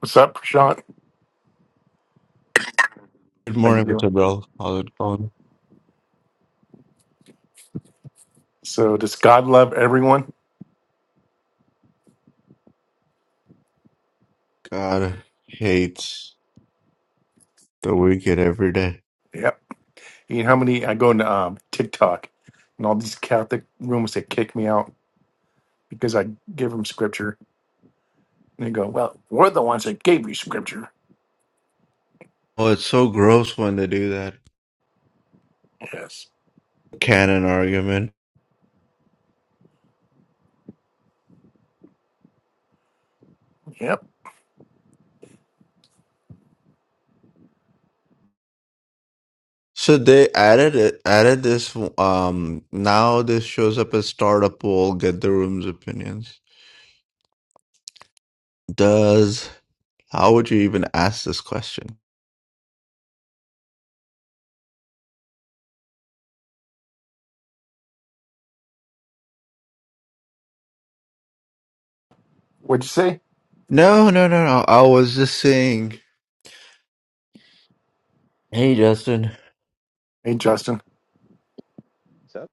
What's up, Prashant? Good How you morning, doing? Mr. Bell. How's it going? So does God love everyone? God I hate the weekend every day. Yep. You know how many I go into um, TikTok and all these Catholic rooms that kick me out because I give them scripture and they go, "Well, we're the ones that gave you scripture." Oh, it's so gross when they do that Yes. canon argument. Yep. So they added it, added this. Um, now this shows up as startup poll. Get the room's opinions. Does how would you even ask this question? What'd you say? No, no, no, no. I was just saying. Hey, Justin. Hey, Justin. So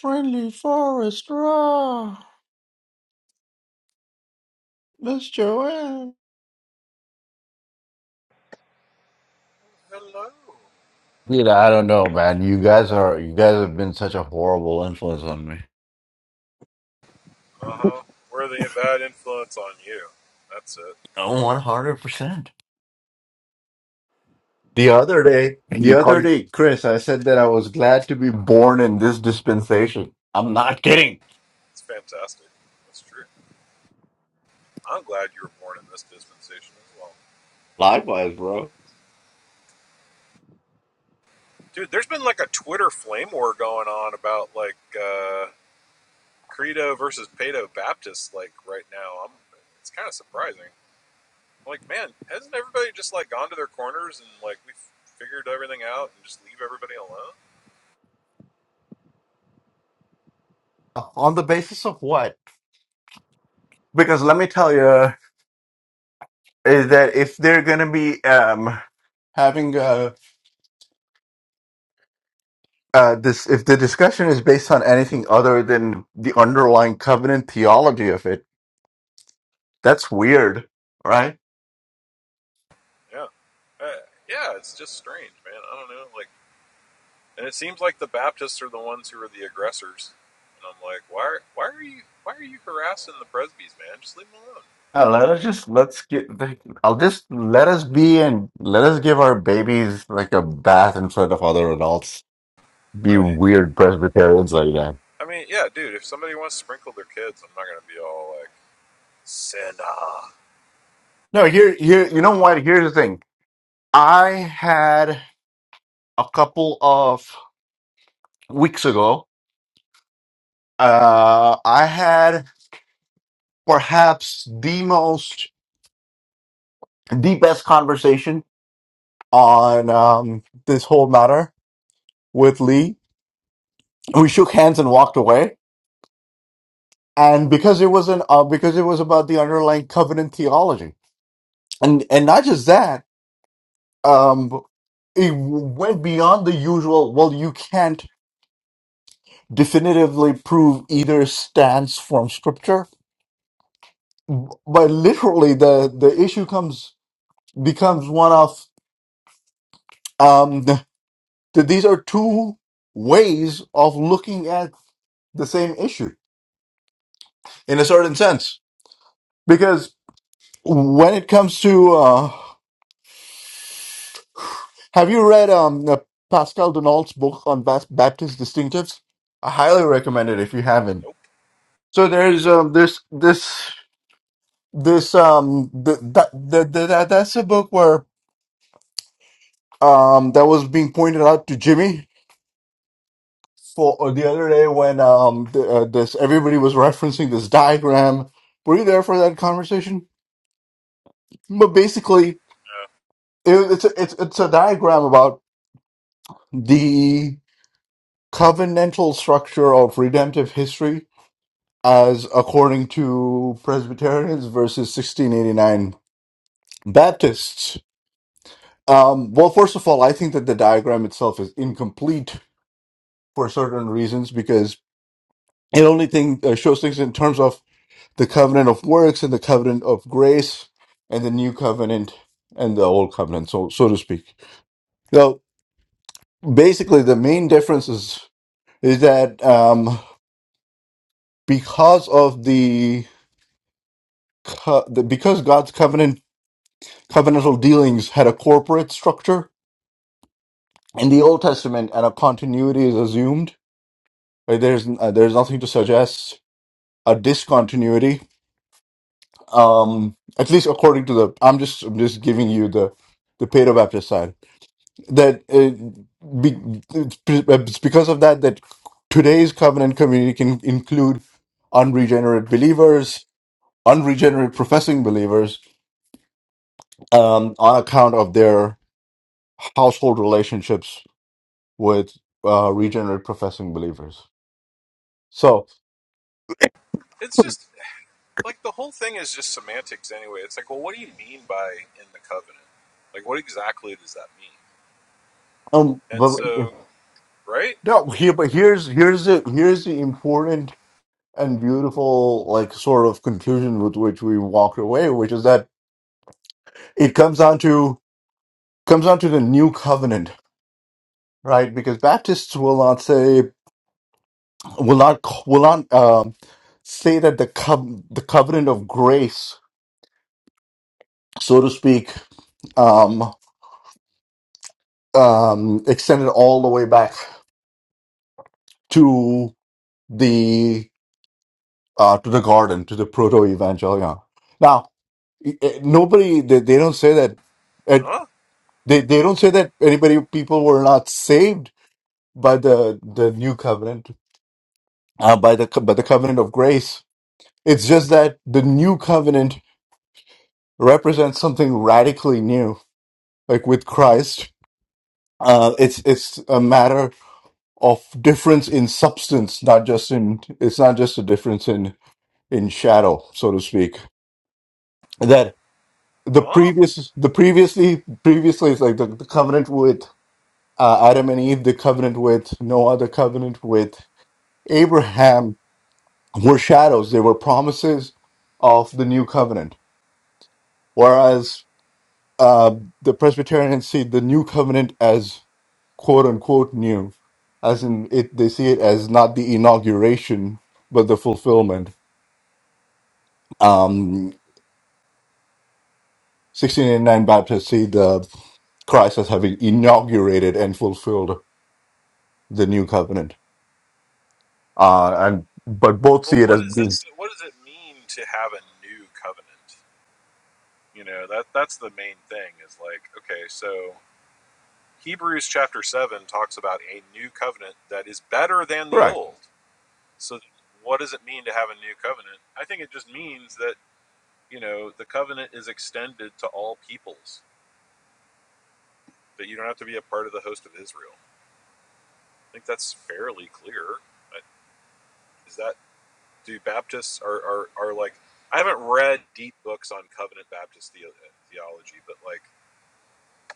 Friendly forest raw, Miss Joanne. Hello. Dude, I don't know, man. You guys are you guys have been such a horrible influence on me. Uh huh. We're the bad influence on you. That's it. Oh, one hundred percent. The other day, And the you call other you day, Chris, I said that I was glad to be born in this dispensation. I'm not kidding. It's fantastic. That's true. I'm glad you were born in this dispensation as well. Likewise, bro. Dude, there's been like a Twitter flame war going on about like uh, Credo versus Pado Baptist, like right now. I'm, it's kind of surprising. like, man, hasn't everybody just like gone to their corners and like we've figured everything out and just leave everybody alone? On the basis of what? Because let me tell you, is that if they're gonna be um having uh, uh this, if the discussion is based on anything other than the underlying covenant theology of it, that's weird, right? Yeah. Uh, yeah, it's just strange, man. I don't know. Like, And it seems like the Baptists are the ones who are the aggressors. And I'm like, why are, why are you why are you harassing the Presbys, man? Just leave them alone. Uh, let us just let's get. like, I'll just let us be and let us give our babies like a bath in front of other adults. Be Right. weird Presbyterians like that. I mean, yeah, dude. If somebody wants to sprinkle their kids, I'm not gonna be all like sin. ah." No, here, here. You know what? Here's the thing. I had a couple of weeks ago. Uh, I had perhaps the most, the best conversation on um, this whole matter with Lee. We shook hands and walked away and because it was an uh, because it was about the underlying covenant theology and and not just that um it went beyond the usual well you can't definitively prove either stance from scripture but literally the the issue comes becomes one of um that these are two ways of looking at the same issue in a certain sense because when it comes to uh, Have you read um uh, Pascal Donald's book on Bas- Baptist distinctives? I highly recommend it if you haven't. Nope. So there's um this this this um th- that that that that's a book where um that was being pointed out to Jimmy for uh, the other day when um the, uh, this everybody was referencing this diagram. Were you there for that conversation? But basically, Yeah. it, it's a, it's it's a diagram about the covenantal structure of redemptive history as according to Presbyterians versus 1689 Baptists. Um, well, first of all, I think that the diagram itself is incomplete for certain reasons because it only thing uh, shows things in terms of the covenant of works and the covenant of grace and the new covenant and the old covenant, so so to speak. So basically, the main difference is is that um, because of the, co- the because God's covenant covenantal dealings had a corporate structure. In the Old Testament, and a continuity is assumed. Right? There's uh, there's nothing to suggest a discontinuity. Um, at least according to the, I'm just I'm just giving you the the Pedro Baptist side that uh, be, it's it's because of that that today's covenant community can include unregenerate believers, unregenerate professing believers, um, on account of their household relationships with uh, regenerate professing believers. So, It's just like the whole thing is just semantics anyway. It's like, well, what do you mean by in the covenant? Like, what exactly does that mean? um, And but so, right? no, here, but here's here's the here's the important and beautiful like sort of conclusion with which we walked away, which is that it comes down to comes down to the new covenant, right? Because Baptists will not say will not will not um, say that the co- the covenant of grace, so to speak, um, um, extended all the way back to uh, to the garden, to the proto evangelion. Now, i- i- nobody, they, they don't say that, it, Huh? they, they don't say that anybody, people were not saved by the, the new covenant, uh, by the, co- by the covenant of grace. It's just that the new covenant represents something radically new, like with Christ. Uh, it's, it's a matter of difference in substance, not just in, it's not just a difference in, in shadow, so to speak the Huh? previous the previously previously is like the, the covenant with uh, adam and eve the covenant with Noah, the covenant with abraham were shadows they were promises of the new covenant whereas uh, the presbyterians see the new covenant as quote unquote new as in it they see it as not the inauguration but the fulfillment um 1689 baptists see the christ as having inaugurated and fulfilled the new covenant. Uh, and but both Well, see it what as does it? being What does it mean to have a new covenant? You know, that that's the main thing is like, okay, so Hebrews chapter 7 talks about a new covenant that is better than the correct. old. So what does it mean to have a new covenant? I think it just means that, you know, the covenant is extended to all peoples, that you don't have to be a part of the host of Israel. I think that's fairly clear. Uh, Is that do Baptists are are, are like I haven't read deep books on covenant Baptist the, theology, but like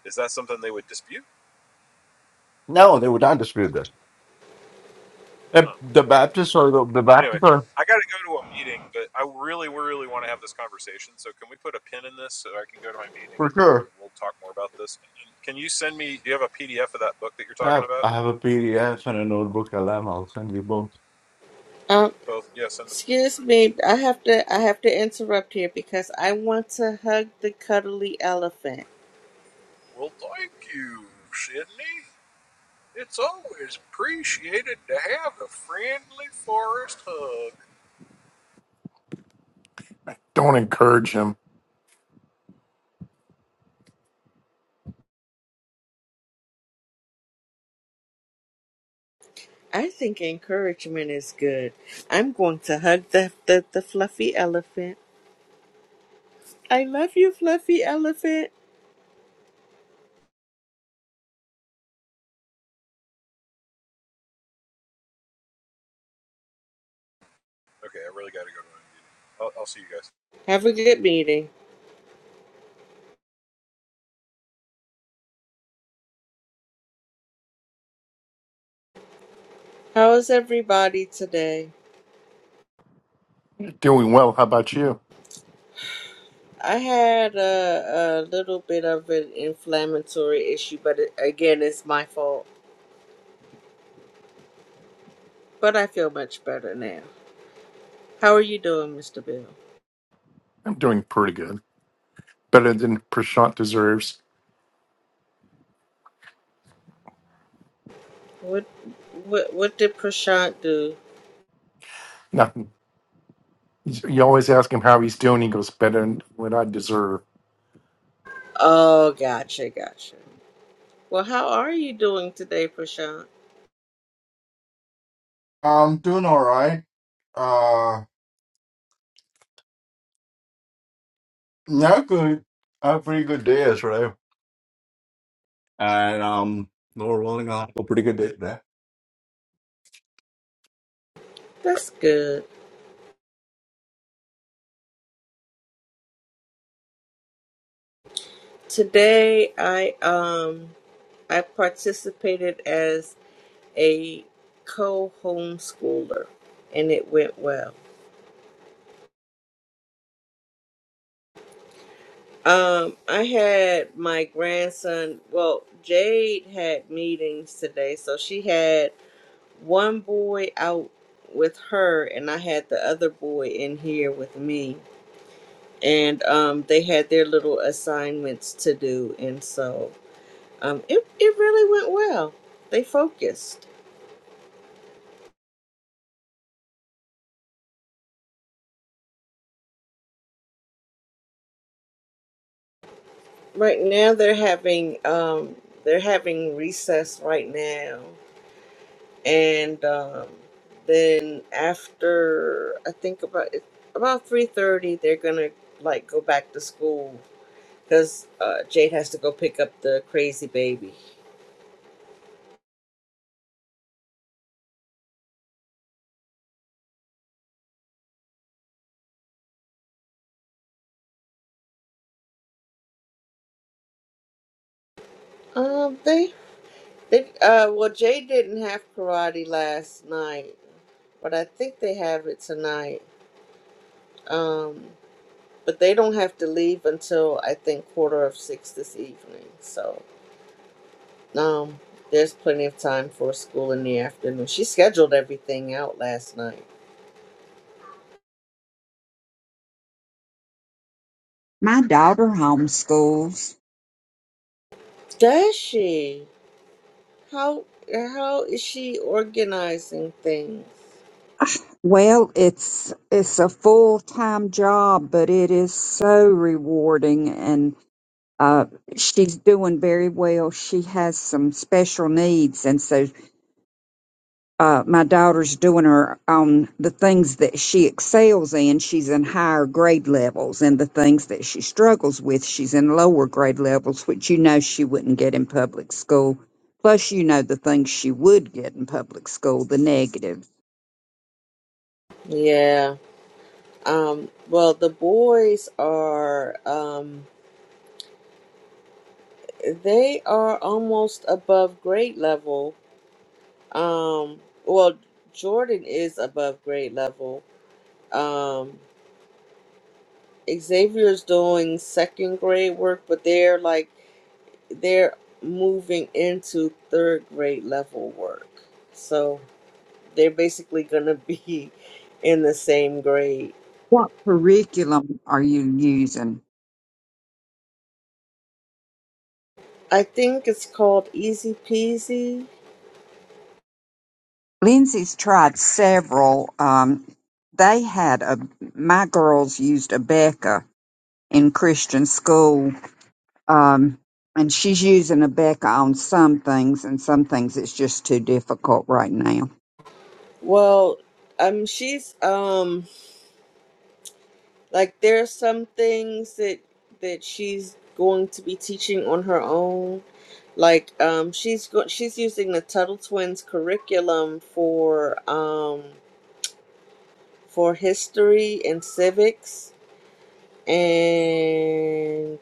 is that something they would dispute? No, they would not dispute this. Huh. If the Baptists or the, the Anyway, Baptists are I got to go to a meeting, but I really, really want to have this conversation. So can we put a pin in this so I can go to my meeting for and then sure. we'll talk more about this? And can you send me? Do you have a PDF of that book that you're Uh, talking I about? have a PDF and a notebook. LM. I'll send you both. Um, Both? Yeah, send the. excuse right. me, I have to I have to interrupt here because I want to hug the cuddly elephant. Well, thank you, Sydney. It's always appreciated to have a friendly forest hug. don't encourage him. I think encouragement is good. I'm going to hug the the, the fluffy elephant. I love you, fluffy elephant. Okay, I really got to go to my meeting. I'll, I'll see you guys. Have a good meeting. How is everybody today? doing well. How about you? I had a, a little bit of an inflammatory issue, but it, again, it's my fault. But I feel much better now. How are you doing, Mr. Bill? I'm doing pretty good. Better than Prashant deserves. What what what did Prashant do? Nothing. You always ask him how he's doing. He goes better than what I deserve. Oh, gotcha, gotcha. Well, how are you doing today, Prashant? I'm doing all right. Uh, not good. I had a pretty good day yesterday, and um, Lord willing, I'll have a pretty good day today. That's good. Today, I um I participated as a co-homeschooler, and it went well. Um, I had my grandson. Well, Jade had meetings today, so she had one boy out with her, and I had the other boy in here with me and um, they had their little assignments to do, and so um, it it really went well. They focused. Right now, they're having um, they're having recess right now, and um, then after I think about it, about three thirty, they're gonna like go back to school because uh, Jade has to go pick up the crazy baby. Um, they They, uh, well, Jay didn't have karate last night, but I think they have it tonight. Um, but they don't have to leave until I think quarter of six this evening. So um, there's plenty of time for school in the afternoon. She scheduled everything out last night. My daughter homeschools. Does she? How how is she organizing things? Well, it's it's a full time job, but it is so rewarding, and uh, she's doing very well. She has some special needs, and so uh, my daughter's doing her on the things that she excels in. She's in higher grade levels, and the things that she struggles with, she's in lower grade levels, which you know she wouldn't get in public school. Plus, you know the things she would get in public school, the negatives Yeah. Um, well, the boys are. Um, They are almost above grade level. Um, well, Jordan is above grade level. Um, Xavier's doing second grade work, but they're like they're moving into third grade level work. So they're basically gonna be in the same grade. What curriculum are you using? I think it's called Easy Peasy. Lindsay's tried several. Um, they had a my girls used a Becca in Christian school, um, and she's using a Becca on some things, and some things it's just too difficult right now. Well, um, she's um Like there are some things that that she's going to be teaching on her own. Like um, she's go- she's using the Tuttle Twins curriculum for um, for history and civics, and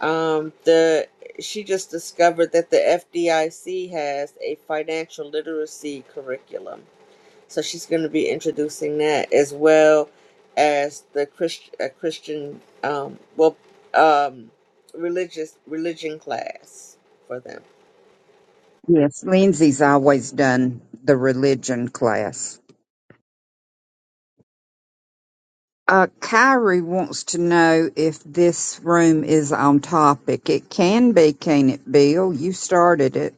um, the she just discovered that the FDIC has a financial literacy curriculum. So she's going to be introducing that as well as the Christ, uh, Christian, um, well, um, religious religion class for them. Yes, Lindsay's always done the religion class. Uh, Kyrie wants to know if this room is on topic. It can be, can it, Bill? You started it.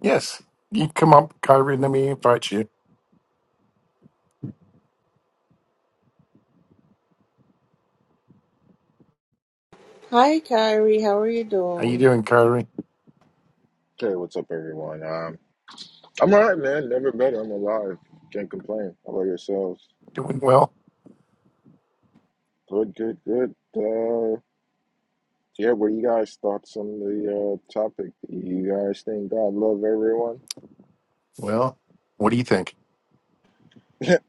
Yes, you come up, Kyrie. Let me invite you. Hi, Kyrie. How are you How you doing? doing, Kyrie? Hey, what's up, everyone? Um, I'm all right, man. Never better. I'm alive. Can't complain. How about yourselves? Doing well. Good, good, good. Uh, yeah, what do you guys' thoughts on the uh, topic? Do You guys think God love everyone? Well, what do you think?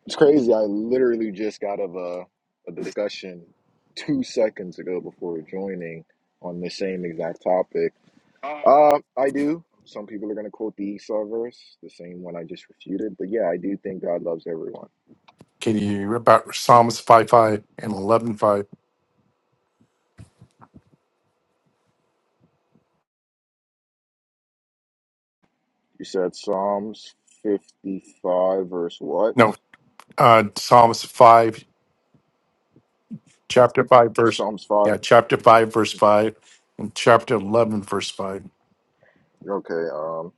It's crazy. I literally just got of a, a discussion two seconds ago before joining on the same exact topic. Uh, I do. Some people are going to quote the Esau verse, the same one I just refuted. But yeah, I do think God loves everyone. Can you about Psalms five five and eleven five? You said Psalms 55, verse what? No, uh, Psalms five, chapter five, verse Psalms 5. yeah, chapter five, verse five, and chapter eleven, verse five, Okay. Um,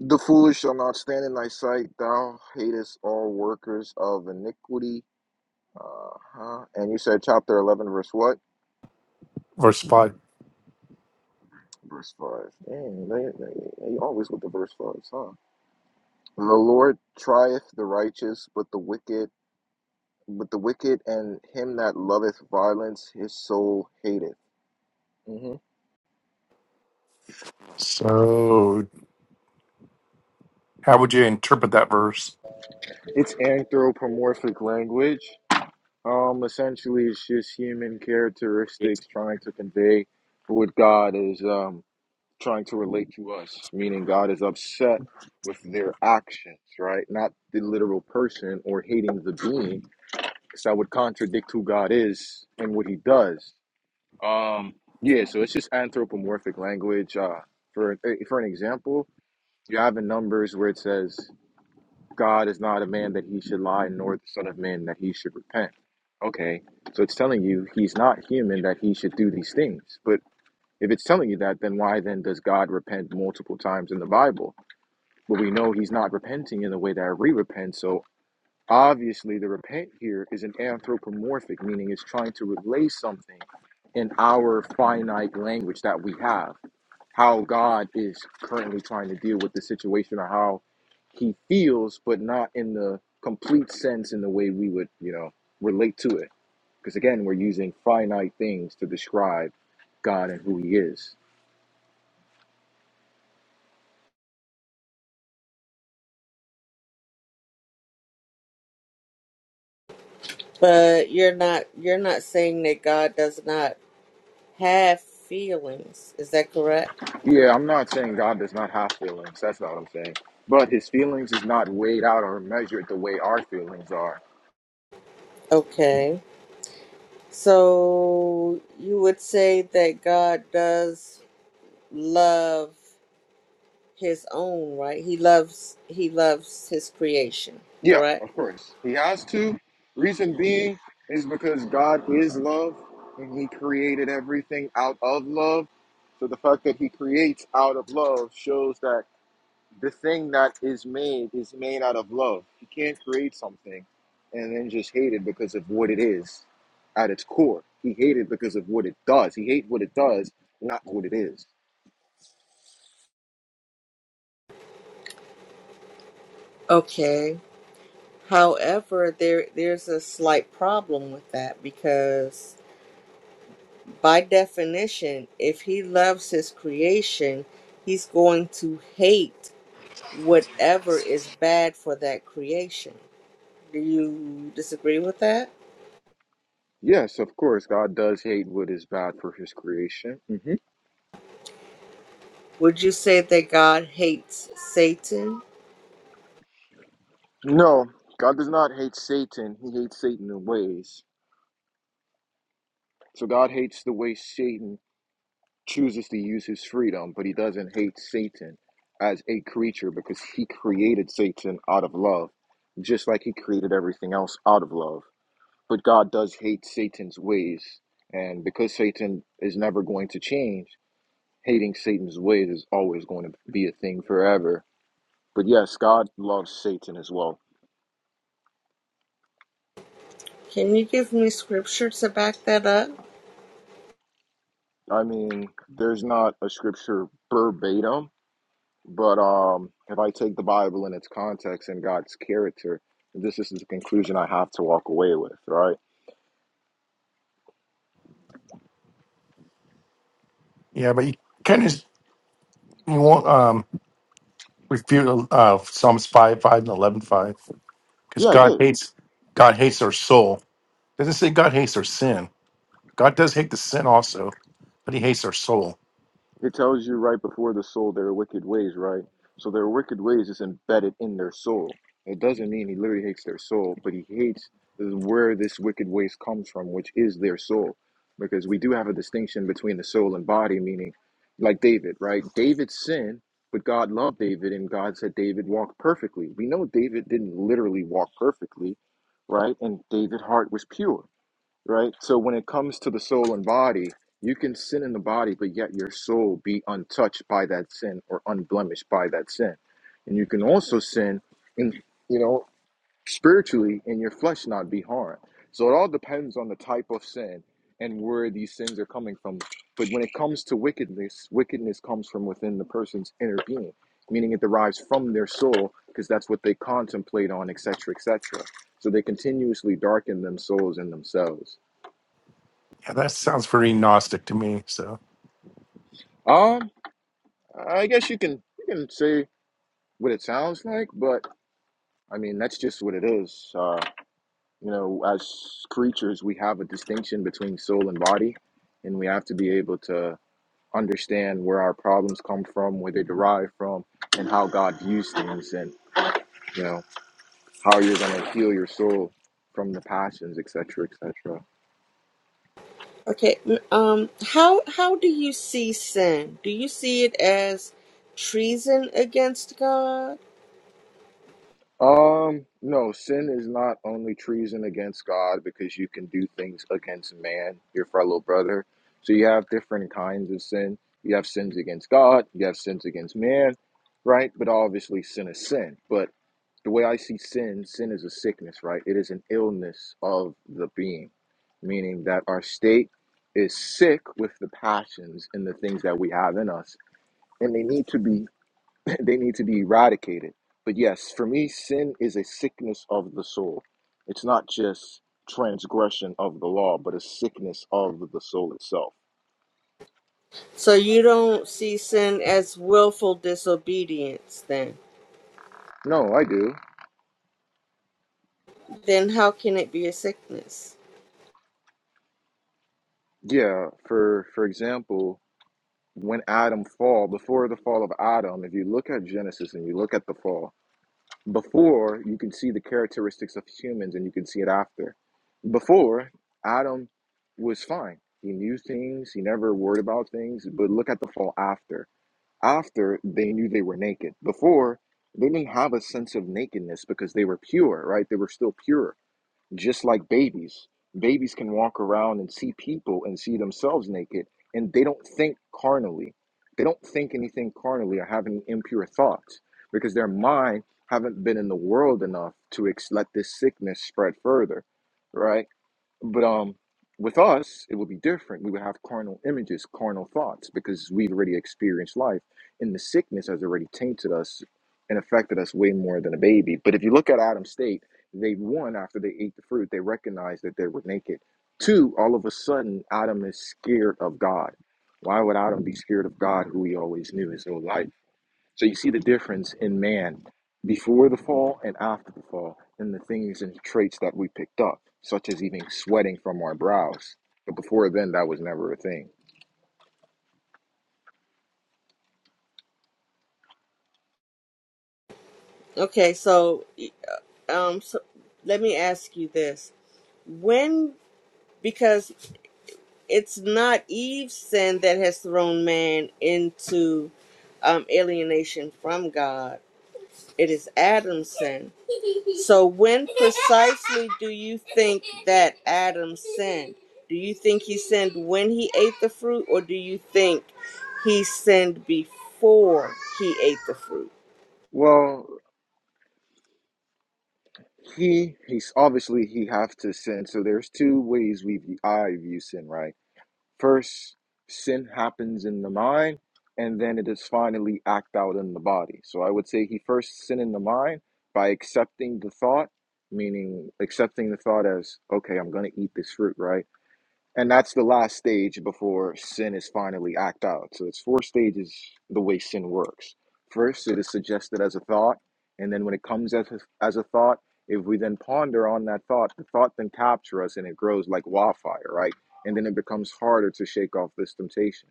the foolish shall not stand in thy sight. Thou hatest all workers of iniquity. Uh huh. And you said chapter 11, verse what? verse five. Verse 5. Dang, they, they, they always with the verse 5s, huh? The Lord trieth the righteous, but the wicked, but the wicked and him that loveth violence, his soul hateth. hmm So, how would you interpret that verse? It's anthropomorphic language. Um, essentially, it's just human characteristics trying to convey what God is um, trying to relate to us, meaning God is upset with their actions, right? Not the literal person or hating the being, because that would contradict who God is and what he does. Um, yeah, so it's just anthropomorphic language. Uh, for, eh, for an example, you have in Numbers where it says, God is not a man that he should lie, nor the Son of Man that he should repent. Okay, so it's telling you he's not human that he should do these things. But if it's telling you that, then why then does God repent multiple times in the Bible? But we know he's not repenting in the way that we repent. So obviously, the repent here is an anthropomorphic, meaning it's trying to relay something in our finite language that we have how God is currently trying to deal with the situation or how he feels, but not in the complete sense in the way we would, you know, relate to it. Because again, we're using finite things to describe God and who he is. But you're not you're not saying that God does not have feelings. Is that correct? Yeah, I'm not saying God does not have feelings. That's not what I'm saying. But his feelings is not weighed out or measured the way our feelings are. Okay. So you would say that God does love his own, right? He loves he loves his creation, Yeah, correct? of course. He has to. Reason being is because God is love and he created everything out of love. So the fact that he creates out of love shows that the thing that is made is made out of love. You can't create something and then just hate it because of what it is at its core. He hated because of what it does. He hates what it does, not what it is. Okay. However, there there's a slight problem with that because by definition, if he loves his creation, he's going to hate whatever is bad for that creation. Do you disagree with that? Yes, of course, God does hate what is bad for his creation. Mm-hmm. Would you say that God hates Satan? No, God does not hate Satan. He hates Satan in ways. So God hates the way Satan chooses to use his freedom, but he doesn't hate Satan as a creature because he created Satan out of love, just like he created everything else out of love. But God does hate Satan's ways. And because Satan is never going to change, hating Satan's ways is always going to be a thing forever. But yes, God loves Satan as well. Can you give me scripture to back that up? I mean, there's not a scripture verbatim But um, if I take the Bible in its context and God's character, this is the conclusion I have to walk away with, right? Yeah, but you kind of you won't um refute uh Psalms five five and eleven five. because Yeah, I God did. hates God hates our soul. Doesn't say God hates our sin. God does hate the sin also, but He hates our soul. It tells you right before the soul their wicked ways, right? So their wicked ways is embedded in their soul. It doesn't mean he literally hates their soul, but he hates where this wicked ways comes from, which is their soul. Because we do have a distinction between the soul and body, meaning like David, right? David sinned, but God loved David and God said David walked perfectly. We know David didn't literally walk perfectly, right? And David's heart was pure right? So when it comes to the soul and body, you can sin in the body, but yet your soul be untouched by that sin or unblemished by that sin. And you can also sin in you know, spiritually and your flesh not be harmed. So it all depends on the type of sin and where these sins are coming from. But when it comes to wickedness, wickedness comes from within the person's inner being, meaning it derives from their soul because that's what they contemplate on, etc., etc. So they continuously darken them souls in themselves. Yeah, that sounds very Gnostic to me. So Um, I guess you can you can say what it sounds like, but I mean that's just what it is. Uh, you know, as creatures, we have a distinction between soul and body, and we have to be able to understand where our problems come from, where they derive from, and how God views things, and you know how you're going to heal your soul from the passions, etc., etc. Okay, m- um how how do you see sin? Do you see it as treason against God? Um, no, sin is not only treason against God because you can do things against man, your fellow brother. So you have different kinds of sin. You have sins against God, you have sins against man, right? But obviously, sin is sin. But the way I see sin, sin is a sickness, right? It is an illness of the being, meaning that our state is sick with the passions and the things that we have in us, and they need to be they need to be eradicated. But yes, for me, sin is a sickness of the soul. It's not just transgression of the law, but a sickness of the soul itself. So you don't see sin as willful disobedience then? No, I do. Then how can it be a sickness? Yeah, for for example, when Adam fall, before the fall of Adam, if you look at Genesis and you look at the fall, before you can see the characteristics of humans and you can see it after. Before, Adam was fine. He knew things, he never worried about things, but look at the fall after after they knew they were naked. Before, they didn't have a sense of nakedness because they were pure, right? They were still pure, just like babies. Babies can walk around and see people and see themselves naked, and they don't think carnally. They don't think anything carnally or have any impure thoughts because their mind haven't been in the world enough to ex- let this sickness spread further, right? But um, with us, it would be different. We would have carnal images, carnal thoughts, because we've already experienced life, and the sickness has already tainted us and affected us way more than a baby. But if you look at Adam's state, they one after they ate the fruit, they recognized that they were naked. Two, all of a sudden, Adam is scared of God. Why would Adam be scared of God, who he always knew his whole life? So you see the difference in man before the fall and after the fall, and the things and traits that we picked up, such as even sweating from our brows. But before then, that was never a thing. Okay, so um so let me ask you this. When because it's not Eve's sin that has thrown man into um alienation from God. It is Adam's sin. So, when precisely do you think that Adam sinned? Do you think he sinned when he ate the fruit, or do you think he sinned before he ate the fruit? Well, he he's obviously he have to sin. So there's two ways we view, I view sin, right? First, sin happens in the mind, and then it is finally act out in the body. So I would say he first sinned in the mind by accepting the thought, meaning accepting the thought as, okay, I'm going to eat this fruit, right? And that's the last stage before sin is finally act out. So it's four stages the way sin works. First, it is suggested as a thought, and then when it comes as a, as a thought, if we then ponder on that thought, the thought then captures us and it grows like wildfire, right? And then it becomes harder to shake off this temptation.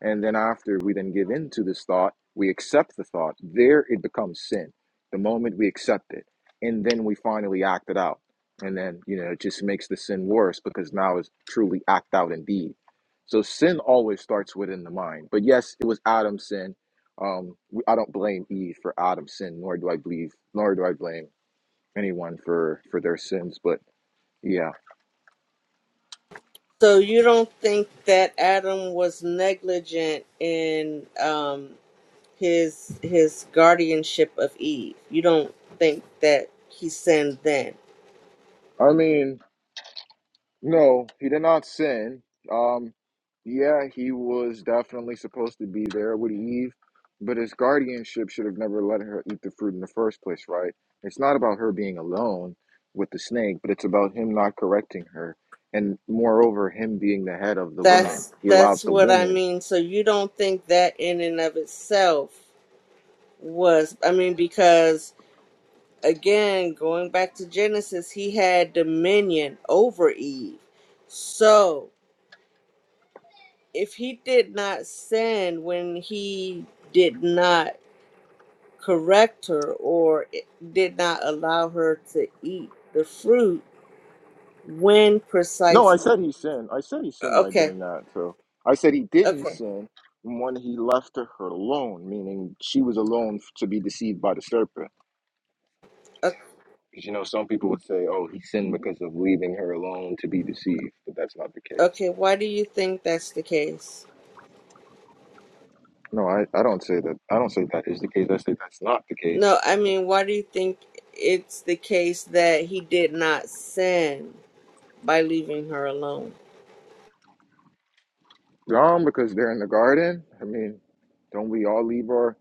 And then after we then give in to this thought, we accept the thought. There it becomes sin. The moment we accept it, and then we finally act it out. And then, you know, it just makes the sin worse because now it's truly act out in deed. So sin always starts within the mind. But yes, it was Adam's sin. Um, we- I don't blame Eve for Adam's sin, nor do I believe, nor do I blame anyone for for their sins. But yeah, So, you don't think that Adam was negligent in um, his his guardianship of Eve? You don't think that he sinned then? I mean, No, he did not sin. Um, yeah, he was definitely supposed to be there with Eve, but his guardianship should have never let her eat the fruit in the first place, right? It's not about her being alone with the snake, but it's about him not correcting her. And moreover, him being the head of the woman. That's He allowed that's the what I woman. mean. So, you don't think that in and of itself was? I mean, because again going back to genesis he had dominion over eve so if he did not sin when he did not correct her or i- did not allow her to eat the fruit when No, I precisely said he sinned. I said he sinned by okay doing that. So I said he didn't okay sin when he left her alone, meaning she was alone to be deceived by the serpent. o- Because you know, some people would say, "Oh, he sinned because of leaving her alone to be deceived," but that's not the case. okay why do you think that's the case No, I, I don't say that. I don't say that is the case. I say that's not the case. no i mean why do you think it's the case that he did not sin by leaving her alone Um, because they're in the garden. I mean, don't we all leave our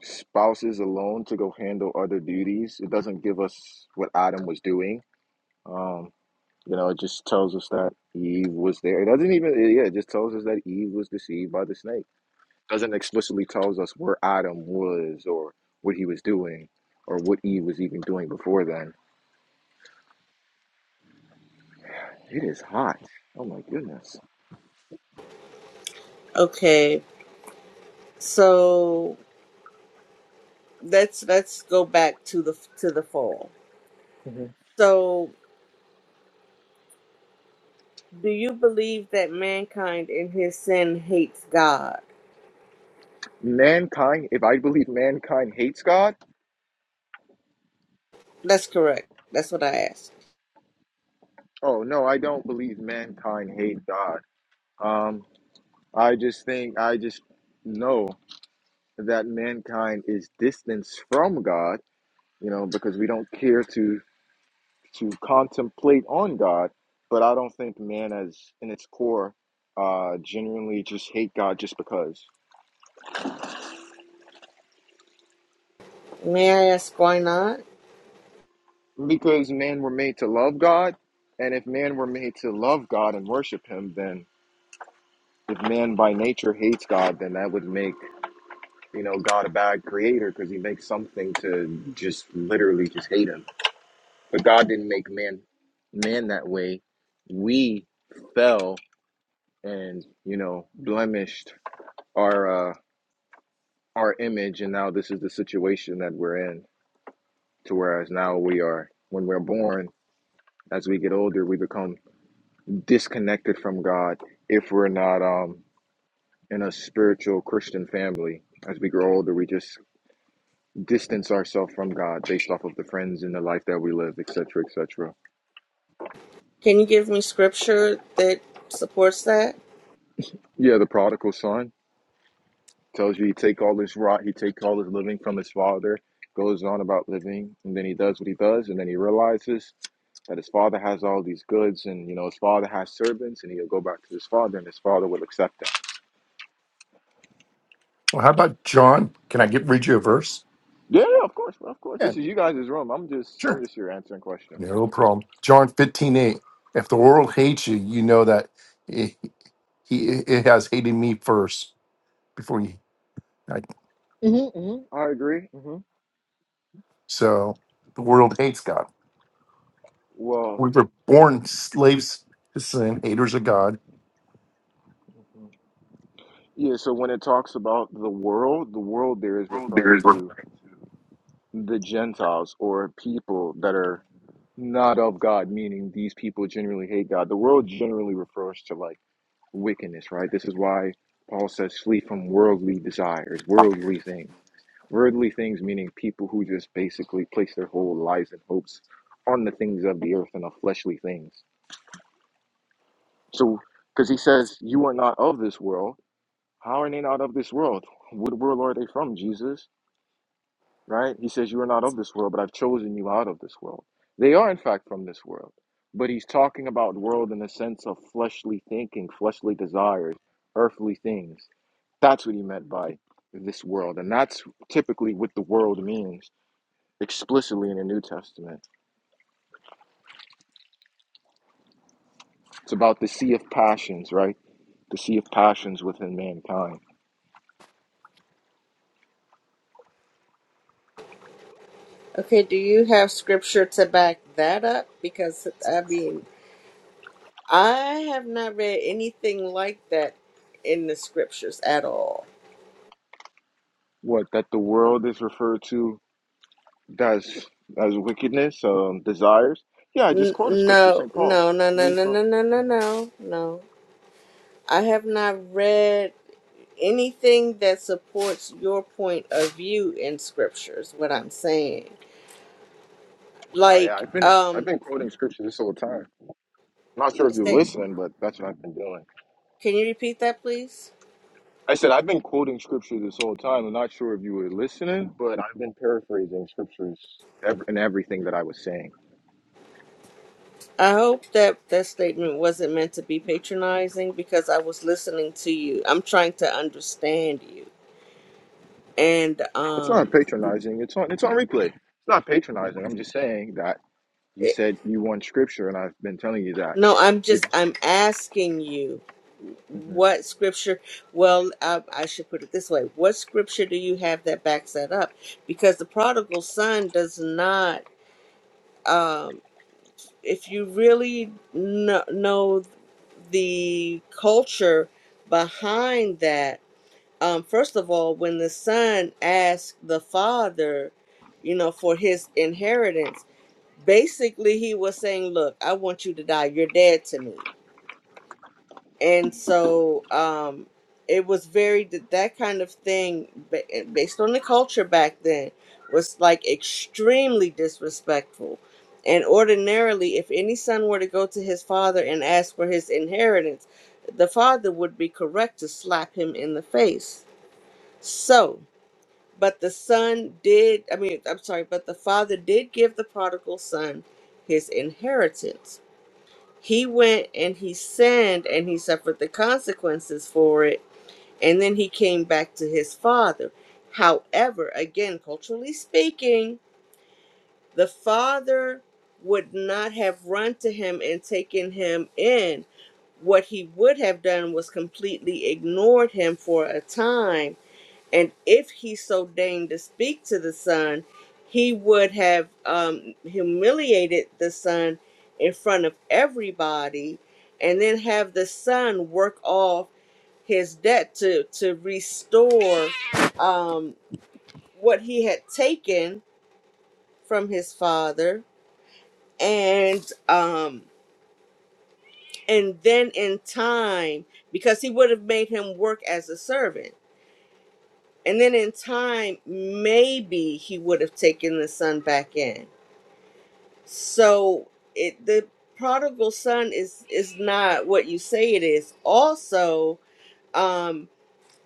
spouses alone to go handle other duties? It doesn't give us what Adam was doing. Um, you know, it just tells us that Eve was there. It doesn't even. Yeah, it just tells us that Eve was deceived by the snake. doesn't explicitly tells us where Adam was or what he was doing or what Eve was even doing before then. It is hot. Oh my goodness. okay So let's let's go back to the to the fall. hmm So do you believe that mankind in his sin hates God? Mankind, if I believe mankind hates God, That's correct. That's what I asked. oh no, I don't believe mankind hates God. Um I just think I just know that mankind is distanced from God, you know, because we don't care to to contemplate on God, but I don't think man as in its core uh genuinely just hate God just because. May I ask why not? Because men were made to love God, and if man were made to love God and worship him, then if man by nature hates God, then that would make you know God a bad creator because he makes something to just literally just hate him. But God didn't make man man that way. We fell and you know blemished our uh our image, and now this is the situation that we're in. To whereas now we are, when we're born, as we get older, we become disconnected from God if we're not um, in a spiritual Christian family. As we grow older, we just distance ourselves from God based off of the friends and the life that we live, etc., etc. Can you give me scripture that supports that? Yeah, the prodigal son. tells you he take all his rot, he take all his living from his father, goes on about living, and then he does what he does, and then he realizes that his father has all these goods, and you know his father has servants, and he'll go back to his father, and his father will accept him. Well, how about John? Can I get read you a verse? Yeah, yeah, of course, bro, of course. Yeah, This is you guys' room. I'm just, I'm sure. just here answering questions. No problem. John fifteen eight. If the world hates you, you know that. He it has hated me first before you. I, Mm-hmm, mm-hmm. I agree. Mm-hmm. so the world hates God. Well, We were born slaves to sin, haters of God. mhm. yeah. So when it talks about the world, the world there is referring to the Gentiles or people that are not of God, meaning these people generally hate God. The world generally refers to like wickedness, right? This is why Paul says flee from worldly desires, worldly things. Worldly things meaning people who just basically place their whole lives and hopes on the things of the earth and of fleshly things. So, because he says, You are not of this world. How are they not of this world? What world are they from, Jesus? right? He says, You are not of this world, but I've chosen you out of this world. They are, in fact, from this world. But he's talking about world in the sense of fleshly thinking, fleshly desires, earthly things. That's what he meant by this world. And that's typically what the world means explicitly in the New Testament. It's about the sea of passions, right? The sea of passions within mankind. Okay, do you have scripture to back that up? Because I mean, I have not read anything like that in the scriptures at all. What that the world is referred to as as wickedness, um, desires. Yeah, I just N- quoted scripture, no, St. Paul. no, no, no, Flee no, from. no, no, mm-hmm. no, no, no. I have not read anything that supports your point of view in scriptures. what I'm saying. Uh, yeah, Like, I've been I've um, been quoting scripture this whole time. Not sure if is you're that, listening, but that's what I've been doing. can you repeat that, please? I said I've been quoting scripture this whole time. I'm not sure if you were listening, but I was ev- in everything that I was saying. I hope that that statement wasn't meant to be patronizing because I was listening to you. I'm trying to understand you. And, No, it's not um, patronizing. It's on it's on replay. It's not patronizing. I'm just saying that you it, said you want scripture, and I've been telling you that. no, I'm just, It, I'm asking you Mhm. what scripture well uh, i should put it this way what scripture do you have that backs that up because the prodigal son does not um if you really know, know the culture behind that um first of all when the son asked the father you know for his inheritance basically he was saying look i want you to die you're dead to me and so um it was very th- that kind of thing ba- eh, based on the culture back then was like extremely disrespectful and ordinarily if any son were to go to his father and ask for his inheritance the father would be correct to slap him in the face so but the son did i mean i'm sorry but the father did give the prodigal son his inheritance he went and he sinned and he suffered the consequences for it and then he came back to his father however again culturally speaking the father would not have run to him and taken him in what he would have done was completely ignored him for a time and if he so deigned to speak to the son, he would have um, humiliated the son in front of everybody, and then have the son work off his debt to to restore um, what he had taken from his father, and um, and then in time, because he would have made him work as a servant And then in time, maybe he would have taken the son back in. So it the prodigal son is is not what you say it is. Also, um,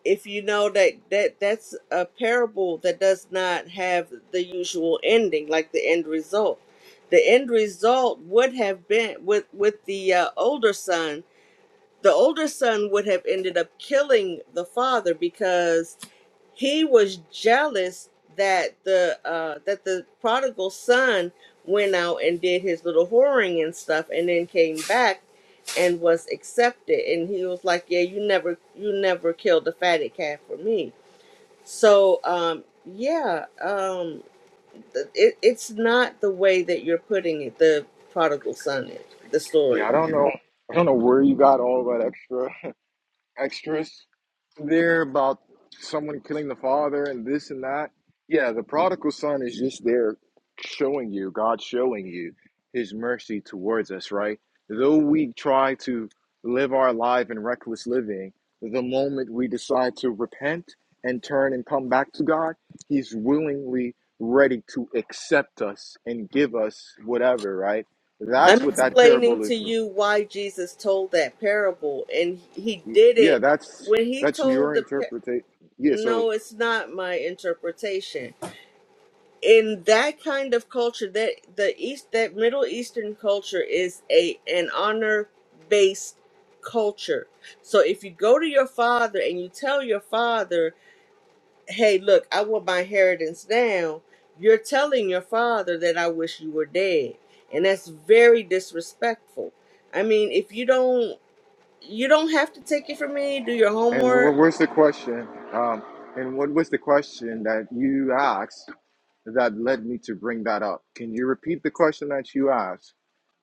if you know that that that's a parable that does not have the usual ending, like the end result. The end result would have been with with the uh, older son. The older son would have ended up killing the father because he was jealous that the uh that the prodigal son went out and did his little whoring and stuff and then came back and was accepted and he was like yeah you never you never killed the fatted calf for me so um yeah um th- it, it's not the way that you're putting it the prodigal son is the Yeah, I story don't know. I don't know where you got all that extra. extras there about someone killing the father and this and that. Yeah, the prodigal son is just there showing you, God showing you his mercy towards us, right? Though we try to live our life in reckless living, the moment we decide to repent and turn and come back to God, he's willingly ready to accept us and give us whatever, right? I'm That's what that explaining parable to is you why Jesus told that parable, and he did Yeah, it that's when he that's told your the. Par- interpretation. Yeah. So, no, it's not my interpretation. In that kind of culture, that the East, that Middle Eastern culture is a an honor based culture. So if you go to your father and you tell your father hey, look, I want my inheritance now. You're telling your father that I wish you were dead. And that's very disrespectful. I mean, if you don't you don't have to take it from me, do your and what homework. was the question? Um, and what was the question that you asked that led me to bring that up? Can you repeat the question that you asked?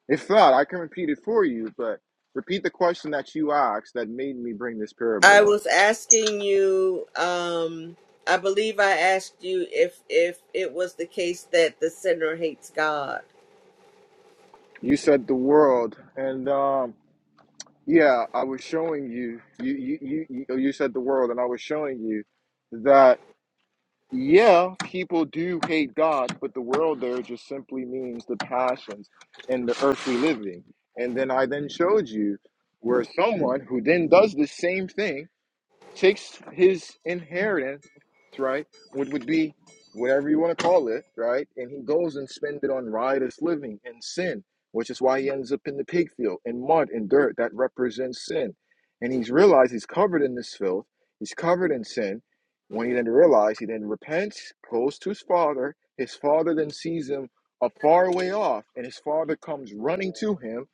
If not, I can repeat it for you. But repeat the question that you asked that made me bring this I parable up. was asking you um I believe I asked you if if it was the case that the sinner hates God. You said the world, and um, yeah, I was showing you. You you you you you said the world, and I was showing you that yeah, people do hate God, but the world there just simply means the passions and the earthly living. And then I then showed you where someone who then does the same thing takes his inheritance, right, which would be whatever you want to call it, right, and he goes and spends it on riotous living and sin, which is why he ends up in the pig field in mud and dirt that represents sin. And he's realized he's covered in this filth, he's covered in sin. When he then realizes, he then repents, goes to his father. His father then sees him a far way off, and his father comes running to him.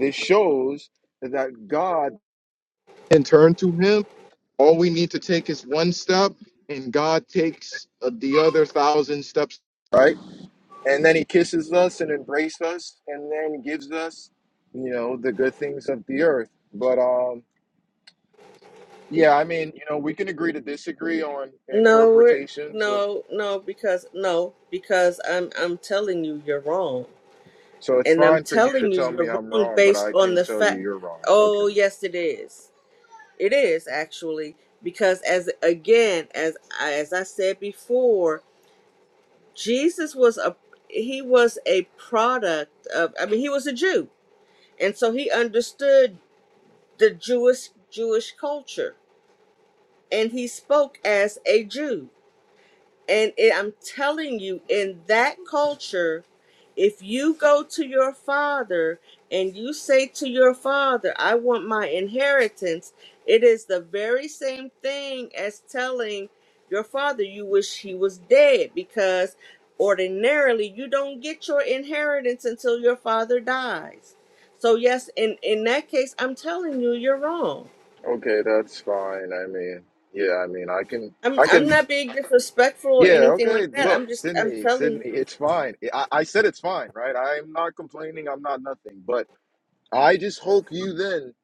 This shows that God and turn to him all we need to take is one step and god takes uh, the other thousand steps right and then he kisses us and embraces us and then gives us you know the good things of the earth but um yeah i mean you know we can agree to disagree on No, we're- interpretations of no, no because no, because I'm I'm telling you you're wrong. so it's And I'm fine for you to telling you, tell me you're i'm wrong wrong but based i on can't the tell you fact. you're wrong Oh, okay yes, it is. It is actually because, as again, as I, as I said before, Jesus was a he was a product of. I mean, he was a Jew, and so he understood the Jewish Jewish culture, and he spoke as a Jew. And it, I'm telling you, in that culture, if you go to your father and you say to your father, I want my inheritance, it is the very same thing as telling your father you wish he was dead because ordinarily you don't get your inheritance until your father dies. So yes, in, in that case, I'm telling you, you're wrong. okay that's fine i mean yeah i mean i can I'm i I'm can not being disrespectful or Yeah, anything okay. like that. Look, I'm just I'm Sydney, telling you. Sydney, it's fine. I, I said it's fine, right? I'm not complaining. I'm not nothing. But I just hope you then,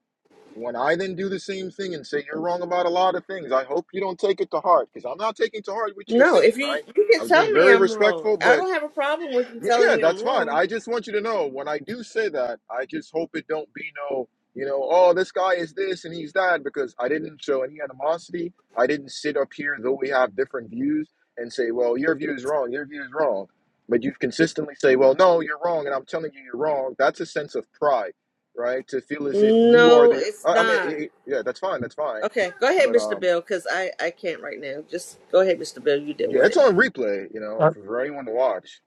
when I then do the same thing and say you're wrong about a lot of things, I hope you don't take it to heart because I'm not taking to heart what you're No, saying, if you right? you I can was tell being me very I'm wrong. respectful, I but don't have a problem with you yeah, yeah, telling me that's I'm fine. wrong. I just want you to know when I do say that, I just hope it don't be no, you know, oh, this guy is this and he's that, because I didn't show any animosity. I didn't sit up here, though we have different views, and say, well, your view is wrong, your view is wrong. But you've consistently say, well, no, you're wrong, and I'm telling you you're wrong. That's a sense of pride, right? To feel as if you are No, the, it's I I mean, not. it, it- yeah, that's fine, that's fine. Okay, go ahead, But Mr. um, Bill, because I I can't right now. Just go ahead, Mr. Bill. You deal yeah, with it's it. on replay, you know, Uh, for anyone to watch.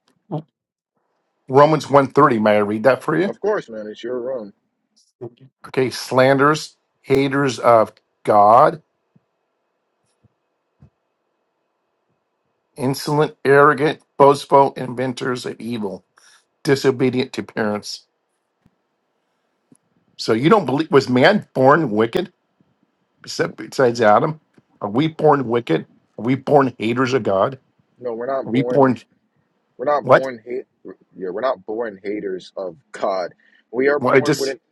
Romans one thirty. may I read that for you? Of course, man, it's your room. Okay, slanders, haters of God, insolent, arrogant, boastful, inventors of evil, disobedient to parents. So you don't believe was man born wicked besi- besides Adam? Are we born wicked? Are we born haters of God? No, we're not Are we born. born We're not what? born hate. Yeah, we're not born haters of God. We are Well, it born with just it.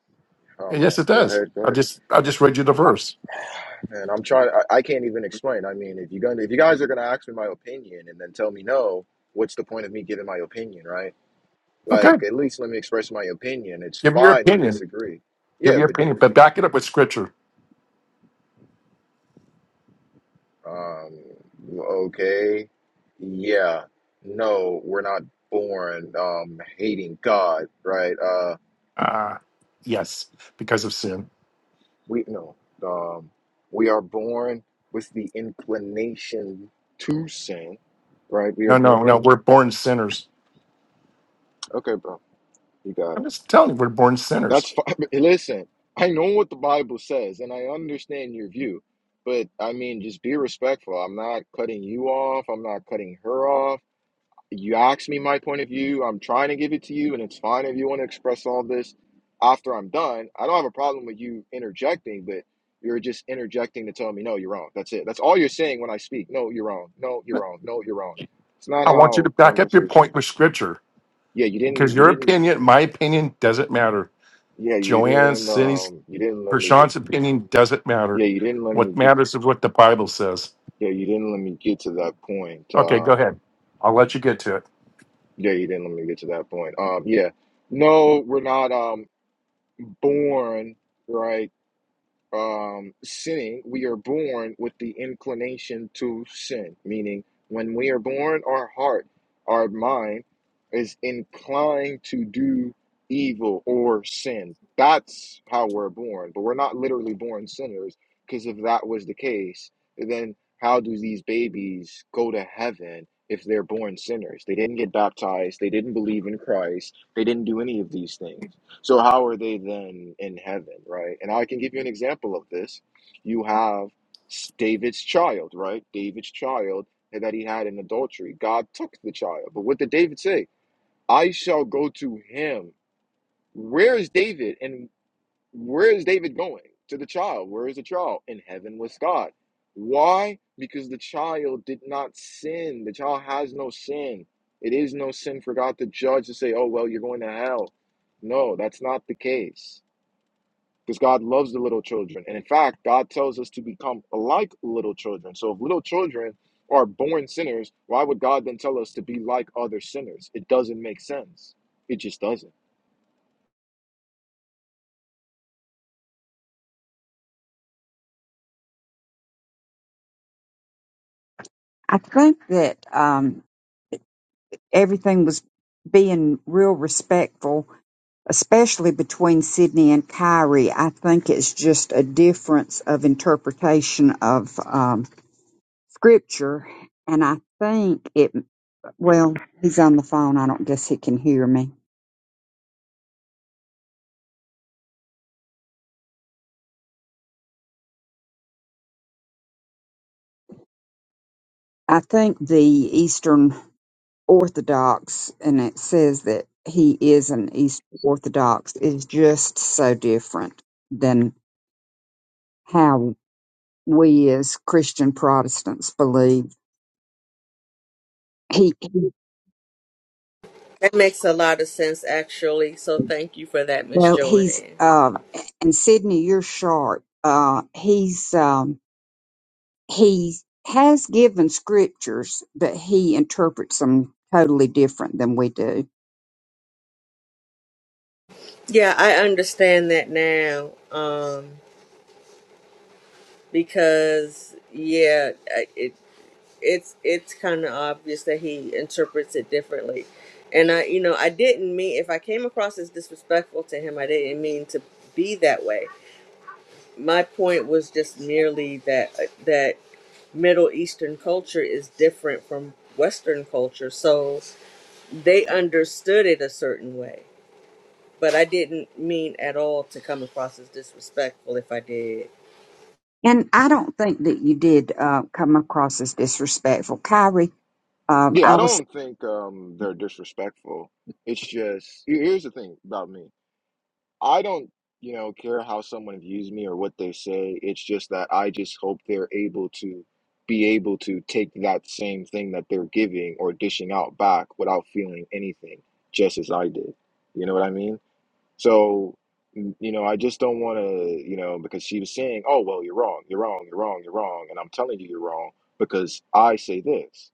Oh man, yes, it go does. ahead, go I ahead. just I just read you the I, verse. man, I'm trying. I, I can't even explain. I mean, if you gonna, if you guys are gonna ask me my opinion and then tell me no, what's the point of me giving my opinion, right? Okay, Like, at least let me express my opinion. It's give your fine. We opinion. disagree. Give Yeah, your but opinion, you, but you back it up with scripture. um, okay, yeah, no, we're not born um hating God, right? Uh. Uh yes, because of sin. we no um we are born with the inclination to sin right we are No, no, no. born We're born sinners. okay bro you got I'm it just telling you, we're born that's sinners. fine listen i know what the bible says and i understand your view but i mean just be respectful i'm not cutting you off i'm not cutting her off you asked me my point of view. I'm trying to give it to you, and it's fine if you want to express all this after I'm done. I don't have a problem with you interjecting, but you're just interjecting to tell me, no, you're wrong. That's it. That's all you're saying when I speak. No, you're wrong. No, you're wrong. No, you're wrong. It's not I want you to how back up your conversation point goes. with scripture Yeah, you because didn't. You your didn't. opinion, my opinion, doesn't matter. Yeah, you Joanne's, didn't. Cindy's, Um, you didn't let me get. Prashant's opinion doesn't Yeah, matter. you didn't let What me get. matters is what the Bible says. Yeah, you didn't let me get to that point. Okay, go Um, ahead. I'll let you get to it. yeah, you didn't let me get to that point. Um, yeah, no, we're not um born right? um, sinning, we are born with the inclination to sin. Meaning, when we are born, our heart, our mind is inclined to do evil or sin. That's how we're born. But we're not literally born sinners, because if that was the case, then how do these babies go to heaven if they're born sinners? They didn't get baptized, they didn't believe in Christ, they didn't do any of these things. So how are they then in heaven, right? And I can give you an example of this. You have s- David's child, right? David's child that he had in adultery. God took the child. But what did David say? I shall go to him. Where is David? And where is David going? To the child. Where is the child? In heaven with God. Why? Because the child did not sin. The child has no sin. It is no sin for God to judge and say, oh, well, you're going to hell. No, that's not the case because God loves the little children. And in fact, God tells us to become like little children. So if little children are born sinners, why would God then tell us to be like other sinners? It doesn't make sense. It just doesn't. I think that um, everything was being real respectful, especially between Sydney and Kyrie. I think it's just a difference of interpretation of um, scripture. And I think it, well, he's on the phone. I don't guess he can hear me. I think the Eastern Orthodox, and it says that he is an Eastern Orthodox, is just so different than how we as Christian Protestants believe. He, he That makes a lot of sense, actually. So thank you for that, Miss well, he's Joanne. uh, and Sydney, you're sharp. Uh, he's um, he has given scriptures, but he interprets them totally different than we do. Yeah, I understand that now. Um, because yeah, I- it. it's it's kind of obvious that he interprets it differently and i you know i didn't mean if i came across as disrespectful to him i didn't mean to be that way my point was just merely that uh, that middle eastern culture is different from western culture so they understood it a certain way but i didn't mean at all to come across as disrespectful if i did And I don't think that you did uh, come across as disrespectful, Kyrie. Um, Yeah, I I was don't think um, they're disrespectful. It's just here's the thing about me. I don't, you know, care how someone views me or what they say. It's just that I just hope they're able to be able to take that same thing that they're giving or dishing out back without feeling anything, just as I did. You know what I mean? So, n- you know, I just don't want to, you know, because she was saying, oh, well, you're wrong, you're wrong, you're wrong, you're wrong. And I'm telling you, you're wrong because I say this.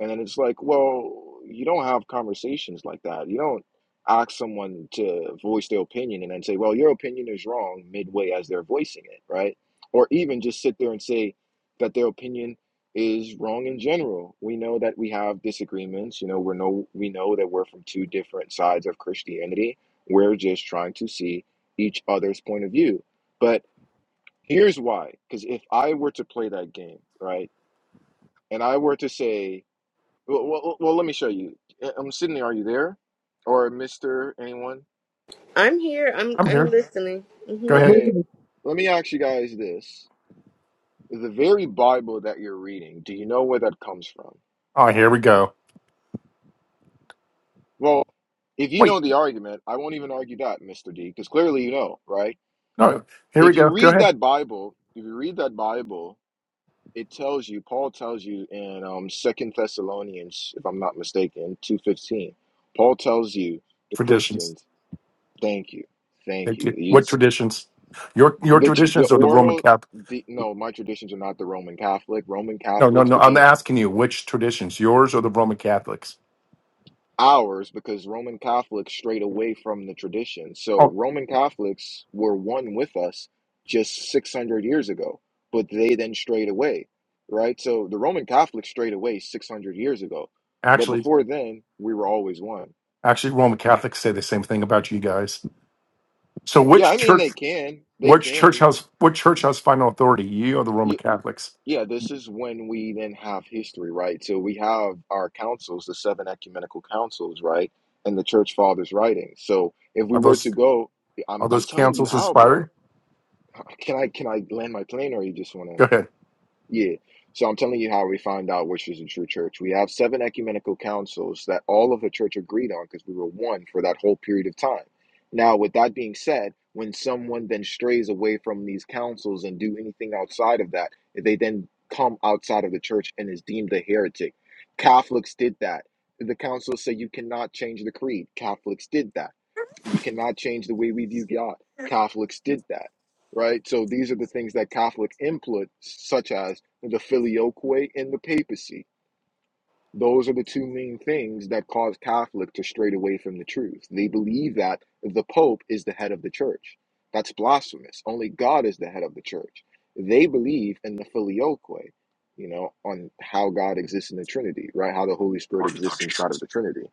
And then it's like, well, you don't have conversations like that. You don't ask someone to voice their opinion and then say, well, your opinion is wrong midway as they're voicing it, right? Or even just sit there and say that their opinion is wrong in general. We know that we have disagreements. You know, we're no, we know that we're from two different sides of Christianity we're just trying to see each other's point of view. But here's why because if I were to play that game, right, and I were to say, well, well, well well, let me show you. I'm Sydney, are you there? Or Mr. anyone? i'm here i'm I'm i'm here. listening Go hmm ahead. Okay, let me ask you guys this. The very Bible that you're reading, do you know where that comes from? Oh, here we go. Well, if you Well, know the argument, I won't even argue that, Mr. D, because clearly you know, right? No, here we If go. you Go read ahead. that Bible, if you read that Bible, it tells you paul tells you in um second thessalonians if i'm not mistaken 2.15 paul tells you the Traditions. christians thank you thank Thank you you. You- What traditions? Your your the, the traditions or the Roman oral Catholic? the, no my traditions are not the roman catholic roman No, no, catholics no. I'm became asking you which traditions, yours or the Roman Catholics? ours because Roman Catholics strayed away from the tradition. So Oh, Roman Catholics were one with us just 600 years ago, but they then strayed away, right? So the Roman Catholics strayed away 600 years ago, but actually, before then, we were always one. actually, Roman Catholics say the same thing about you guys. So, Yeah, I which mean, church, they can. They which church can. has, what church has final authority? You or the Roman Y- Catholics? Yeah, this is when we then have history, right? So we have our councils, the seven ecumenical councils, right? And the church fathers' writings. So if we Are were to those go I'm are I'm those telling you councils how, bro. inspired? Can I can I land my plane or you just want Go to? ahead. Yeah. So I'm telling you how we find out which is a true church. We have seven ecumenical councils that all of the church agreed on because we were one for that whole period of time. Now, with that being said, when someone then strays away from these councils and do anything outside of that, they then come outside of the church and is deemed a heretic. Catholics did that. The councils say you cannot change the creed. Catholics did that. You cannot change the way we view God. Catholics did that right? So these are the things that Catholic input, such as the filioque and the papacy. Those are the two main things that cause Catholic to stray away from the truth. They believe that the Pope is the head of the church. That's blasphemous. Only God is the head of the church. They believe in the filioque, you know, on how God exists in the Trinity, right? How the Holy Spirit exists Orthodox. inside of the Trinity.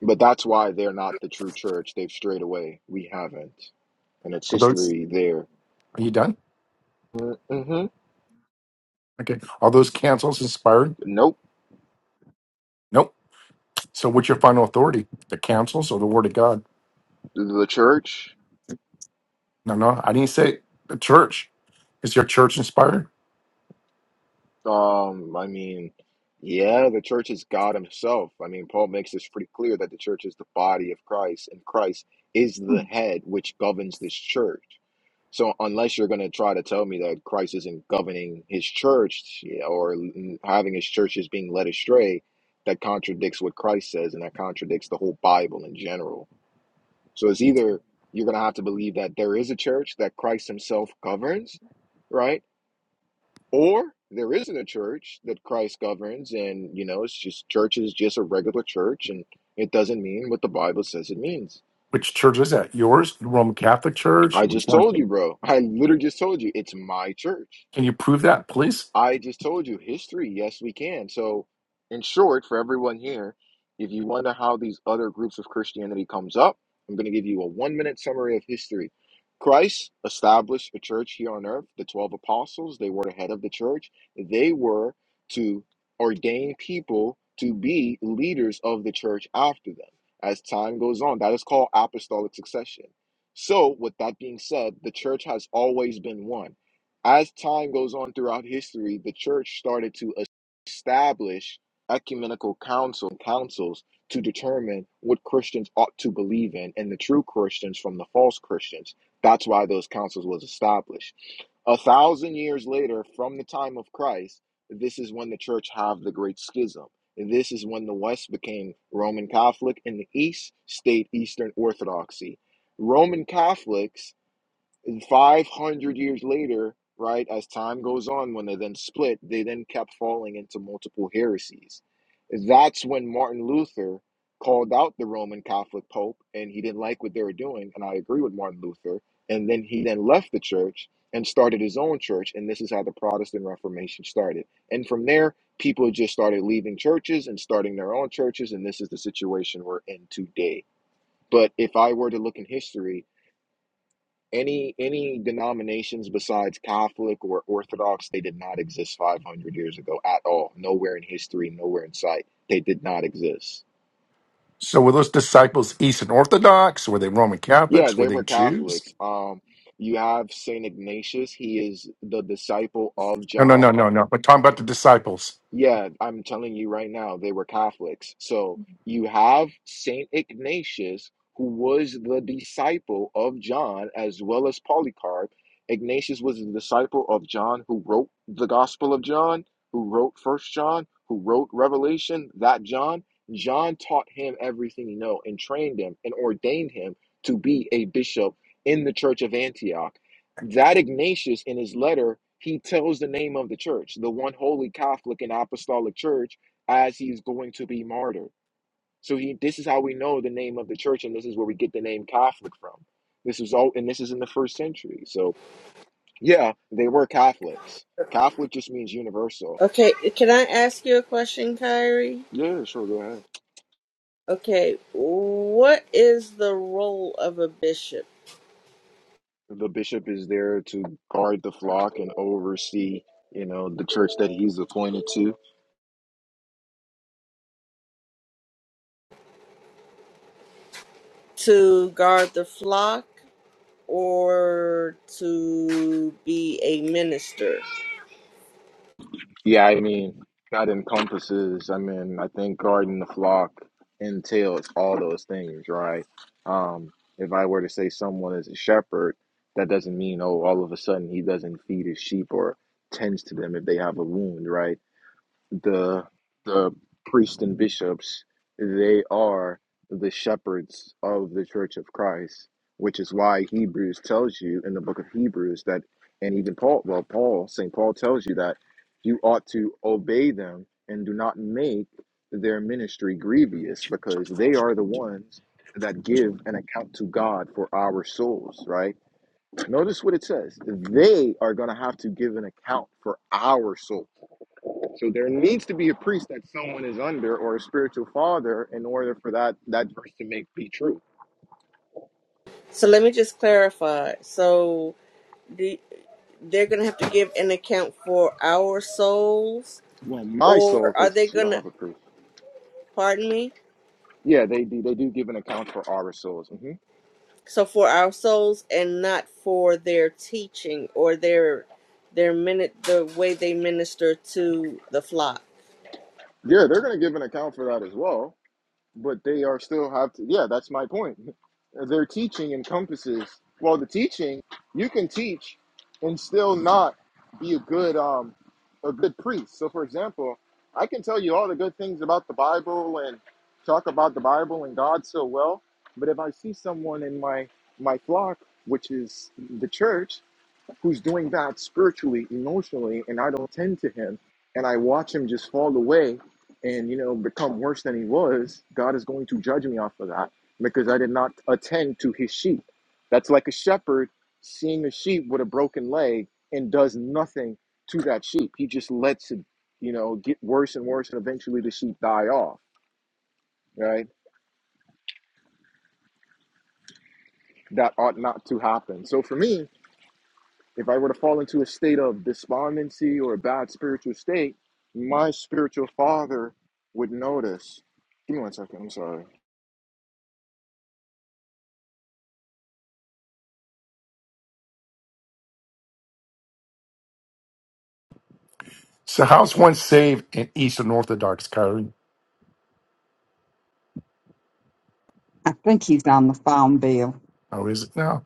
But that's why they're not the true church. They've strayed away. We haven't. And it's Are those? history there. Are you done? Mm-hmm. Okay. Are those councils inspired? Nope. Nope. So, what's your final authority? The councils or the Word of God? The church, No, no, I didn't say the church. Is your church inspired? um, I mean, yeah, the church is God Himself. I mean, Paul makes this pretty clear that the church is the body of Christ, and Christ is the head which governs this church. So, unless you're going to try to tell me that Christ isn't governing His church yeah, or having His church is being led astray, that contradicts what Christ says, and that contradicts the whole Bible in general. So, it's either you're going to have to believe that there is a church that Christ Himself governs, right? Or there isn't a church that Christ governs, and you know, it's just church is just a regular church, and it doesn't mean what the Bible says it means. Which church is that? Yours? The Roman Catholic Church? I Which just one? told you, bro. I literally just told you it's my church. Can you prove that, please? I just told you history. Yes, we can. So, in short, for everyone here, if you wonder how these other groups of Christianity comes up, I'm going to give you a one minute summary of history. Christ established a church here on earth. The 12 apostles, they were the head of the church. They were to ordain people to be leaders of the church after them. As time goes on, that is called apostolic succession. So, with that being said, the church has always been one as time goes on throughout history, the church started to establish ecumenical council councils to determine what Christians ought to believe in and the true Christians from the false Christians. That's why those councils was established. A thousand years later, from the time of Christ, this is when the church have the great schism. This is when the West became Roman Catholic and the East stayed Eastern Orthodoxy. Roman Catholics and 500 years later, right, as time goes on, when they then split, they then kept falling into multiple heresies. That's when Martin Luther called out the Roman Catholic Pope and he didn't like what they were doing. And I agree with Martin Luther. And then he then left the church and started his own church. And this is how the Protestant Reformation started. And from there, people just started leaving churches and starting their own churches. And this is the situation we're in today. But if I were to look in history, any any denominations besides Catholic or Orthodox, they did not exist 500 years ago at all. Nowhere in history, nowhere in sight. They did not exist. So were those disciples Eastern Orthodox? Were they Roman Yeah, Catholics? Were they they were Jews? Catholics. Um, you have Saint Ignatius. He is the disciple of No, no, John. no, no, no. We're talking about the disciples. Yeah, I'm telling you right now, they were Catholics. So you have Saint Ignatius, who was the disciple of John as well as Polycarp. Ignatius was the disciple of John who wrote the Gospel of John, who wrote First John, who wrote Revelation, that John. John taught him everything he know and trained him and ordained him to be a bishop in the church of Antioch. That Ignatius, in his letter, he tells the name of the church, the one holy Catholic and apostolic church, as he's going to be martyred. So he, this is how we know the name of the church, and this is where we get the name Catholic from. This is all, and this is in the first century. So yeah, they were Catholics. Catholic just means universal. okay can i ask you a question kyrie Yeah, sure, go ahead. Okay, what is the role of a bishop? The bishop is there to guard the flock and oversee, you know, the church that he's appointed to. To guard the flock or to be a minister? Yeah, I mean, that encompasses, I mean, I think guarding the flock entails all those things, right? Um, if I were to say someone is a shepherd, that doesn't mean, oh, all of a sudden he doesn't feed his sheep or tends to them if they have a wound, right? the the priests and bishops they are the shepherds of the church of christ which is why hebrews tells you in the book of hebrews that and even paul well paul st paul tells you that you ought to obey them and do not make their ministry grievous because they are the ones that give an account to god for our souls right notice what it says they are going to have to give an account for our souls so there needs to be a priest that someone is under or a spiritual father in order for that that verse to make be true. So let me just clarify. So do, they're going to have to give an account for our souls, Well, my soul, or are because they you going don't to, have a priest. pardon me? Yeah, they do. They do give an account for our souls. hmm So for our souls and not for their teaching or their their minute the way they minister to the flock. Yeah, they're going to give an account for that as well. but they are still have to yeah that's my point their teaching encompasses well the teaching you can teach and still not be a good um a good priest so for example i can tell you all the good things about the bible and talk about the bible and god so well but if i see someone in my my flock which is the church who's doing that spiritually, emotionally, and I don't tend to him, and I watch him just fall away and you know become worse than he was, God is going to judge me off of that because I did not attend to his sheep. That's like a shepherd seeing a sheep with a broken leg and does nothing to that sheep. He just lets it, you know, get worse and worse and eventually the sheep die off, right? That ought not to happen. So for me, If I were to fall into a state of despondency or a bad spiritual state, my spiritual father would notice. Give me one second. I'm sorry. So how's one saved in Eastern Orthodox, Kyrie? I think he's on the phone, Bill. How is it now?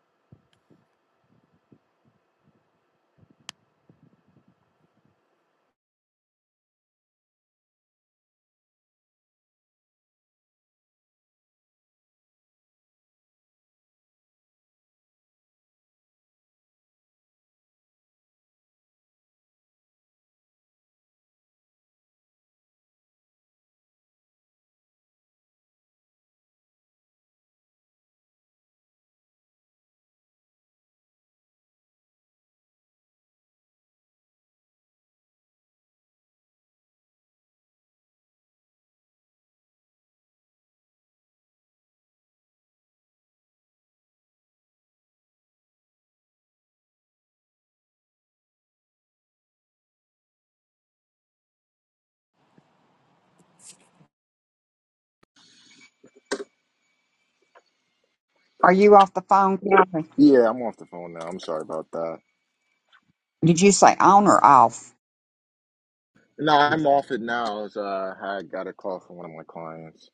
Are you off the phone, Kathy? Yeah, I'm off the phone now. I'm sorry about that. Did you say on or off? No, I'm off it now. As uh, I got a call from one of my clients.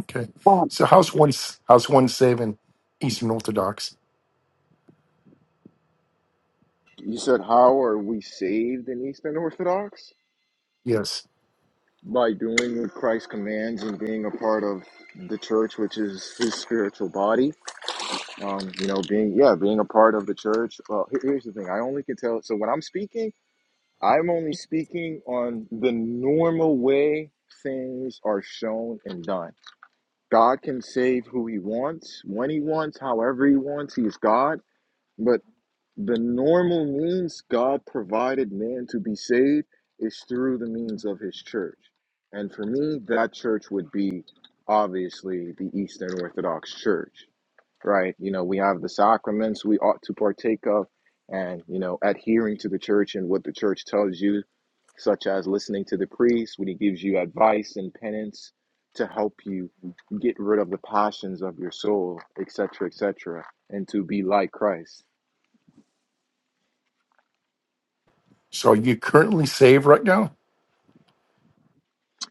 Okay. Um, So how's one how's one saved in Eastern Orthodox? You said, "How are we saved in Eastern Orthodox?" Yes. By doing what Christ commands and being a part of the church, which is His spiritual body. Um, you know, being yeah, being a part of the church. Well, here- here's the thing. I only can tell. So when I'm speaking. I'm only speaking on the normal way things are shown and done. God can save who he wants, when he wants, however he wants. He's God. But the normal means God provided man to be saved is through the means of his church. And for me, that church would be obviously the Eastern Orthodox Church, right? You know, we have the sacraments we ought to partake of and, you know, adhering to the church and what the church tells you such as listening to the priest when he gives you advice and penance to help you get rid of the passions of your soul, et cetera, et cetera, and to be like Christ. So are you currently saved right now?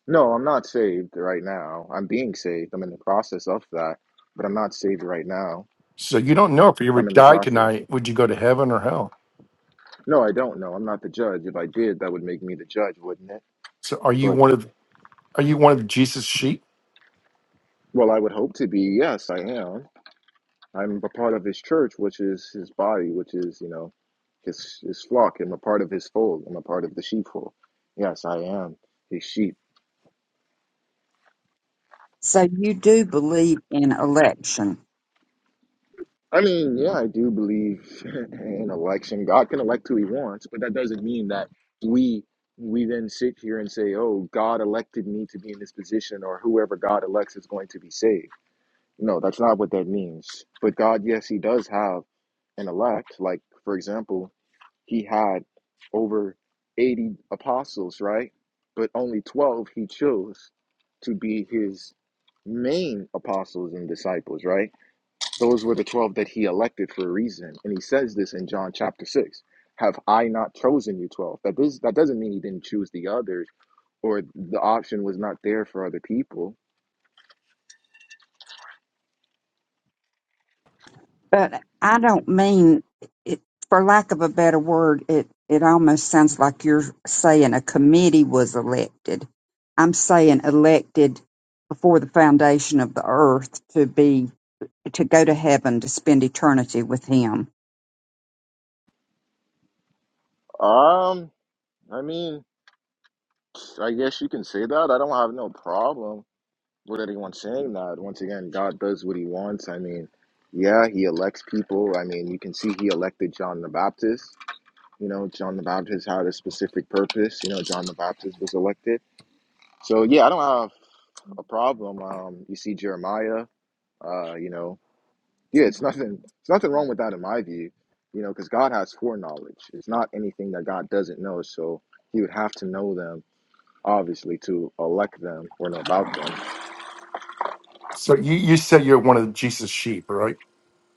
No, I'm not saved right now. I'm being saved. I'm in the process of that, but I'm not saved right now. So you don't know if you were I'm to in the die process. tonight, would you go to heaven or hell? No, I don't know. I'm not the judge. If I did, that would make me the judge, wouldn't it? So are you But, one of are you one of Jesus' sheep? well, I would hope to be. Yes, I am. I'm a part of his church, which is his body, which is, you know, his his flock. I'm a part of his fold. I'm a part of the sheepfold. Yes, I am his sheep. so you do believe in election. I mean, yeah, I do believe in election. God can elect who he wants, but that doesn't mean that we we then sit here and say, "Oh, God elected me to be in this position," or whoever God elects is going to be saved. No, that's not what that means. But God, yes, he does have an elect. Like, for example, He had over 80 apostles, right? But only 12 he chose to be his main apostles and disciples, right? Those were the 12 that he elected for a reason. And he says this in John chapter 6. Have I not chosen you 12? That does that doesn't mean he didn't choose the others or the option was not there for other people. but I don't mean it, for lack of a better word, it, it almost sounds like you're saying a committee was elected. I'm saying elected before the foundation of the earth to be, to go to heaven to spend eternity with him. Um, I mean, I guess you can say that. I don't have no problem. what anyone saying that once again god does what he wants i mean yeah he elects people i mean you can see he elected john the baptist you know john the baptist had a specific purpose you know john the baptist was elected so yeah i don't have a problem um you see jeremiah uh you know yeah it's nothing it's nothing wrong with that in my view you know because god has foreknowledge it's not anything that god doesn't know so he would have to know them obviously to elect them or know about them So you, you said you're one of Jesus' sheep, right?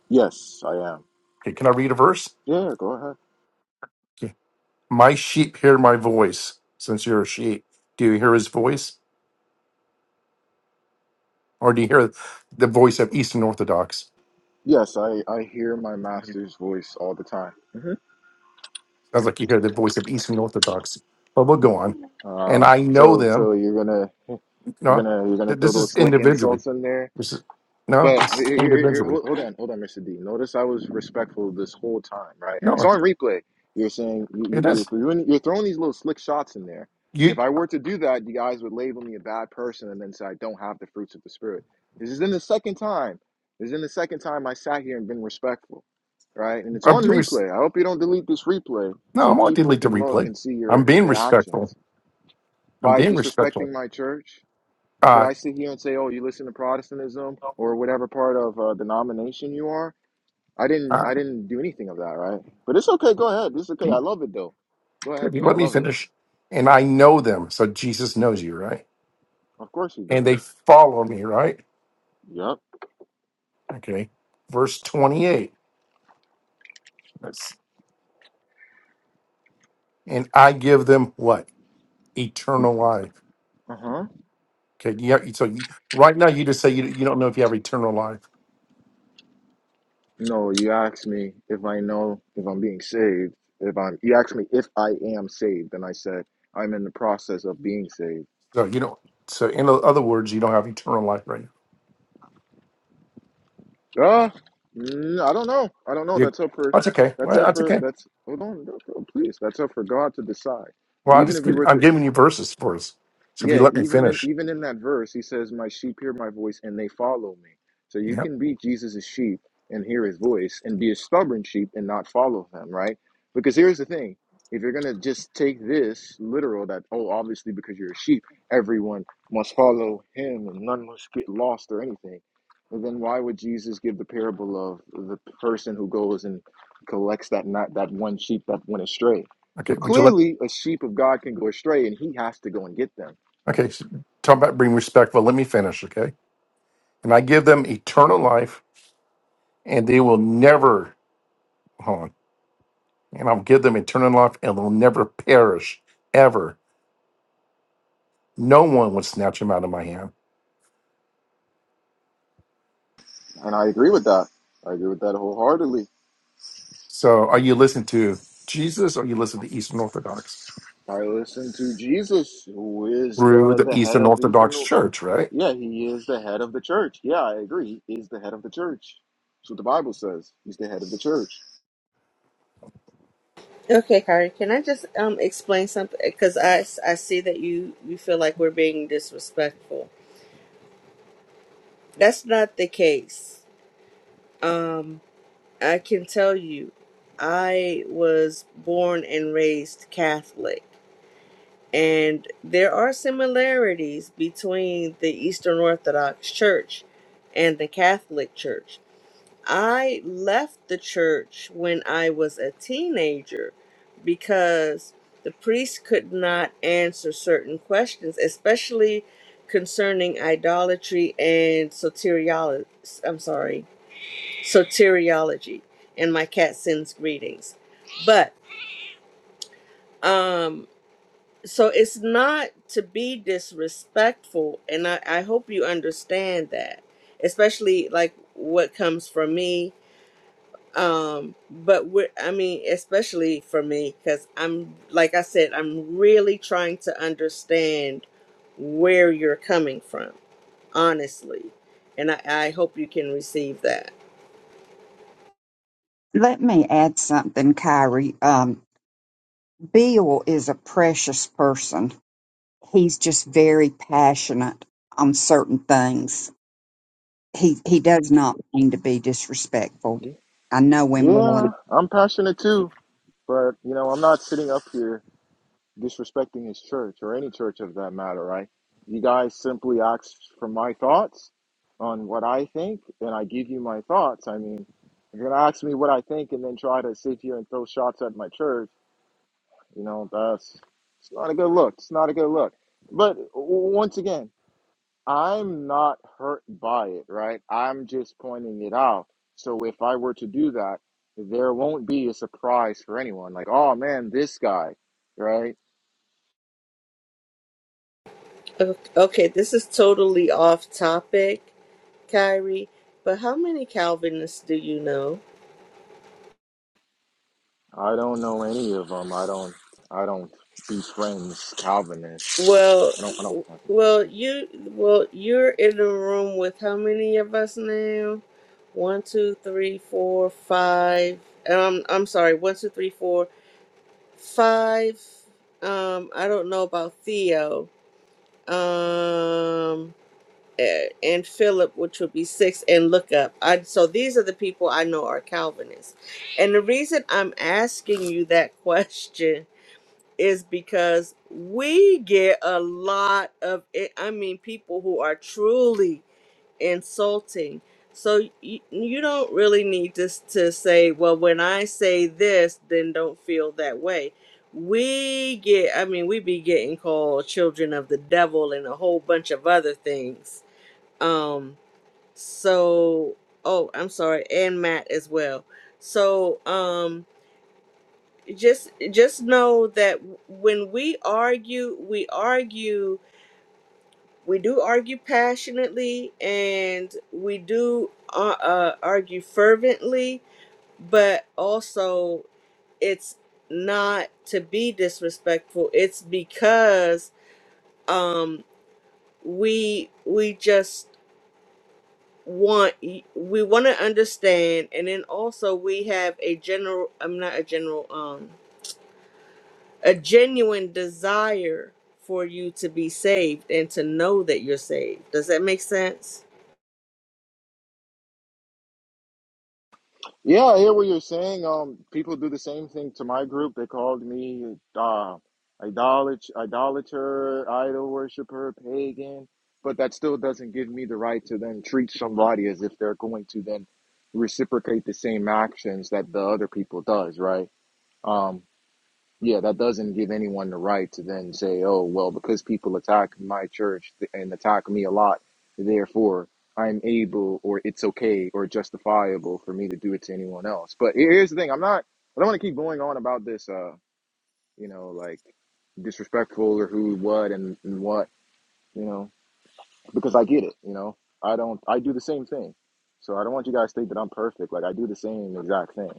yes i am Okay, can I read a verse? yeah go ahead Okay. My sheep hear my voice, since you're a sheep. Do you hear his voice? Or do you hear the voice of Eastern Orthodox? Yes, I, I hear my master's voice all the time. hmm Sounds like you hear the voice of Eastern Orthodox. But we'll go on. And Um, I know so them. so you're gonna you're No, gonna you're gonna th- throw this those is slick individually. insults in there This is no, this But here, is here, here, individually. hold hold on, hold on, Mr. D. Notice I was respectful this whole time, right? And it's No, on replay. You're saying you, you- it you're is. throwing you're throwing these little slick shots in there. But You if I were to do that, you guys would label me a bad person and then say I don't have the fruits of the spirit. This is in the second time. This is in the second time I sat here and been respectful, right? And it's I'm on doing res- replay. I hope you don't delete this replay no, so I'm not people delete the can look replay. and see I'm your being the respectful. actions I'm by being disrespecting respectful. my church. Did Uh, I sit here and say, "Oh, you listen to Protestantism or whatever part of uh, denomination you are"? I didn't. uh, I didn't do anything of that, right? But it's okay. Go ahead. It's okay. I be- love it though. Go ahead if you though. I let me love it. finish, and I know them, so Jesus knows you, right? Of course he And does. they follow me, right? Yep. Okay. Verse 28. That's, and I give them what? Eternal life. Uh huh. Okay. Yeah. So you, right now, you just say you, you don't know if you have eternal life. No, you asked me if I know if I'm being saved. If I'm, you asked me if I am saved, and I said I'm in the process of being saved. So you don't. So in o- other words, you don't have eternal life right now. Uh, mm, I don't know. I don't know. You, That's up for. that's okay. That's Well, up that's for. okay. That's hold on. that's- oh, please, that's up for God to decide. Well, But I even just if we give, were I'm to giving you verses for us. So if you Yeah, let me even in finish, even in that verse, he says, "My sheep hear my voice, and they follow me." So you yeah. can be Jesus' sheep and hear his voice, and be a stubborn sheep and not follow him, right? Because here's the thing: if you're gonna just take this literal, that oh, obviously because you're a sheep, everyone must follow him, and none must get lost or anything. But then why would Jesus give the parable of the person who goes and collects that not that one sheep that went astray? Okay. So Would you let clearly, a sheep of God can go astray, and he has to go and get them Okay, so talk about being respectful. Let me finish, okay? And I give them eternal life, and they will never, hold on, and I'll give them eternal life, and they'll never perish, ever. No one would snatch them out of my hand. And I agree with that. I agree with that wholeheartedly. So, are you listening to Jesus or are you listening to Eastern Orthodox? I listen to Jesus, who is Through the, the the head Eastern of the Orthodox Eastern. Church, right? Yeah, he is the head of the church. Yeah, I agree. He is the head of the church. That's what the Bible says. He's the head of the church. Okay, Kari, can I just um explain something? Because I, s- I see that you you feel like we're being disrespectful. That's not the case. Um, I can tell you, I was born and raised Catholic, and there are similarities between the Eastern Orthodox Church and the Catholic Church. I left the church when I was a teenager because the priest could not answer certain questions, especially concerning idolatry and soteriology. I'm sorry, soteriology. And my cat sends greetings, but um, so it's not to be disrespectful, and I, I hope you understand that, especially like what comes from me um but we're i mean especially for me because i'm like i said i'm really trying to understand where you're coming from honestly and i, I hope you can receive that Let me add something, Kyrie. Um, Bill is a precious person. He's just very passionate on certain things. He he does not mean to be disrespectful. Yeah. I know him well, Yeah, and I'm passionate too, but you know, I'm not sitting up here disrespecting his church or any church of that matter, right? You guys simply ask for my thoughts on what I think, and I give you my thoughts. I mean, if you're gonna ask me what I think and then try to sit here and throw shots at my church, you know, that's it's not a good look. It's not a good look. But w- once again, I'm not hurt by it, right? I'm just pointing it out. So if I were to do that, there won't be a surprise for anyone. Like, oh man, this guy, right? O- okay this is totally off topic kyrie but how many calvinists do you know I don't know any of them. I don't. I don't be friends Calvinists. Well, I don't. I don't. have well, you, well, you're in the room with how many of us now? One, two, three, four, five. Um, I'm sorry. One, two, three, four, five. Um, I don't know about Theo. Um, a- and Philip, which would be six, and look up. I so these are the people I know are Calvinists, and the reason I'm asking you that question is because we get a lot of it. I mean, people who are truly insulting. So you, you don't really need to, to say, well, when I say this, then don't feel that way. We get, I mean, we be getting called children of the devil and a whole bunch of other things. Um, so, oh, I'm sorry, and Matt as well. So, um, just just know that when we argue we argue we do argue passionately and we do uh, uh, argue fervently but also it's not to be disrespectful it's because um we we just want we want to understand and then also we have a general i'm not a general um, a genuine desire for you to be saved and to know that you're saved. Does that make sense? Yeah, I hear what you're saying. Um, people do the same thing to my group. They called me uh, idolat- idolater, idol worshiper, pagan. But that still doesn't give me the right to then treat somebody as if they're going to then reciprocate the same actions that the other people does, right? Um, Yeah, that doesn't give anyone the right to then say, oh, well, because people attack my church and attack me a lot, therefore I'm able or it's okay or justifiable for me to do it to anyone else. But here- here's the thing I'm not, I don't want to keep going on about this, uh, you know, like disrespectful or who, what, and, and what, you know, because I get it, you know, I don't, I do the same thing. So I don't want you guys to think that I'm perfect. Like I do the same exact thing.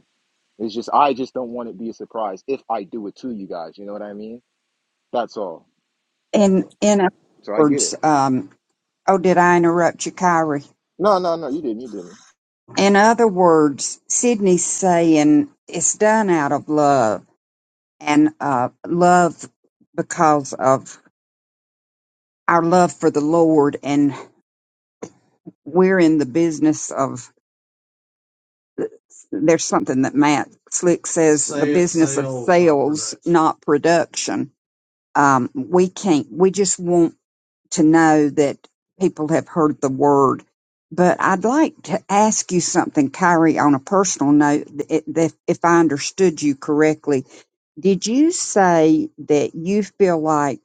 It's just, I just don't want it to be a surprise if I do it to you guys. You know what I mean? That's all. So, in in other so I get words, it. um, oh, did I interrupt you, Kyrie? No, no, no, you didn't. You didn't. In other words, Sydney's saying it's done out of love and uh, love because of our love for the Lord, and we're in the business of there's something that Matt Slick says the Say business of sales, not sales, production. not production. Um, we can't, we just want to know that people have heard the word. But I'd like to ask you something, Kyrie, on a personal note, th- if if I understood you correctly. Did you say that you feel like,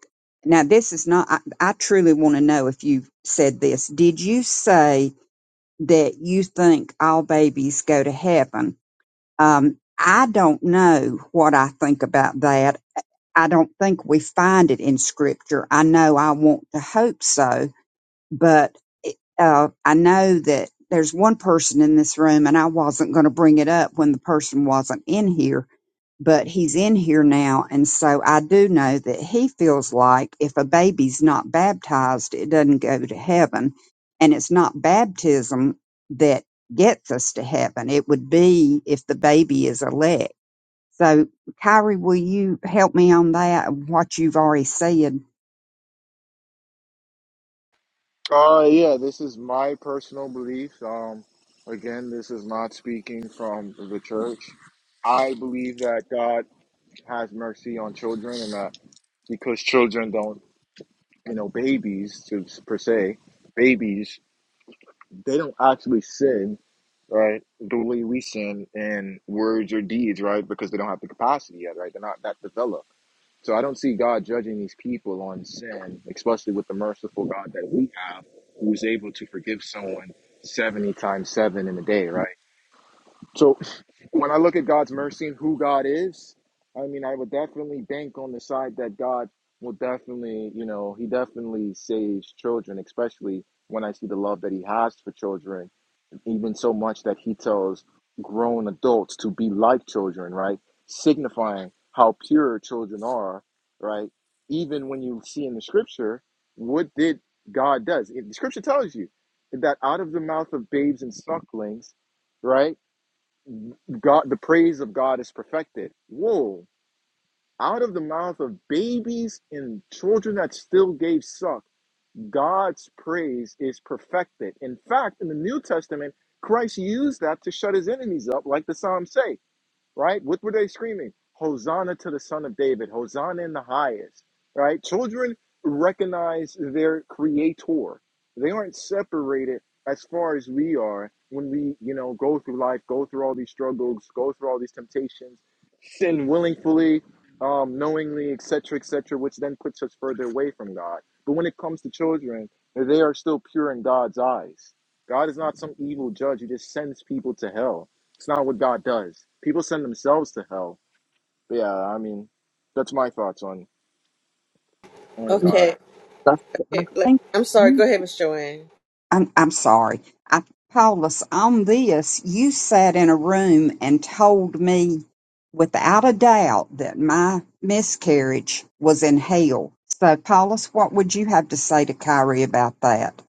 now this is not, I, I truly want to know if you said this. Did you say that you think all babies go to heaven? Um, I don't know what I think about that. I don't think we find it in scripture. I know I want to hope so, but uh, I know that there's one person in this room, and I wasn't going to bring it up when the person wasn't in here but he's in here now. And so I do know that he feels like if a baby's not baptized, it doesn't go to heaven. And it's not baptism that gets us to heaven. It would be if the baby is elect. So, Kyrie, will you help me on that? What you've already said. Uh, yeah, this is my personal belief. Um, again, this is not speaking from the church. I believe that God has mercy on children, and that because children don't, you know, babies to, per se, babies they don't actually sin, right? The way we sin in words or deeds, right? Because they don't have the capacity yet, right? They're not that developed So I don't see God judging these people on sin, especially with the merciful God that we have, who is able to forgive someone 70 times 7 in a day, right? So when I look at God's mercy and who God is, I mean, I would definitely bank on the side that God will definitely, you know, he definitely saves children, especially when I see the love that he has for children even so much that he tells grown adults to be like children, right? Signifying how pure children are, right? Even when you see in the scripture, what did God does? It- The scripture tells you that out of the mouth of babes and sucklings, right? God, the praise of God is perfected. Whoa! Out of the mouth of babies and children that still gave suck God's praise is perfected. In fact, in the New Testament, Christ used that to shut his enemies up, like the Psalms say right? What were they screaming? Hosanna to the Son of David, Hosanna in the highest, right? Children recognize their creator. They aren't separated as far as we are when we, you know, go through life, go through all these struggles, go through all these temptations, sin willingly, um, knowingly, etc., etc., which then puts us further away from God. But when it comes to children, they are still pure in God's eyes. God is not some evil judge who just sends people to hell it's not what God does. People send themselves to hell. But yeah, I mean, that's my thoughts on on God. Okay. I okay. Like, think. I'm yeah. sorry. Go ahead, Miss Joanne. I'm, I'm sorry. I, Paulus, on this, you sat in a room and told me without a doubt that my miscarriage was in hell. So, Paulus, what would you have to say to Kyrie about that?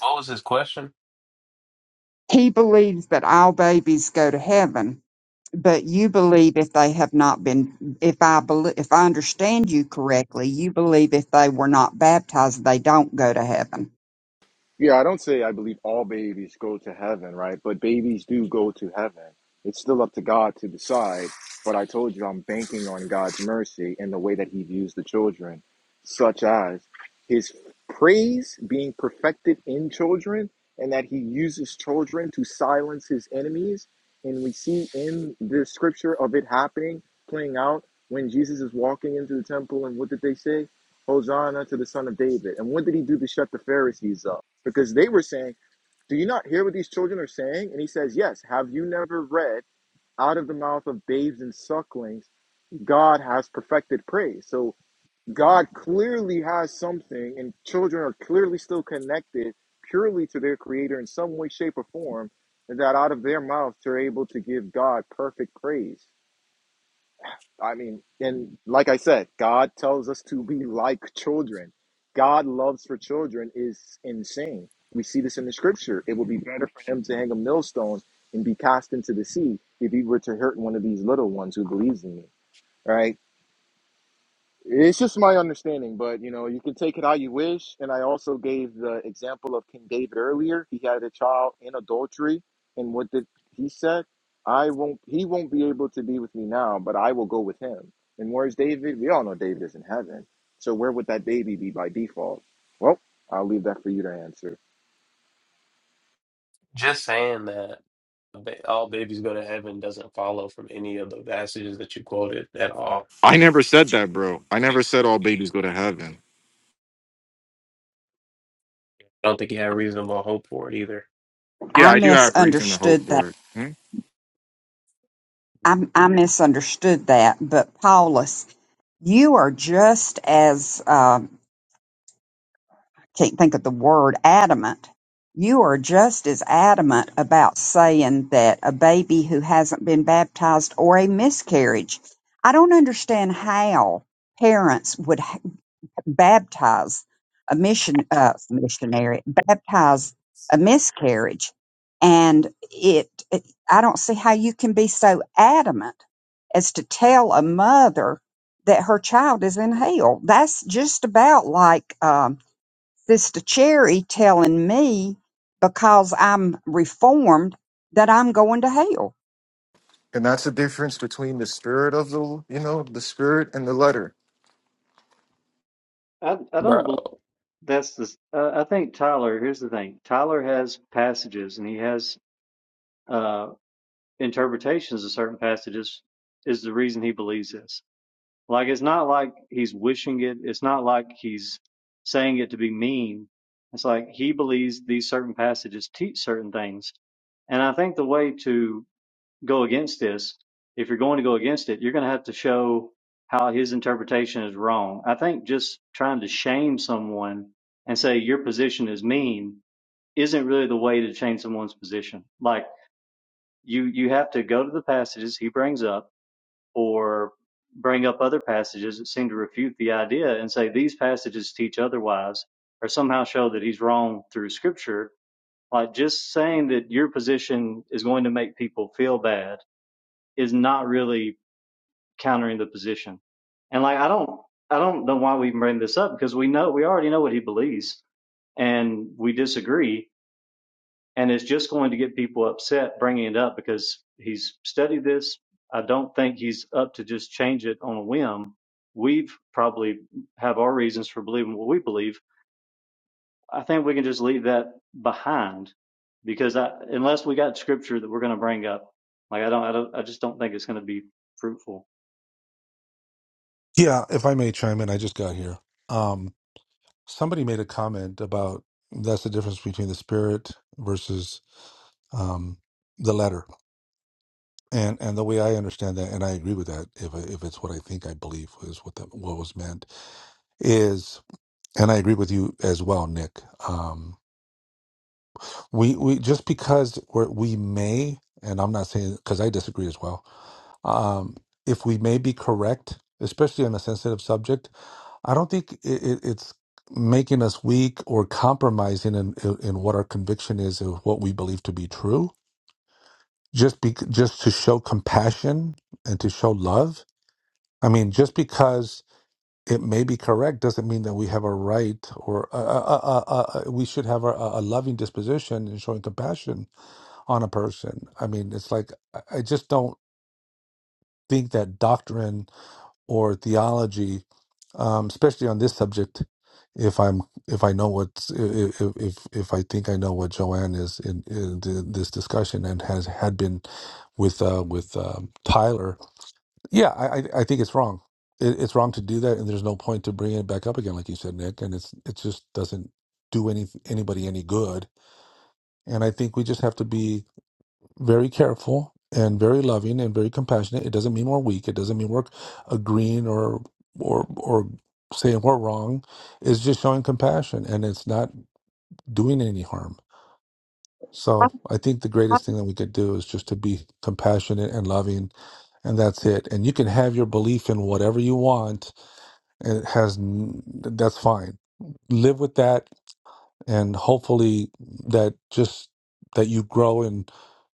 What was his question? He believes that all babies go to heaven, but you believe if they have not been, if I believe, if I understand you correctly, you believe if they were not baptized, they don't go to heaven. Yeah, I don't say I believe all babies go to heaven, right? But babies do go to heaven. It's still up to God to decide. But I told you I'm banking on God's mercy and the way that He views the children, such as His praise being perfected in children and that He uses children to silence His enemies. And we see in the scripture of it happening, playing out when Jesus is walking into the temple. And what did they say? Hosanna to the Son of David. And what did He do to shut the Pharisees up? because they were saying, Do you not hear what these children are saying? And he says, Yes, have you never read out of the mouth of babes and sucklings, God has perfected praise? So God clearly has something, and children are clearly still connected purely to their creator in some way, shape, or form, and that out of their mouths they're able to give God perfect praise. I mean, and like I said, God tells us to be like children. God loves for children is insane. We see this in the scripture. It would be better for him to hang a millstone and be cast into the sea if he were to hurt one of these little ones who believes in me. Right? It's just my understanding, but you know, you can take it how you wish. And I also gave the example of King David earlier. He had a child in adultery, and what did he said? I won't. He won't be able to be with me now, but I will go with him. And where's David? We all know David is in heaven. So where would that baby be by default? Well, I'll leave that for you to answer. Just saying that ba- all babies go to heaven doesn't follow from any of the passages that you quoted at all. Yeah. I don't think he had reasonable hope for it either, yeah. I misunderstood I, I misunderstood that, but Paulus, you are just as um, I can't think of the word adamant. You are just as adamant about saying that a baby who hasn't been baptized or a miscarriage. I don't understand how parents would baptize a mission uh, missionary baptize a miscarriage and it, it i don't see how you can be so adamant as to tell a mother that her child is in hell that's just about like um, sister cherry telling me because i'm reformed that i'm going to hell And that spirit of the, you know, the spirit and the letter. I I bro. don't believe that's the. Uh, I think Tyler. Here's the thing. Tyler has passages, and he has uh, interpretations of certain passages. Is the reason he believes this. Like it's not like he's wishing it. It's not like he's saying it to be mean. It's like he believes these certain passages teach certain things, and I think the way to go against this, if you're going to go against it, you're going to have to show how his interpretation is wrong. I think just trying to shame someone and say your position is mean isn't really the way to change someone's position. Like you, you have to go to the passages he brings up or bring up other passages that seem to refute the idea and say these passages teach otherwise or somehow show that he's wrong through scripture. Like just saying that your position is going to make people feel bad is not really countering the position. And like I don't I don't know why we even bring this up because we know we already know what he believes and we disagree and it's just going to get people upset bringing it up because he's studied this. I don't think he's up to just change it on a whim. We've probably have our reasons for believing what we believe. I think we can just leave that behind because I, unless we got scripture that we're going to bring up, like I don't, I don't, I just don't think it's going to be fruitful. Yeah, if I may chime in, I just got here. Um, somebody made a comment about that's the difference between the spirit versus um, the letter, and and the way I understand that, and I agree with that. If I- if it's what I think I believe is what that what was meant is, and I agree with you as well, Nick. Um, we we just because we're, we may, and I'm not saying because I disagree as well. Um, if we may be correct, especially on a sensitive subject I don't think it, it, it's making us weak or compromising in, in in what our conviction is of what we believe to be true. Just be, just to show compassion and to show love. I mean, just because it may be correct doesn't mean that we have a right or uh, uh, uh, uh, uh, uh, we should have a, a a loving disposition and showing compassion on a person. I mean, it's like I I just don't think that doctrine or theology, um, especially on this subject. If I'm, if I know what's, if if if I think I know what Joanne is in, in th- this discussion and has had been with uh, with um, Tyler, yeah, I I I think it's wrong. It, it's wrong to do that, and there's no point to bringing it back up again, like you said, Nick. And it's it just doesn't do any anybody any good. And I think we just have to be very careful and very loving and very compassionate. It doesn't mean we're weak. It doesn't mean we're agreeing or or or saying we're wrong. It's just showing compassion and it's not doing any harm. So I think the greatest thing that we could do is just to be compassionate and loving, and that's it. And you can have your belief in whatever you want, and it has n- that's fine. Live with that, and hopefully that just that you grow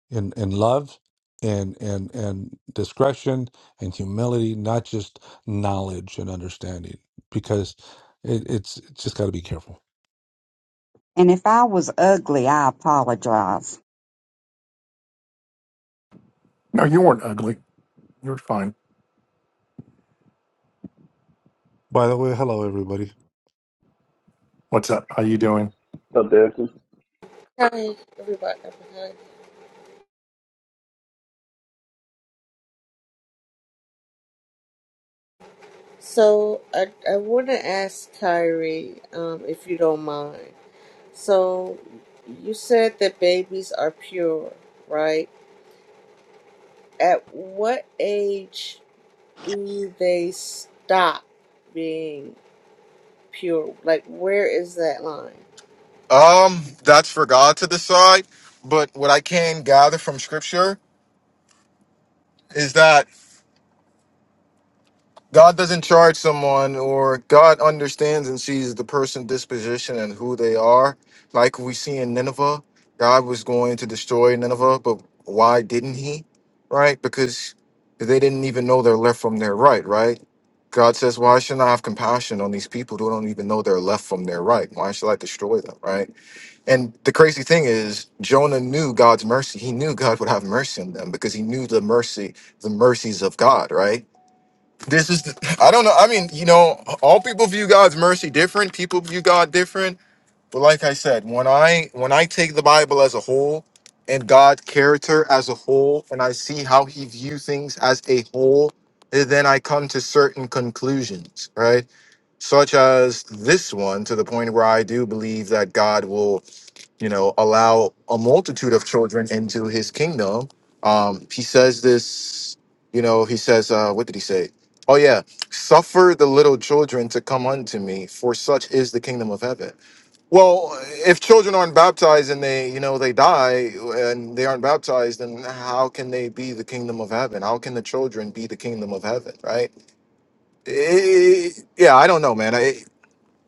in, in love and and and discretion and humility, not just knowledge and understanding, because it, it's, it's just got to be careful. and if i was ugly i apologize No, you weren't ugly. You were fine. By the way, hello everybody. What's up? How you doing? up, Davidson? Hi, everybody. Hi. So I I want to ask Kyrie, um, if you don't mind. So you said that babies are pure, right? At what age do they stop being pure? Like, where is that line? Um, that's for God to decide. But what I can gather from Scripture is that God doesn't charge someone, or God understands and sees the person disposition and who they are. Like we see in Nineveh, God was going to destroy Nineveh, but why didn't He? Right? Because they didn't even know their left from their right. Right? God says, "Why should I have compassion on these people who don't even know their left from their right? Why should I destroy them?" Right? And the crazy thing is, Jonah knew God's mercy. He knew God would have mercy on them because he knew the mercy, the mercies of God. Right? This is I don't know. I mean, you know, all people view God's mercy different. People view God different. But like I said, when I when I take the Bible as a whole and God's character as a whole, and I see how He view things as a whole, eh, then I come to certain conclusions, right? Such as this one, to the point where I do believe that God will you know allow a multitude of children into his kingdom um he says this you know he says uh what did he say oh yeah suffer the little children to come unto me for such is the kingdom of heaven well if children aren't baptized and they you know they die and they aren't baptized then how can they be the kingdom of heaven how can the children be the kingdom of heaven right Eh, yeah i don't know man I,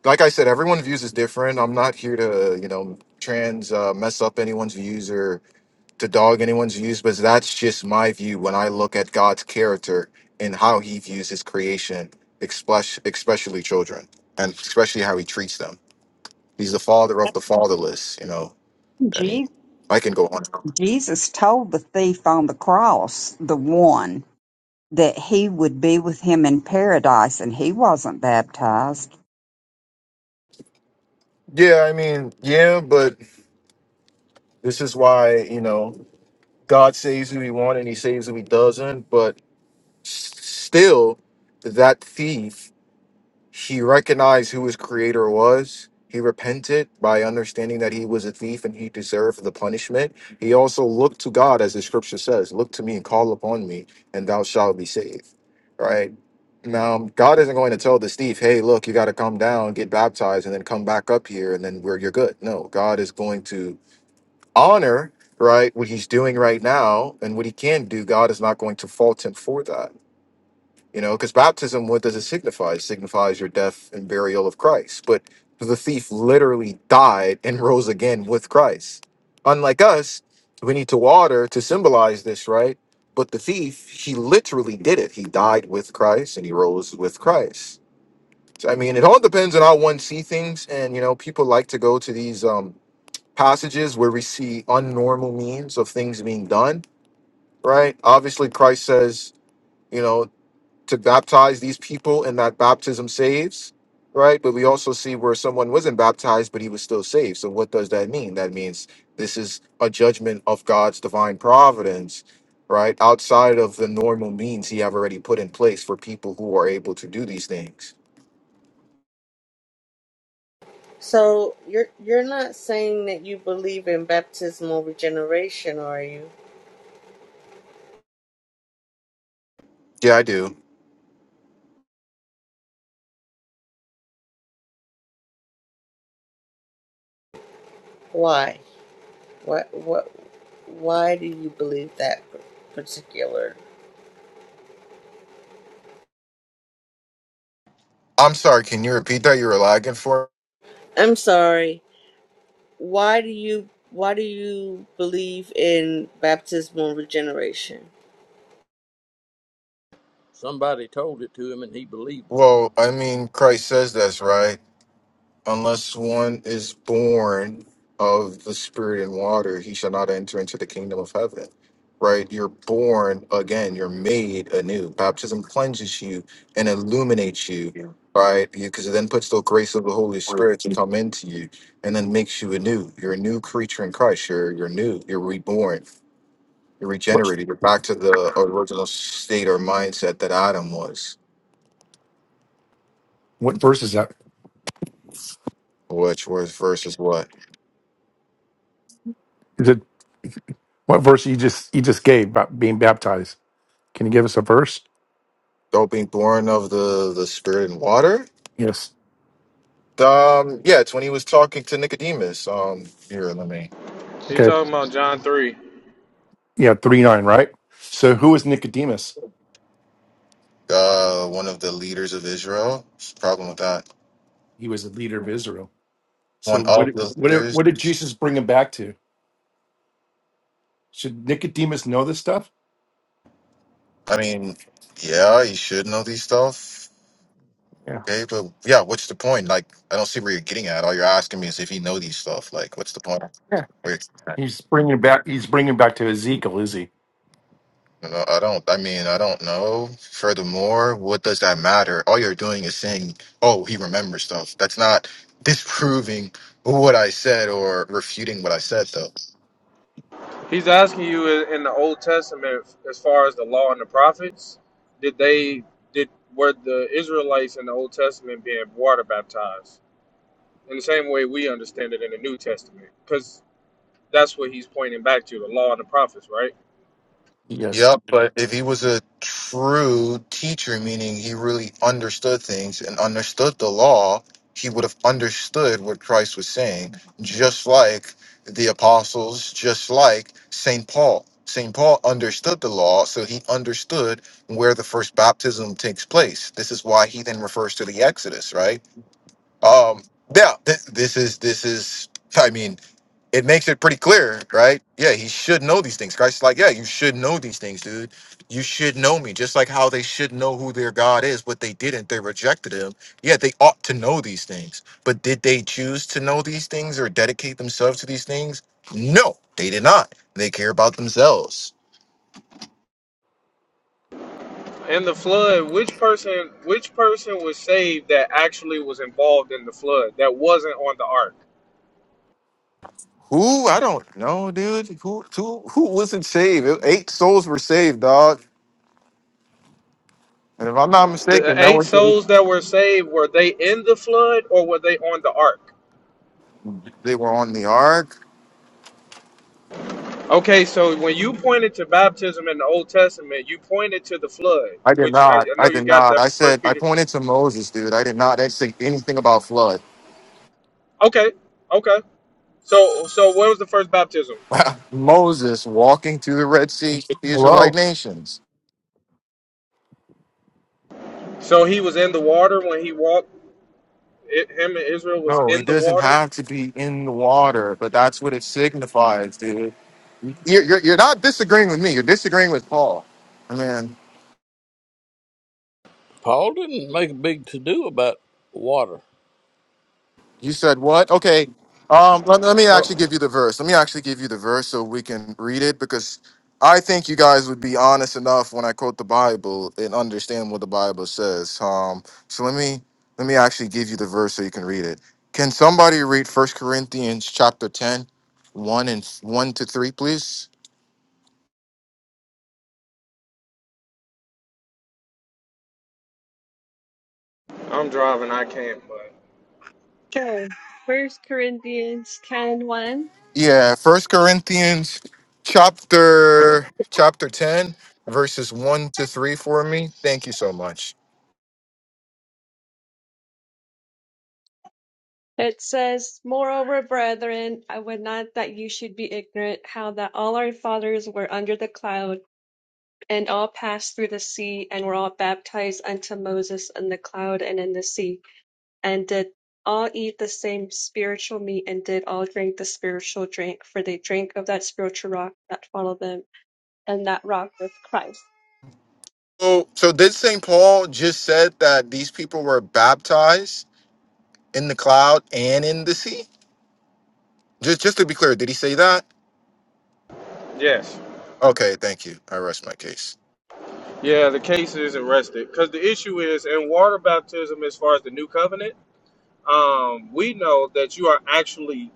like I said, everyone views is different. I'm not here to, you know, trans uh, mess up anyone's views or to dog anyone's views, but that's just my view when I look at God's character and how He views His creation, especially, especially children, and especially how He treats them. He's the father of the fatherless. You know, I mean, I can go on. Jesus told the thief on the cross, the one, that he would be with him in paradise, and he wasn't baptized. Yeah, I mean, yeah, but this is why you know God saves who He wants and He saves who He doesn't. But s- still, that thief He recognized who his creator was. He repented by understanding that he was a thief and he deserved the punishment. He also looked to God, as the scripture says, Look to me and call upon me, and thou shalt be saved. Right? Now, God isn't going to tell this thief, Hey, look, you got to come down, get baptized, and then come back up here, and then where you're good. No, God is going to honor, right, what he's doing right now and what he can do. God is not going to fault him for that you know, because baptism, what does it signify? It signifies your death and burial of Christ. But the thief literally died and rose again with Christ. Unlike us, we need to water to symbolize this, right? But the thief, he literally did it. He died with Christ and he rose with Christ. So, I mean, it all depends on how one see things. And, you know, people like to go to these um, passages where we see unnormal means of things being done, right? Obviously, Christ says, you know to baptize these people and that baptism saves right but we also see where someone wasn't baptized but he was still saved so what does that mean that means this is a judgment of god's divine providence right outside of the normal means he have already put in place for people who are able to do these things So you're you're not saying that you believe in baptismal regeneration, are you? yeah i do Why? What? What? Why do you believe that p- particular? i'm sorry can you repeat that you were lagging for I'm sorry. Why do you? Why do you believe in baptismal regeneration? Somebody told it to him and he believed it. well i mean christ says that's right Unless one is born of the spirit and water, he shall not enter into the kingdom of heaven. Right? You're born again. You're made anew. Baptism cleanses you and illuminates you. Right? Because it then puts the grace of the Holy Spirit to come into you and then makes you anew. You're a new creature in Christ. You're, you're new. You're reborn. You're What, regenerated. You're back to the original state or mindset that Adam was, what verse is that? which was versus what? Is it what verse you just you just gave about being baptized? Can you give us a verse? Don't be born of the, the spirit and water? Yes. Um, yeah, it's when he was talking to Nicodemus. Um, here, let me. He's Okay. talking about John 3. Yeah, three nine, right? So who was Nicodemus? Uh, one of the leaders of Israel. What's the problem with that? He was a leader of Israel. So One what of the what leaders. what did Jesus bring him back to? Should Nicodemus know this stuff? I mean, yeah, you should know these stuff. Yeah, Okay, but yeah, what's the point? Like, I don't see where you're getting at. All you're asking me is if you know these stuff. Like, what's the point? yeah. Wait, He's bringing back. He's bringing back to Ezekiel, is he? you know, I don't. I mean, I don't know. Furthermore, what does that matter? All you're doing is saying, "Oh, he remembers stuff." That's not disproving what I said or refuting what I said, though. He's asking you in in the Old Testament as far as the law and the prophets, did they did were the Israelites in the Old Testament being water baptized in the same way we understand it in the New Testament? Cuz that's what he's pointing back to, the law and the prophets, right? Yes. Yep, but if he was a true teacher, meaning he really understood things and understood the law, he would have understood what Christ was saying, just like the apostles, just like St. Paul. St. Paul understood the law, so he understood where the first baptism takes place. This is why he then refers to the Exodus, right? Um, yeah, th- this is this is. I mean, it makes it pretty clear, right? Yeah, he should know these things. Christ's like, yeah, you should know these things, dude. You should know me, just like how they should know who their God is, but they didn't. They rejected him. Yeah, they ought to know these things. But did they choose to know these things or dedicate themselves to these things? No, they did not. They care about themselves. In the flood, which person which person was saved that actually was involved in the flood that wasn't on the ark? Who? I don't know, dude. Who who, who wasn't saved? Eight souls were saved, dog. And if I'm not mistaken, The that eight was the souls eight. that were saved, were they in the flood or were they on the ark? they were on the ark. Okay, so when you pointed to baptism in the Old Testament, you pointed to the flood, I did which I, not. I I know did you got not. that I from said First I Peter. pointed to Moses, dude. I did not say anything about flood. Okay, okay. So, so what was the first baptism? Moses walking through the Red Sea with the Israelite Hello, nations. So he was in the water when he walked. It, him and Israel was No, he in the doesn't water. have to be in the water, but that's what it signifies, dude. You're, you're, you're not disagreeing with me. You're disagreeing with Paul. I mean. Paul didn't make a big to do about water. You said what? Okay. Um, let, let me Oh, actually give you the verse. Let me actually give you the verse so we can read it because I think you guys would be honest enough when I quote the Bible and understand what the Bible says. Um, so let me let me actually give you the verse so you can read it. Can somebody read First Corinthians chapter ten, one and 1 to 3, please? I'm driving. I can't. But Okay, First Corinthians 10 1. Yeah, First Corinthians chapter chapter 10, verses 1 to 3 for me. Thank you so much. It says, Moreover, brethren, I would not that you should be ignorant how that all our fathers were under the cloud, and all passed through the sea, and were all baptized unto Moses in the cloud and in the sea, and did all eat the same spiritual meat, and did all drink the spiritual drink, for they drank of that spiritual rock that followed them, and that rock was Christ. So, so did St. Paul just said that these people were baptized in the cloud and in the sea? Just, just to be clear, did he say that? yes, Okay, thank you. I rest my case. yeah. The case isn't rested because the issue is in water baptism. As far as the new covenant, um, we know that you are actually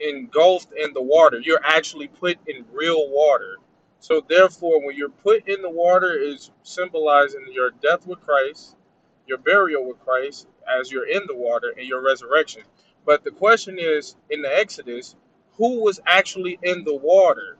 engulfed in the water. You're actually put in real water. So therefore, when you're put in the water, is symbolizing your death with Christ, your burial with Christ, as you're in the water, and your resurrection. But the question is, in the Exodus, who was actually in the water?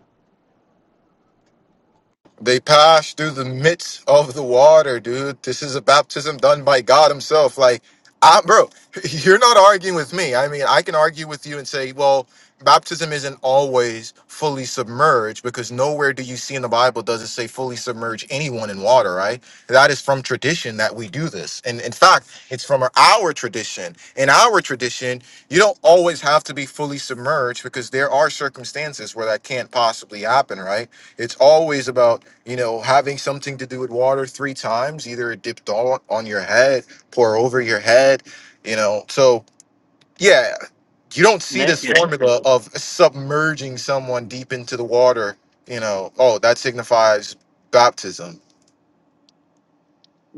They passed through the midst of the water, dude. This is a baptism done by God Himself. Like, I, bro, you're not arguing with me. I mean, I can argue with you and say, well, baptism isn't always fully submerged because nowhere do you see in the Bible does it say fully submerge anyone in water, right? That is from tradition that we do this. And in fact, it's from our, our tradition. In our tradition, you don't always have to be fully submerged because there are circumstances where that can't possibly happen, right? It's always about, you know, having something to do with water three times, either it dipped all on your head, pour over your head, you know. So, yeah, you don't see this Naked. formula of submerging someone deep into the water, you know, oh, that signifies baptism.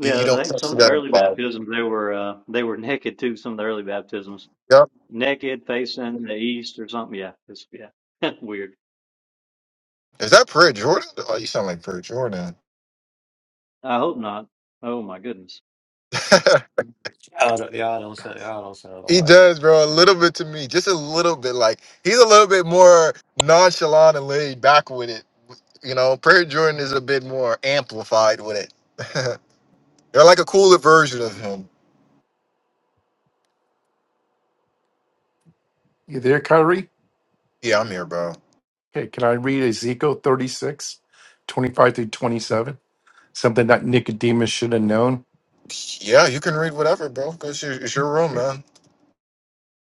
You, you don't I think some see of the that in the early Bible. baptisms they were uh, they were naked too. Some of the early baptisms, Yep. naked, facing the east or something. Yeah, it's yeah, weird. Is that prayer Jordan? Oh, you sound like prayer Jordan. I hope not. Oh my goodness, Y'all don't, y'all don't sound y'all don't sound He alike. does, bro. A little bit to me, just a little bit. Like he's a little bit more nonchalant and laid back with it. You know, Prayer Jordan is a bit more amplified with it. They're like a cooler version of him. you there, Kyrie? Yeah, I'm here, bro. Okay, can I read Ezekiel 36, 25 through 27? Something that Nicodemus should have known. Yeah, you can read whatever, bro. It's your, it's your room, man.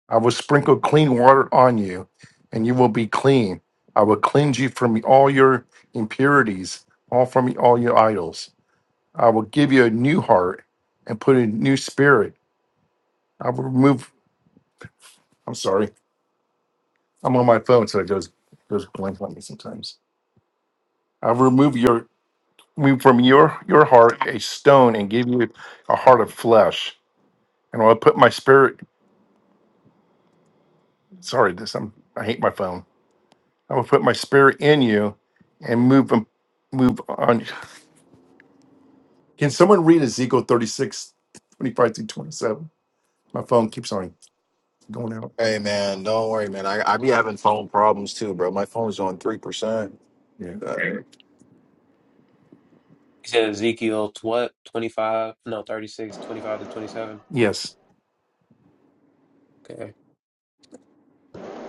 I will sprinkle clean water on you, and you will be clean. I will cleanse you from all your impurities, all from all your idols. I will give you a new heart and put a new spirit. I will remove. I'm sorry, I'm on my phone, so it goes goes blank on me sometimes. I will remove your remove from your your heart a stone and give you a heart of flesh. And I will put my spirit. Sorry, this I'm, I hate my phone. I will put my spirit in you, and move um, move on. Can someone read Ezekiel 36 25 through 27? My phone keeps on going out. Hey, man, don't worry, man. I, I be having phone problems too, bro. My phone's on 3%. Yeah. Uh, He said Ezekiel tw- what twenty five no 36, 25 to twenty seven. Yes. Okay,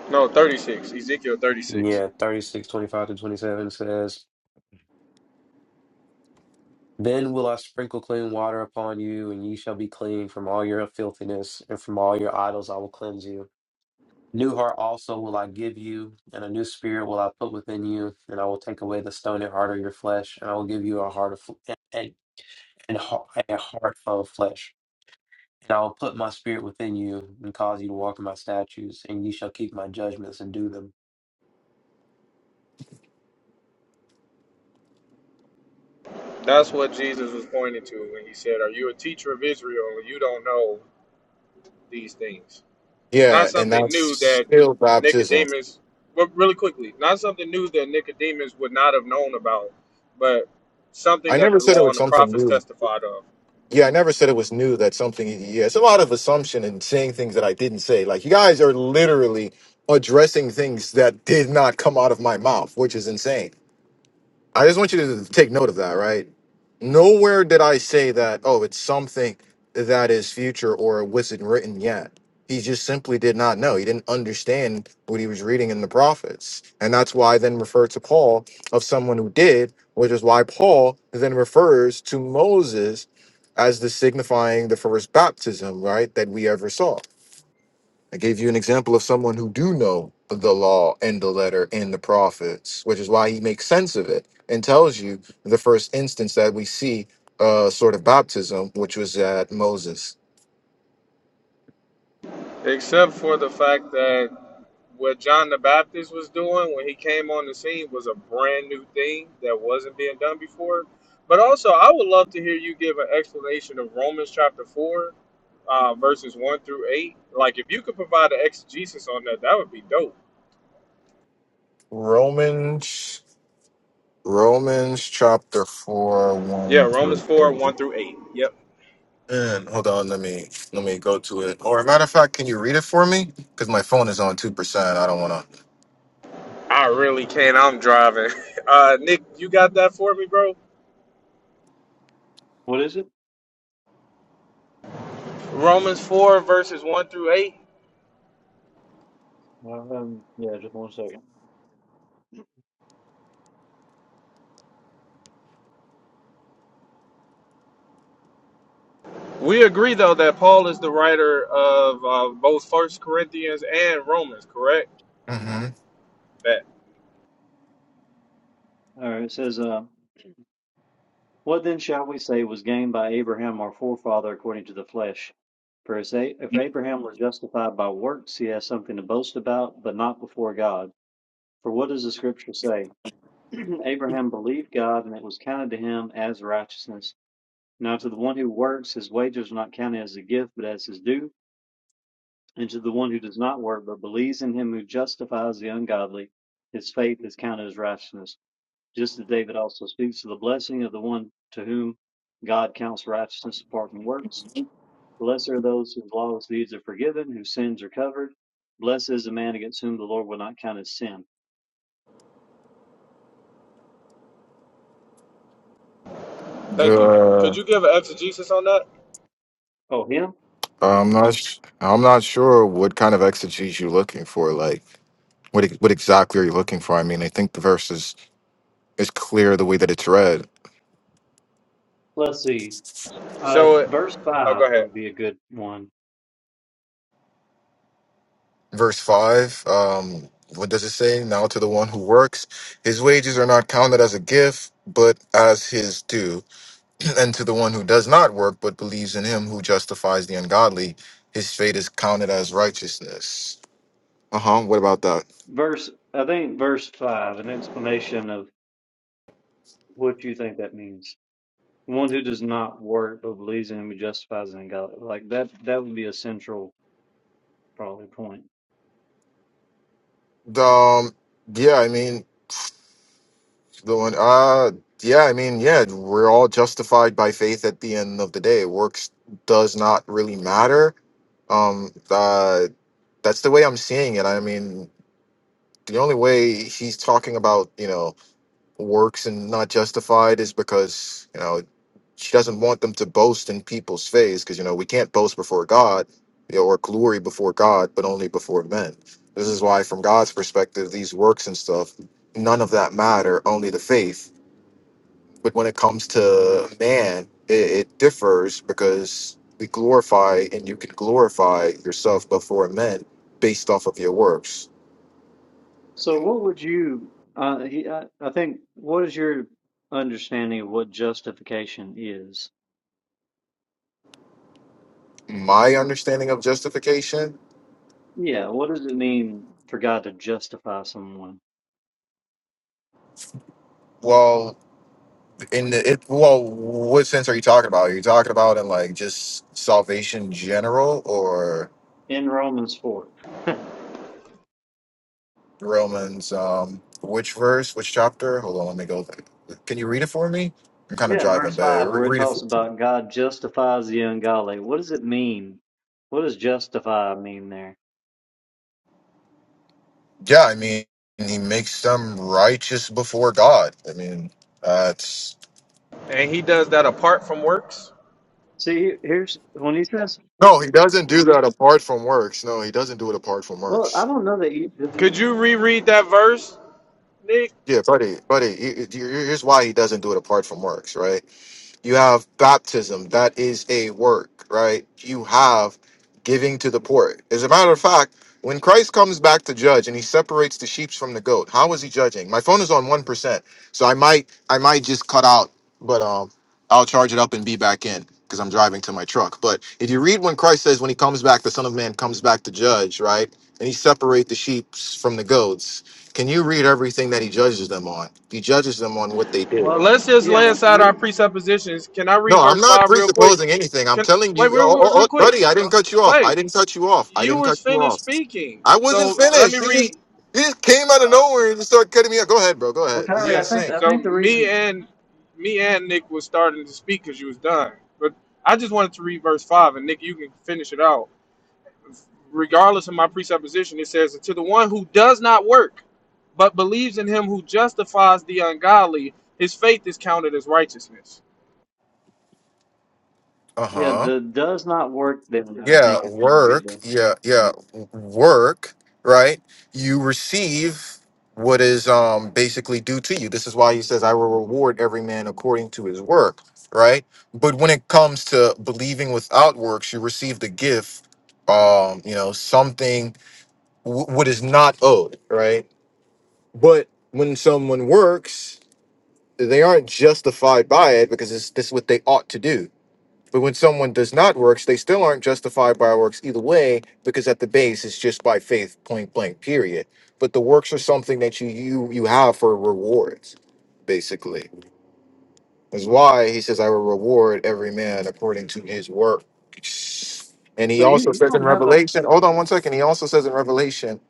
No, 36, Ezekiel 36. yeah, 36, 25 to twenty seven says. Then will I sprinkle clean water upon you, and ye shall be clean from all your filthiness, and from all your idols I will cleanse you. New heart also will I give you, and a new spirit will I put within you, and I will take away the stony heart of your flesh, and I will give you a heart of fl- and, and, and he- a heart of flesh. And I will put my spirit within you and cause you to walk in my statutes, and you shall keep my judgments and do them. That's what Jesus was pointing to when he said, "Are you a teacher of Israel and you don't know these things?" Not yeah, and something that's new that still baptism. Nicodemus, well, really quickly, not something new that Nicodemus would not have known about, but something I that never the said it law was and the something prophets new. testified of. Yeah, I never said it was new that something, yeah, it's a lot of assumption and saying things that I didn't say. Like, you guys are literally addressing things that did not come out of my mouth, which is insane. I just want you to take note of that, right? Nowhere did I say that, oh, it's something that is future or wasn't written yet. He just simply did not know. He didn't understand what he was reading in the prophets. And that's why I then referred to Paul of someone who did, which is why Paul then refers to Moses as the signifying the first baptism, right, that we ever saw. I gave you an example of someone who do know the law and the letter and the prophets, which is why he makes sense of it and tells you the first instance that we see uh sort of baptism, which was at Moses. Except for the fact that what John the Baptist was doing when he came on the scene was a brand new thing that wasn't being done before. But also, I would love to hear you give an explanation of Romans chapter 4, uh, verses 1 through 8. Like, if you could provide an exegesis on that, that would be dope. Romans Romans chapter four, Yeah, one Romans through 4, eight. 1 through 8. Yep. And hold on, let me let me go to it. Or matter of fact, can you read it for me? Because my phone is on two percent. I don't wanna. I really can't. I'm driving. Uh, Nick, you got that for me, bro? what is it? Romans 4, verses 1 through 8. Um, yeah, just one second. We agree, though, that Paul is the writer of uh, both First Corinthians and Romans, correct? Mm-hmm. That. All right, it says, uh, "What then shall we say was gained by Abraham our forefather according to the flesh? For if A- if Abraham was justified by works, he has something to boast about, but not before God. For what does the Scripture say? Abraham believed God, and it was counted to him as righteousness." Now to the one who works, his wages are not counted as a gift, but as his due. And to the one who does not work, but believes in him who justifies the ungodly, his faith is counted as righteousness. Just as David also speaks of the blessing of the one to whom God counts righteousness apart from works. Blessed are those whose lawless deeds are forgiven, whose sins are covered. Blessed is the man against whom the Lord will not count his sin. Thank you. Could you give an exegesis on that? Oh, him? I'm not. s- I'm not sure what kind of exegesis you're looking for. Like, what e- what exactly are you looking for? I mean, I think the verse is is clear the way that it's read. Let's see. Uh, So, it, verse oh, go 5 ahead. would be a good one Verse five. Um, what does it say? Now to the one who works, his wages are not counted as a gift, but as his due. and to the one who does not work, but believes in him who justifies the ungodly, his fate is counted as righteousness. Uh huh. What about that? verse i think verse 5 an explanation of. What do you think that means? One who does not work but believes in him who justifies in God. Like that, that would be a central probably point. Um. Yeah. I mean, The one, uh, yeah, I mean, yeah, we're all justified by faith at the end of the day. Works does not really matter. Um, uh, that's the way I'm seeing it. I mean, the only way he's talking about, you know, works and not justified is because, you know, she doesn't want them to boast in people's face because, you know, we can't boast before God you know, or glory before God, but only before men. This is why, from God's perspective, these works and stuff, none of that matter, only the faith but when it comes to man, it, it differs because we glorify and you can glorify yourself before men based off of your works. So, what would you? Uh, he, I, I think. What is your understanding of what justification is? My understanding of justification, Yeah. What does it mean for God to justify someone well, in the, it, well, what sense are you talking about? Are you talking about in like just salvation in general or in Romans four? yeah, Romans, um, which verse, which chapter? Hold on, let me go. Can you read it for me? I'm kind of driving, verse but five, re- where it read it. talks about God justifies the ungodly. What does it mean? What does justify mean there? Yeah, I mean, he makes them righteous before God. I mean, that's And he does that apart from works? See, here's when he says no, he doesn't do that apart from works. No, he doesn't do it apart from Well, I works. don't know that you. Could you reread that verse, Nick? Yeah, buddy, buddy. he- he- Here's why he doesn't do it apart from works, right? You have baptism. That is a work, right? You have giving to the poor. As a matter of fact, when Christ comes back to judge and he separates the sheep from the goat, how is he judging? My phone is on 1%, so I might I might just cut out, but um I'll charge it up and be back in because I'm driving to my truck. But if you read when Christ says when he comes back, the Son of Man comes back to judge, right? And he separate the sheep from the goats. Can you read everything that he judges them on? He judges them on what they did. Well, Let's just yeah, lay aside we. our presuppositions. Can I No, read I'm verse not 5 real quick? presupposing anything. I'm Can telling Wait, you, real, oh, real oh, real oh, quick. buddy, I Uh, didn't cut you off. Wait, I didn't cut you off. I you didn't was cut you finished off. speaking. I wasn't So let finished. me You read. just you just came out of Uh, nowhere and just started cutting me off. Go ahead, bro. Go Well, ahead. This is Kyrie, yeah. I think insane. I So think the me reason. and me and Nick was starting to speak because you was done. But I just wanted to read verse five, and Nick, you can finish it out. Regardless of my presupposition, it says, "And "To the one who does not work, but believes in Him who justifies the ungodly, his faith is counted as righteousness." Uh Yeah, huh. the does not work. Then I yeah think it's going to be work the. yeah yeah w- work right you receive what is um basically due to you this is why he says i will reward every man according to his work right but when it comes to believing without works you receive the gift um you know something w- what is not owed right but when someone works they aren't justified by it because it's this is what they ought to do but when someone does not works, they still aren't justified by works either way, because at the base it's just by faith, point blank, period. But the works are something that you you you have for rewards, basically. That's why he says, "I will reward every man according to his work." And he So you also you says in don't have a. Revelation, hold on one second. He also says in Revelation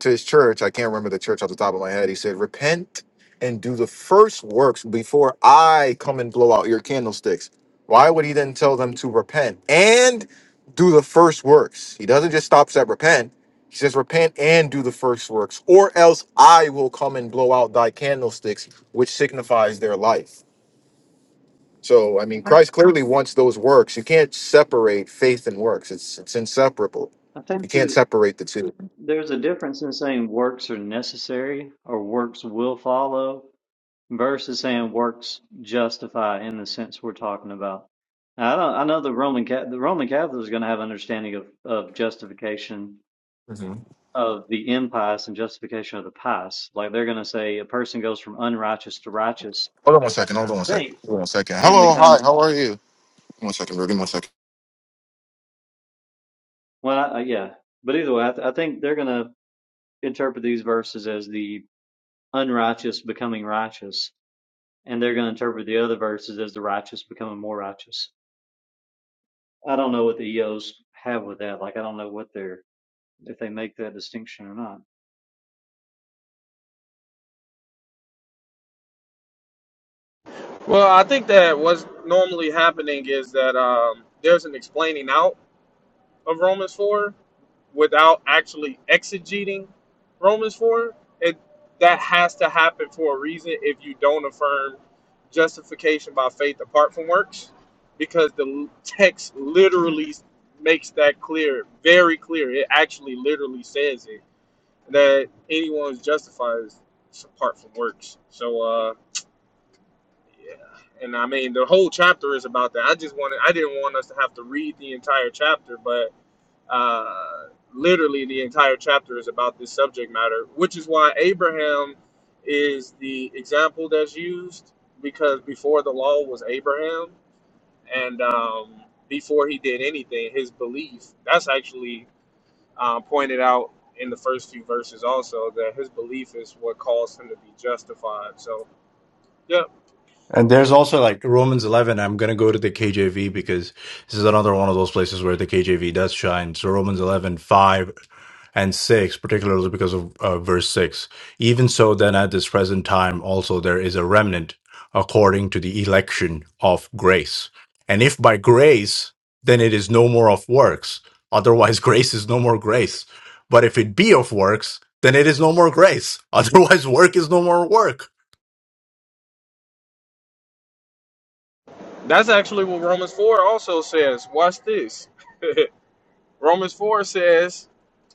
to his church. I can't remember the church off the top of my head. He said, Repent and do the first works before I come and blow out your candlesticks. Why would he then tell them to repent and do the first works? He doesn't just stop at repent. He says, Repent and do the first works, or else I will come and blow out thy candlesticks, which signifies their life. So, I I mean, think Christ clearly wants those works. You can't separate faith and works, it's, it's inseparable. I You think can't there's separate the 2 there's a difference in saying works are necessary or works will follow versus saying works justify in the sense we're talking about. Now, I don't. I know the Roman Ca- the Roman Catholic is going to have understanding of of justification of the impious and justification of the pious. Like they're going to say a person goes from unrighteous to righteous, Hold on one second. Hold I on one second. think, Hold on one second. in the Hello. kind Hi. of, How are you? One second, bro. Give me one second. well, I, yeah. But either way, I, th- I think they're going to interpret these verses as the unrighteous becoming righteous, and they're going to interpret the other verses as the righteous becoming more righteous. I don't know what the EOs have with that. Like, I don't know what they're, if they make that distinction or not. Well, I think that what's normally happening is that um, there's an explaining out of Romans four, without actually exegeting Romans 4, it that has to happen for a reason if you don't affirm justification by faith apart from works because the text literally makes that clear, very clear. It actually literally says it that anyone's justified is apart from works. So uh yeah. And I mean the whole chapter is about that. I just wanted I didn't want us to have to read the entire chapter, but uh, literally, the entire chapter is about this subject matter, which is why Abraham is the example that's used because before the law was Abraham, and um, before he did anything, his belief that's actually uh, pointed out in the first few verses also that his belief is what caused him to be justified. So, yeah, And there's also like Romans 11. I'm going to go to the KJV because this is another one of those places where the KJV does shine. So Romans 11, 5 and 6, particularly because of uh, verse 6. Even so, then at this present time, also there is a remnant according to the election of grace. And if by grace, then it is no more of works. Otherwise, grace is no more grace. But if it be of works, then it is no more grace. Otherwise, work is no more work that's actually what Romans 4 also says. Watch this. Romans 4 says,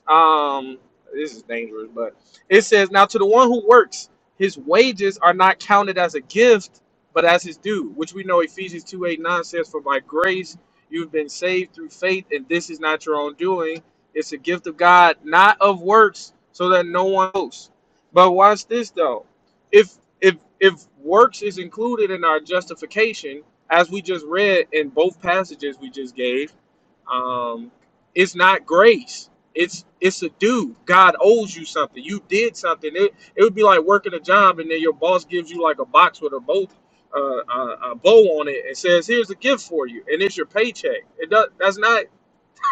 um this is dangerous but it says now to the one who works his wages are not counted as a gift but as his due which we know ephesians 2 8 9 says for by grace you've been saved through faith and this is not your own doing it's a gift of god not of works so that no one boasts but watch this though if if if works is included in our justification as we just read in both passages we just gave um, it's not grace. It's it's a due. God owes you something. You did something. It it would be like working a job and then your boss gives you like a box with a bow, uh, a, a bow on it and says, "Here's a gift for you," and it's your paycheck. It does, that's not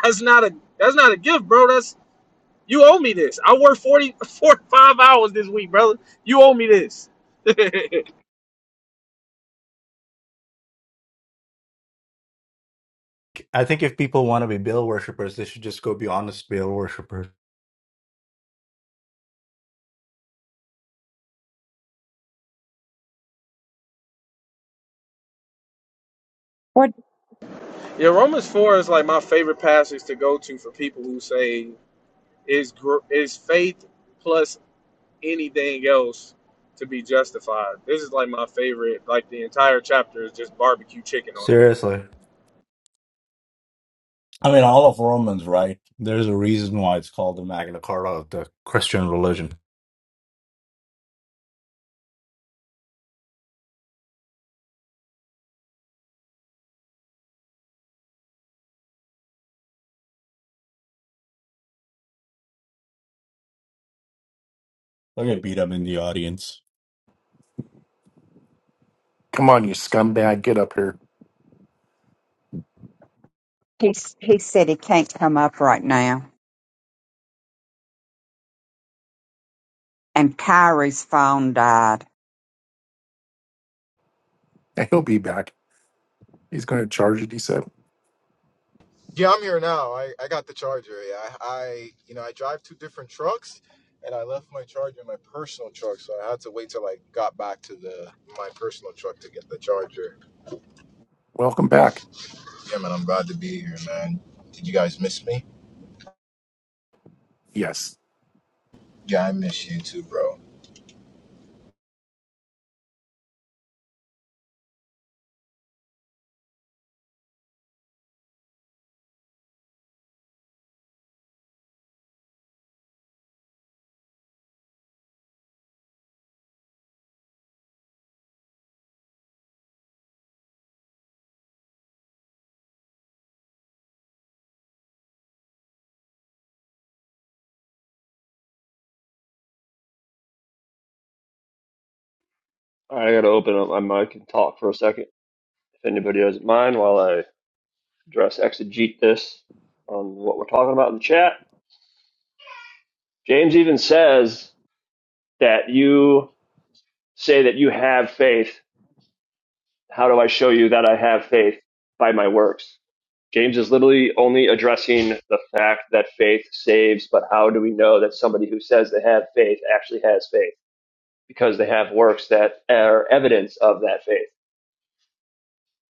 that's not a that's not a gift, bro. That's you owe me this. I worked 40, 45 hours this week, brother. You owe me this. yeah, I think if people want to be Baal worshippers, they should just go be honest Baal worshippers. What Romans four is like my favorite passage to go to for people who say is gr- is faith plus anything else to be justified. This is like my favorite. Like the entire chapter is just barbecue chicken on that. Seriously. I mean, all of Romans, right? There's a reason why it's called the Magna Carta of the Christian religion. Look at beat up in the audience. Come on, you scumbag. Get up here. he he said he can't come up right now, and Kyrie's phone died. He'll be back. He's going to charge it. He said, Yeah, I'm here now. I, I got the charger. Yeah, I, I you know I drive two different trucks, and I left my charger in my personal truck, so I had to wait till I got back to the my personal truck to get the charger. Welcome back. Yeah, man, I'm glad to be here, man. Did you guys miss me? Yes. Yeah, I miss you too, bro. I gotta open up my mic and talk for a second, if anybody doesn't mind, while I address exegete this on what we're talking about in the chat. James even says that you say that you have faith. How do I show you that I have faith? By my works. James is literally only addressing the fact that faith saves, but how do we know that somebody who says they have faith actually has faith? Because they have works that are evidence of that faith.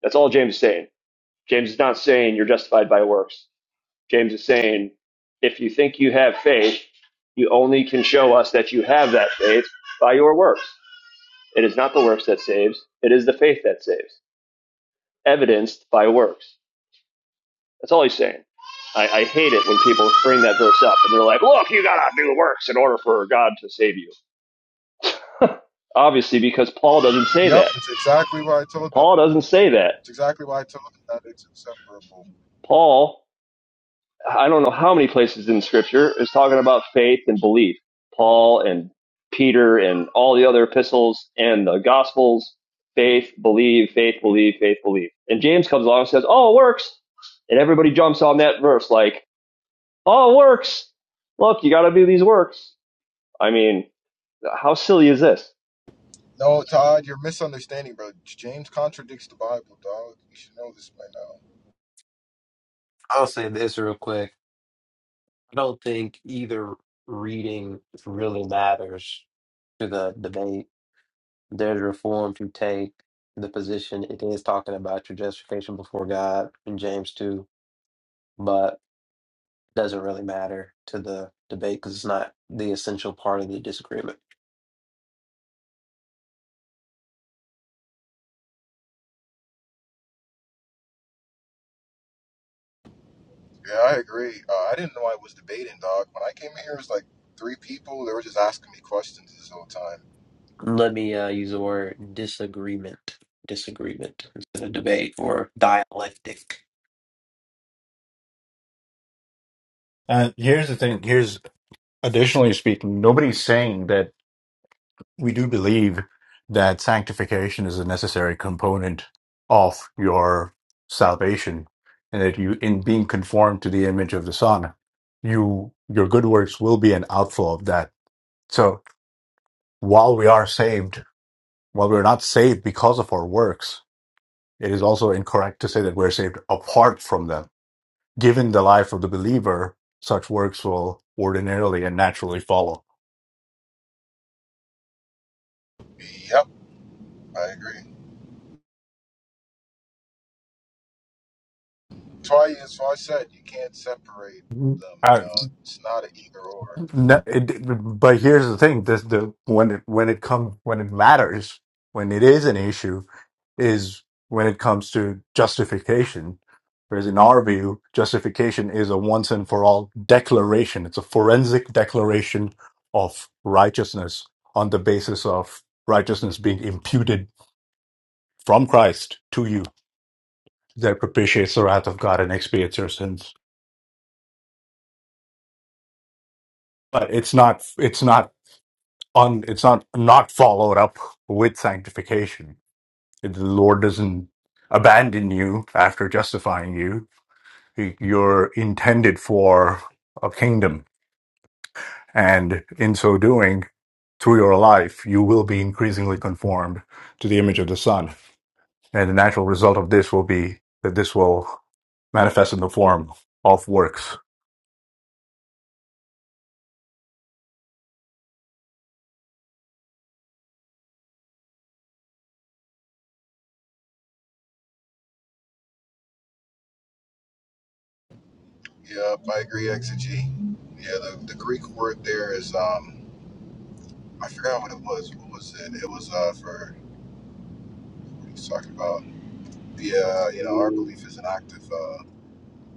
That's all James is saying James is not saying you're justified by works. James is saying if you think you have faith, you only can show us that you have that faith by your works. It is not the works that saves, it is the faith that saves, evidenced by works. That's all he's saying. I, I hate it when people bring that verse up and they're like, look, you gotta do works in order for God to save you. Obviously, because Paul doesn't say Yep, that. it's exactly what I told them. Paul doesn't say that. It's exactly what I told them that it's inseparable. Paul I don't know how many places in Scripture is talking about faith and belief. Paul and Peter and all the other epistles and the Gospels, faith, believe, faith, believe, faith, believe. And James comes along and says, "Oh, it works," and everybody jumps on that verse like, "Oh, it works! Look, you got to do these works." I mean, how silly is this? No, Todd, you're misunderstanding, bro. James contradicts the Bible, dog. You should know this by now. I'll say this real quick. I don't think either reading really matters to the debate. There's reforms who take the position it is talking about your justification before God in James 2. but doesn't really matter to the debate because it's not the essential part of the disagreement. Yeah, I agree. Uh, I didn't know I was debating, dog. When I came in here, it was like three people. They were just asking me questions this whole time. Let me uh, use the word disagreement, disagreement instead of debate or dialectic. And here's the thing. Here's additionally speaking, nobody's saying that we do believe that sanctification is a necessary component of your salvation, and that you, in being conformed to the image of the Son, you your good works will be an outflow of that. So. while we are saved, while we're not saved because of our works, it is also incorrect to say that we're saved apart from them. Given the life of the believer, such works will ordinarily and naturally follow. Yep, I agree. That's why, that's why I said you can't separate them. You Uh, know, it's not an either or. No, it, but here's the thing: this the when it when it comes when it matters when it is an issue is when it comes to justification. Whereas in our view, justification is a once and for all declaration. It's a forensic declaration of righteousness on the basis of righteousness being imputed from Christ to you that propitiates the wrath of God and expiates your sins. But it's not it's not on it's not not followed up with sanctification If the lord doesn't abandon you after justifying you He- you're intended for a kingdom and in so doing through your life you will be increasingly conformed to the image of the son and the natural result of this will be that this will manifest in the form of works Yep, I agree, Exegy. Yeah, the, the Greek word there is um, I forgot what it was. What was it? It was uh for what he was talking about. yeah. you know, our belief is an active uh,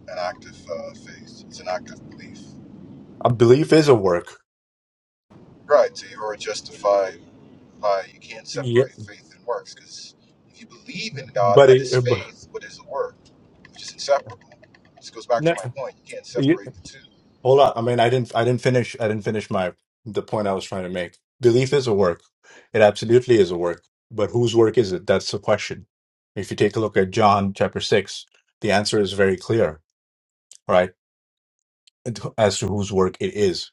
an active uh, faith. It's an active belief. a belief is a work Right. So you are justified Uh, you can't yeah separate faith and works because if you believe in God, but that is faith. What is the work? Which is inseparable. This goes back to my it, point. You can't separate the two. Hold on. I mean, I didn't. I didn't finish. I didn't finish my the point I was trying to make. Belief is a work. It absolutely is a work. But whose work is it? That's the question. If you take a look at John chapter six, the answer is very clear, right? As to whose work it is.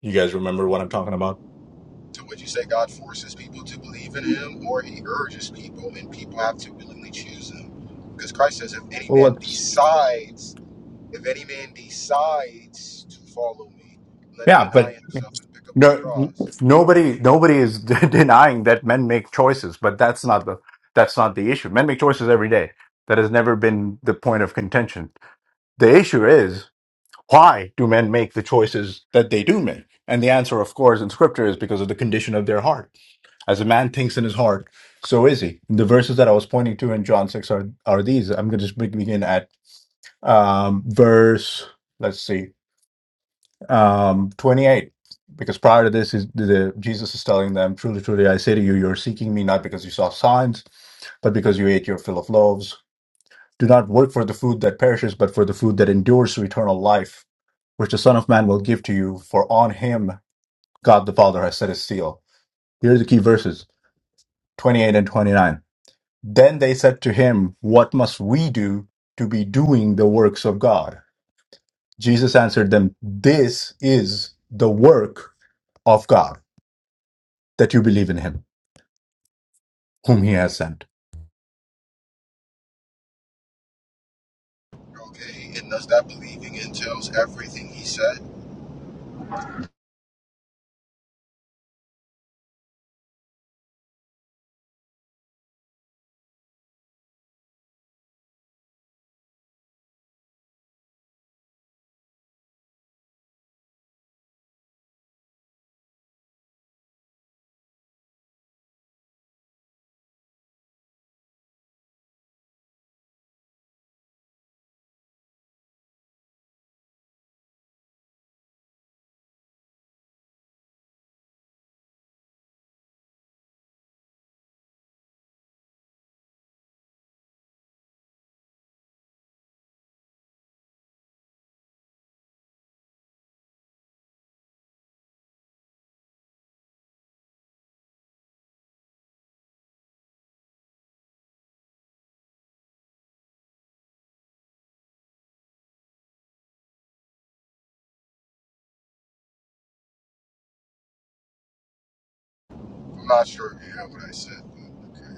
You guys remember what I'm talking about? So, would you say, God forces people to believe in Him, or He urges people, and people have to willingly choose Him. Because Christ says, if any Well, man let's. decides, if any man decides to follow me, let him Yeah, deny but himself and pick up no, his n- cross. nobody, nobody is denying that men make choices, but that's not the that's not the issue. Men make choices every day. That has never been the point of contention. The issue is why do men make the choices that they do make? And the answer, of course, in scripture is because of the condition of their heart. As a man thinks in his heart, so is he. The verses that I was pointing to in John 6 are, are these. I'm going to just be- begin at um, verse, let's see, um, 28. Because prior to this, is the, Jesus is telling them, Truly, truly, I say to you, you're seeking me not because you saw signs, but because you ate your fill of loaves. Do not work for the food that perishes, but for the food that endures to eternal life which the Son of Man will give to you, for on him God the Father has set his seal. Here are the key verses 28 and 29. Then they said to him, What must we do to be doing the works of God? Jesus answered them, This is the work of God, that you believe in him, whom he has sent. Okay, and does that believing entails everything He said. I'm not sure if you have what I said. but Okay.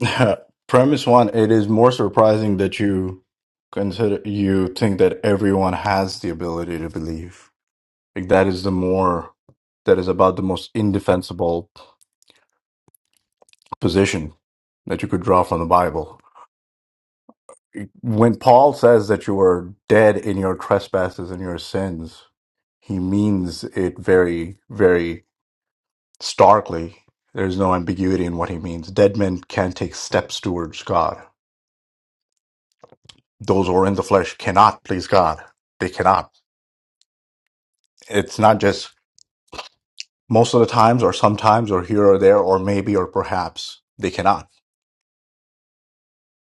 Premise one, it is more surprising that you consider you think that everyone has the ability to believe. Like that is the more that is about the most indefensible position that you could draw from the Bible. When Paul says that you are dead in your trespasses and your sins, he means it very, very starkly. There's no ambiguity in what he means. Dead men can't take steps towards God those who are in the flesh cannot please God. They cannot. It's not just most of the times or sometimes or here or there or maybe or perhaps they cannot.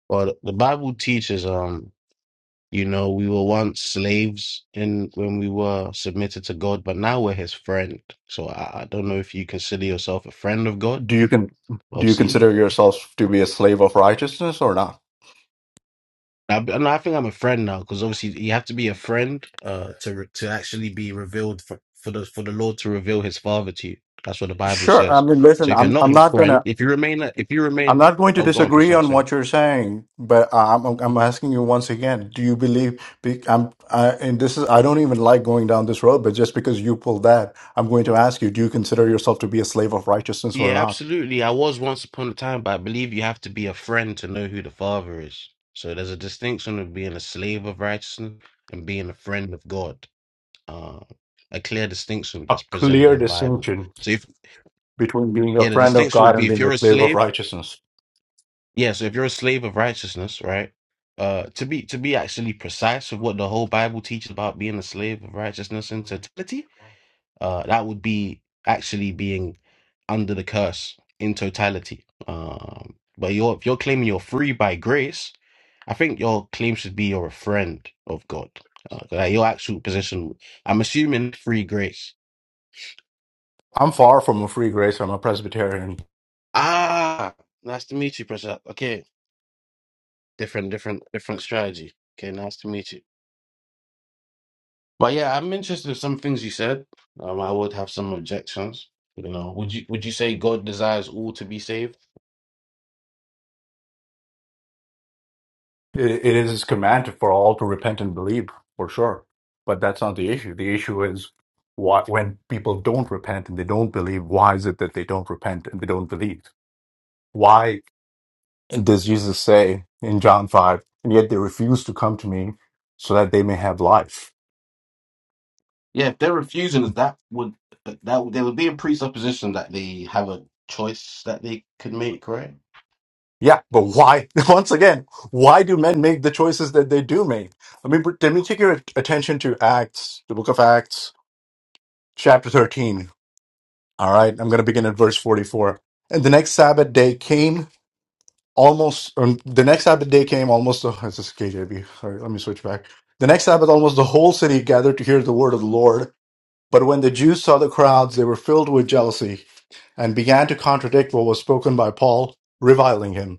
Well, the Bible teaches, um, you know, we were once slaves in when we were submitted to God, but now we're His friend. So I, I don't know if you consider yourself a friend of God. Do you can do you Obviously, consider yourself to be a slave of righteousness or not? I, no, I think I'm a friend now because obviously you have to be a friend uh, to re- to actually be revealed for, for the for the Lord to reveal His Father to you. That's what the Bible Sure. I says. mean, listen, So if you're I'm I'm not His not friend, gonna if you remain, if you I'm remain, not going to oh, go on, disagree on Pashat. what you're saying, but I'm I'm I'm asking you once again: Do you believe? be- I'm I, and this is I don't even like going down this road, but just because you pulled that, I'm going to ask you: Do you consider yourself to be a slave of righteousness or Yeah, not? absolutely. I was once upon a time, but I believe you have to be a friend to know who the father is. So there's a distinction of being a slave of righteousness and being a friend of God. Uh, a clear distinction a that's presented clear in the Bible. distinction So if between being a yeah, the friend of distinction would God and be if being you're a a slave of slave, righteousness. yeah, so if you're a slave of righteousness, right? Uh, to be to be actually precise with what the whole Bible teaches about being a slave of righteousness in totality, Uh, that would be actually being under the curse in totality. Um, but you're, if you're claiming you're free by grace, I think your claim should be you're a friend of God. Uh, like your actual position. I'm assuming free grace. I'm far from a free grace. I'm a Presbyterian. Ah, nice to meet you, Prasad. Okay, different, different, different strategy. Okay, nice to meet you. But yeah, I'm interested in some things you said. Um, I would have some objections. You know, would you would you say God desires all to be saved? It, it is his command for all to repent and believe, for sure. But that's not the issue. The issue is what when people don't repent and they don't believe, why is it that they don't repent and they don't believe? Why does Jesus say in John 5, and yet they refuse to come to me so that they may have life? Yeah, if they're refusing, that would that would- there would be a presupposition that they have a choice that they could make, right? Yeah, but why? Once again, why do men make the choices that they do make? I mean, let me take your attention to Acts, the book of Acts, chapter 13. All right, I'm going to begin at verse 44. And the next Sabbath day came almost, or the next Sabbath day came almost, oh, this is KJV. All right, let me switch back. The next Sabbath, almost the whole city gathered to hear the word of the Lord. But when the Jews saw the crowds, they were filled with jealousy and began to contradict what was spoken by Paul, reviling him.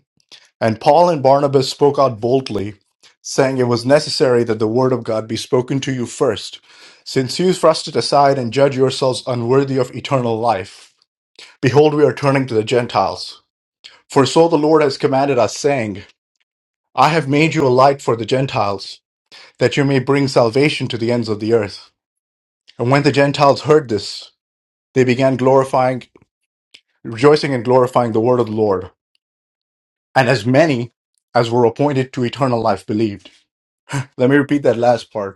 And Paul and Barnabas spoke out boldly, saying it was necessary that the word of God be spoken to you first, since you thrust it aside and judge yourselves unworthy of eternal life. Behold, we are turning to the Gentiles. For so the Lord has commanded us, saying, I have made you a light for the Gentiles, that you may bring salvation to the ends of the earth. And when the Gentiles heard this, they began glorifying, rejoicing and glorifying the word of the Lord. And as many as were appointed to eternal life believed. Let me repeat that last part.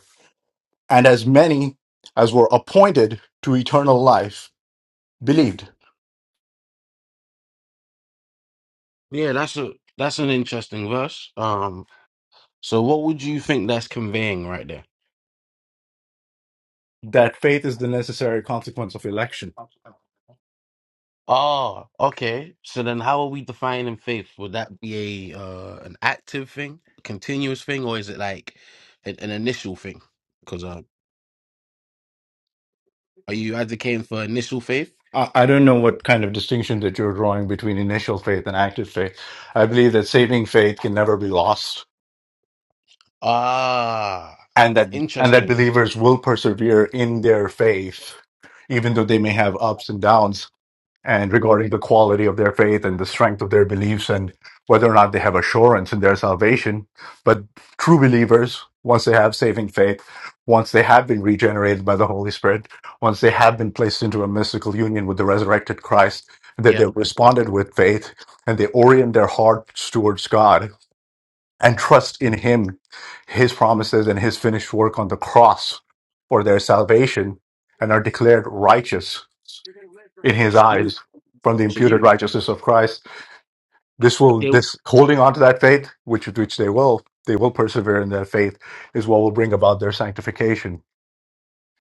And as many as were appointed to eternal life believed. Yeah, that's a that's an interesting verse. Um, so what would you think that's conveying right there? That faith is the necessary consequence of election. Oh, okay. So then, how are we defining faith? Would that be a uh, an active thing, continuous thing, or is it like an, an initial thing? Because uh, are you advocating for initial faith? I, I don't know what kind of distinction that you're drawing between initial faith and active faith. I believe that saving faith can never be lost Ah, and that and that interesting. believers will persevere in their faith even though they may have ups and downs and Well, regarding the quality of their faith and the strength of their beliefs and whether or not they have assurance in their salvation. But true believers, once they have saving faith, once they have been regenerated by the Holy Spirit, once they have been placed into a mystical union with the resurrected Christ, that they yeah. responded with faith and they orient their hearts towards God and trust in Him, His promises, and His finished work on the cross for their salvation and are declared righteous in his So you, eyes from the so imputed you, righteousness of Christ. This will they this holding on to that faith, which which they will, they will persevere in that faith, is what will bring about their sanctification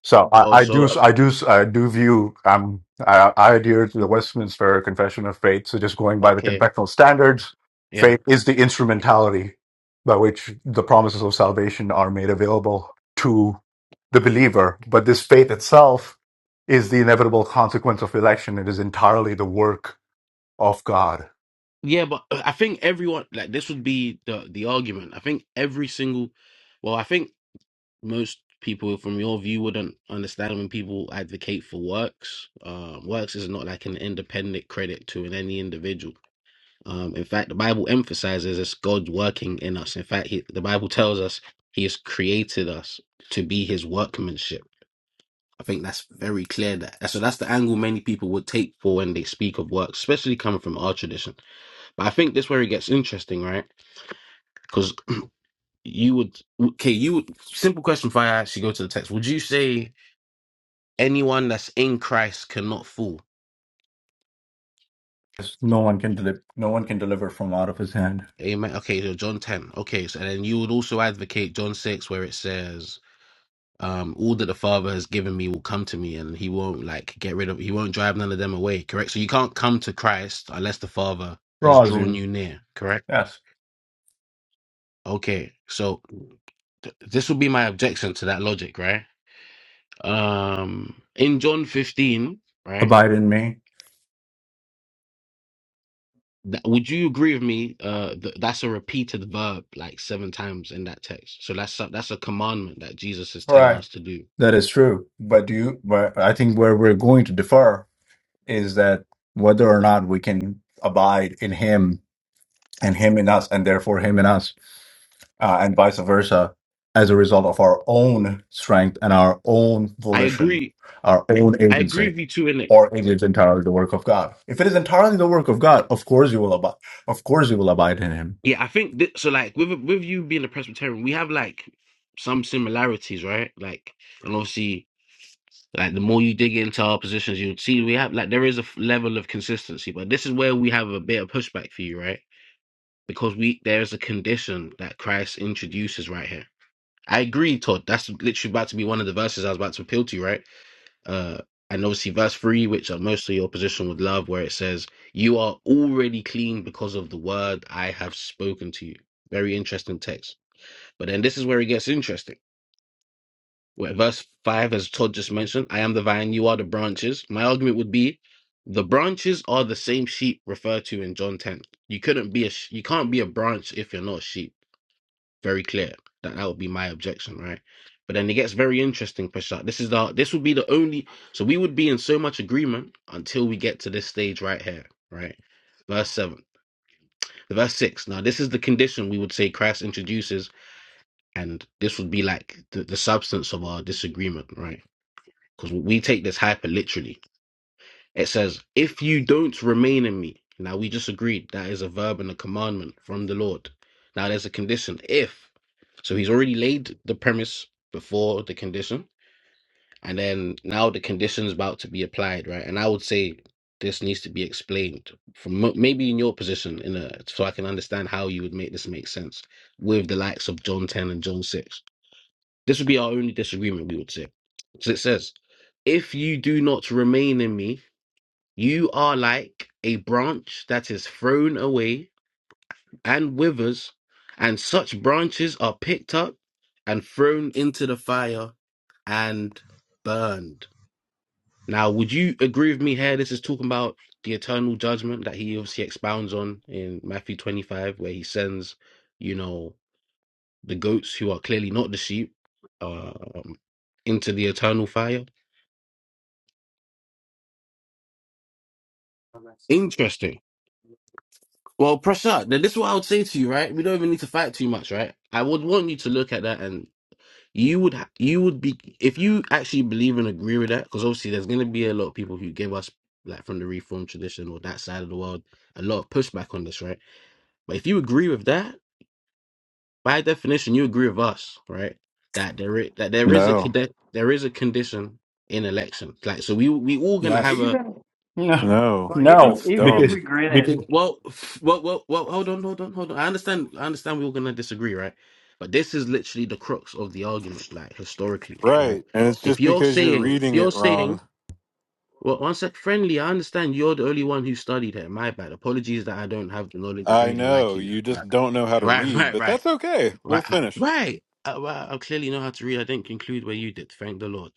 so I, I do, also I do, I do view. Um, I, I adhere to the Westminster Confession of Faith. So just going by the okay, confessional standards, yeah, faith is the instrumentality by which the promises of salvation are made available to the believer. But this faith itself is the inevitable consequence of election. It is entirely the work of God. yeah. But uh, I think everyone like this would be the the argument. I think every single, well, I think most people from your view wouldn't understand when people advocate for works. Um, works is not like an independent credit to an any individual. Um, in fact, the Bible emphasizes it's God working in us. In fact, he, the Bible tells us He has created us to be His workmanship. I think that's very clear that so that's the angle many people would take for when they speak of work, especially coming from our tradition. But I think this where it gets interesting, right? Because you would okay, you would simple question if I actually go to the text. Would you say anyone that's in Christ cannot fall? Yes, No one can deliver. No one can deliver from out of His hand. Amen. Okay, so John ten. Okay, so then you would also advocate John six where it says um, all that the Father has given me will come to me, and He won't like get rid of. He won't drive none of them away. Correct. So you can't come to Christ unless the Father has Draws drawn you. you near. Correct. Yes. Okay, so th- this would be my objection to that logic, right? Um, in John 15, right? Abide in me. That, would you agree with me? Uh, th- that's a repeated verb like seven times in that text. So that's a, that's a commandment that Jesus is telling Right. us to do. That is true, but you, but I think where we're going to differ is that whether or not we can abide in Him and Him in us, and therefore Him in us, uh, and vice versa, as a result of our own strength and our own I volition, agree. our own I agree agency, with you too, in it. or it is entirely the work of God. If it is entirely the work of God, of course you will abide. Of course you will abide in Him. Yeah, I think th- so. Like with with you being a Presbyterian, we have like some similarities, right? Like, and obviously Like the more you dig into our positions, you see we have like there is a f- level of consistency, but this is where we have a bit of pushback for you, right? Because we there is a condition that Christ introduces right here. I agree, Todd. That's literally about to be one of the verses I was about to appeal to, you, right? Uh, and obviously verse three, which uh, most of your position would love, where it says, "You are already clean because of the word I have spoken to you." Very interesting text. But then this is where it gets interesting where verse 5, as Todd just mentioned, I am the vine, you are the branches. My argument would be the branches are the same sheep referred to in John 10. You couldn't be a sh- you can't be a branch if you're not a sheep. Very clear. That that would be my objection, right? But then it gets very interesting, Prashad. This is the this would be the only so we would be in so much agreement until we get to this stage right here, right? Verse 7. Verse 6. Now this is the condition we would say Christ introduces, and this would be like the, the substance of our disagreement, right? because we take this hyper literally. It says, If you don't remain in me. Now, we just agreed that is a verb and a commandment from the Lord. Now, there's a condition, if. So he's already laid the premise before the condition. And then now the condition is about to be applied, right? And I would say this needs to be explained from m- maybe in your position, in a, so I can understand how you would make this make sense with the likes of John 10 and John 6 this would be our only disagreement, we would say. So it says, If you do not remain in me, you are like a branch that is thrown away and withers, and such branches are picked up and thrown into the fire and burned. Now, would you agree with me here? This is talking about the eternal judgment that he obviously expounds on in Matthew 25, where he sends, you know, the goats who are clearly not the sheep um, into the eternal fire. Interesting. Well, Prashad, now this is what I would say to you, right? We don't even need to fight too much, right? I would want you to look at that, and you would ha- you would be if you actually believe and agree with that, because obviously there's going to be a lot of people who give us like from the Reformed tradition or that side of the world a lot of pushback on this, right? But if you agree with that, by definition, you agree with us, right? That there is, that there is a No, cadet, there is a condition in election. Like, so we we all gonna have Yes. Even a No, no, well, even no, that's even if because dumb. we grant, because well, f- well, well, well. Hold on, hold on, hold on. I understand. I understand. We are gonna disagree, right? But this is literally the crux of the argument, like historically, right? Right. And it's If just you're because you're saying, if reading you're it wrong. saying, well, one sec, friendly. I understand you're the only one who studied it. My bad. Apologies that I don't have the knowledge of I reading like know you. you Right, just don't know how to right, read, right, but right. that's okay. Right, We'll I- finish. right. I, I I clearly know how to read. I didn't conclude where you did. Thank the Lord.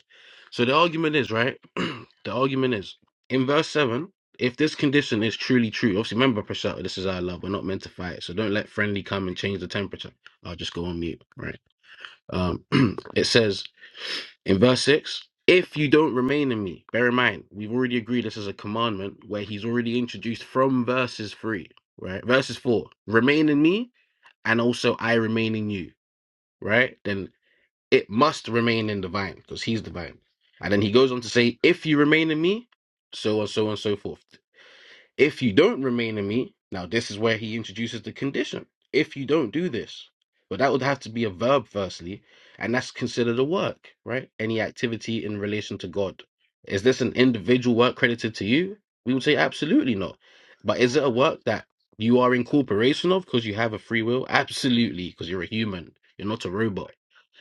So the argument is right. the argument is in verse seven. If this condition is truly true, obviously remember, Prashant, this is our love. We're not meant to fight, so don't let friendly come and change the temperature. I'll just go on mute. Right. Um, it says in verse six. If you don't remain in me, bear in mind, we've already agreed this is a commandment where he's already introduced from verses three, right? Verses four, remain in me, and also I remain in you right? Then it must remain in the vine because he's the vine. And then he goes on to say, if you remain in me, so and so and so forth. If you don't remain in me, now this is where he introduces the condition. If you don't do this, but that would have to be a verb firstly, and that's considered a work, right? Any activity in relation to God. Is this an individual work credited to you? We would say absolutely not. But is it a work that you are in corporation of because you have a free will? Absolutely, because you're a human. You're not a robot.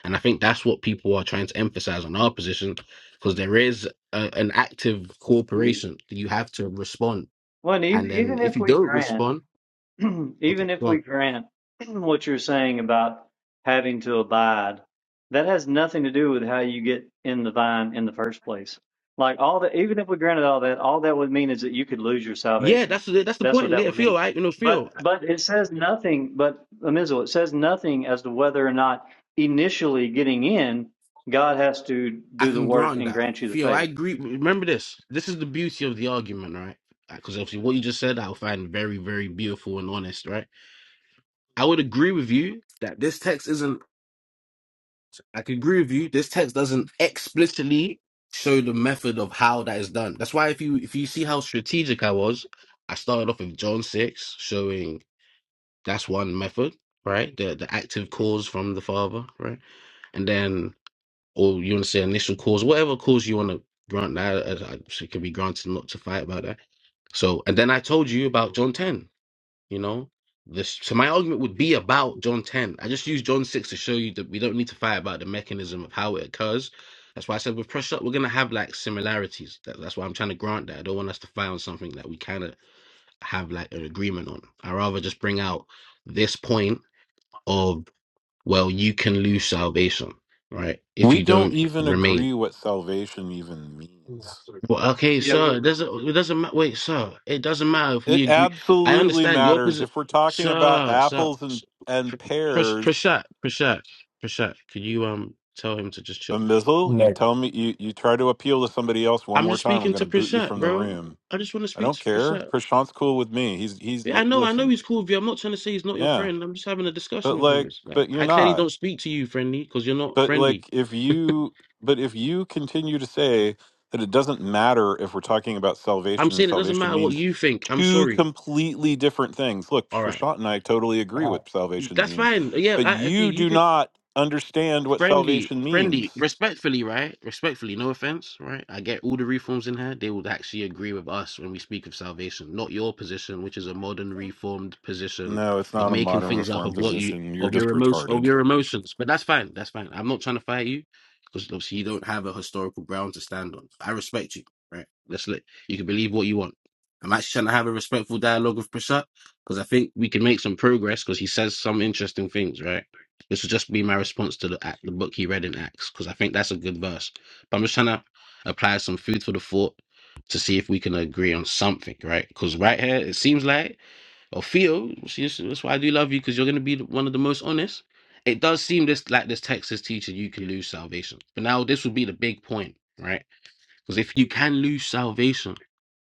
And I think that's what people are trying to emphasize on our position, because there is a, an active e- corporation. You have to respond Well, and even, then even if if you we don't grant. respond, okay, even if go we on. grant what you're saying about having to abide, that has nothing to do with how you get in the vine in the first place. Like all that, even if we granted all that, all that would mean is that you could lose your Yeah, salvation. that's the that's the That's what point. that Yeah, would Phil, mean. I you know, Phil, But but it says nothing. But Amizel, it says nothing as to whether or not initially getting in, God has to I do the can work grant and that. grant you the Theo, I faith. agree. Remember this. This is the beauty of the argument, right? Because obviously, what you just said, I find very, very beautiful and honest, right? I would agree with you that this text isn't. I could agree with you. This text doesn't explicitly show the method of how that is done. That's why if you if you see how strategic I was, I started off with John six, showing That's one method, right? The the active cause from the father, right? And then, or you want to say initial cause, whatever cause you want to grant that, uh, uh, so it can be granted not to fight about that. So, and then I told you about John 10, you know? This, so my argument would be about John 10. I just use John 6 to show you that we don't need to fight about the mechanism of how it occurs. That's why I said with pressure, we're going to have like similarities. That, that's why I'm trying to grant that. I don't want us to fight on something that we kind of have like an agreement on. I rather just bring out this point of, well, you can lose salvation, right? If We you don't don't even remain. agree what salvation even means. Well, okay, Yeah, sir, it w- doesn't, it doesn't matter. Wait, sir, it doesn't matter if we It agree. I absolutely understand your matters position. if we're talking about Sir, sir, apples and s- Pr- and Pr- pears. Prashant, Prashant, Prashant, could you um tell him to just chill? A mizzle, you no. tell me you you try to appeal to somebody else one I'm more just time. I'm speaking going to to boot you Prashant, from the bro. room. I just want to I speak don't to care. Prashant. Prashant's cool with me. He's he's Yeah, I it, know, I know listen. he's cool with you. I'm not trying to say he's not your Yeah, friend. I'm just having a discussion but with him. like, It's like but you're I clearly not. don't speak to you friendly because you're not But friendly. like if you but if you continue to say that it doesn't matter if we're talking about I'm salvation and saying it doesn't salvation matter what means you think. I'm two sorry. completely different things. Look, All right, Prashant and I totally agree what salvation that's means, fine. Yeah, but I, I- you you do can not understand what friendly, salvation friendly, means. respectfully, right? Respectfully, no offense, right? I get all the reforms in here. They would actually agree with us when we speak of salvation, not your position, which is a modern reformed position No, it's of not a making modern things up reform of what you position. You're of just your emotion of retarded. your emotions. But that's fine. That's fine. I'm not trying to fight you because obviously you don't have a historical ground to stand on. I respect you, right? Let's let you can believe what you want. I'm actually trying to have a respectful dialogue with Prasad because I think we can make some progress because he says some interesting things, right? This would just be my response to the act, the book he read in Acts, because I think that's a good verse. But I'm just trying to apply some food for the thought to see if we can agree on something, right? Because right here, it seems like, or Theo, see, this- that's why I do love you, because you're going to be the- one of the most honest. It does seem this like this text is teaching you can lose salvation. But now this would be the big point, right? Because if you can lose salvation,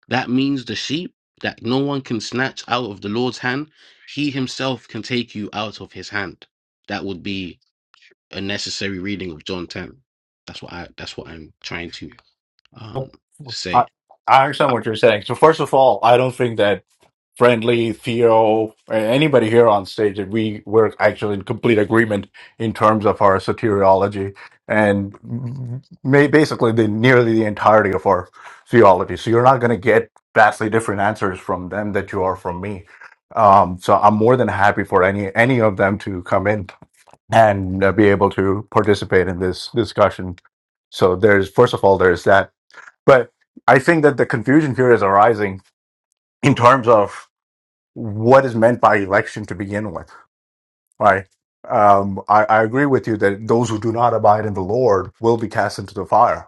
that means the sheep that no one can snatch out of the Lord's hand, he himself can take you out of his hand. That would be a necessary reading of John 10. That's what I that's what I'm trying to um I, say. I understand what you're saying. So first of all, I don't think that friendly Theo or anybody here on stage that we were actually in complete agreement in terms of our soteriology and may, basically the nearly the entirety of our theology. So you're not going to get vastly different answers from them that you are from me. Um, so I'm more than happy for any any of them to come in and uh, be able to participate in this discussion. So there's first of all there's that but I think that the confusion here is arising in terms of what is meant by election to begin with, right? Um, I, I agree with you that those who do not abide in the Lord will be cast into the fire.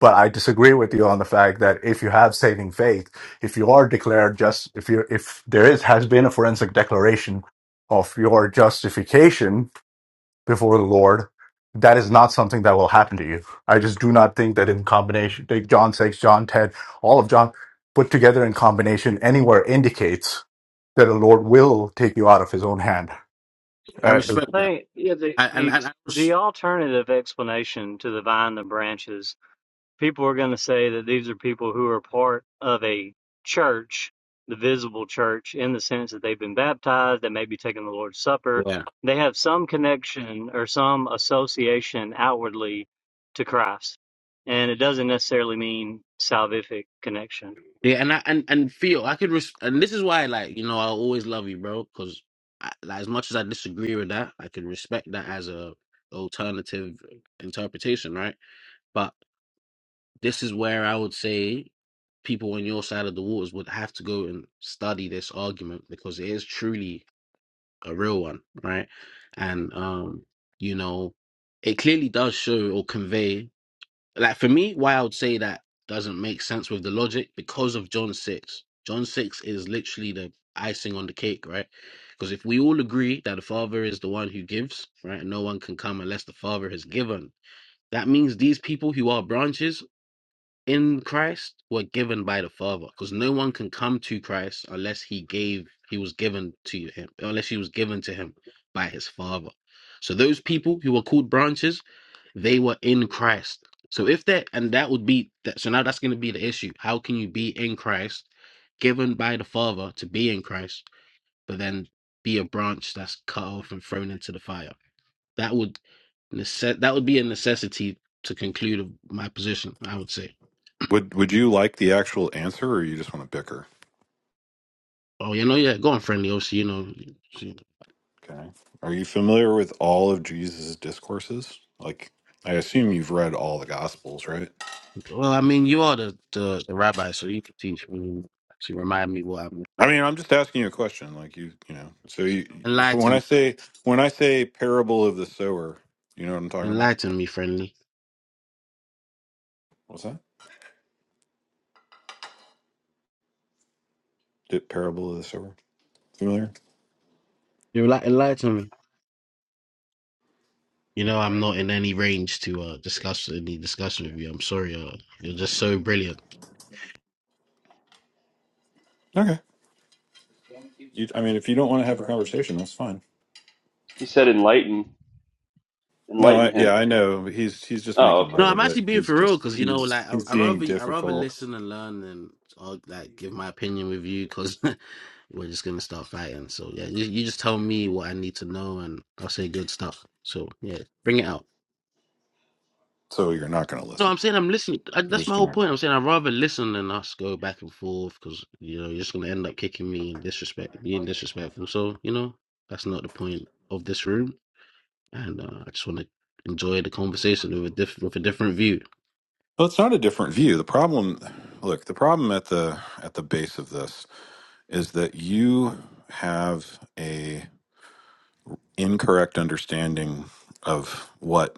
But I disagree with you on the fact that if you have saving faith, if you are declared just, if you if there is has been a forensic declaration of your justification before the Lord. That is not something that will happen to you. I just do not think that in combination, take John 6, John 10, all of John put together in combination anywhere indicates that the Lord will take you out of his own hand. I Uh, I respect that. think yeah the I, and the and I res- the alternative explanation to the vine and the branches people are going to say that these are people who are part of a church, the visible church, in the sense that they've been baptized, they may be taking the Lord's Supper. yeah. They have some connection or some association outwardly to Christ. And it doesn't necessarily mean salvific connection. Yeah, and I and and feel I could res- and this is why like, you know, I always love you, bro, cuz like, as much as I disagree with that, I can respect that as a alternative interpretation, right? But this is where I would say people on your side of the waters would have to go and study this argument because it is truly a real one, right? And um, you know, it clearly does show or convey like for me, why I would say that doesn't make sense with the logic because of John six. John six is literally the icing on the cake, right? Because if we all agree that the Father is the one who gives, right, and no one can come unless the Father has given, that means these people who are branches in Christ were given by the Father, because no one can come to Christ unless he gave, he was given to him, unless he was given to him by his Father. So those people who were called branches, they were in Christ. So if that, and that would be that. So now that's going to be the issue. How can you be in Christ, given by the Father to be in Christ, but then be a branch that's cut off and thrown into the fire? That would necess- that would be a necessity to conclude my position. I would say. Would would you like the actual answer or you just want to bicker? Oh, you know, yeah, going friendly. OC. you know, she, Okay. Are you familiar with all of Jesus' discourses? Like, I assume you've read all the Gospels, right? well, I mean, you are the, the, the rabbi, so you can teach me. She remind me what I'm I mean, I'm just asking you a question. Like, you, you know, so you, if, when I enlighten, say when I say parable of the sower, you know what I'm talking about? enlighten me, friendly. What's that? Di- Parable of the sower. Familiar? You like enlighten me. You know, I'm not in any range to uh, discuss any discussion with you. I'm sorry, uh, you're just so brilliant. Okay. You, I mean, if you don't want to have a conversation, that's fine. He said, "Enlighten, No, enlighten I, yeah, him." I know. but He's he's just Oh, making okay. No, light I'm of actually it. being He's for real just because you know, he's like, I, he's I being rather I rather difficult, listen and learn than uh, like give my opinion with you because we're just gonna start fighting. So yeah, you, you just tell me what I need to know and I'll say good stuff. So yeah, bring it out. so you're not going to No, listen. I'm saying I'm listening. I, You're that's just my whole going to point. I'm saying I'd rather listen than us go back and forth because you know you're just gonna end up kicking me and disrespect, being disrespectful. So you know that's not the point of this room, and uh, I just want to enjoy the conversation with a diff- with a different view. Well, it's not a different view. The problem, look, the problem at the at the base of this is that you have a incorrect understanding of what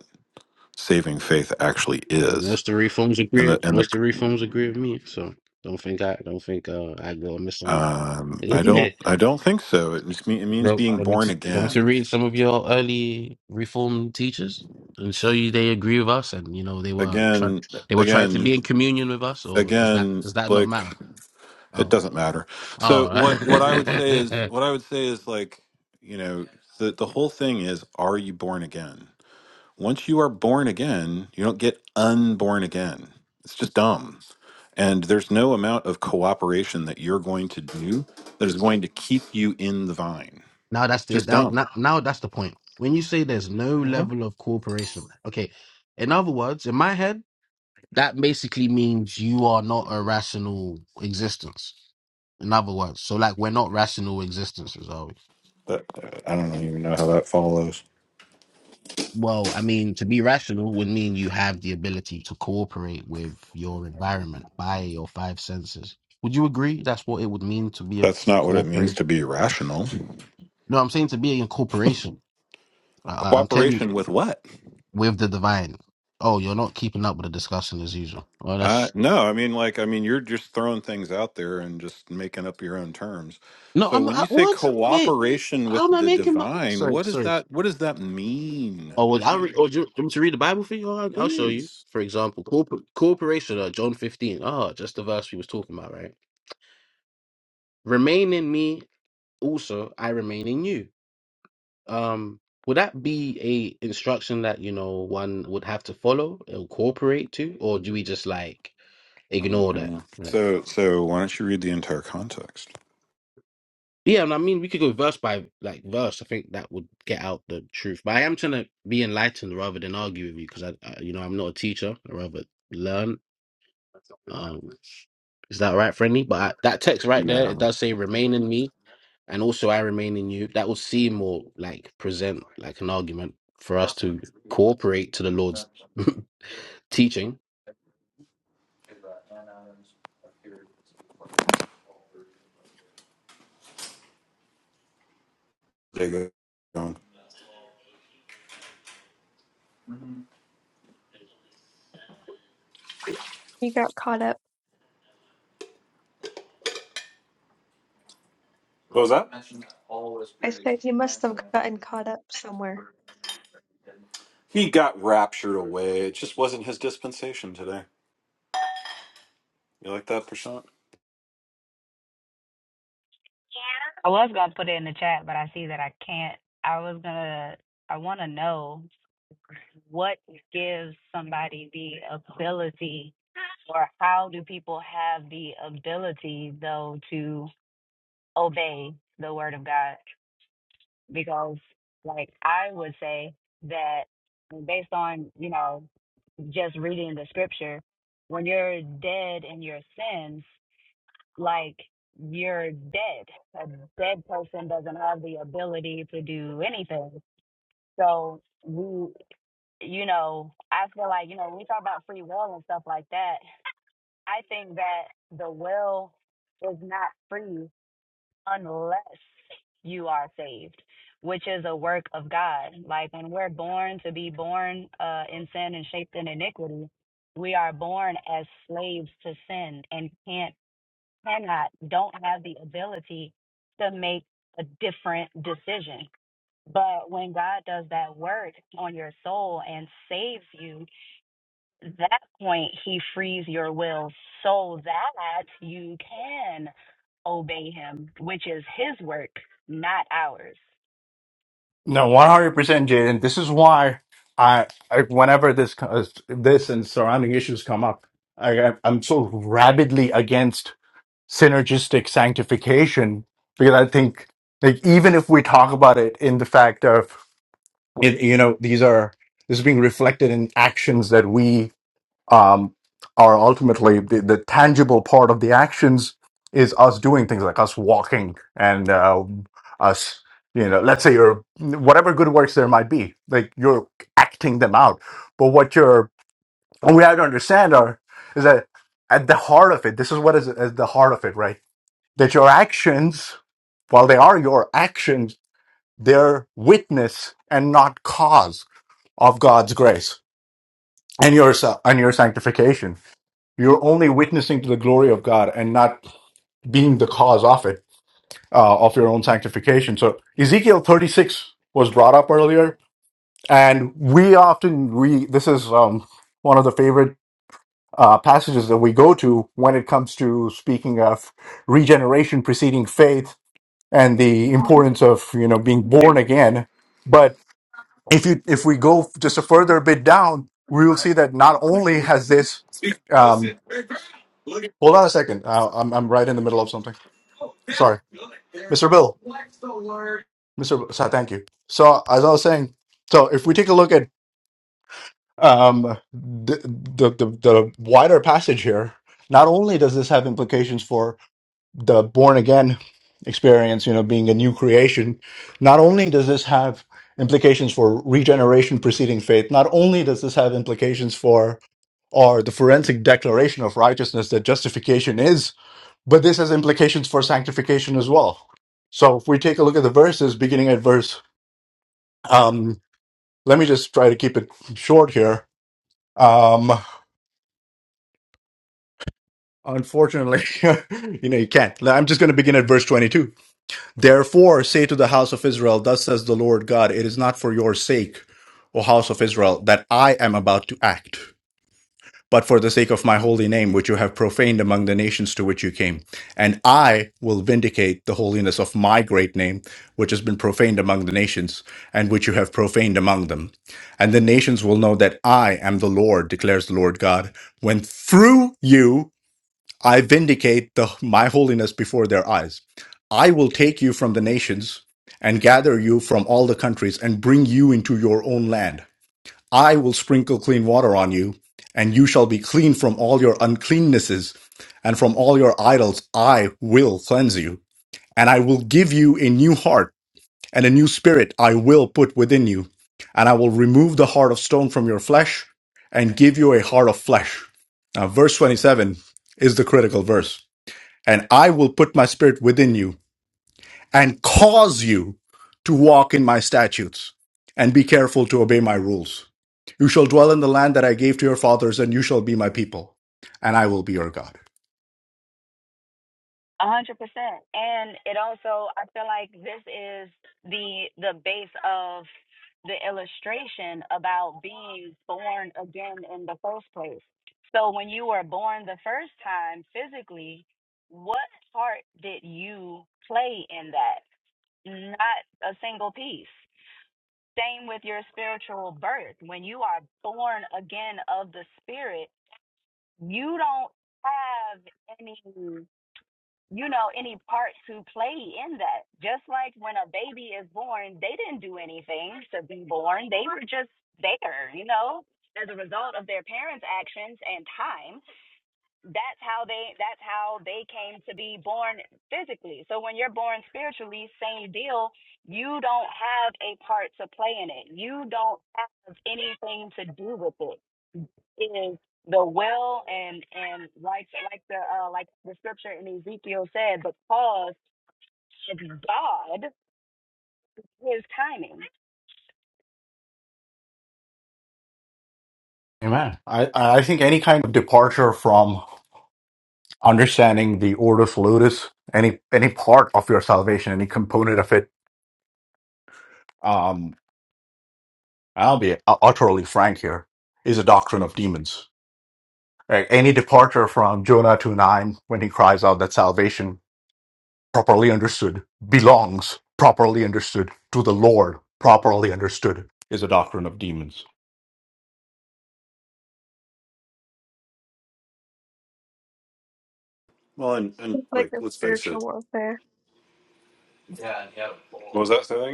saving faith actually Well, is, most of the reforms and agree. the and the Most of the reforms agree with me. So don't think I don't think uh, I go miss some. um, I don't I don't think so. It just mean, it means Well, being want me born to want me to again, read some of your early reform teachers and show you they agree with us, and you know they were try, again, they were trying to be again, in communion with us, or does that again. does that not matter? Like it Oh, doesn't matter. So what oh. what I would say is what I would say is like you know the the whole thing is are you born again Once you are born again, you don't get unborn again. It's just dumb. And there's no amount of cooperation that you're going to do that is going to keep you in the vine. now that's It's the just now, dumb. now now that's the point. When you say there's no level of cooperation, okay. In other words, in my head. that basically means you are not a rational existence. In other words, so like we're not rational existences, are we? That, I don't really even know how that follows. Well, I mean, to be rational would mean you have the ability to cooperate with your environment by your five senses. Would you agree that's what it would mean to be a That's not what it means corporate? to be rational. No, I'm saying to be in corporation. I, I'm clearly Cooperation with what? with the divine. Oh, you're not keeping up with the discussion as usual. Well, Uh, that's no, I mean, like, I mean, you're just throwing things out there and just making up your own terms. no. So I'm when I, you say what? Wait, cooperation how with am I the making my? divine, Sorry, what sorry. does that? What does that mean Oh, well, to I'll you? read. Oh, do you want me to read the Bible for you? Oh, I'll I'll show you. Please. For example, corp- corporation, uh, John 15. Oh, just the verse we was talking about, right? Remain in me, also I remain in you. Um, would that be a instruction that you know one would have to follow or cooperate to, or do we just like Oh, ignore hang that? on. Right. So, so why don't you read the entire context? Yeah, and I mean we could go verse by like verse. I think that would get out the truth. But I am trying to be enlightened rather than argue with you because I, I, you know, I'm not a teacher. I rather learn. um, Is that all right, friendly? But I, that text right there, Yeah. it does say remain in me and also I remain in you. That will seem more like present like an argument for us to cooperate to the Lord's teaching They go, um, He got caught up. What was that? I said he must have gotten caught up somewhere. He got raptured away. It just wasn't his dispensation today. You like that, Prashant? I was gonna put it in the chat, but I see that I can't. I was gonna. I want to know what gives somebody the ability, or how do people have the ability though to obey the word of God? Because, like, I would say that based on you know just reading the scripture, when you're dead in your sins like you're dead. A dead person doesn't have the ability to do anything. So we, you know, I feel like, you know, when we talk about free will and stuff like that, I think that the will is not free unless you are saved, which is a work of God. Like when we're born to be born uh, in sin and shaped in iniquity, we are born as slaves to sin and can't cannot, don't have the ability to make a different decision. But when God does that work on your soul and saves you, that point he frees your will so that you can obey him, which is his work, not ours. no, 100% Jaden. This is why I, I whenever this, co- uh, this and surrounding issues come up, I, I'm so rabidly against synergistic sanctification because I think like even if we talk about it in the fact of it, you know these are this is being reflected in actions that we um, are ultimately the, the tangible part of the actions is us doing things like us walking and uh, us you know let's say your whatever good works there might be like you're acting them out but what you're what we have to understand are is that at the heart of it this is what is at the heart of it right that your actions while they are your actions they're witness and not cause of God's grace and your sa- and your sanctification. You're only witnessing to the glory of God and not being the cause of it uh, of your own sanctification. So Ezekiel 36 was brought up earlier, and we often we this is um, one of the favorite uh, passages that we go to when it comes to speaking of regeneration preceding faith and the importance of you know being born again. if you if we go just a further bit down, we will see that not only has this. Um, hold on a second. Uh, I'm I'm right in the middle of something. Sorry, Mr. Bill. Mr. Bill, so thank you. So as I was saying, so if we take a look at um, the, the the the wider passage here, not only does this have implications for the born again experience, you know, being a new creation, not only does this have implications for regeneration preceding faith, not only does this have implications for or the forensic declaration of righteousness that justification is, but this has implications for sanctification as well. So if we take a look at the verses, beginning at verse, um, let me just try to keep it short here. Um, unfortunately, you know, you can't. I'm just going to begin at verse 22. Therefore, say to the house of Israel, Thus says the Lord God, it is not for your sake, O house of Israel, that I am about to act. but for the sake of my holy name, which you have profaned among the nations to which you came. And I will vindicate the holiness of my great name, which has been profaned among the nations, and which you have profaned among them. And the nations will know that I am the Lord, declares the Lord God, when through you I vindicate the, my holiness before their eyes. I will take you from the nations and gather you from all the countries and bring you into your own land I will sprinkle clean water on you, and you shall be clean from all your uncleannesses, and from all your idols I will cleanse you. And I will give you a new heart, and a new spirit I will put within you. And I will remove the heart of stone from your flesh, and give you a heart of flesh. Now, verse 27 is the critical verse. And I will put my spirit within you and cause you to walk in my statutes and be careful to obey my rules. You shall dwell in the land that I gave to your fathers, and you shall be my people, and I will be your God. A hundred percent. And it also I feel like this is the the base of the illustration about being born again in the first place. So when you were born the first time physically, what part did you play in that? Not a single piece. Same with your spiritual birth. When you are born again of the spirit, you don't have any you know, any parts who play in that. Just like when a baby is born, they didn't do anything to be born. They were just there, you know, as a result of their parents' actions and time that's how they that's how they came to be born physically so when you're born spiritually same deal you don't have a part to play in it you don't have anything to do with it it is the will and and like like the uh like the scripture in ezekiel said because it's god his timing Amen. I, I think any kind of departure from understanding the ordo salutis, any any part of your salvation, any component of it, um, I'll be utterly frank here, is a doctrine of demons. Right? Any departure from Jonah to nine when he cries out that salvation properly understood, belongs, properly understood, to the Lord, properly understood, is a doctrine of demons. Well, and, and like like, a let's face spiritual it. warfare. What was that say?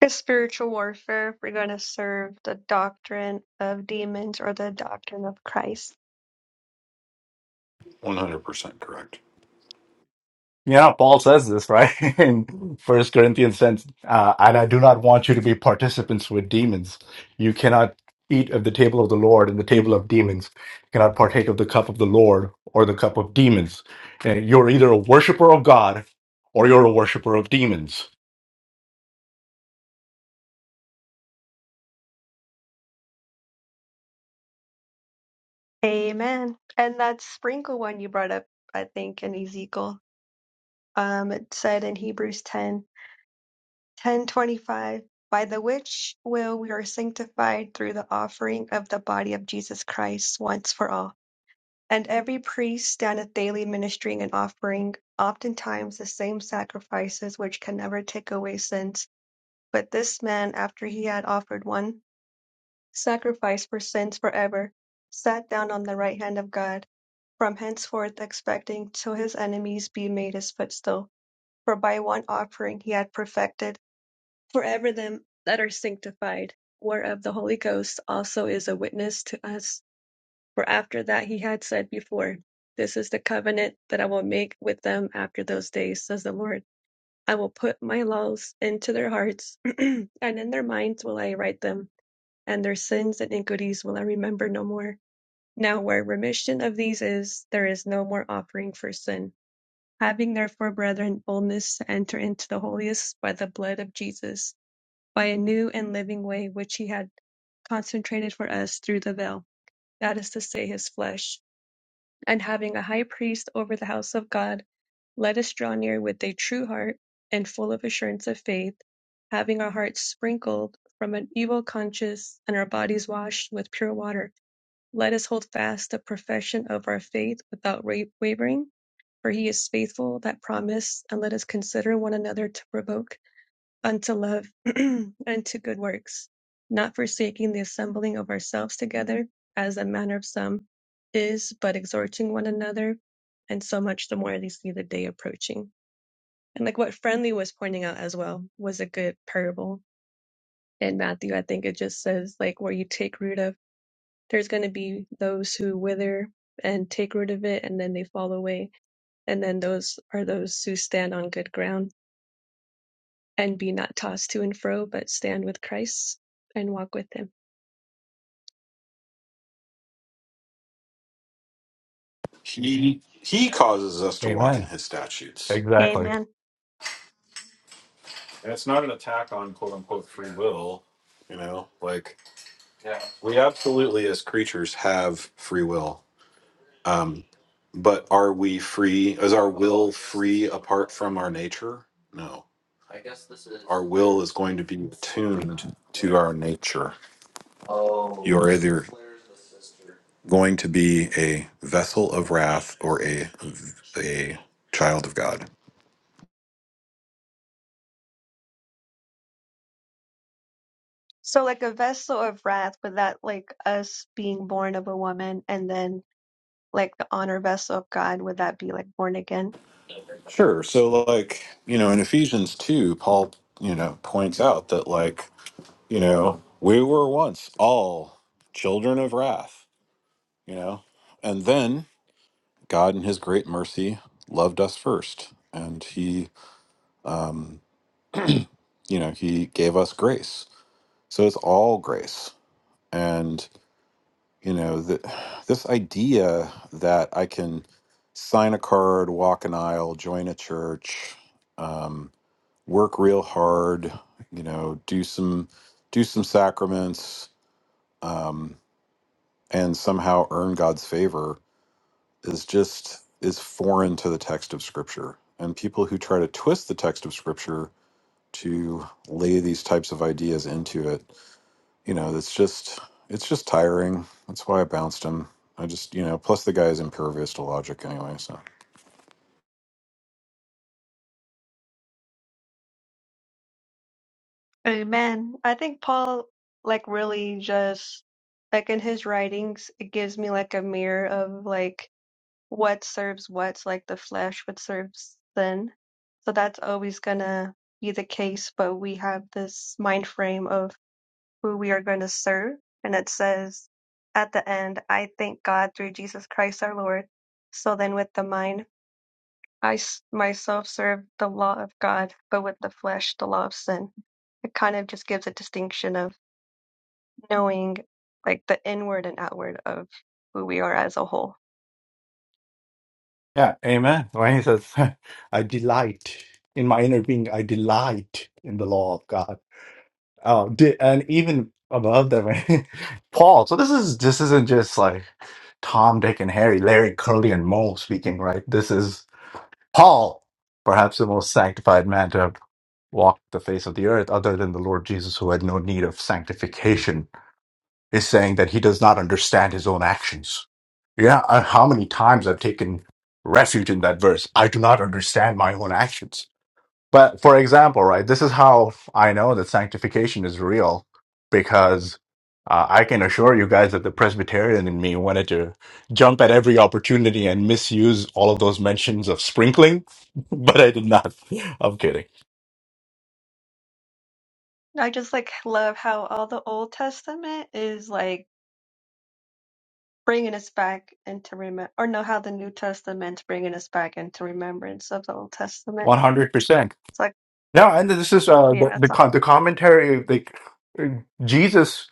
A spiritual warfare if we're going to serve the doctrine of demons or the doctrine of Christ. One hundred percent correct. Yeah, Paul says this, right? In First Corinthians says, uh, and I do not want you to be participants with demons. You cannot eat of the table of the Lord and the table of demons. You cannot partake of the cup of the Lord or the cup of demons. Uh, You're either a worshiper of God or you're a worshiper of demons. Amen. And that sprinkle one you brought up, I think, in Ezekiel, um, it said in Hebrews ten, ten twenty five, by the which will we are sanctified through the offering of the body of Jesus Christ once for all. And every priest standeth daily ministering and offering, oftentimes the same sacrifices which can never take away sins But this man, after he had offered one sacrifice for sins for ever, sat down on the right hand of God, from henceforth expecting till his enemies be made his footstool. For by one offering he had perfected for ever them that are sanctified, whereof the Holy Ghost also is a witness to us. For after that he had said before, This is the covenant that I will make with them after those days, says the Lord. I will put my laws into their hearts, and in their minds will I write them and their sins and iniquities will I remember no more. Now, where remission of these is, there is no more offering for sin. Having therefore, brethren, boldness to enter into the holiest by the blood of Jesus, by a new and living way which he had consecrated for us through the veil, that is to say, his flesh and having a high priest over the house of God, let us draw near with a true heart and full of assurance of faith, having our hearts sprinkled from an evil conscience and our bodies washed with pure water. Let us hold fast the profession of our faith without wavering, for he is faithful that promised, and let us consider one another to provoke unto love and to good works, not forsaking the assembling of ourselves together, as the manner of some is, but exhorting one another, and so much the more they see the day approaching. And like what Friendly was pointing out as well was a good parable in Matthew. I think it just says like where you take root of there's gonna be those who wither and take root of it and then they fall away. And then those are those who stand on good ground and be not tossed to and fro, but stand with Christ and walk with him. He he causes us to walk in Amen. his statutes, And Exactly. and it's not an attack on quote unquote free will. You know, like we absolutely as creatures have free will. Um, but are we free? Is our will free apart from our nature? No. Our will is going to be attuned to our nature. You are either going to be a vessel of wrath or a a child of God. so like a vessel of wrath, would that like us being born of a woman and then like the honor vessel of God, would that be like born again? Sure. So like, you know, in Ephesians 2, Paul, you know, points out that like, you know, we were once all children of wrath, you know. And then God, in His great mercy, loved us first, and He, um, you know, He gave us grace. So it's all grace, and you know, the, this idea that I can sign a card, walk an aisle, join a church, um, work real hard, you know, do some do some sacraments, um, and somehow earn God's favor is just is foreign to the text of scripture and people who try to twist the text of scripture to lay these types of ideas into it you know that's just it's just tiring that's why i bounced him i just you know plus the guy is impervious to logic anyway so Amen. I think Paul like really just like in his writings, it gives me like a mirror of like what serves what's like the flesh, what serves sin. So that's always gonna be the case, but we have this mind frame of who we are going to serve. And it says at the end, I thank God through Jesus Christ our Lord. So then with the mind, I s- myself serve the law of God, but with the flesh, the law of sin. It kind of just gives a distinction of knowing like the inward and outward of who we are as a whole. Yeah, amen. When he says, I delight in my inner being, I delight in the law of God. Oh, di- and even above that, when Paul. So this is this isn't just like Tom, Dick, and Harry, Larry, Curly, and Moe speaking, right? This is Paul, perhaps the most sanctified man to have walked the face of the earth, other than the Lord Jesus, who had no need of sanctification is saying that he does not understand his own actions. Yeah, uh, how many times I've taken refuge in that verse? I do not understand my own actions. But for example, right, this is how I know that sanctification is real because uh, I can assure you guys that the Presbyterian in me wanted to jump at every opportunity and misuse all of those mentions of sprinkling, but I did not. I'm kidding. I just like love how all the Old Testament is like bringing us back into remember, or no, how the New Testament's bringing us back into remembrance of the Old Testament. 100%. It's like, No, and this is uh, the, yeah, the, co- the commentary, Like uh, Jesus.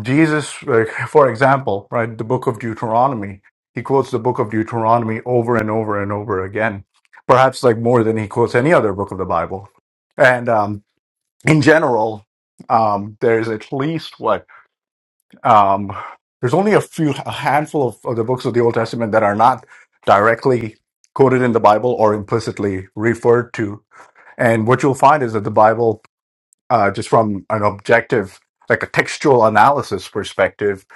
Jesus, like, for example, right, the book of Deuteronomy, he quotes the book of Deuteronomy over and over and over again, perhaps like more than he quotes any other book of the Bible. And um, in general, um, there's at least what, um, there's only a few, a handful of, of the books of the Old Testament that are not directly quoted in the Bible or implicitly referred to. And what you'll find is that the Bible, uh, just from an objective, like a textual analysis perspective,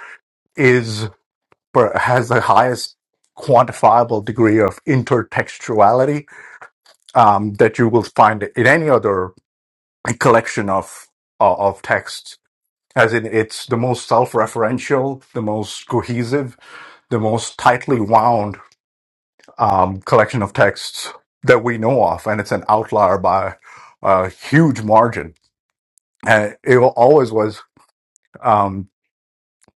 per- has the highest quantifiable degree of intertextuality um, that you will find in any other collection of uh, of texts. As in, it's the most self-referential, the most cohesive, the most tightly wound um, collection of texts that we know of, and it's an outlier by a huge margin. And it wa- always was. Um,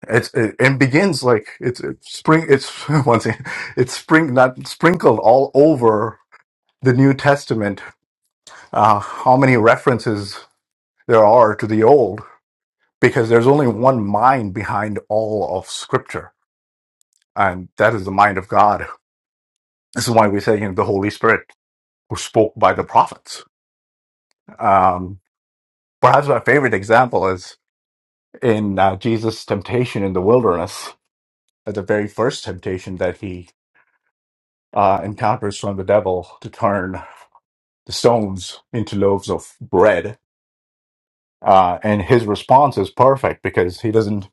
It's it, and begins like it's, it's spring. It's once again, it's spring not sprinkled all over the New Testament. Uh, how many references there are to the Old? Because there's only one mind behind all of Scripture, and that is the mind of God. This is why we say you know, the Holy Spirit who spoke by the prophets. Um, perhaps my favorite example is in uh, Jesus' temptation in the wilderness, at the very first temptation that he uh, encounters from the devil to turn. the stones into loaves of bread. Uh, and his response is perfect because he doesn't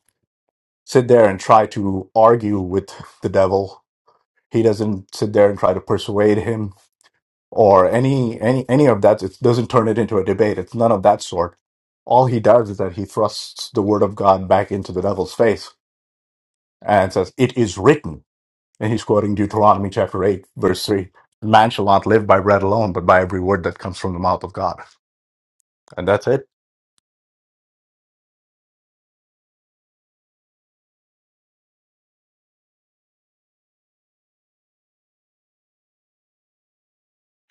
sit there and try to argue with the devil. He doesn't sit there and try to persuade him or any any any of that. It doesn't turn it into a debate. It's none of that sort. All he does is that he thrusts the word of God back into the devil's face and says, "It is written." And he's quoting Deuteronomy chapter eight, verse three: "Man shall not live by bread alone, but by every word that comes from the mouth of God." And that's it.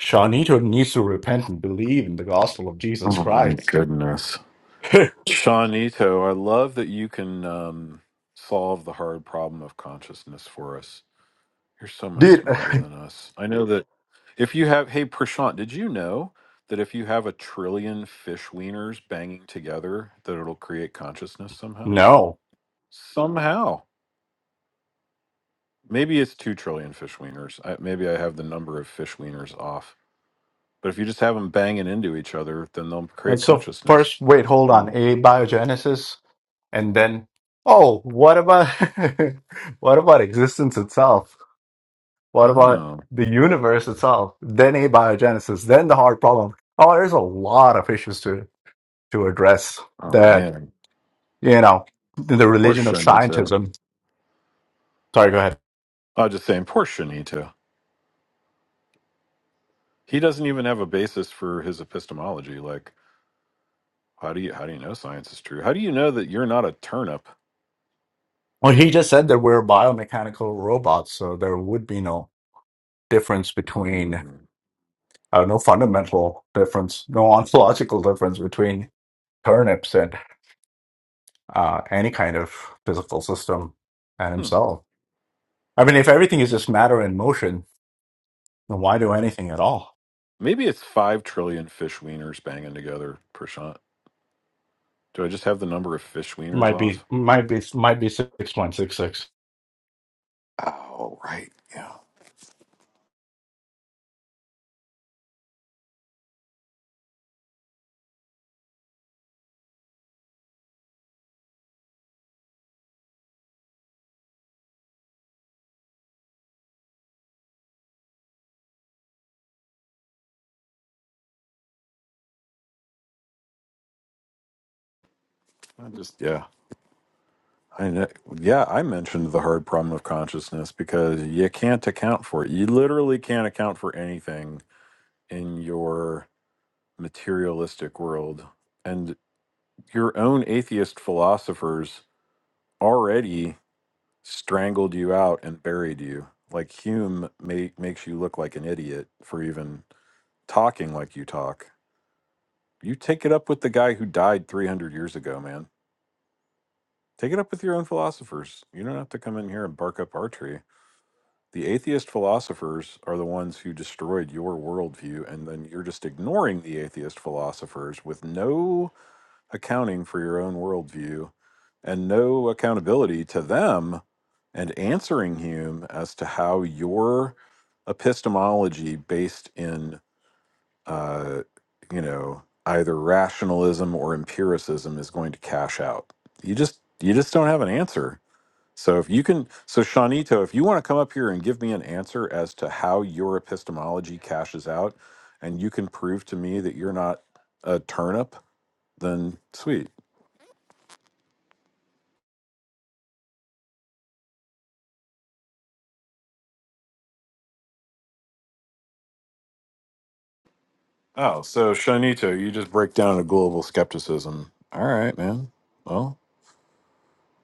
Shanito needs to repent and believe in the gospel of Jesus oh my Christ. goodness seanito i love that you can um solve the hard problem of consciousness for us You're so much Dude, smarter than us. I know that if you have, hey, Prashant, did you know that if you have a trillion fish wieners banging together, that it'll create consciousness somehow? no. Somehow. Maybe it's two trillion fish wieners. I, maybe I have the number of fish wieners off. But if you just have them banging into each other, then they'll And create so consciousness. first, wait, hold on. Mhm. Abiogenesis, and then, oh, what about what about existence itself? What about Oh, the universe itself? Then abiogenesis, then the hard problem. Oh, there's a lot of issues to to address oh that, man. you know, in the Poor religion of Shanita. scientism. Sorry, go ahead. I was just saying, poor Shanita. He doesn't even have a basis for his epistemology. Like, How do you how do you know science is true? How do you know that you're not a turnip? Well, he just said that we're biomechanical robots, so there would be no difference between Mm. uh, no fundamental difference, no ontological difference between turnips and uh, any kind of physical system and Hmm. himself. I mean, if everything is just matter in motion, then why do anything at all? Maybe it's five trillion fish wieners banging together, Prashant. Do I just have the number of fish wieners Might off? be, might be, might be six point six six. Oh, right. Yeah. I just yeah. I know, yeah, I mentioned the hard problem of consciousness because you can't account for it. You literally can't account for anything in your materialistic world. And your own atheist philosophers already strangled you out and buried you. Like Hume ma- makes you look like an idiot for even talking like you talk. You take it up with the guy who died 300 years ago, man. Take it up with your own philosophers. You don't have to come in here and bark up our tree. The atheist philosophers are the ones who destroyed your worldview, and then you're just ignoring the atheist philosophers with no accounting for your own worldview and no accountability to them and answering Hume as to how your epistemology based in, uh, you know, either rationalism or empiricism is going to cash out. You just, you just don't have an answer. So if you can, so Shanito, if you want to come up here and give me an answer as to how your epistemology cashes out, and you can prove to me that you're not a turnip, then sweet. Oh, so Shanito, you just break down a global skepticism. All right, man. Well,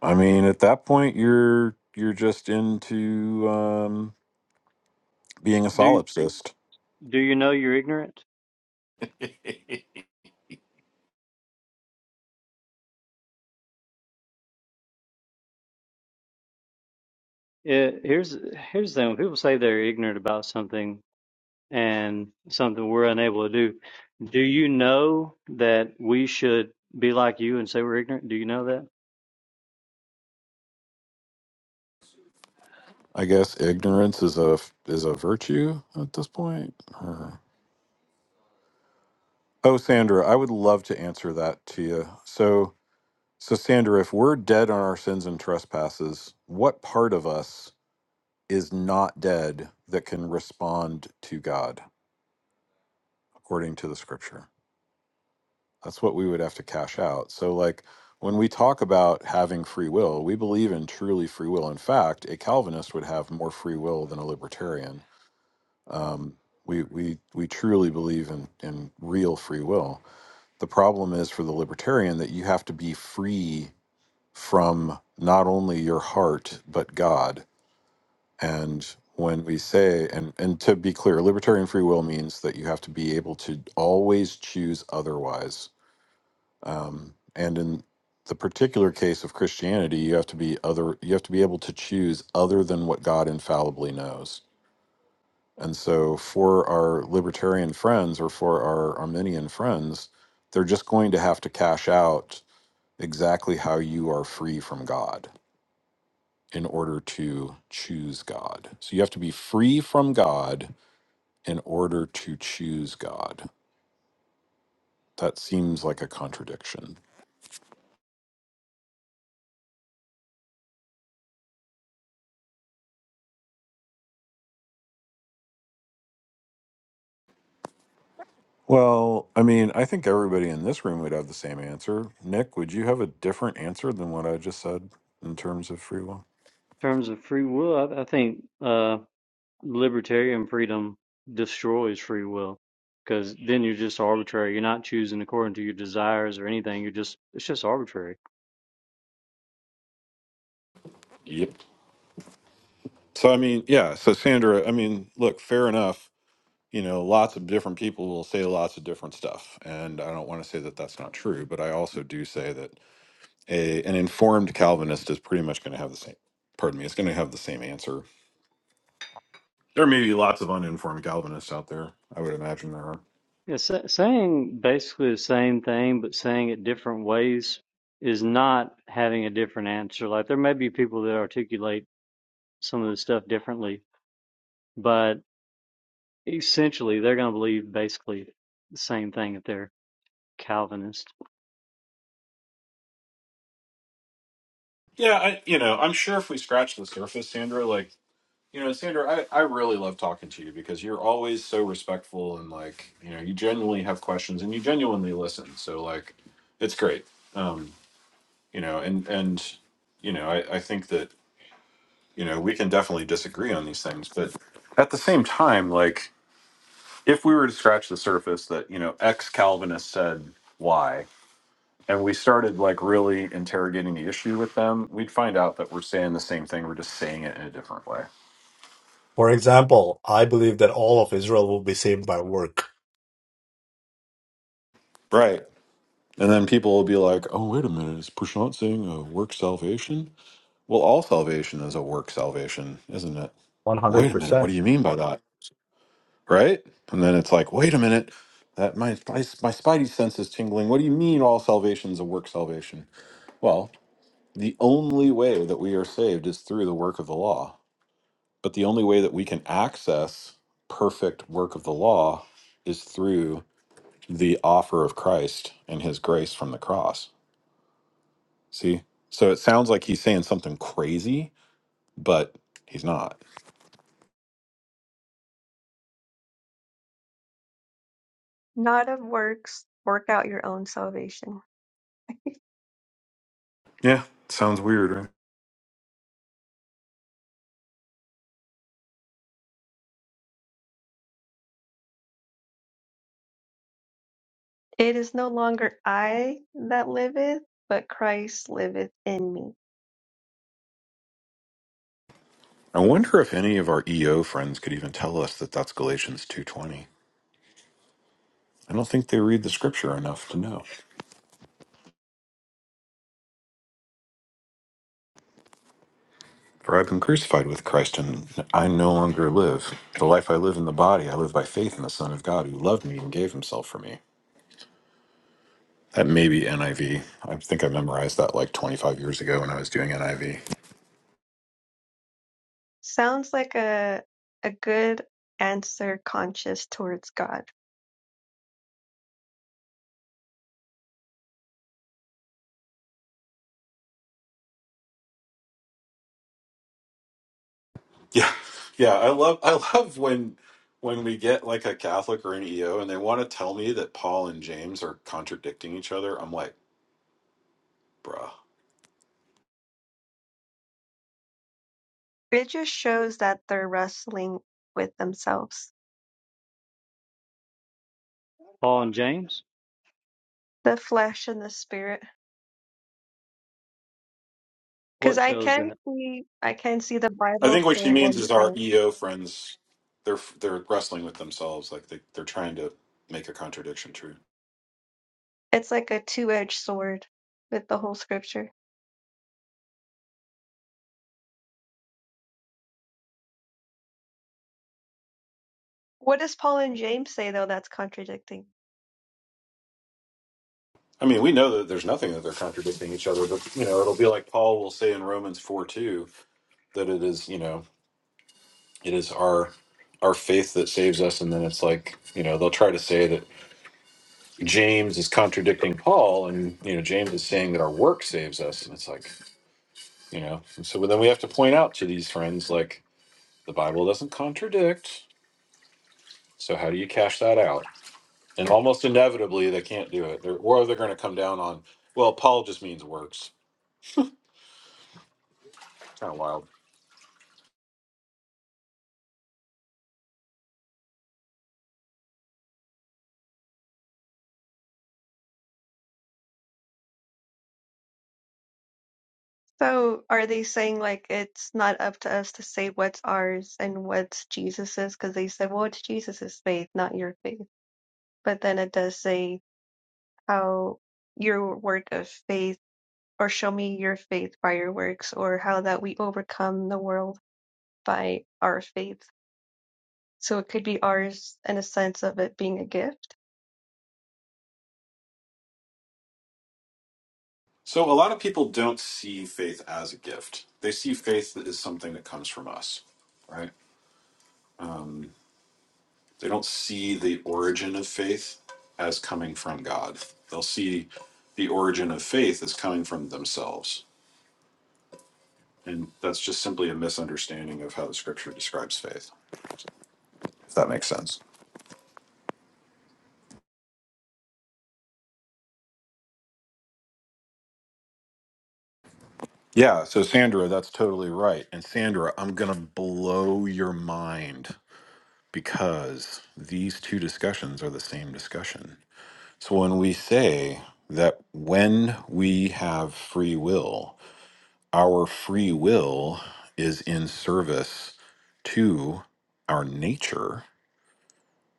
I mean, at that point, you're you're just into um, being a Do solipsist. do you know you're ignorant? I Yeah, here's here's the thing. When people say they're ignorant about something, and something we're unable to do. Do you know that we should be like you and say we're ignorant? Do you know that? In guess ignorance is a is a virtue at this point. or- Oh, Sandra, I would love to answer that to you. So, so Sandra, if we're dead on our sins and trespasses, what part of us is not dead that can respond to God according to the Scripture? That's what we would have to cash out. So, like, when we talk about having free will, we believe in truly free will. In fact, a Calvinist would have more free will than a libertarian. Um, we, we, we truly believe in, in real free will. The problem is for the libertarian that you have to be free from not only your heart, but God. And when we say, and, and to be clear, libertarian free will means that you have to be able to always choose otherwise um, and in the particular case of christianity you have to be other you have to be able to choose other than what god infallibly knows and so for our libertarian friends or for our arminian friends they're just going to have to cash out exactly how you are free from god in order to choose god so you have to be free from god in order to choose god that seems like a contradiction Well, I mean, I think everybody in this room would have the same answer. Nick, would you have a different answer than what I just said in terms of free will? terms of free will, I, I think uh, libertarian freedom destroys free will because then you're just arbitrary. You're not choosing according to your desires or anything. You're just it's just arbitrary. Yep. So, I mean, yeah. So, Sandra, I mean, look, fair enough. You know, lots of different people will say lots of different stuff. And I don't want to say that that's not true, but I also do say that a, an informed Calvinist is pretty much going to have the same, pardon me, it's going to have the same answer. There may be lots of uninformed Calvinists out there. I would imagine there are. Yeah, sa- saying basically the same thing but saying it different ways is not having a different answer. Like there may be people that articulate some of the stuff differently, but Essentially, they're going to believe basically the same thing if they're Calvinist. Yeah, I, you know, I'm sure if we scratch the surface, Sandra, like You know, Sandra, I, I really love talking to you because you're always so respectful and like, you know, you genuinely have questions and you genuinely listen. So like it's great. Um, you know, and and you know, I, I think that, you know, we can definitely disagree on these things, but at the same time, like if we were to scratch the surface that, you know, ex Calvinist said why and we started like really interrogating the issue with them, we'd find out that we're saying the same thing, we're just saying it in a different way. For example, I believe that all of Israel will be saved by work. Right. And then people will be like, oh, wait a minute, is Prashant saying a work salvation? Well, all salvation is a work salvation, isn't it? One hundred Wait a minute, what percent. do you mean by that? Right? And then it's like, wait a minute, that my, my, my spidey sense is tingling. What do you mean all salvation is a work salvation? Well, the only way that we are saved is through the work of the law. But the only way that we can access perfect work of the law is through the offer of Christ and his grace from the cross See? So it sounds like he's saying something crazy, but he's not. not of works, work out your own salvation. Yeah, sounds weird, right? It is no longer I that liveth, but Christ liveth in me. I wonder if any of our EO friends could even tell us that that's Galatians 2:20. I don't think they read the scripture enough to know. For I've been crucified with Christ and I no longer live. The life I live in the body, I live by faith in the Son of God who loved me and gave himself for me. That may be NIV. I V. I think I memorized that like 25 years ago when I was doing NIV. Sounds like a a good answer conscious towards God. Yeah, yeah. I love I love when when we get like a Catholic or an EO and they want to tell me that Paul and James are contradicting each other. I'm like, bruh. It just shows that they're wrestling with themselves, Paul and James, the flesh and the spirit. Because what I shows can that? see I can see the I Bible think what she saying means one is our thing. EO friends they're they're wrestling with themselves, like they they're trying to make a contradiction true. It's like a two edged sword with the whole scripture. What does Paul and James say though that's contradicting? I mean, we know that there's nothing that they're contradicting each other, but you know, it'll be like Paul will say in Romans four two that it is you know it is our our faith that saves us, and then it's like you know they'll try to say that James is contradicting Paul, and you know James is saying that our work saves us, and it's like you know. and so then we have to point out to these friends like the Bible doesn't contradict. So how do you cash that out? And almost inevitably they can't do it, they're, or they're going to come down on well, Paul just means works. Kind of wild. So are they saying like it's not up to us to say what's ours and what's Jesus's? Because they said, well, it's Jesus's faith, not your faith. But then it does say how your work of faith, or show me your faith by your works, or how that we overcome the world by our faith. So it could be ours in a sense of it being a gift. So a lot of people don't see faith as a gift; they see faith as something that comes from us, right? They don't see the origin of faith as coming from God. They'll see the origin of faith as coming from themselves. And that's just simply a misunderstanding of how the scripture describes faith, if that makes sense. Yeah, so Sandra, that's totally right. And Sandra, I'm going to blow your mind because these two discussions are the same discussion. So when we say that when we have free will, our free will is in service to our nature,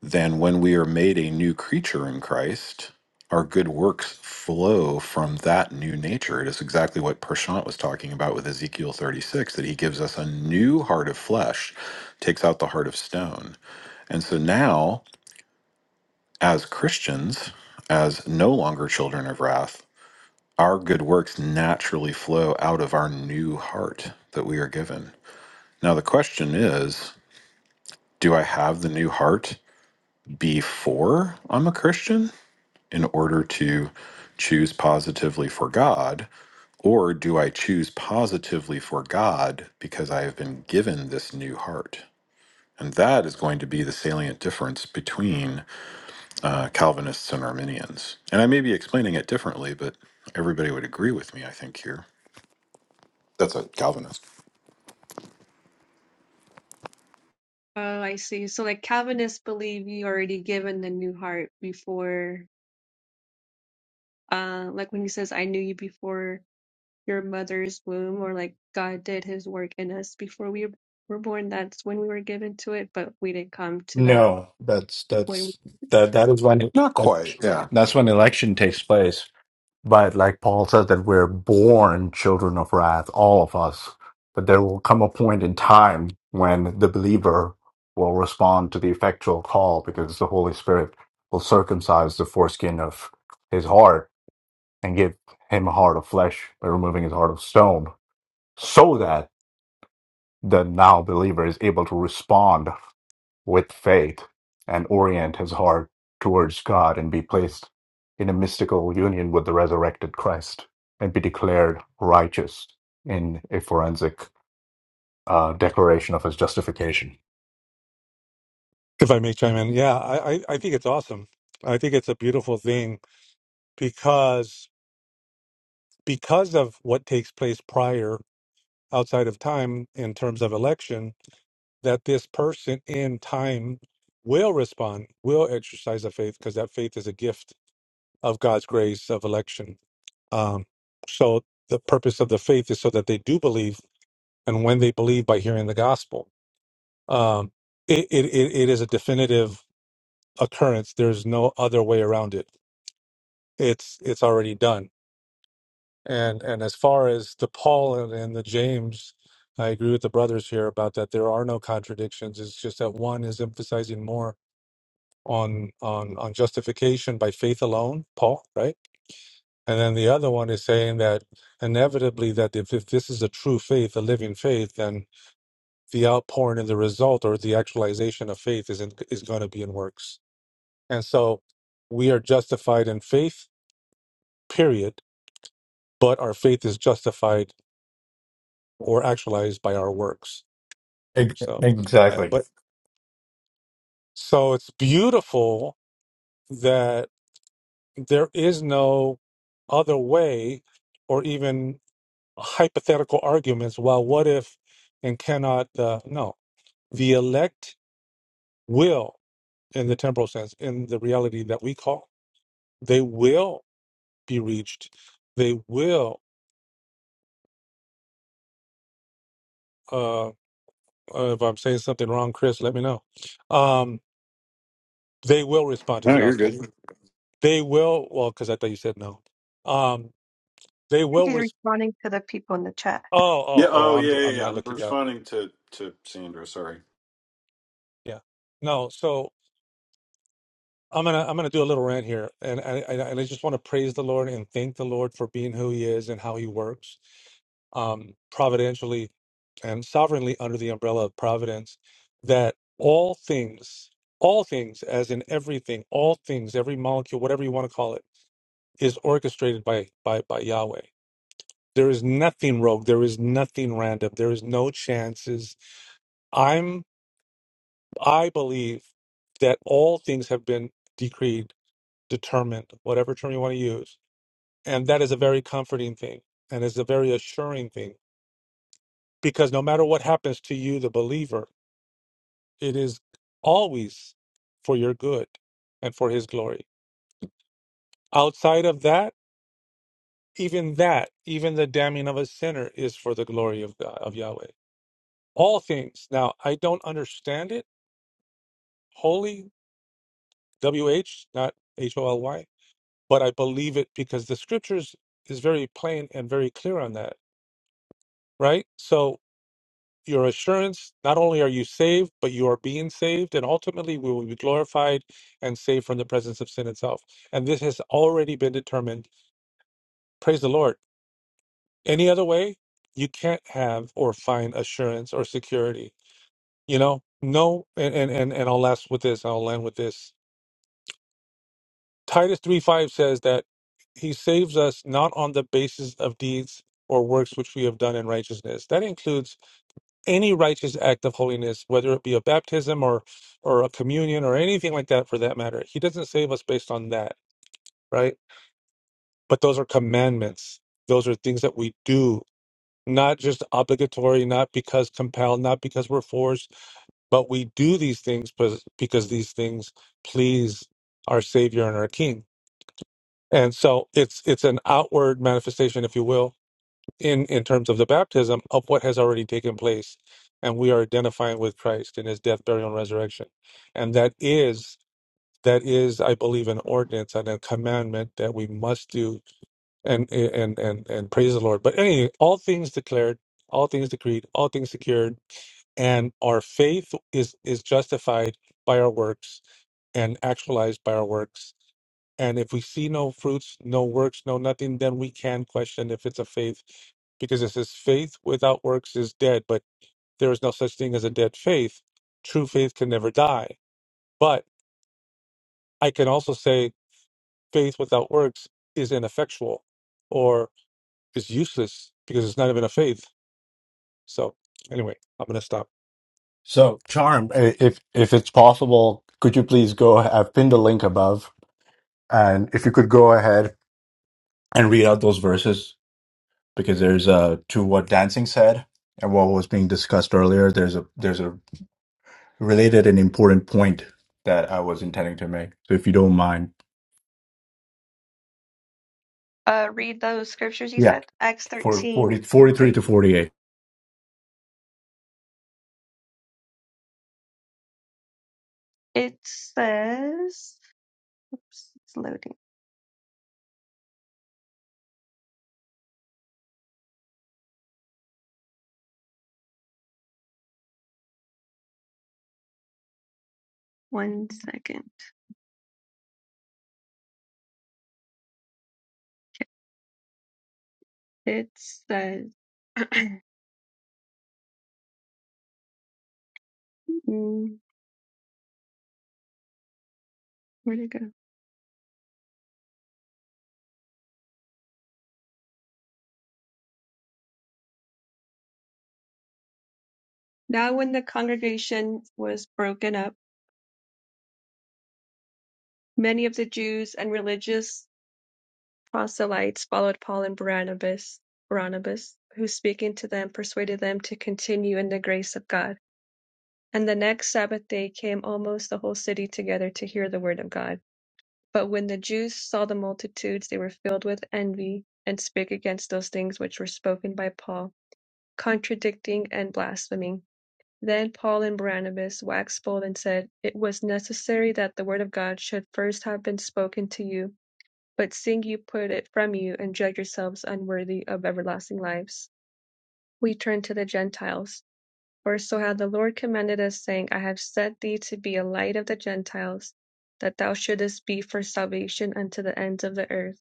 then when we are made a new creature in Christ, our good works flow from that new nature. It is exactly what Prashant was talking about with Ezekiel 36 that he gives us a new heart of flesh, takes out the heart of stone. And so now, as Christians, as no longer children of wrath, our good works naturally flow out of our new heart that we are given. Now, the question is do I have the new heart before I'm a Christian in order to choose positively for God? Or do I choose positively for God because I have been given this new heart? And that is going to be the salient difference between uh, Calvinists and Arminians. And I may be explaining it differently, but everybody would agree with me, I think, here. That's a Calvinist. Oh, I see. So like Calvinists believe you already given the new heart before, uh, like when he says, "I knew you before." your mother's womb or like God did his work in us before we were born. That's when we were given to it, but we didn't come to that No, that's when that's that that is when Not that, quite. Yeah. That's when election takes place. But like Paul says, that we're born children of wrath, all of us. But there will come a point in time when the believer will respond to the effectual call because the Holy Spirit will circumcise the foreskin of his heart and give him a heart of flesh by removing his heart of stone so that the now believer is able to respond with faith and orient his heart towards God and be placed in a mystical union with the resurrected Christ and be declared righteous in a forensic uh, declaration of his justification. If I may chime in, yeah, I, I, I think it's awesome. I think it's a beautiful thing because because of what takes place prior outside of time in terms of election, that this person in time will respond, will exercise a faith, because that faith is a gift of God's grace of election Um, so the purpose of the faith is so that they do believe, and when they believe by hearing the gospel, um, it, it it it is a definitive occurrence. There's no other way around it. It's it's already done. And and as far as the Paul and, and the James, I agree with the brothers here about that. There are no contradictions. It's just that one is emphasizing more on on on justification by faith alone, Paul, right? And then the other one is saying that inevitably that if, if this is a true faith, a living faith, then the outpouring and the result or the actualization of faith is in, is going to be in works. And so we are justified in faith, period, but our faith is justified or actualized by our works. Ex- So uh, Exactly. but so it's beautiful that there is no other way or even hypothetical arguments well what if and cannot uh, no The elect will, in the temporal sense, in the reality that we call, they will be reached. They will, uh, uh, if I'm saying something wrong, Chris, let me know. Um, they will respond to the No, you're good. gospel. They will, well, because I thought you said no. Um, they I think will, He's res- responding to the people in the chat. oh, Yeah. oh, oh, Oh, I'm, yeah, dr- I'm yeah. yeah. not I'm looking up. responding to to Sandra. Sorry. Yeah. No, so I'm gonna I'm gonna do a little rant here, and I, I and I just want to praise the Lord and thank the Lord for being who He is and how He works, um, providentially and sovereignly under the umbrella of providence. That all things, all things, as in everything, all things, every molecule, whatever you want to call it, is orchestrated by by by Yahweh. There is nothing rogue. There is nothing random. There is no chances. I'm I believe that all things have been decreed determined, whatever term you want to use. And that is a very comforting thing and is a very assuring thing because no matter what happens to you, the believer, it is always for your good and for his glory. Outside of that, even that, even the damning of a sinner is for the glory of God, of Yahweh. All things. Now, I don't understand it wholly, W H, not H O L Y, but I believe it because the scriptures is very plain and very clear on that, right? So your assurance not only are you saved but you are being saved and ultimately we will be glorified and saved from the presence of sin itself and this has already been determined praise the lord any other way you can't have or find assurance or security you know no and and and, and i'll last with this i'll land with this titus 3 5 says that he saves us not on the basis of deeds or works which we have done in righteousness that includes any righteous act of holiness, whether it be a baptism or or a communion or anything like that for that matter. He doesn't save us based on that, right? But those are commandments. Those are things that we do, not just obligatory, not because compelled, not because we're forced, but we do these things because because these things please our Savior and our King. And so it's it's an outward manifestation, if you will, in in terms of the baptism of what has already taken place and we are identifying with christ in his death burial and resurrection and that is that is i believe an ordinance and a commandment that we must do and and and and praise the lord but anyway all things declared all things decreed all things secured and our faith is is justified by our works and actualized by our works and if we see no fruits no works no nothing then we can question if it's a faith because it says faith without works is dead but there is no such thing as a dead faith true faith can never die but i can also say faith without works is ineffectual or is useless because it's not even a faith so anyway i'm going to stop So, Charm, i- if if it's possible, could you please go? I've pinned a link above, and if you could go ahead and read out those verses, because there's uh to what dancing said and what was being discussed earlier. There's a there's a related an important point that I was intending to make. So if you don't mind. Uh, read those scriptures you Yeah. said. Acts For thirteen 40, forty 43 three. to 48. It says, oops, it's loading. one second. It says, mm, where'd it go? Now when the congregation was broken up, many of the Jews and religious proselytes followed Paul and Barnabas, Barnabas, who speaking to them persuaded them to continue in the grace of God. And the next Sabbath day came almost the whole city together to hear the word of God. But when the Jews saw the multitudes, they were filled with envy and spake against those things which were spoken by Paul, contradicting and blaspheming. Then Paul and Barnabas waxed bold and said, It was necessary that the word of God should first have been spoken to you, but seeing you put it from you, and judge yourselves unworthy of everlasting lives, we turn to the Gentiles. For so hath the Lord commanded us, saying, I have set thee to be a light of the Gentiles, that thou shouldest be for salvation unto the ends of the earth.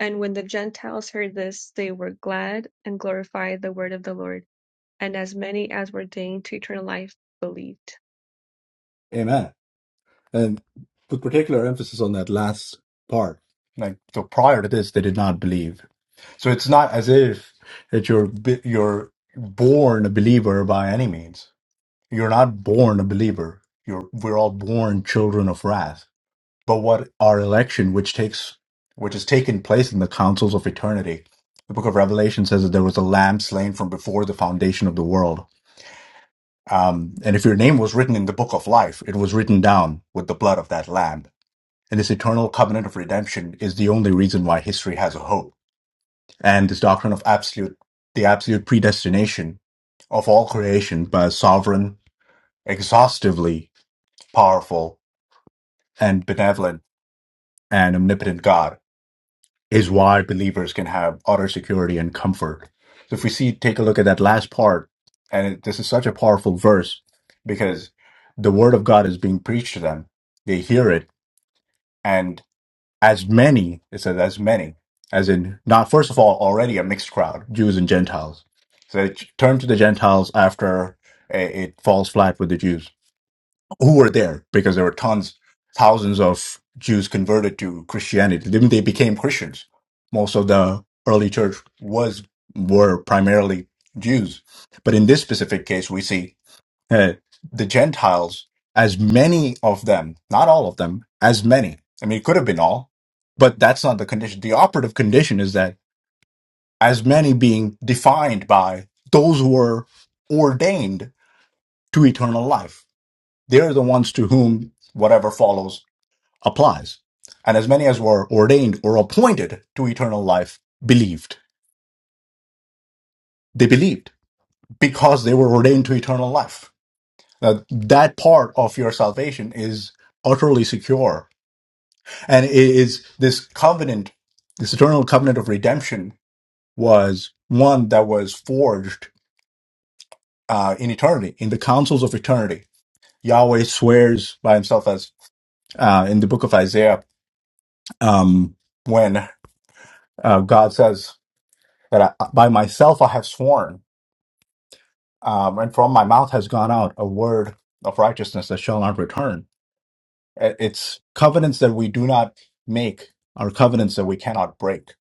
And when the Gentiles heard this, they were glad and glorified the word of the Lord, and as many as were deigned to eternal life believed. Amen. And put particular emphasis on that last part. Like, so prior to this, they did not believe. So it's not as if that you're, bi- you're born a believer by any means. You're not born a believer. You're, we're all born children of wrath but what our election, which takes which has taken place in the councils of eternity. The book of Revelation says that there was a lamb slain from before the foundation of the world. Um, and if your name was written in the book of life, it was written down with the blood of that lamb. And this eternal covenant of redemption is the only reason why history has a hope. And this doctrine of absolute, the absolute predestination of all creation by a sovereign, exhaustively powerful, and benevolent and omnipotent God is why believers can have utter security and comfort. So if we see, take a look at that last part, and it, this is such a powerful verse because the word of God is being preached to them. They hear it, and as many, it says as many, as in not first of all already a mixed crowd, Jews and Gentiles. So it turned to the Gentiles after eh, it falls flat with the Jews who were there because there were tons, thousands of Jews converted to Christianity. Then they became Christians. Most of the early church was were primarily Jews, but in this specific case, we see uh, the Gentiles as many of them, not all of them, as many. I mean, it could have been all, but that's not the condition. The operative condition is that as many being defined by those who were ordained to eternal life they're the ones to whom whatever follows applies. And as many as were ordained or appointed to eternal life believed. They believed because they were ordained to eternal life. Now, that part of your salvation is utterly secure. And it is this covenant, this eternal covenant of redemption was one that was forged uh, in eternity, in the councils of eternity. Yahweh swears by himself as uh, in the book of Isaiah, um, when Uh, God says that I, by myself I have sworn, um, and from my mouth has gone out a word of righteousness that shall not return. Uh, It's covenants that we do not make are covenants that we cannot break.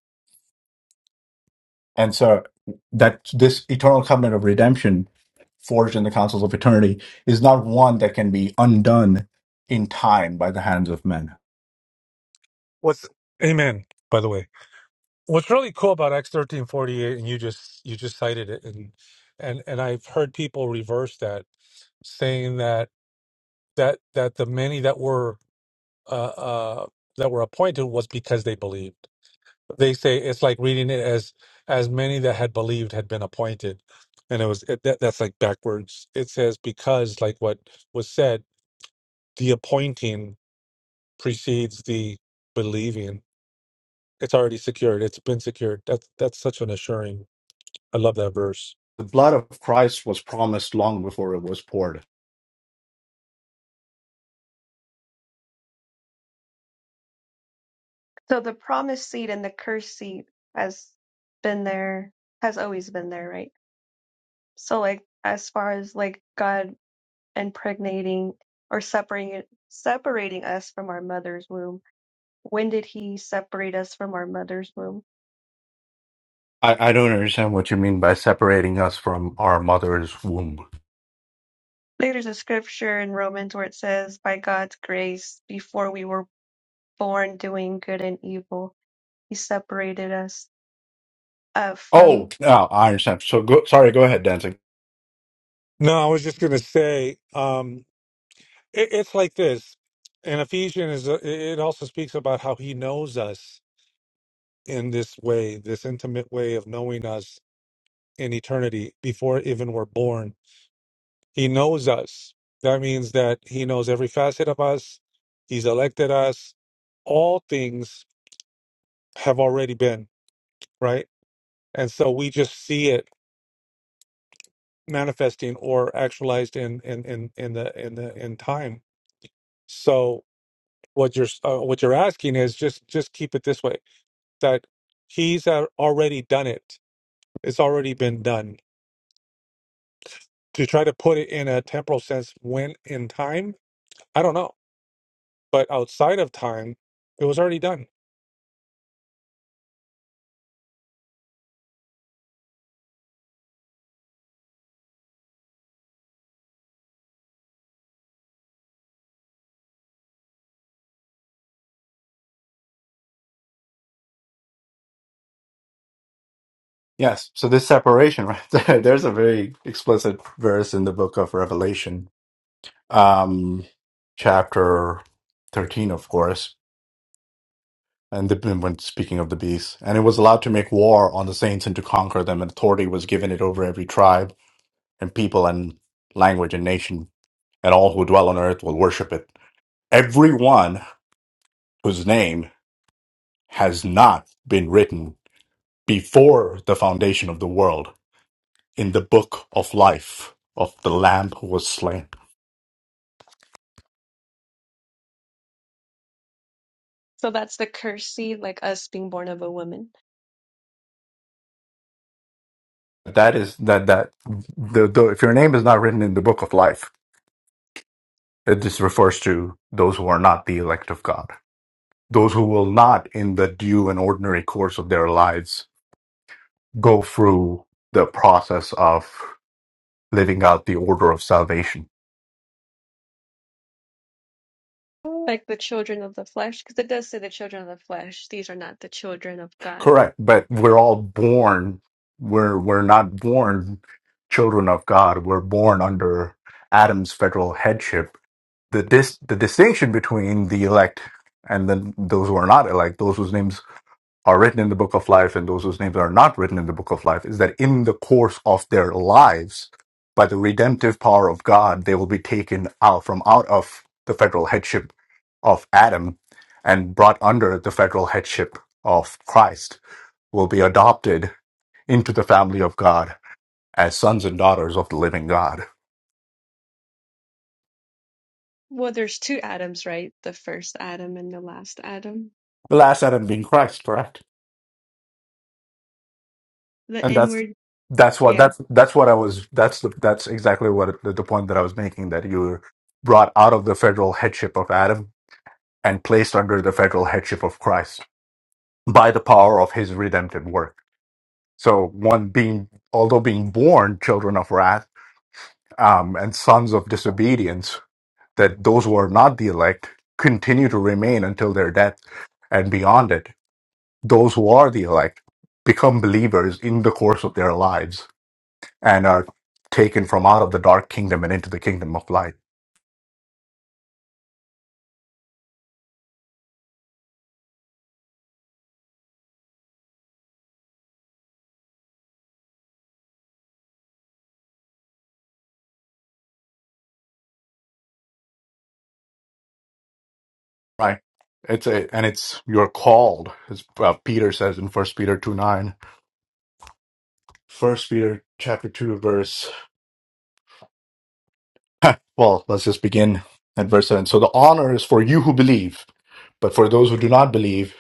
And so that this eternal covenant of redemption forged in the councils of eternity is not one that can be undone in time by the hands of men. what's amen by the way what's really cool about X1348 and you just you just cited it and and and I've heard people reverse that saying that that that the many that were uh, uh that were appointed was because they believed. They say it's like reading it as as many that had believed had been appointed and it was it, that, that's like backwards. It says because like what was said the appointing precedes the believing. It's already secured. It's been secured. That's that's such an assuring. I love that verse. The blood of Christ was promised long before it was poured. So the promised seed and the cursed seed has been there, has always been there, right? So like as far as like God impregnating or separating separating us from our mother's womb, when did he separate us from our mother's womb? I, I don't understand what you mean by separating us from our mother's womb. There's a scripture in Romans where it says, "By God's grace, before we were born, doing good and evil, He separated us uh, Oh, from." no, I understand. So go, sorry, go ahead, Dancing. No, I was just going to say um, it, it's like this. And Ephesians is a, it also speaks about how He knows us in this way, this intimate way of knowing us in eternity before even we're born. He knows us. That means that He knows every facet of us. He's elected us. All things have already been right, and so we just see it manifesting or actualized in in in, in the in the in time. So what you're uh, what you're asking is just just keep it this way that he's uh, already done it it's already been done to try to put it in a temporal sense when in time i don't know but outside of time it was already done Yes. So this separation, right there, there's a very explicit verse in the book of Revelation, um, chapter 13, of course, and the, when speaking of the beast, and it was allowed to make war on the saints and to conquer them, and authority was given it over every tribe and people and language and nation, and all who dwell on earth will worship it. Everyone whose name has not been written before the foundation of the world in the book of life of the Lamb who was slain. So that's the cursed seed, like us being born of a woman That is that that the, the if your name is not written in the book of life, it just refers to those who are not the elect of God, those who will not, in the due and ordinary course of their lives, go through the process of living out the order of salvation. like the children of the flesh because it does say the children of the flesh these are not the children of god Correct, but we're all born. We're we're not born children of God. We're born under Adam's federal headship. The dis the distinction between the elect and then those who are not elect, those whose names are written in the book of life and those whose names are not written in the book of life is that in the course of their lives, by the redemptive power of God, they will be taken out from out of the federal headship of Adam and brought under the federal headship of Christ, will be adopted into the family of God as sons and daughters of the living God. well there's two adams right the first adam and the last adam The last Adam being Christ, correct? the and that's inward that's what yeah that's that's what I was that's the, that's exactly what the, the point that I was making that you were brought out of the federal headship of Adam and placed under the federal headship of Christ by the power of His redemptive work. So one being although being born children of wrath um, and sons of disobedience, that those who are not the elect continue to remain until their death and beyond it. Those who are the elect become believers in the course of their lives and are taken from out of the dark kingdom and into the kingdom of light right it's a and it's you're called as uh, peter says in first peter 2 9 first peter chapter 2 verse well let's just begin at verse 7 so the honor is for you who believe but for those who do not believe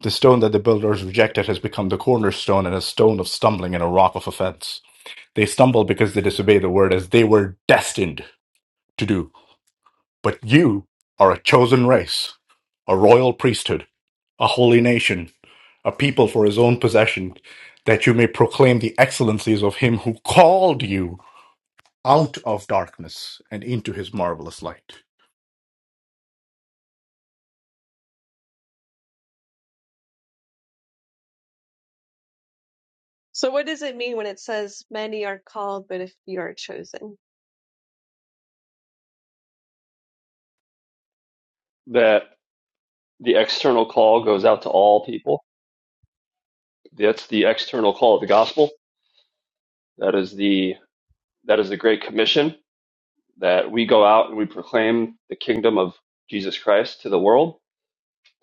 the stone that the builders rejected has become the cornerstone and a stone of stumbling and a rock of offense they stumble because they disobey the word as they were destined to do But you are a chosen race, a royal priesthood, a holy nation, a people for his own possession, that you may proclaim the excellencies of him who called you out of darkness and into his marvelous light. so what does it mean when it says many are called but a few are chosen That the external call goes out to all people. That's the external call of the gospel. That is the That is the Great Commission that we go out and we proclaim the kingdom of Jesus Christ to the world.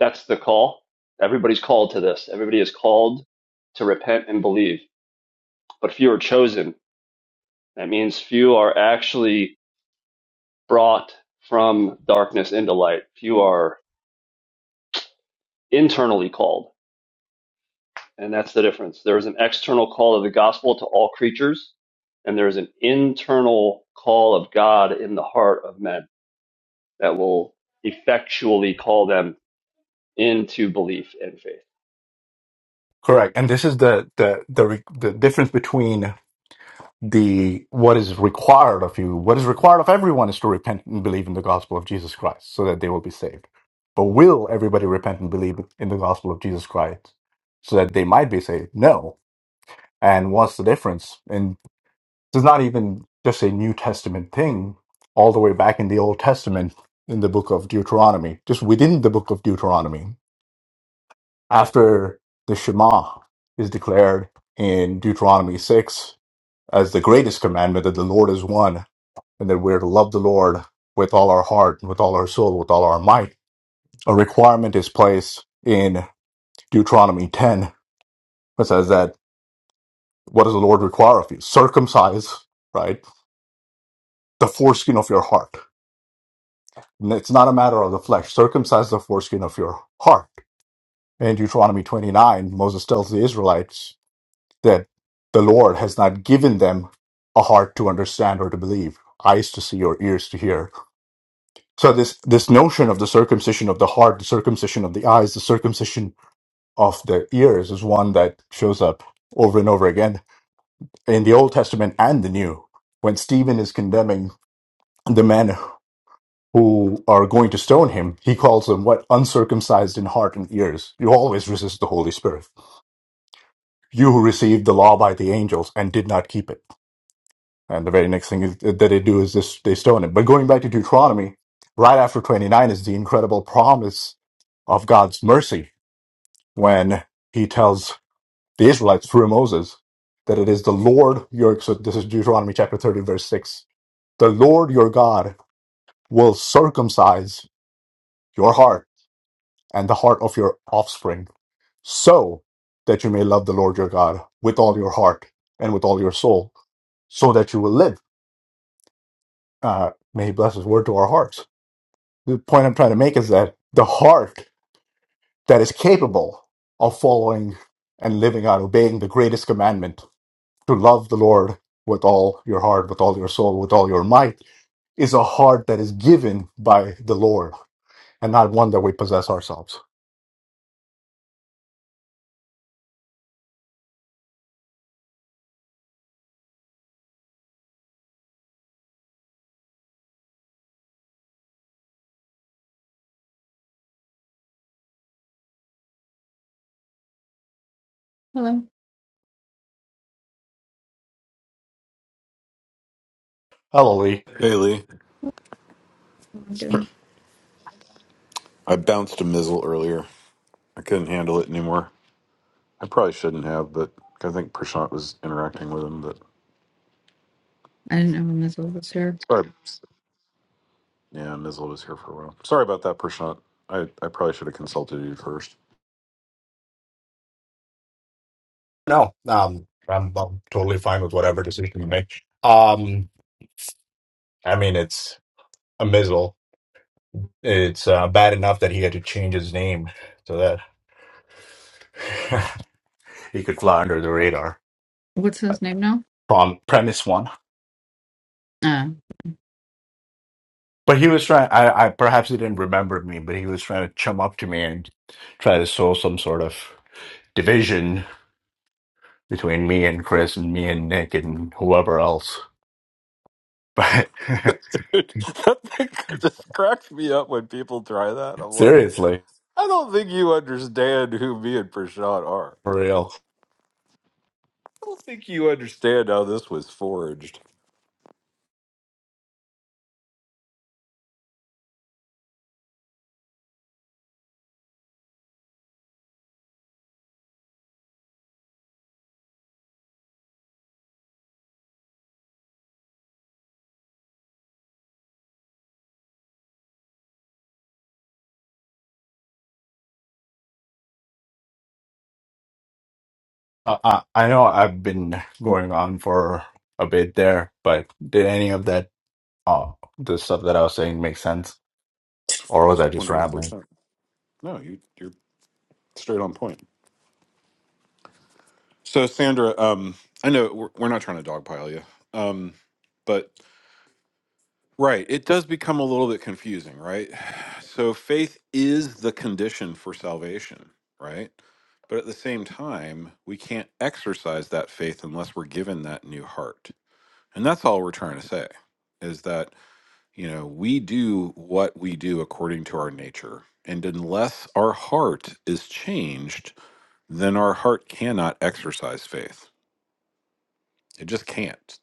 That's the call. Everybody's called to this. Everybody is called to repent and believe. But few are chosen. That means few are actually brought from darkness into light. Few are internally called. And that's the difference. There is an external call of the gospel to all creatures, and there is an internal call of God in the heart of men that will effectually call them into belief and faith. Correct. And this is the the the re- the difference between the what is required of you, what is required of everyone is to repent and believe in the gospel of Jesus Christ so that they will be saved. But will everybody repent and believe in the gospel of Jesus Christ so that they might be saved? No And what's the difference? And it's not even just a New Testament thing, all the way back in the Old Testament, in the book of Deuteronomy, just within the book of Deuteronomy. After the Shema is declared in Deuteronomy 6 as the greatest commandment that the Lord is one, and that we're to love the Lord with all our heart, with all our soul, with all our might, a requirement is placed in Deuteronomy 10 that says that what does the Lord require of you? Circumcise, right? the foreskin of your heart. It's not a matter of the flesh. Circumcise the foreskin of your heart. In Deuteronomy 29, Moses tells the Israelites that the Lord has not given them a heart to understand or to believe, eyes to see or ears to hear. So this this notion of the circumcision of the heart, the circumcision of the eyes, the circumcision of the ears is one that shows up over and over again in the Old Testament and the New. When Stephen is condemning the man. who are going to stone him, he calls them what? Uncircumcised in heart and ears. You always resist the Holy Spirit. You who received the law by the angels and did not keep it. And the very next thing is, that they do is this, they stone him. But going back to Deuteronomy, right after 29 is the incredible promise of God's mercy when he tells the Israelites through Moses that it is the Lord your, so this is Deuteronomy chapter 30, verse 6. The Lord your God will circumcise your heart and the heart of your offspring, so that you may love the Lord your God with all your heart and with all your soul, so that you will live. Uh, may He bless His word to our hearts. The point I'm trying to make is that the heart that is capable of following and living out, obeying the greatest commandment to love the Lord with all your heart, with all your soul, with all your might, is a heart that is given by the Lord and not one that we possess ourselves. Hello. Hallelujah. Hey, Lee. How am I doing? I bounced a mizzle earlier. I couldn't handle it anymore. I probably shouldn't have, but I think Prashant was interacting with him. But I didn't know Mazel was here. sorry. Yeah, mizzle was here for a while. Sorry about that, Prashant. I, I probably should have consulted you first. No, um, I'm, I'm totally fine with whatever decision you make. Um, I mean, it's a mizzle. It's uh, bad enough that he had to change his name so that he could fly under the radar. What's his name now? Prom premise one, Uh, but he was trying. I, I perhaps he didn't remember me, but he was trying to chum up to me and try to sow some sort of division between me and Chris and me and Nick and whoever else. But Dude, that thing just cracks me up when people try that. I'm like, seriously, I don't think you understand who me and Prashant are. for real. I don't think you understand how this was forged. Uh, uh, I know I've been going on for a bit there, but did any of that, uh, the stuff that I was saying make sense? Or was I One just hundred rambling? percent. No, you. you're. Straight on point. So, Sandra, um, I know we're, we're not trying to dogpile you, um, but right, it does become a little bit confusing, right? So, faith is the condition for salvation, right? But at the same time, we can't exercise that faith unless we're given that new heart. And that's all we're trying to say is that, you know, we do what we do according to our nature. And unless our heart is changed, then our heart cannot exercise faith. It just can't.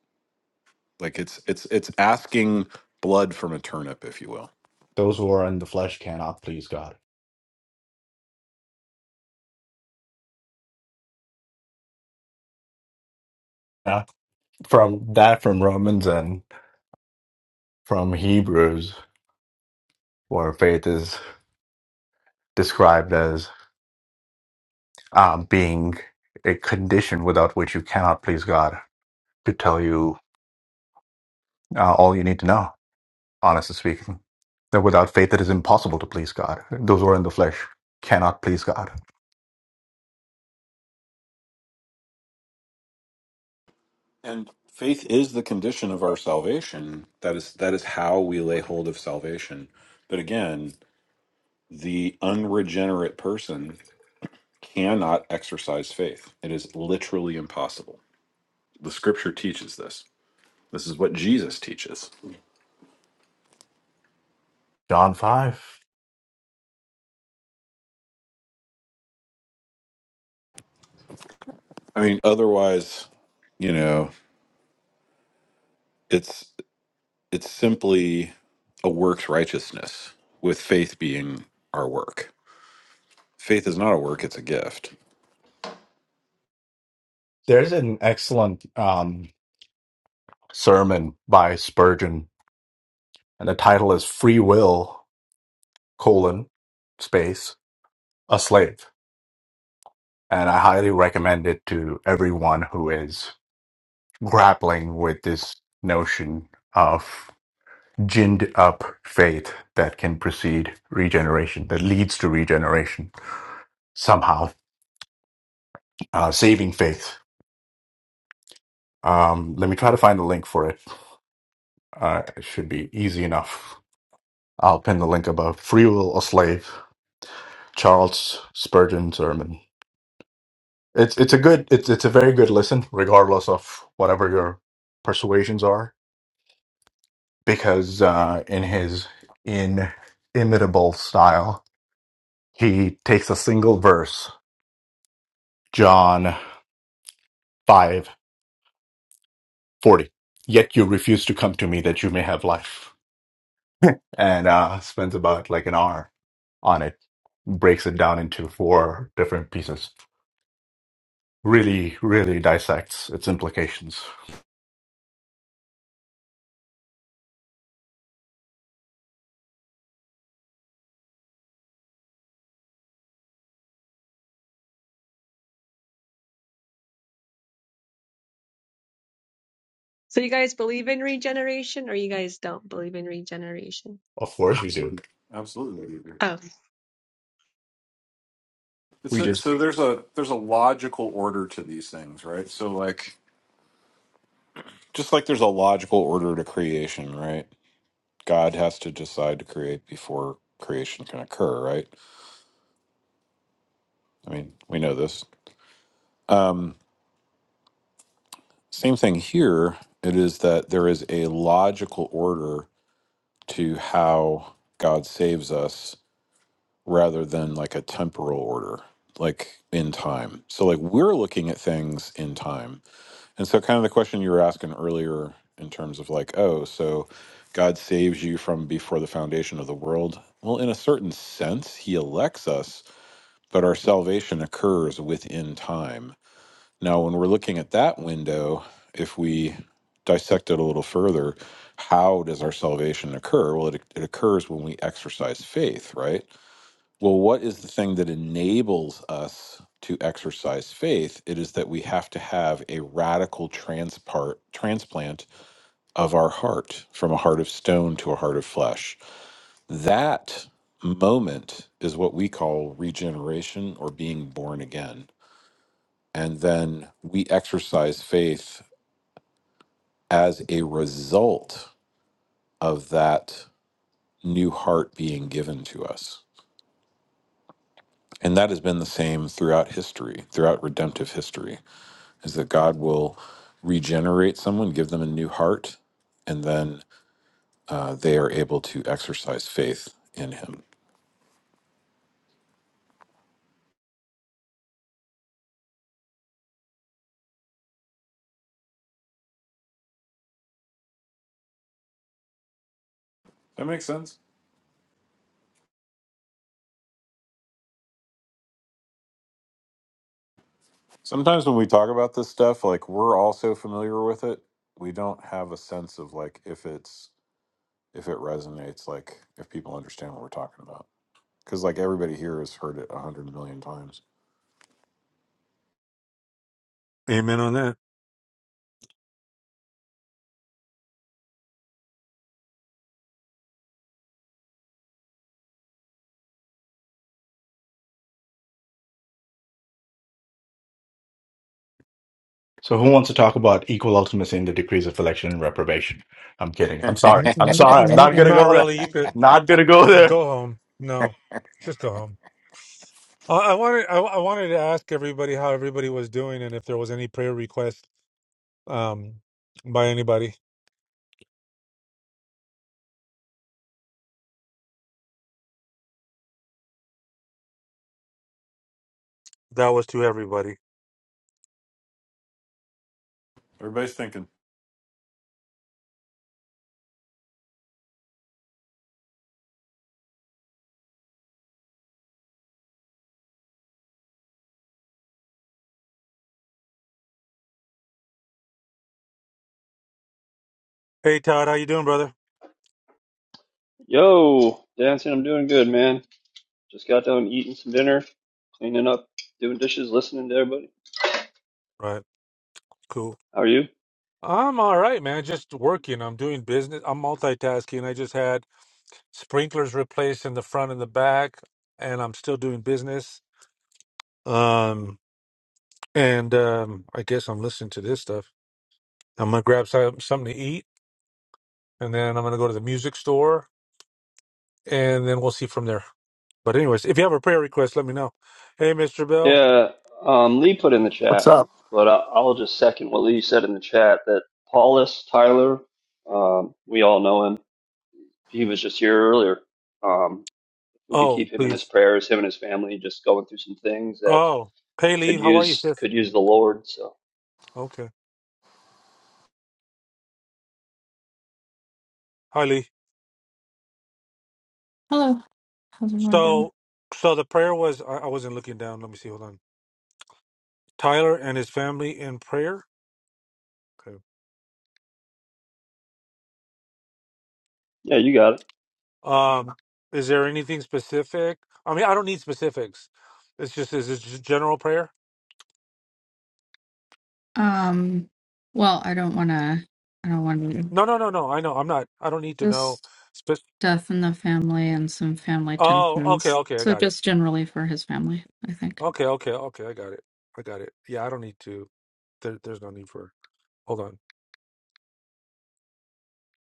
Like it's it's it's asking blood from a turnip, if you will. Those who are in the flesh cannot please God. Uh, from that, from Romans and from Hebrews, where faith is described as uh, being a condition without which you cannot please God, to tell you uh, all you need to know, honestly speaking. That without faith, it is impossible to please God. Those who are in the flesh cannot please God. And faith is the condition of our salvation. That is that is how we lay hold of salvation. But again, the unregenerate person cannot exercise faith. It is literally impossible. The scripture teaches this. This is what Jesus teaches. John 5. I mean, otherwise, you know, it's it's simply a works righteousness with faith being our work Faith is not a work; it's a gift. There's an excellent um, sermon by Spurgeon, and the title is Free Will, colon, space, a slave. And I highly recommend it to everyone who is grappling with this notion of ginned up faith that can precede regeneration, that leads to regeneration somehow, uh, saving faith. Um, let me try to find the link for it. Uh, it should be easy enough. I'll pin the link above. Free Will or Slave, Charles Spurgeon sermon. It's it's a good it's it's a very good listen, regardless of whatever your persuasions are, because uh, in his inimitable style, he takes a single verse, John five forty. Yet you refuse to come to me that you may have life, and uh, spends about like an hour on it, breaks it down into four different pieces really, really dissects its implications. so you guys believe in regeneration or you guys don't believe in regeneration Of course we do. Absolutely. oh It's We a, just so there's a there's a logical order to these things, right? So like Just like there's a logical order to creation, right? God has to decide to create before creation can occur, right? I mean, we know this. Um, same thing here. It is that there is a logical order to how God saves us rather than like a temporal order, like in time. So, like, we're looking at things in time. And so, kind of the question you were asking earlier, in terms of like, oh, so God saves you from before the foundation of the world. Well, in a certain sense, He elects us, but our salvation occurs within time. Now, when we're looking at that window, if we dissect it a little further, how does our salvation occur? Well, it, it occurs when we exercise faith, right? Well, what is the thing that enables us to exercise faith? It is that we have to have a radical transpart, transplant of our heart from a heart of stone to a heart of flesh. That moment is what we call regeneration or being born again. And then we exercise faith as a result of that new heart being given to us. And that has been the same throughout history, throughout redemptive history is that God will regenerate someone, give them a new heart, and then uh, they are able to exercise faith in Him. That makes sense. Sometimes when we talk about this stuff, like we're all so familiar with it, we don't have a sense of like if it's if it resonates, like if people understand what we're talking about. Because like everybody here has heard it a hundred million times. Amen on that. So, who wants to talk about equal ultimacy in the decrees of election and reprobation? I'm kidding. I'm sorry. N- I'm n- sorry. I'm not n- gonna not go there. really you could Not gonna go there. go home no just go home i, I wanted I, I wanted to ask everybody how everybody was doing and if there was any prayer request um by anybody that was to everybody Everybody's thinking hey todd how you doing brother Yo, dancing, I'm doing good, man. Just got done eating some dinner, cleaning up, doing dishes, listening to everybody. right cool How are you? I'm all right, man. Just working. I'm doing business. I'm multitasking. I just had sprinklers replaced in the front and the back, and I'm still doing business. Um, and um, I guess I'm listening to this stuff. I'm gonna grab some, something to eat, and then I'm gonna go to the music store, and then we'll see from there. But anyways, if you have a prayer request, let me know. Hey, Mr. Bell. Yeah, um, Lee put in the What's chat, up? but I- I'll just second what Lee said in the chat that Paulus Tyler, um, we all know him. He was just here earlier. Um, we could Oh, keep him in his please. prayers, him and his family, just going through some things that Oh, hey, Lee. could How are you, use sis? could use the Lord. So Okay. Hi, Lee. hello. How's everyone doing? So, so the prayer was. I, I wasn't looking down. Let me see. Hold on. Tyler and his family in prayer. Okay. yeah, you got it. Um, is there anything specific? I mean, I don't need specifics. It's just is it just general prayer? Um, well, I don't want to, I don't want to, No, no, no, no. I know. I'm not. I don't need to know. just Spe- death in the family and some family oh, okay, tensions. okay. I So got it. just generally for his family, I think. Okay, okay, okay. I got it. I got it. Yeah, I don't need to. There, there's no need for. Hold on.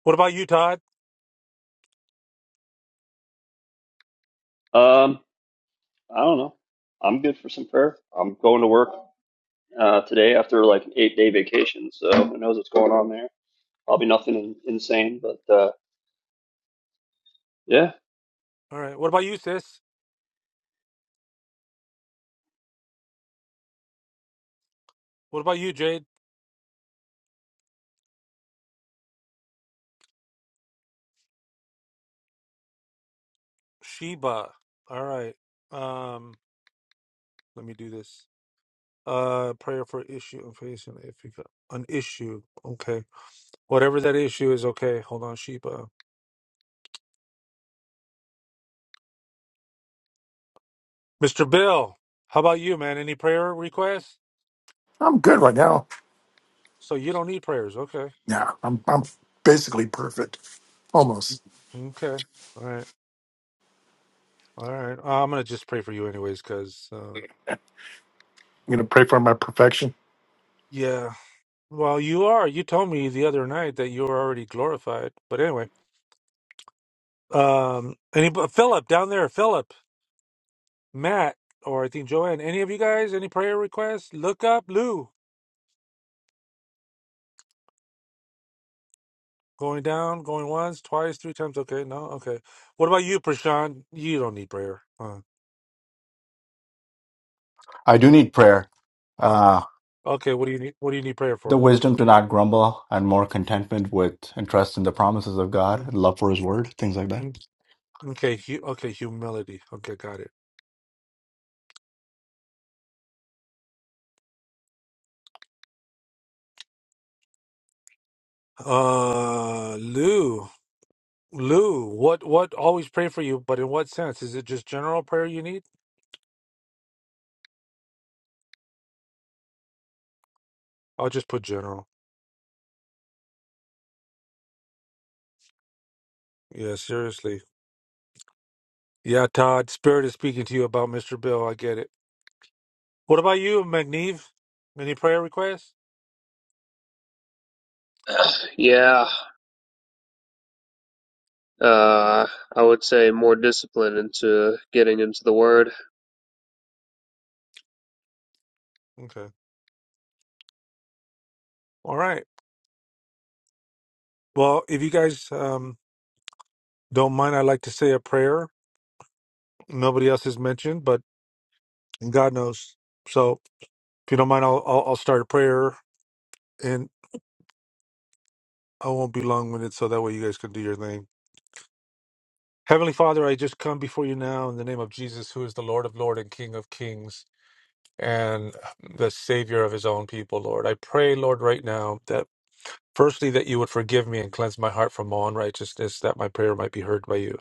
What about you, Todd? Um, I don't know. I'm good for some prayer. I'm going to work. uh, today after like an eight day vacation. So who knows what's going on there? Probably nothing in, insane, but uh, yeah, All right. What about you, sis? What about you, Jade? Sheba. All right. Um, let me do this. Uh, prayer for issue and facing if you got an issue. Okay. Whatever that issue is, okay. Hold on, Sheba. Mr. Bill, how about you, man? Any prayer requests? I'm good right now. So you don't need prayers. Okay. Yeah. I'm, I'm basically perfect. Almost. Okay. All right. All right. Uh, I'm going to just pray for you, anyways, because, uh, I'm going to pray for my perfection. yeah. Well, you are. You told me the other night that you were already glorified. But anyway, um, any, Philip down there, Philip, Matt, or I think Joanne, any of you guys, any prayer requests? Look up Lou. Going down, going once, twice, three times. Okay. No. Okay. What about you, Prashant? You don't need prayer. huh? I do need prayer, uh, Okay, what do you need? What do you need prayer the for? wisdom to not grumble, and more contentment with and trust in the promises of God, Mm, and love for His Word, things like that. mm, Okay, hu- okay, humility. Okay, got it. Uh, Lou, Lou, what, what? Always pray for you, but in what sense? Is it just general prayer you need? I'll just put general. Yeah, seriously. Yeah, Todd, Spirit is speaking to you about Mr. Bill. I get it. What about you, McNeve? Any prayer requests? Yeah, uh, I would say more discipline into getting into the word. Okay. All right. Well, if you guys um don't mind, I'd like to say a prayer. Nobody else has mentioned, but God knows. So. If you don't mind, I'll, I'll, I'll start a prayer and I won't be long winded, so that way you guys can do your thing. Heavenly Father, I just come before you now in the name of Jesus, who is the Lord of Lords and King of Kings and the Savior of his own people, Lord. I pray, Lord, right now that firstly, that you would forgive me and cleanse my heart from all unrighteousness, that my prayer might be heard by you.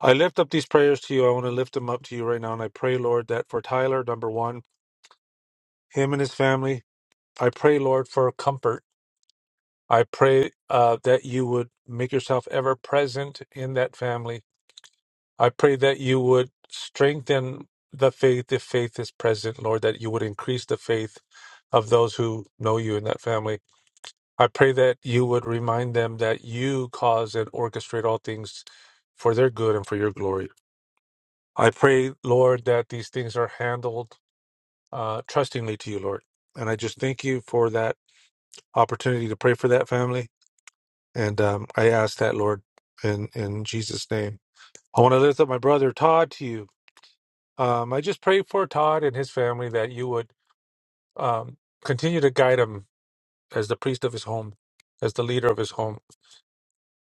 I lift up these prayers to you. I want to lift them up to you right now. And I pray, Lord, that for Tyler, number one, him and his family, I pray, Lord, for comfort I pray uh, that you would make yourself ever present in that family. I pray that you would strengthen the faith if faith is present, Lord, that you would increase the faith of those who know you in that family. I pray that you would remind them that you cause and orchestrate all things for their good and for your glory. I pray, Lord, that these things are handled uh, trustingly to you, Lord. And I just thank you for that opportunity to pray for that family. And um, I ask that, Lord, in, in Jesus' name. I want to lift up my brother Todd to you. Um, I just pray for Todd and his family that you would um, continue to guide him as the priest of his home, as the leader of his home,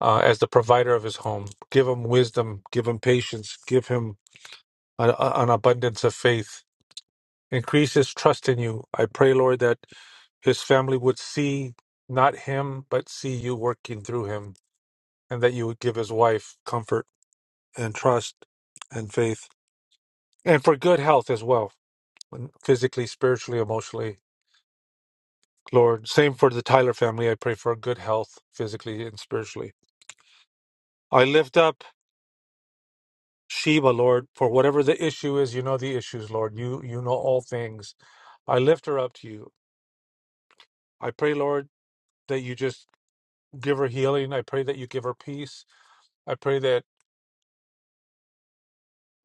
uh, as the provider of his home. Give him wisdom, give him patience, give him an, an abundance of faith. Increase his trust in you. I pray, Lord, that his family would see not him, but see you working through him, and that you would give his wife comfort and trust and faith and for good health as well physically spiritually emotionally lord same for the tyler family i pray for good health physically and spiritually i lift up sheba lord for whatever the issue is you know the issues lord you you know all things i lift her up to you i pray lord that you just give her healing i pray that you give her peace i pray that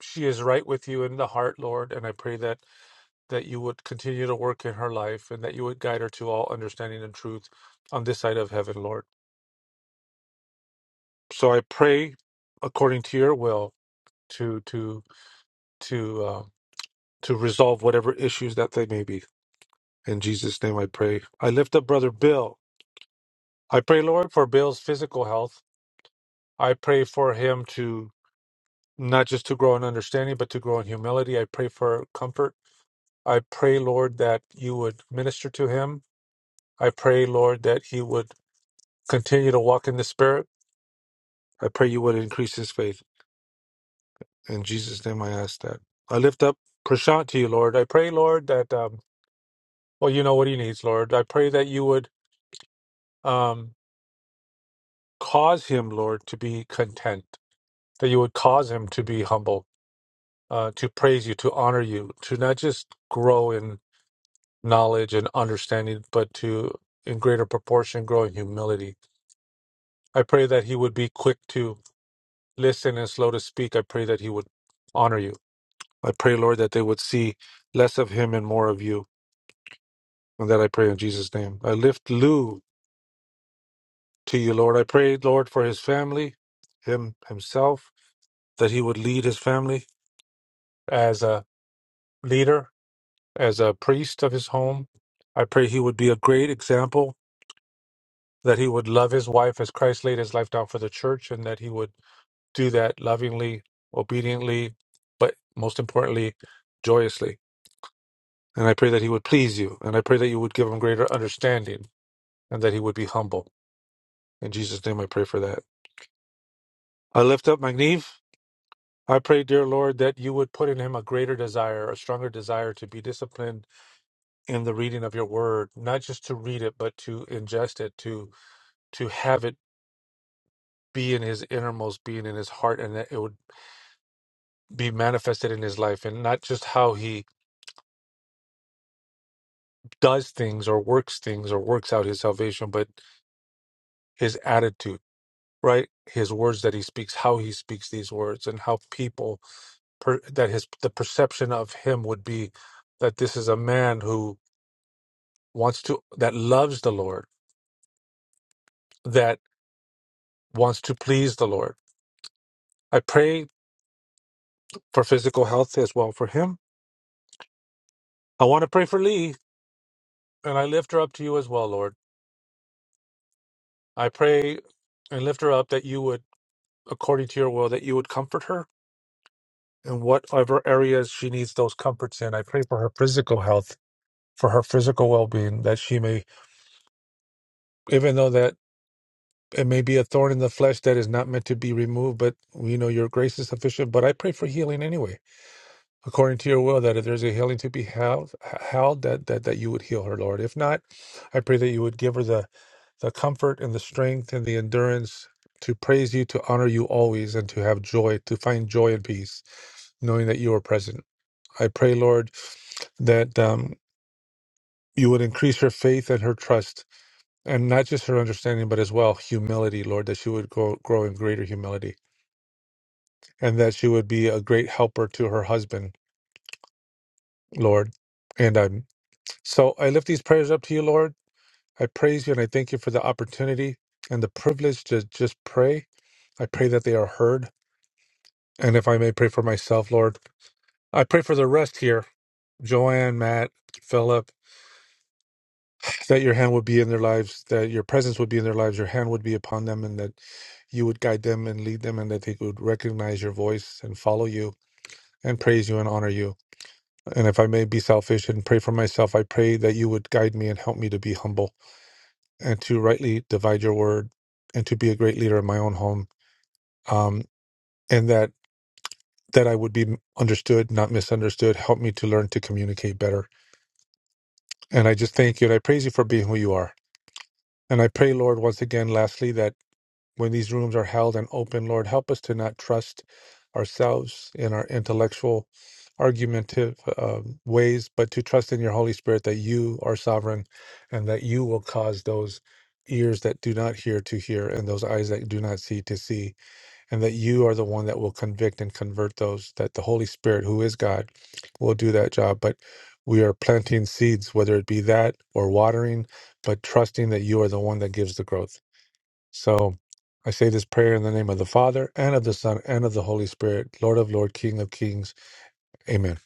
she is right with you in the heart lord and i pray that that you would continue to work in her life and that you would guide her to all understanding and truth on this side of heaven, Lord. So I pray according to your will to to to uh, to resolve whatever issues that they may be. In Jesus' name I pray. I lift up brother Bill. I pray, Lord, for Bill's physical health. I pray for him to not just to grow in understanding, but to grow in humility. I pray for comfort. I pray, Lord, that you would minister to him. I pray, Lord, that he would Continue to walk in the Spirit. I pray you would increase his faith. In Jesus' name, I ask that. I lift up Prashant to you, Lord. I pray, Lord, that, um, well, you know what he needs, Lord. I pray that you would um, cause him, Lord, to be content, that you would cause him to be humble, uh, to praise you, to honor you, to not just grow in knowledge and understanding, but to, in greater proportion, grow in humility. I pray that he would be quick to listen and slow to speak. I pray that he would honor you. I pray, Lord, that they would see less of him and more of you. And that I pray in Jesus' name. I lift Lou to you, Lord. I pray, Lord, for his family, him himself, that he would lead his family as a leader, as a priest of his home. I pray he would be a great example, that he would love his wife as Christ laid his life down for the church, and that he would do that lovingly, obediently, but most importantly, joyously. And I pray that he would please you. And I pray that you would give him greater understanding and that he would be humble. In Jesus' name, I pray for that. I lift up Magniv. I pray, dear Lord, that you would put in him a greater desire, a stronger desire to be disciplined in the reading of your word, not just to read it, but to ingest it, to to have it be in his innermost being, in his heart, and that it would be manifested in his life, and not just how he does things or works things or works out his salvation, but his attitude, right? His words that he speaks, how he speaks these words, and how people per, that his the perception of him would be that this is a man who wants to that loves the Lord, that wants to please the Lord. I pray for physical health as well for him. I want to pray for Lee, and I lift her up to you as well, Lord. I pray and lift her up that you would, according to your will, that you would comfort her in whatever areas she needs those comforts in. I pray for her physical health, for her physical well being, that she may, even though that it may be a thorn in the flesh that is not meant to be removed, but we know your grace is sufficient. But I pray for healing anyway, according to your will, that if there's a healing to be held, held that, that, that you would heal her, Lord. If not, I pray that you would give her the, the comfort and the strength and the endurance to praise you, to honor you always, and to have joy, to find joy and peace, knowing that you are present. I pray, Lord, that um, you would increase her faith and her trust and not just her understanding, but as well humility, Lord, that she would grow, grow in greater humility and that she would be a great helper to her husband, Lord. And um, so I lift these prayers up to you, Lord. I praise you and I thank you for the opportunity and the privilege to just pray. I pray that they are heard. And if I may pray for myself, Lord, I pray for the rest here Joanne, Matt, Philip. that your hand would be in their lives, that your presence would be in their lives, your hand would be upon them, and that you would guide them and lead them, and that they would recognize your voice and follow you and praise you and honor you. And if I may be selfish and pray for myself, I pray that you would guide me and help me to be humble and to rightly divide your word and to be a great leader in my own home. Um, and that that I would be understood, not misunderstood. Help me to learn to communicate better. And I just thank you and I praise you for being who you are. And I pray, Lord, once again, lastly, that when these rooms are held and open, Lord, help us to not trust ourselves in our intellectual, argumentative um, ways, but to trust in your Holy Spirit that you are sovereign and that you will cause those ears that do not hear to hear and those eyes that do not see to see, and that you are the one that will convict and convert those, that the Holy Spirit, who is God, will do that job. But we are planting seeds, whether it be that or watering, but trusting that you are the one that gives the growth. So I say this prayer in the name of the Father and of the Son and of the Holy Spirit, Lord of Lord, King of Kings. Amen.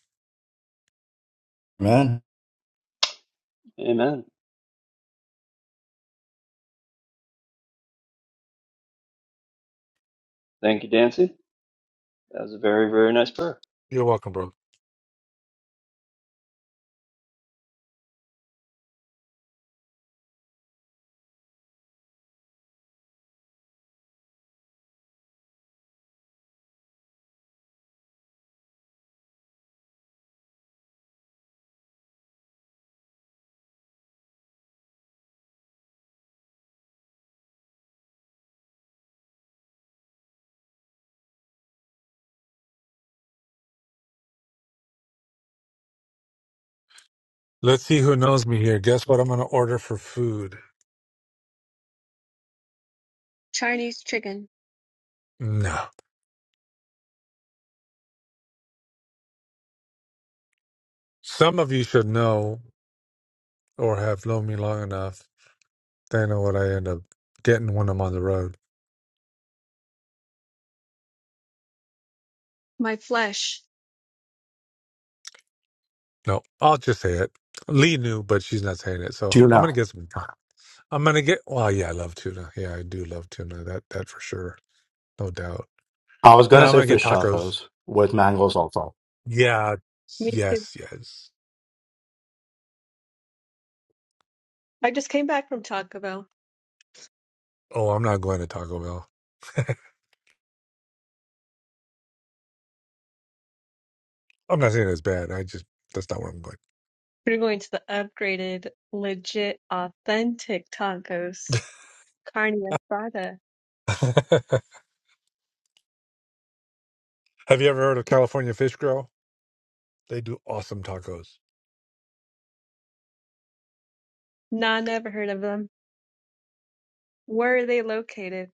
Man, amen. Thank you, Dancy. That was a very very nice prayer. You're welcome, bro. Let's see who knows me here. Guess what I'm going to order for food? chinese chicken No. Some of you should know or have known me long enough. They know what I end up getting when I'm on the road. my flesh No, I'll just say it. Lee knew, but she's not saying it. So tune I'm out. going to get some. I'm going to get, well, yeah, I love tuna. Yeah, I do love tuna. That, that for sure. No doubt. I was gonna No, I'm going say to get fish tacos tacos with mango salsa. Yeah. me too Yes. Yes. i just came back from taco bell Oh, I'm not going to Taco Bell. I'm not saying it's bad. I just that's not where I'm going. we're going to the upgraded legit authentic tacos Carne asada. Have you ever heard of California Fish Grill? They do awesome tacos. Nah, never heard of them. Where are they located?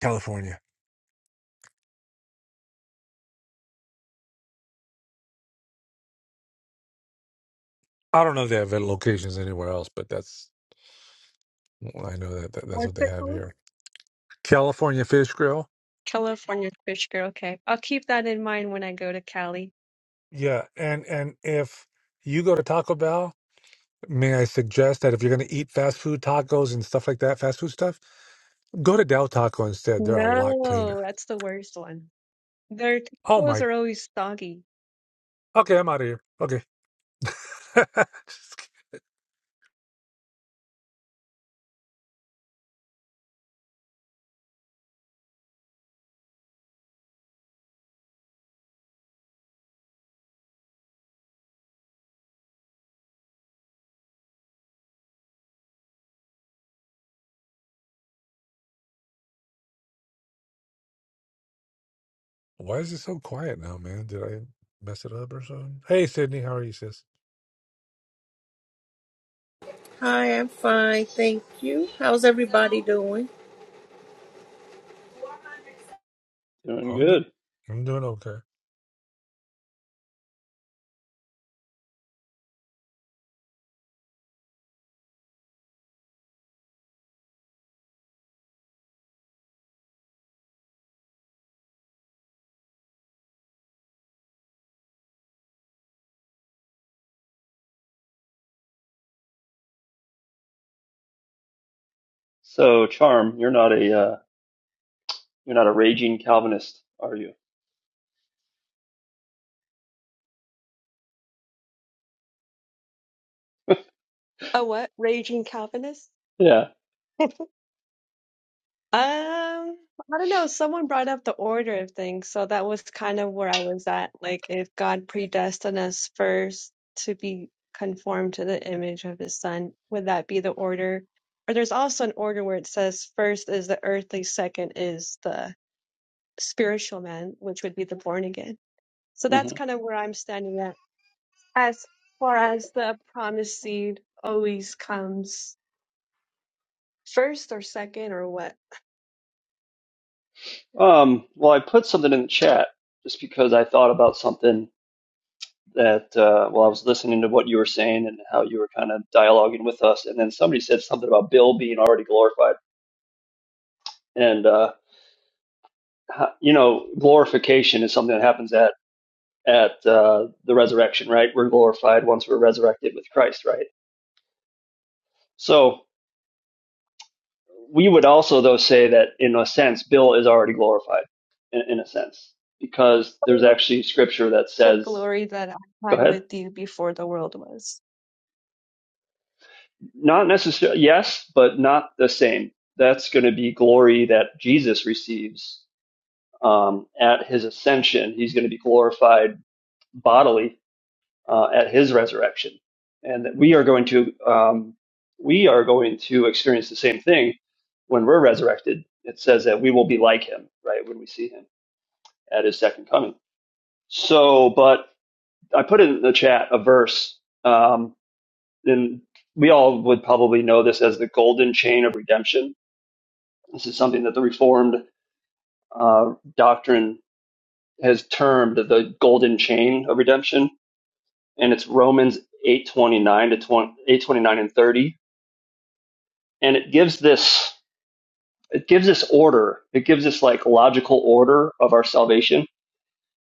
California. I don't know if they have locations anywhere else, but that's well, I know that, that that's What's what they it have called? here. California Fish Grill. California Fish Grill. Okay. I'll keep that in mind when I go to Cali. Yeah, and and if you go to Taco Bell, may I suggest that if you're going to eat fast food tacos and stuff like that, fast food stuff, go to Del Taco instead. They're a lot cleaner. No, that's the worst one. Their Oh tacos my. are always soggy. Okay, I'm out of here. Okay. Why is it so quiet now, man? Did I mess it up or something? Hey, Sydney, how are you, sis? Hi, I'm fine, thank you. How's everybody doing? Doing I'm do- good. I'm doing okay. So Charm, you're not a uh, you're not a raging Calvinist, are you? A what? Raging Calvinist? Yeah. Um, I don't know. Someone brought up the order of things, so that was kind of where I was at. Like, if God predestined us first to be conformed to the image of His Son, would that be the order? Or there's also an order where it says first is the earthly, second is the spiritual man, which would be the born again. So that's hmm kind of where I'm standing at. As far as the promised seed always comes first or second or what? Um. Well, I put something in the chat just because I thought about something that uh, while I was listening to what you were saying and how you were kind of dialoguing with us, and then somebody said something about Bill being already glorified, and uh, you know, glorification is something that happens at at uh, the resurrection, right? We're glorified once we're resurrected with Christ, right? So we would also, though, say that in a sense, Bill is already glorified, in, in a sense, because there's actually scripture that the says, glory that I "Go had ahead." with you before the world was. Not necessarily, yes, but not the same. That's going to be glory that Jesus receives um, at his ascension. He's going to be glorified bodily uh, at his resurrection and that we are going to um, we are going to experience the same thing when we're resurrected it says that we will be like him right when we see him at his second coming so but i put in the chat a verse um, and we all would probably know this as the golden chain of redemption this is something that the reformed uh, doctrine has termed the golden chain of redemption and it's romans 829 to twenty eight twenty nine and 30 and it gives this it gives this order it gives this like logical order of our salvation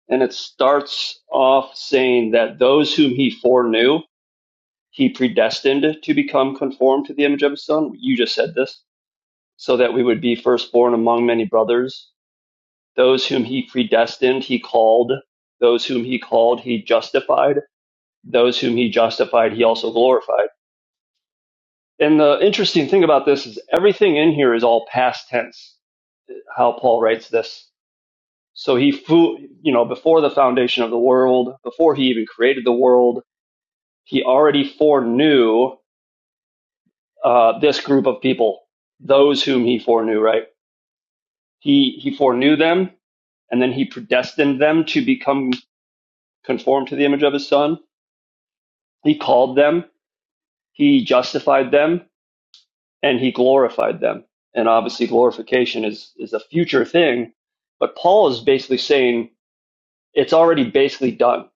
and it starts off saying that those whom he foreknew he predestined to become conformed to the image of his son you just said this so that we would be firstborn among many brothers those whom he predestined he called those whom he called he justified those whom he justified he also glorified and the interesting thing about this is everything in here is all past tense how paul writes this So he flew, you know, before the foundation of the world, before he even created the world, he already foreknew uh, this group of people, those whom he foreknew, right? He, he foreknew them and then he predestined them to become conformed to the image of his son. He called them, he justified them, and he glorified them. And obviously, glorification is, is a future thing. But Paul is basically saying it's already basically done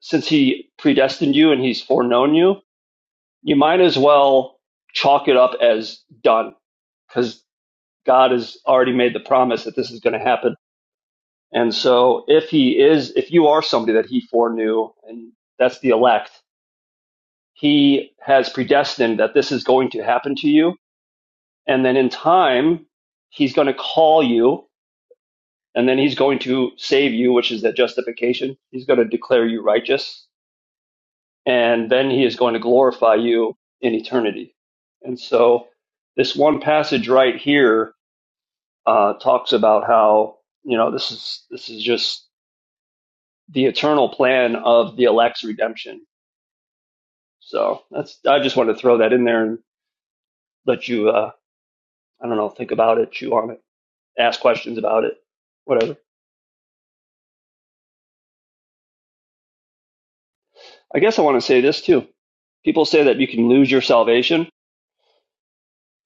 since he predestined you and he's foreknown you, you might as well chalk it up as done because God has already made the promise that this is going to happen. And so if he is, if you are somebody that he foreknew, and that's the elect, he has predestined that this is going to happen to you. And then in time, he's going to call you and then he's going to save you, which is that justification. He's going to declare you righteous and then he is going to glorify you in eternity. And so, this one passage right here uh, talks about how you know this is this is just the eternal plan of the elect's redemption. So that's I just wanted to throw that in there and let you uh, I don't know think about it, chew on it, ask questions about it, whatever. I guess I want to say this too. People say that you can lose your salvation.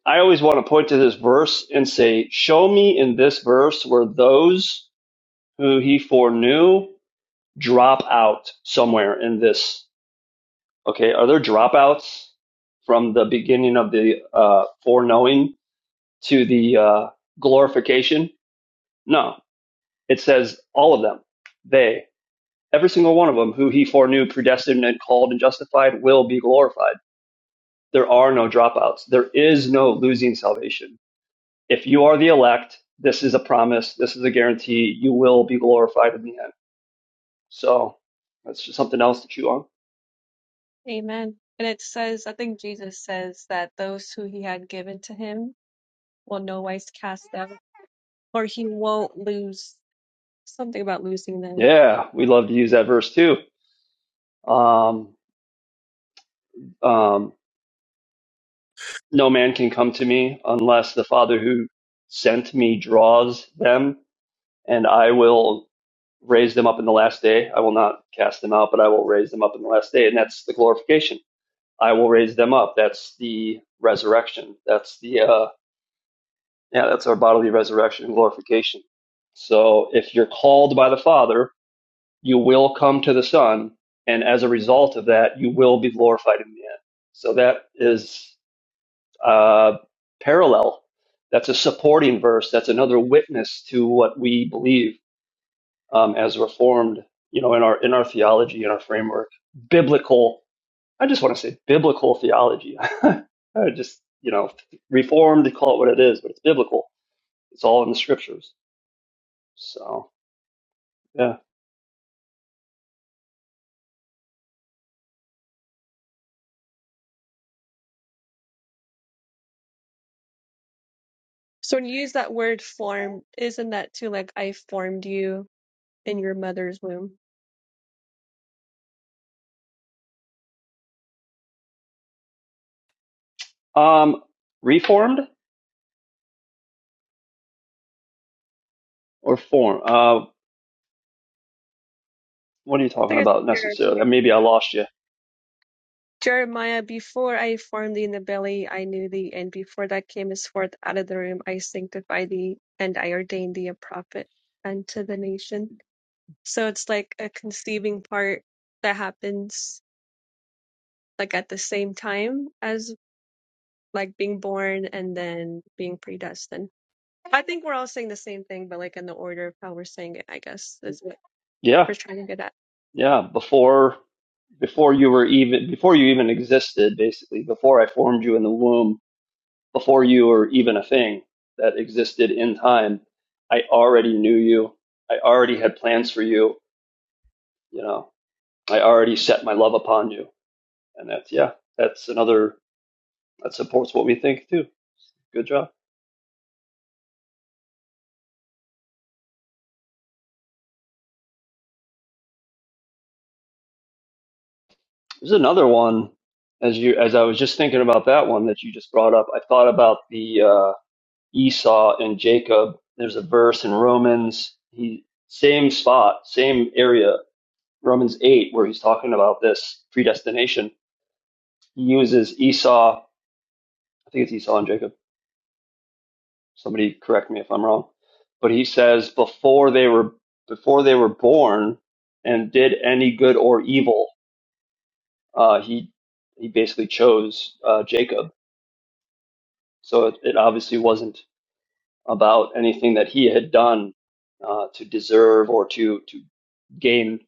I always want to point to this verse and say, show me in this verse where those who he foreknew drop out somewhere in this. Okay, are there dropouts from the beginning of the uh, foreknowing to the uh, glorification? No, it says all of them. They, every single one of them, who he foreknew, predestined, and called and justified, will be glorified. There are no dropouts. There is no losing salvation. If you are the elect, this is a promise. This is a guarantee. You will be glorified in the end. So that's just something else to chew on. Amen. And it says, I think Jesus says that those who he had given to him will no wise cast them, or he won't lose something about losing them. Yeah, we love to use that verse too. Um, um, no man can come to me unless the Father who sent me draws them, and I will raise them up in the last day. I will not cast them out, but I will raise them up in the last day. And that's the glorification. I will raise them up. That's the resurrection. That's the, uh, yeah, that's our bodily resurrection and glorification. So if you're called by the Father, you will come to the Son, and as a result of that, you will be glorified in the end. So that is uh, parallel. That's a supporting verse. That's another witness to what we believe um, as Reformed, you know, in our in our theology, in our framework, biblical. I just want to say biblical theology. I just you know, Reformed, call it what it is, but it's biblical. It's all in the scriptures. So yeah, So when you use that word formed, isn't that too like I formed you in your mother's womb? um, Reformed or form? Uh, What are you I talking guess about necessarily? Jeremiah Maybe I lost you. Jeremiah, before I formed thee in the belly, I knew thee, and before thou camest forth out of the womb, I sanctified thee, and I ordained thee a prophet unto the nations. So it's like a conceiving part that happens like at the same time as like being born and then being predestined. I think we're all saying the same thing, but like in the order of how we're saying it, I guess is what Yeah, we're trying to get at. yeah. Before before you were even before you even existed, basically, before I formed you in the womb, before you were even a thing that existed in time, I already knew you. I already had plans for you. You know, I already set my love upon you. And that's yeah, that's another that supports what we think too. Good job. There's another one as you as I was just thinking about that one that you just brought up. I thought about the uh Esau and Jacob. There's a verse in Romans, he, same spot, same area, Romans 8, where he's talking about this predestination. He uses Esau, I think it's Esau and Jacob. Somebody correct me if I'm wrong. But he says before they were before they were born and did any good or evil, uh, he he basically chose uh, Jacob. So it, it obviously wasn't about anything that he had done uh, to deserve or to to gain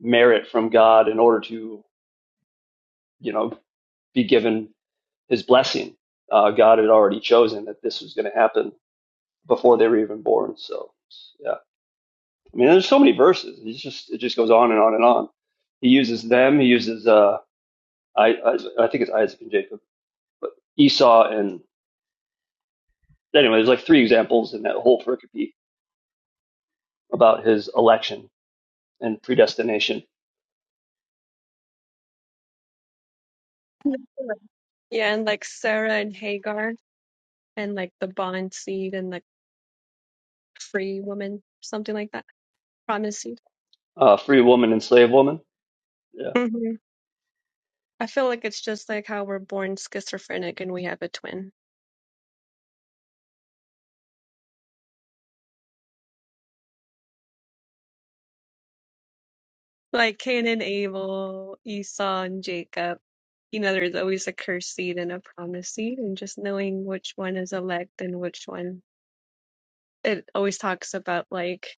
merit from God in order to you know be given his blessing. Uh, God had already chosen that this was going to happen before they were even born. So yeah, I mean, there's so many verses. It's just it just goes on and on and on. He uses them. He uses uh, I, I I think it's Isaac and Jacob, but Esau and anyway, there's like three examples in that whole pericope about his election and predestination Yeah, and like Sarah and Hagar and like the bond seed and like free woman, something like that, promise seed. Uh, free woman and slave woman. Yeah, hmm I feel like it's just like how we're born schizophrenic and we have a twin. Like Cain and Abel, Esau and Jacob. You know, there's always a cursed seed and a promised seed, and just knowing which one is elect and which one. It always talks about like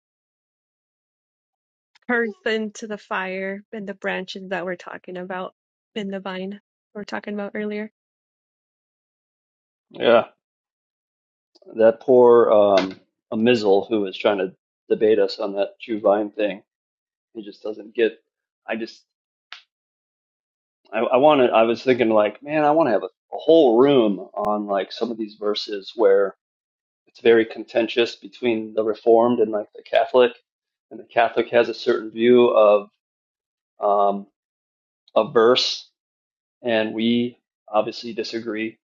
earth into the fire and the branches that we're talking about in the vine we are talking about earlier. yeah. That poor um, Amizel who was trying to debate us on that Jew vine thing. He just doesn't get. I just. I, I wanted. I was thinking like, man, I want to have a, a whole room on like some of these verses where it's very contentious between the Reformed and like the Catholic, and the Catholic has a certain view of um, a verse, and we obviously disagree.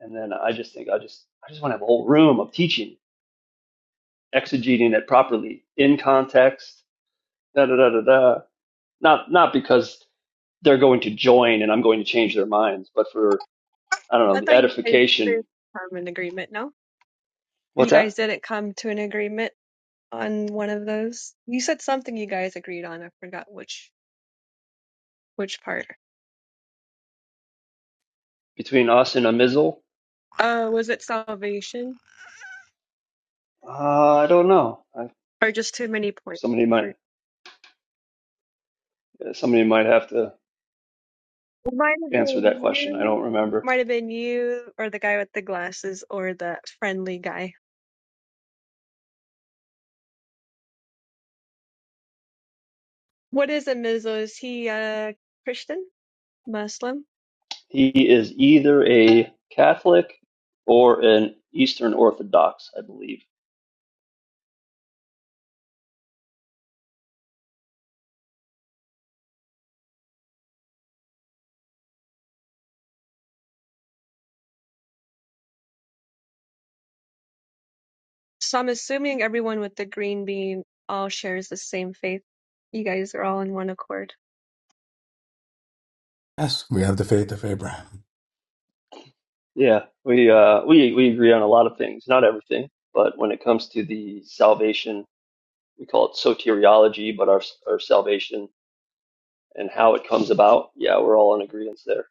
And then I just think I just I just want to have a whole room of teaching exegeting it properly in context. Da da da da da. Not not because they're going to join and I'm going to change their minds, but for I don't know I the thought you guys edification. did come an agreement, no? What's You guys that didn't come to an agreement on one of those. You said something you guys agreed on. I forgot which which part. between us and a mizzle? Uh, was it salvation? Uh, I don't know. I, Or just too many points. somebody Or- might somebody might have to It might have answer that been question. I you. don't remember. Might have been you or the guy with the glasses or the friendly guy. What is a Mizo? Is he a Christian? Muslim? He is either a Catholic or an Eastern Orthodox, I believe. So I'm assuming everyone with the green bean all shares the same faith. You guys are all in one accord. Yes, we have the faith of Abraham. Yeah, we uh, we we agree on a lot of things, not everything, but when it comes to the salvation we call it soteriology, but our our salvation and how it comes about. Yeah, we're all in agreement there.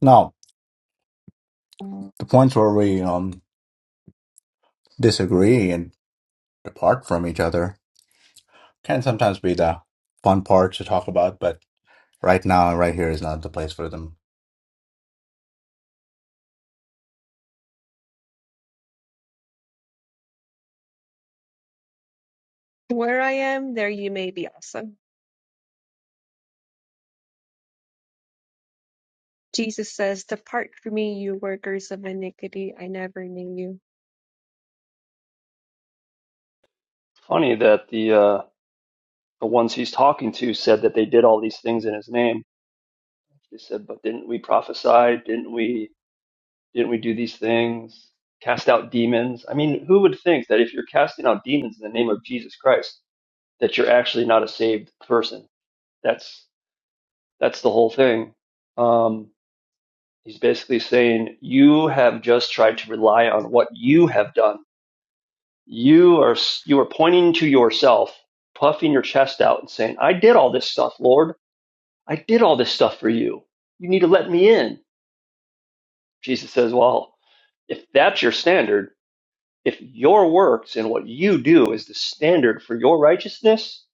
Now, the points where we um, disagree and depart from each other can sometimes be the fun part to talk about, but right now and right here is not the place for them. Where I am, there you may be also. Jesus says, Depart from me, you workers of iniquity. I never knew you. Funny that the uh, the ones he's talking to said that they did all these things in his name. They said, "But didn't we prophesy? Didn't we? Didn't we do these things? Cast out demons?" I mean, who would think that if you're casting out demons in the name of Jesus Christ, that you're actually not a saved person? That's that's the whole thing. Um, he's basically saying you have just tried to rely on what you have done you are you are pointing to yourself puffing your chest out and saying i did all this stuff lord i did all this stuff for you you need to let me in jesus says well if that's your standard if your works and what you do is the standard for your righteousness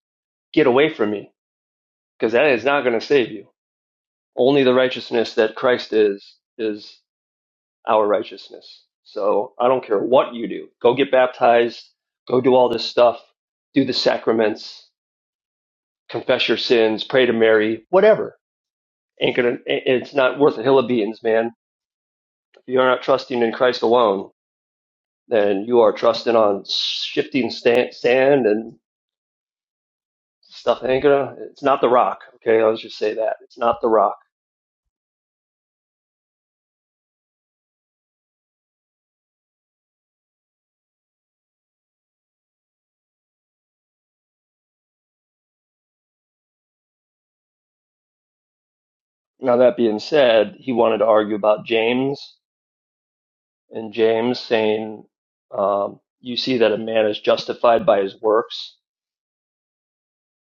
get away from me because that is not going to save you only the righteousness that christ is is our righteousness so i don't care what you do go get baptized go do all this stuff do the sacraments confess your sins, pray to Mary, whatever. Ain't gonna. It's not worth a hill of beans, man. If you're not trusting in Christ alone, then you are trusting on shifting sta- sand and stuff. Ain't gonna. It's not the rock. Okay, I'll just say that it's not the rock. Now that being said, he wanted to argue about James and James saying, um, "You see that a man is justified by his works,"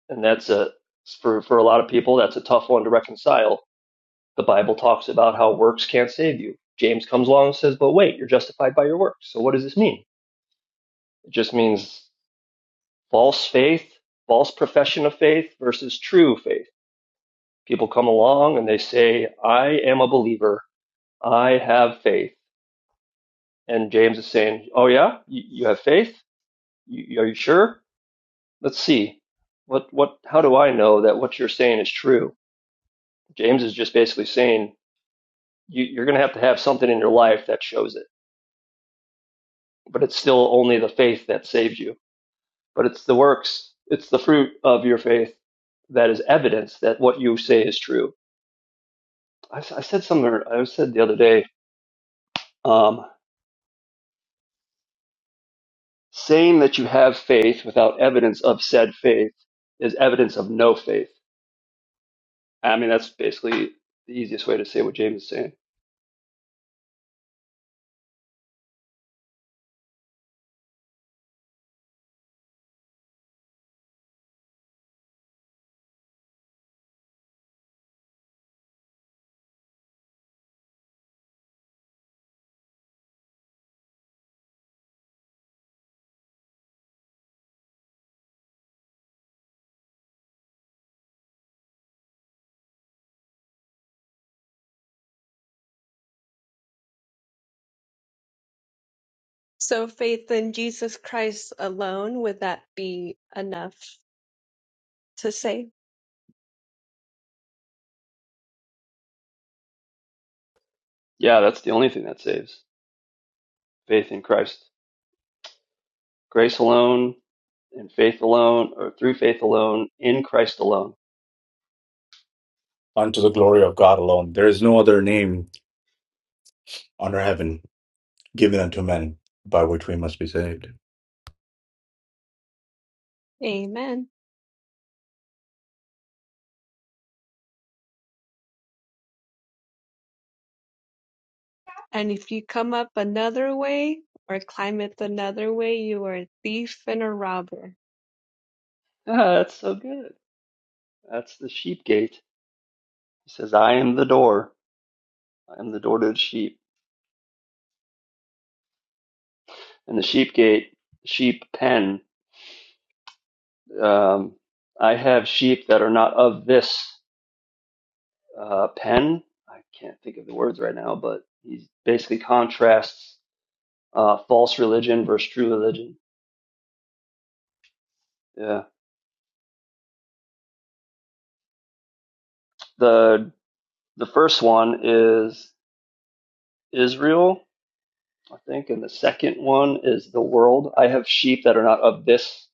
and that's a for for a lot of people that's a tough one to reconcile The Bible talks about how works can't save you. James comes along and says, but wait, you're justified by your works. So what does this mean? It just means false faith, false profession of faith versus true faith. People come along and they say, I am a believer. I have faith. And James is saying, oh yeah, you, you have faith? You, are you sure? Let's see. What, what, how do I know that what you're saying is true? James is just basically saying, you, you're going to have to have something in your life that shows it but it's still only the faith that saves you. But it's the works, it's the fruit of your faith that is evidence that what you say is true. I I said something, I said the other day, um, saying that you have faith without evidence of said faith is evidence of no faith. I mean, that's basically the easiest way to say what James is saying. So faith in Jesus Christ alone, would that be enough to save? Yeah, that's the only thing that saves faith in Christ. Grace alone, and faith alone, or through faith alone, in Christ alone. Unto the glory of God alone. There is no other name under heaven given unto men, by which we must be saved. Amen. And if you come up another way or climb it another way, you are a thief and a robber. Ah, that's so good. That's the sheep gate. He says, I am the door. I am the door to the sheep. And the sheep gate, sheep pen. Um, I have sheep that are not of this uh, pen. I can't think of the words right now, but he basically contrasts uh, false religion versus true religion. Yeah. The, the first one is Israel, I think, and the second one is the world. I have sheep that are not of this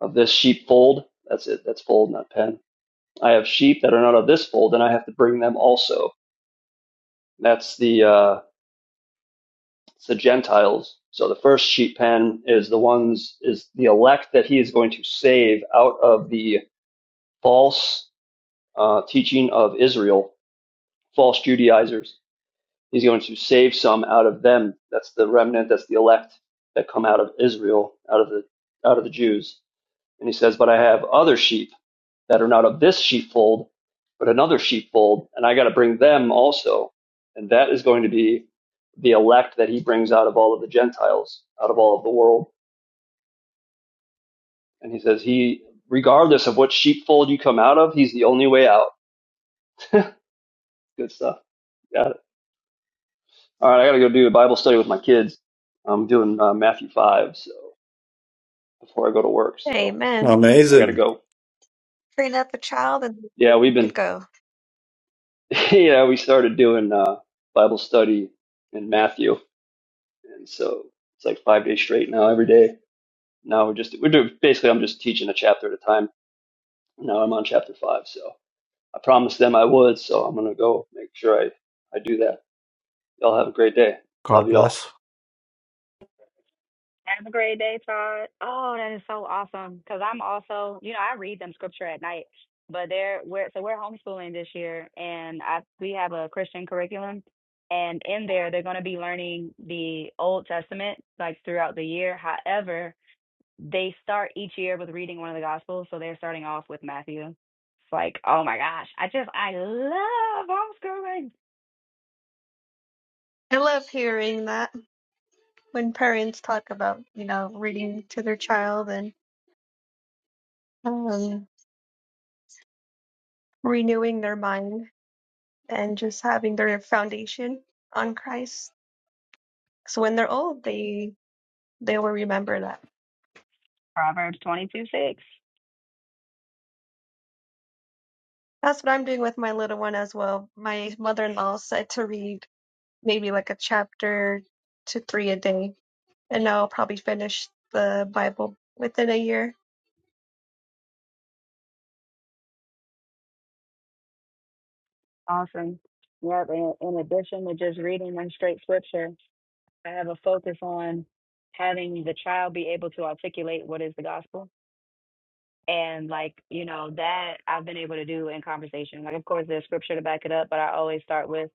of this sheepfold. That's it. That's fold, not pen. I have sheep that are not of this fold, and I have to bring them also. That's the uh, it's the Gentiles. So the first sheep pen is the ones is the elect that he is going to save out of the false uh, teaching of Israel, false Judaizers. He's going to save some out of them. That's the remnant. That's the elect that come out of Israel, out of the out of the Jews. And he says, "But I have other sheep." that are not of this sheepfold, but another sheepfold, and I got to bring them also. And that is going to be the elect that he brings out of all of the Gentiles, out of all of the world. And he says, He, regardless of what sheepfold you come out of, he's the only way out. Good stuff. Got it. All right, I got to go do a Bible study with my kids. I'm doing uh, Matthew 5, so before I go to work, so Amen. I got to Amazing. go. Train up a child and Yeah, we've they to been, go. yeah, we started doing uh, Bible study in Matthew And so it's like five days straight now, every day. Now we're just we're doing basically I'm just teaching a chapter at a time. Now I'm on chapter five, so I promised them I would, so I'm gonna go make sure I I do that. Y'all have a great day. God Love y'all. bless. Have a great day, Todd. Oh, that is so awesome. Because I'm also, you know, I read them scripture at night, but they're we're so we're homeschooling this year, and I we have a Christian curriculum, and in there they're going to be learning the Old Testament like throughout the year. However, they start each year with reading one of the Gospels, so they're starting off with Matthew. It's like, oh my gosh, I just I love homeschooling. I love hearing that when parents talk about, you know, reading to their child and um, renewing their mind and just having their foundation on Christ. So when they're old, they they will remember that. Proverbs twenty two six, That's what I'm doing with my little one as well. My mother-in-law said to read maybe like a chapter to three a day. And now I'll probably finish the Bible within a year. awesome. Yep, in, in addition to just reading them straight scripture. I have a focus on having the child be able to articulate what is the gospel. And like, you know, that I've been able to do in conversation. Like, of course, there's scripture to back it up, but I always start with,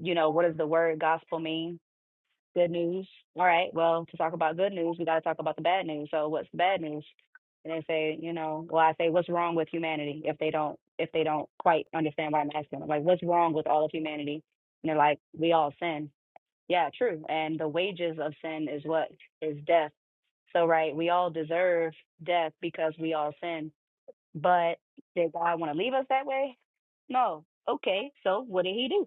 you know, what does the word gospel mean? Good news. All right. Well, to talk about good news, we got to talk about the bad news. So what's the bad news? And they say, you know, well, I say, what's wrong with humanity if they don't, if they don't quite understand what I'm asking them? Like, what's wrong with all of humanity? And they're like, we all sin. Yeah, true. And the wages of sin is what? Is death. So, right, we all deserve death because we all sin. But did God want to leave us that way? No. Okay, so what did he do?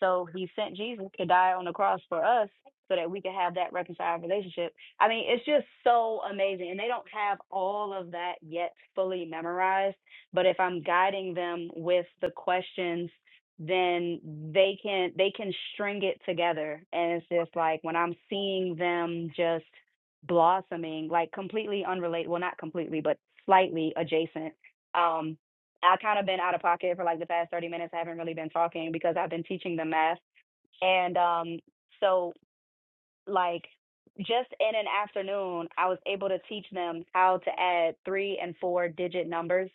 So he sent Jesus to die on the cross for us so that we could have that reconciled relationship. I mean, it's just so amazing. And they don't have all of that yet fully memorized. But if I'm guiding them with the questions, then they can they can string it together. And it's just like when I'm seeing them just blossoming, like completely unrelated well not completely, but slightly adjacent um, I kind of been out of pocket for like the past 30 minutes. I haven't really been talking because I've been teaching them math. And um, so, like, just in an afternoon, I was able to teach them how to add three and four digit numbers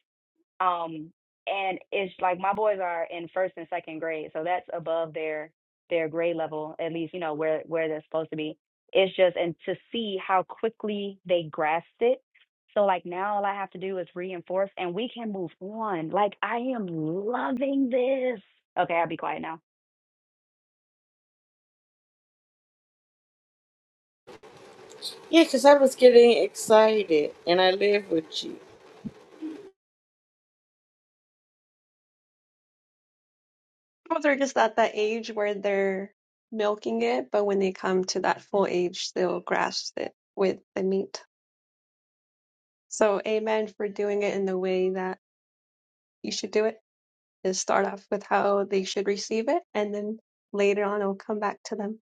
um, and it's like my boys are in first and second grade, so that's above their their grade level, at least, you know, where where they're supposed to be. It's just and to see how quickly they grasped it. So like now all I have to do is reinforce and we can move on. Like I am loving this. Okay, I'll be quiet now. Yeah, 'cause I was getting excited, and I live with you. Well, they're just at that age where they're milking it, but when they come to that full age, they'll grasp it with the meat. So, amen for doing it in the way that you should do it, is start off with how they should receive it, and then later on it'll come back to them.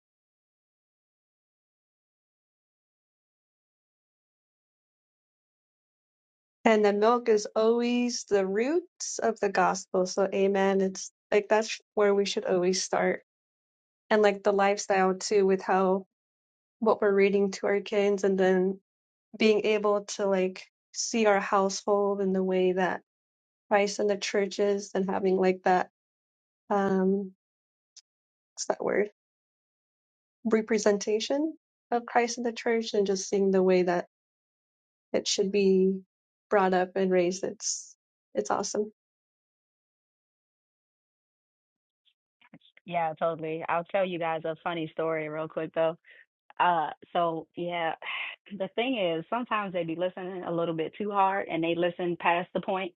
And the milk is always the roots of the gospel. So, amen. It's like that's where we should always start. And like the lifestyle too, with how what we're reading to our kids, and then being able to like see our household in the way that Christ and the church is, and having like that, um, what's that word? Representation of Christ and the church, and just seeing the way that it should be brought up and raised. It's, it's awesome. Yeah, totally. I'll tell you guys a funny story real quick though. Uh so yeah, the thing is sometimes they be listening a little bit too hard and they listen past the point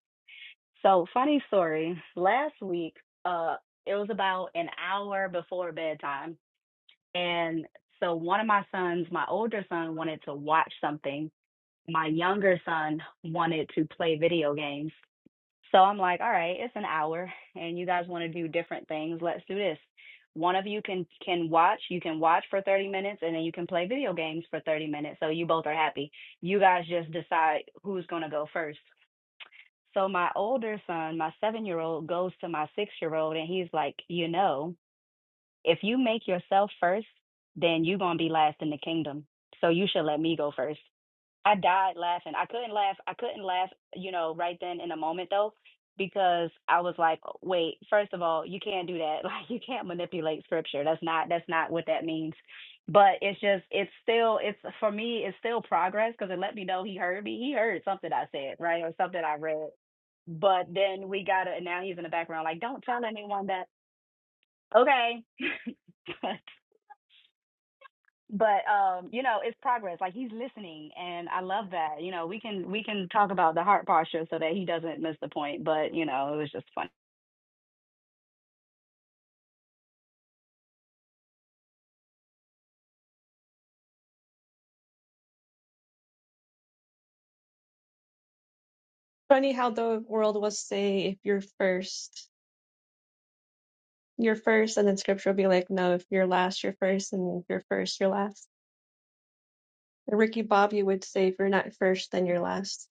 So, funny story. Last week, uh, it was about an hour before bedtime. And so one of my sons, my older son, wanted to watch something. My younger son wanted to play video games. So I'm like, all right, it's an hour and you guys want to do different things. Let's do this. One of you can can watch, you can watch for 30 minutes and then you can play video games for 30 minutes. So you both are happy. You guys just decide who's going to go first. So my older son, my seven year old, goes to my six year old and he's like, you know, if you make yourself first, then you're going to be last in the kingdom. So you should let me go first. I died laughing. I couldn't laugh. I couldn't laugh, you know, right then in the moment though, because I was like, wait, first of all, you can't do that. Like you can't manipulate scripture. That's not that's not what that means. But it's just it's still it's for me it's still progress because it let me know he heard me. He heard something I said, right? Or something I read. But then we got to, and now he's in the background like, don't tell anyone that. Okay. but um you know it's progress like he's listening and i love that you know we can we can talk about the heart posture so that he doesn't miss the point but you know it was just fun funny how the world will say if you're first, you're first, and then scripture will be like, no, if you're last, you're first, and if you're first, you're last. And Ricky Bobby would say, if you're not first, then you're last.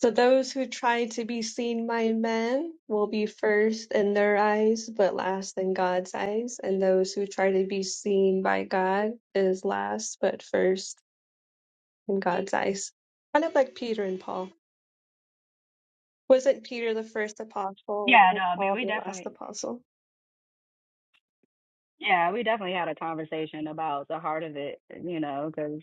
So those who try to be seen by men will be first in their eyes, but last in God's eyes. And those who try to be seen by God is last, but first in God's eyes. Kind of like Peter and Paul. Wasn't Peter the first apostle, yeah or no i mean Paul we the last definitely apostle? yeah we definitely had a conversation about the heart of it you know because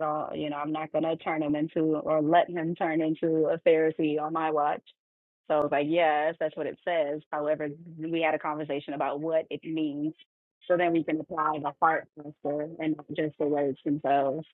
so you know i'm not going to turn him into or let him turn into a pharisee on my watch so it's like yes that's what it says however we had a conversation about what it means so then we can apply the heart posture and not just the words themselves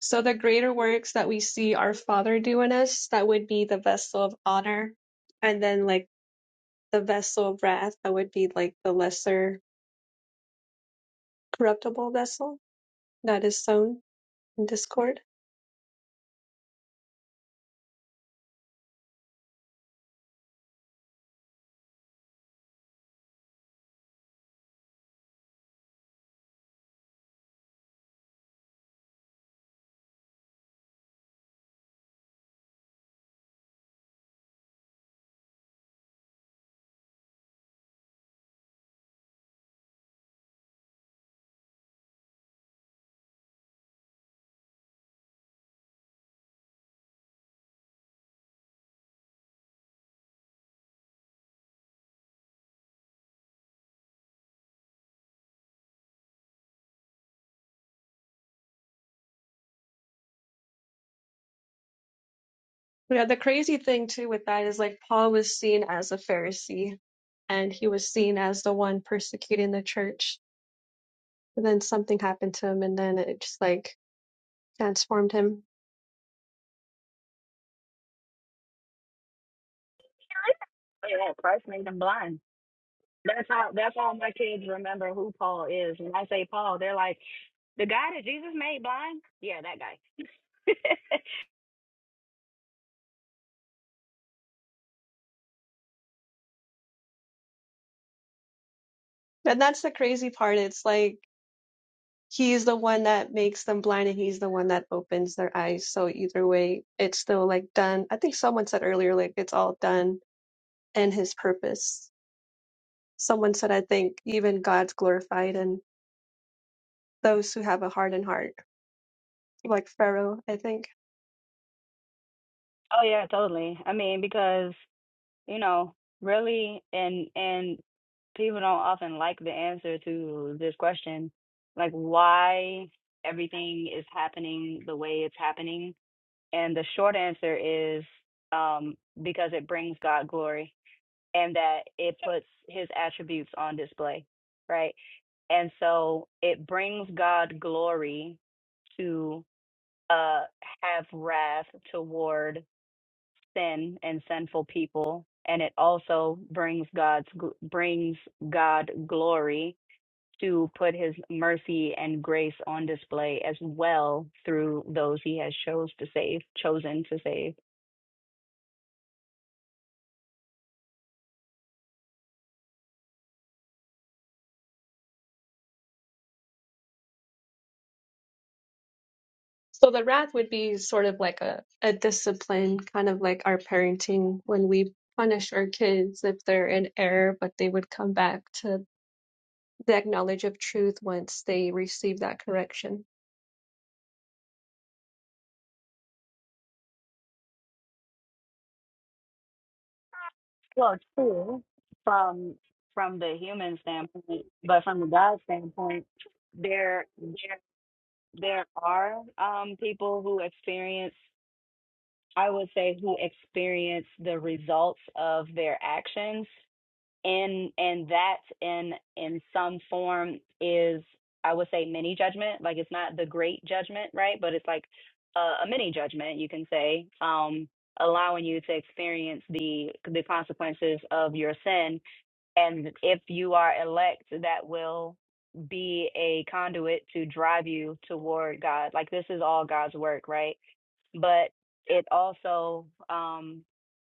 So the greater works that we see our Father do in us, that would be the vessel of honor. And then like the vessel of wrath, that would be like the lesser corruptible vessel that is sown in discord. Yeah, the crazy thing too with that is like Paul was seen as a Pharisee and he was seen as the one persecuting the church. But then something happened to him and then it just like transformed him. Yeah, Christ made them blind. That's how that's all my kids remember who Paul is. When I say Paul, they're like, the guy that Jesus made blind? Yeah, that guy. And that's the crazy part. It's like He's the one that makes them blind and he's the one that opens their eyes. So either way, it's still like done. I think someone said earlier, like it's all done in his purpose. Someone said, I think even God's glorified and those who have a hardened heart, like Pharaoh, I think. oh yeah, totally. I mean, because, you know, really and and people don't often like the answer to this question. Like why everything is happening the way it's happening. And the short answer is um because it brings God glory and that it puts his attributes on display, right? And so it brings God glory to uh, have wrath toward sin and sinful people, and it also brings God's gl- brings God glory to put His mercy and grace on display as well through those He has chose to save, chosen to save. So the wrath would be sort of like a, a discipline, kind of like our parenting when we punish our kids if they're in error, but they would come back to the knowledge of truth once they receive that correction. Well, true from from the human standpoint, but from the God standpoint, there there there are um people who experience I would say who experience the results of their actions and and that in in some form is I would say mini judgment. Like it's not the great judgment, right? But it's like a, a mini judgment, you can say, um, allowing you to experience the the consequences of your sin and if you are elect, that will be a conduit to drive you toward God. Like this is all God's work, right? But it also um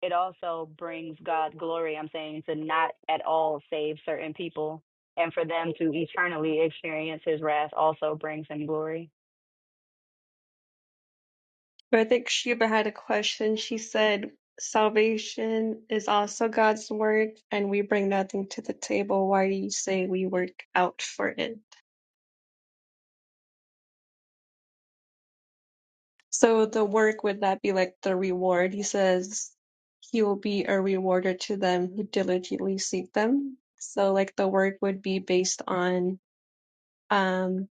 it also brings God glory, I'm saying, to not at all save certain people and for them to eternally experience his wrath also brings him glory. But I think Sheba had a question. She said, Salvation is also God's work, and we bring nothing to the table. Why do you say we work out for it? So the work would that be like the reward? He says, He will be a rewarder to them who diligently seek them. So like the work would be based on um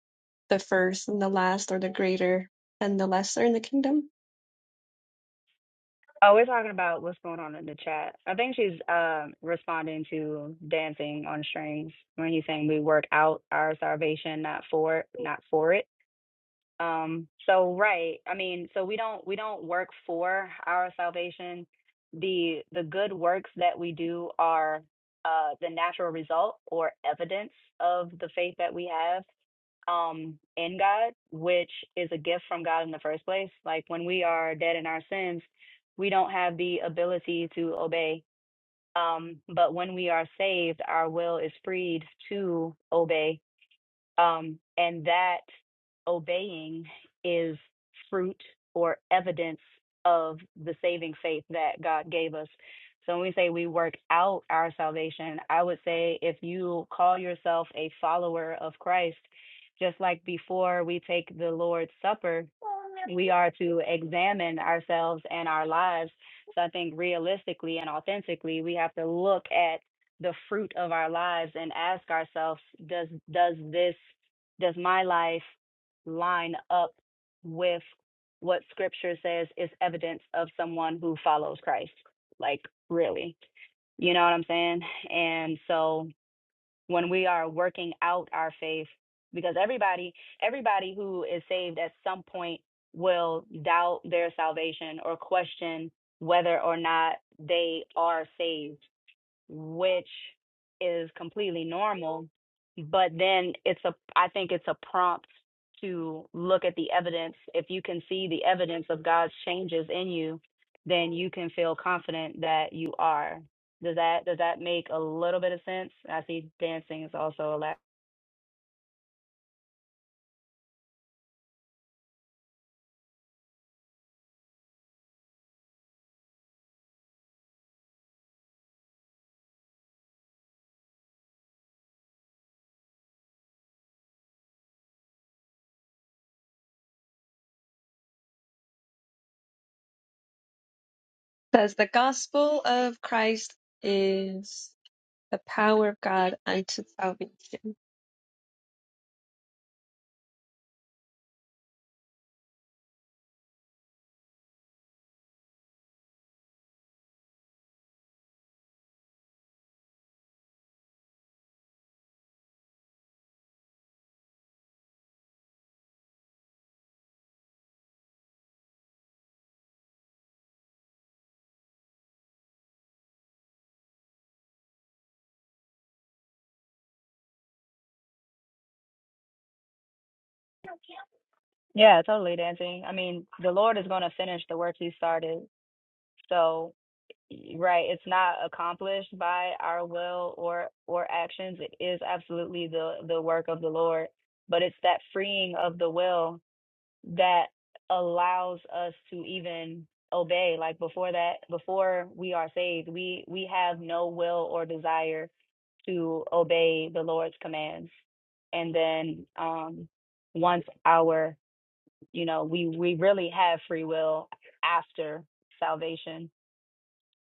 the first and the last, or the greater and the lesser in the kingdom. Oh, we're talking about what's going on in the chat. I think she's um, responding to dancing on strings when he's saying we work out our salvation, not for, not for it. Um, so right, I mean, so we don't we don't work for our salvation. The the good works that we do are uh, the natural result or evidence of the faith that we have um in God, which is a gift from God in the first place. Like when we are dead in our sins, we don't have the ability to obey. Um, but when we are saved, our will is freed to obey um, and that obeying is fruit or evidence of the saving faith that God gave us. So when we say we work out our salvation, I would say if you call yourself a follower of Christ, just like before we take the Lord's Supper, we are to examine ourselves and our lives. So I think realistically and authentically, we have to look at the fruit of our lives and ask ourselves, does does this does my life line up with what scripture says is evidence of someone who follows Christ? Like really. You know what I'm saying? And so when we are working out our faith because everybody everybody who is saved at some point will doubt their salvation or question whether or not they are saved which is completely normal. But then it's a, I think it's a prompt to look at the evidence. If you can see the evidence of God's changes in you, then you can feel confident that you are. Does that does that make a little bit of sense? I see dancing is also a lot. Says the gospel of Christ is. the power of God unto salvation. Yeah, totally dancing. I mean, the Lord is going to finish the work He started. So. right it's not accomplished by our will or or actions it is absolutely the the work of the lord but it's that freeing of the will that allows us to even obey like before that before we are saved we we have no will or desire to obey the lord's commands and then um once our you know we we really have free will after salvation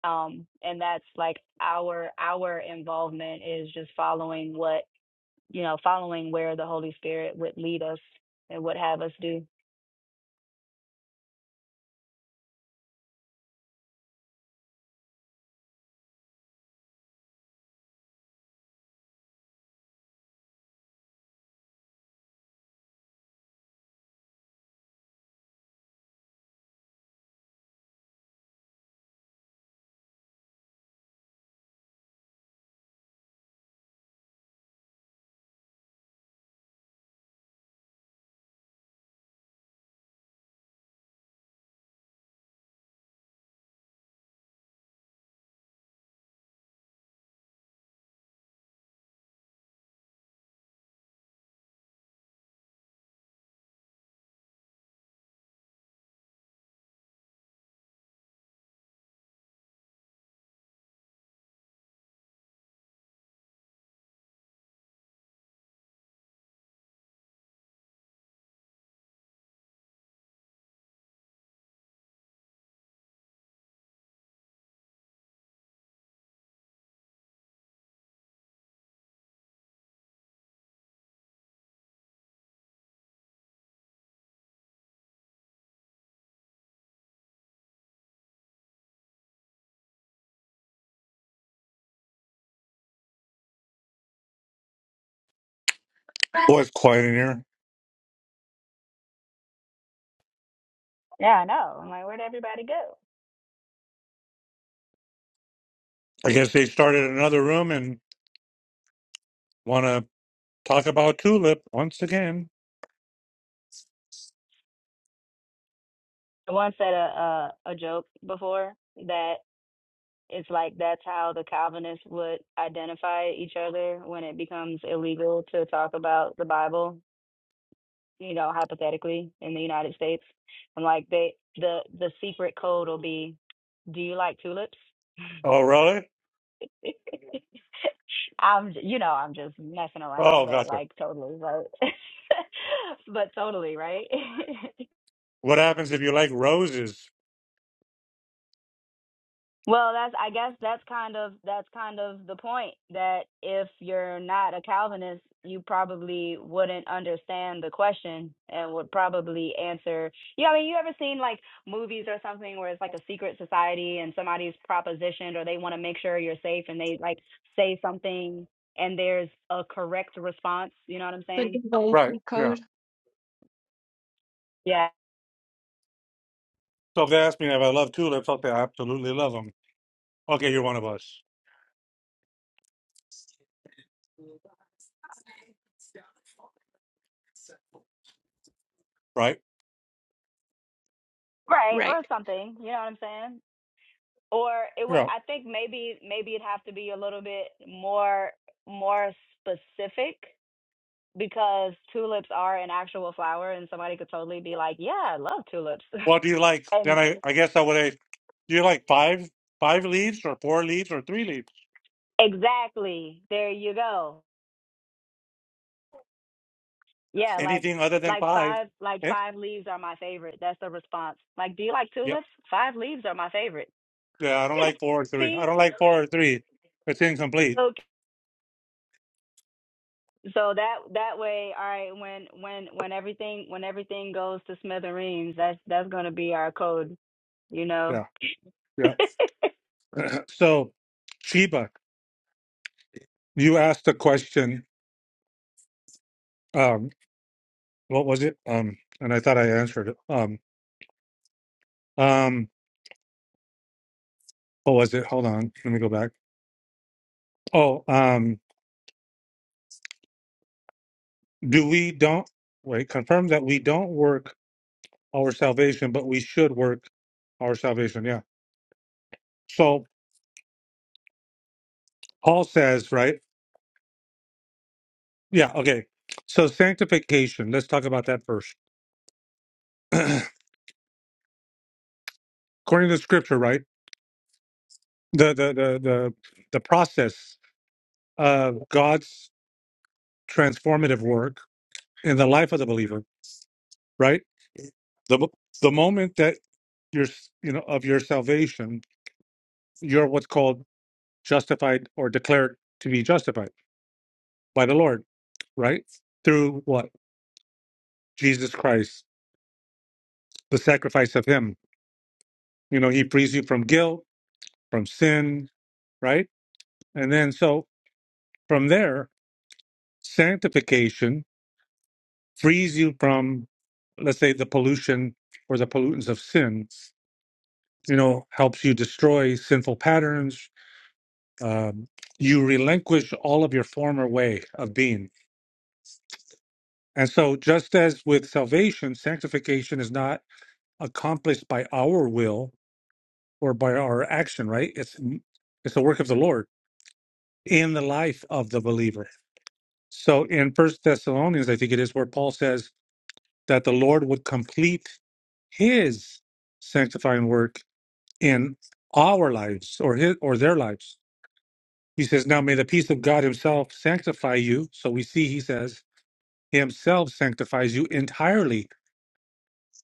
um and that's like our our involvement is just following what you know following where the holy spirit would lead us and would have us do Boy, it's quiet in here. yeah i know i'm like where'd everybody go I guess they started another room and want to talk about tulip once again. one said a a, a joke before that it's like that's how the calvinists would identify each other when it becomes illegal to talk about the bible you know hypothetically in the united states and like they the the secret code will be do you like tulips Oh, really? I'm, j- you know, I'm just messing Oh, around, but gotcha. like totally, right? but totally, right? What happens if you like roses? Well, that's I guess that's kind of that's kind of the point that if you're not a Calvinist, you probably wouldn't understand the question and would probably answer. Yeah, I mean, you ever seen like movies or something where it's like a secret society and somebody's propositioned or they want to make sure you're safe and they like say something and there's a correct response, you know what I'm The saying? Right. devotion Yeah. code. Yeah. So if they ask me if I love tulips, I'll say I absolutely love them. Okay, you're one of us, right? Right, Right. or something, you know what I'm saying? or it would Yeah. i think maybe maybe it'd have to be a little bit more more specific because tulips are an actual flower and somebody could totally be like yeah i love tulips What do you like? Then and I, I guess I would. Do you like five, five leaves or four leaves or three leaves? exactly there you go yeah like Anything other than like five. five like Eh? five leaves are my favorite that's the response like do you like Yep. tulips five leaves are my favorite Yeah, I don't like four or three. see I don't like four or three. It's incomplete. so So that that way, all right. When when when everything when everything goes to smithereens, that's that's gonna be our code, you know. Yeah. Yeah. So Sheba, you asked a question. Um, what was it? Um, and I thought I answered it. Um, um, what was it? Hold on. Let me go back. Oh, um, do we don't wait, confirm that we don't work our salvation, but we should work our salvation. Yeah. So Paul says, right? Yeah, okay. So sanctification, let's talk about that first. according to scripture, right? The the the the, the process of God's transformative work in the life of the believer, right? The mo- the moment that you're s- you know of your salvation, you're what's called justified or declared to be justified by the Lord, right? Through what? Jesus Christ, the sacrifice of him. You know, he frees you from guilt, from sin, right? And then so from there, sanctification frees you from, let's say, the pollution or the pollutants of sin. You know, helps you destroy sinful patterns. Um, you relinquish all of your former way of being. And so, just as with salvation, sanctification is not accomplished by our will or by our action, right? It's it's the work of the Lord in the life of the believer. So, in First Thessalonians, I think it is where Paul says that the Lord would complete His sanctifying work in our lives or his or their lives. He says, Now may the peace of God himself sanctify you. So we see he says, Himself sanctifies you entirely,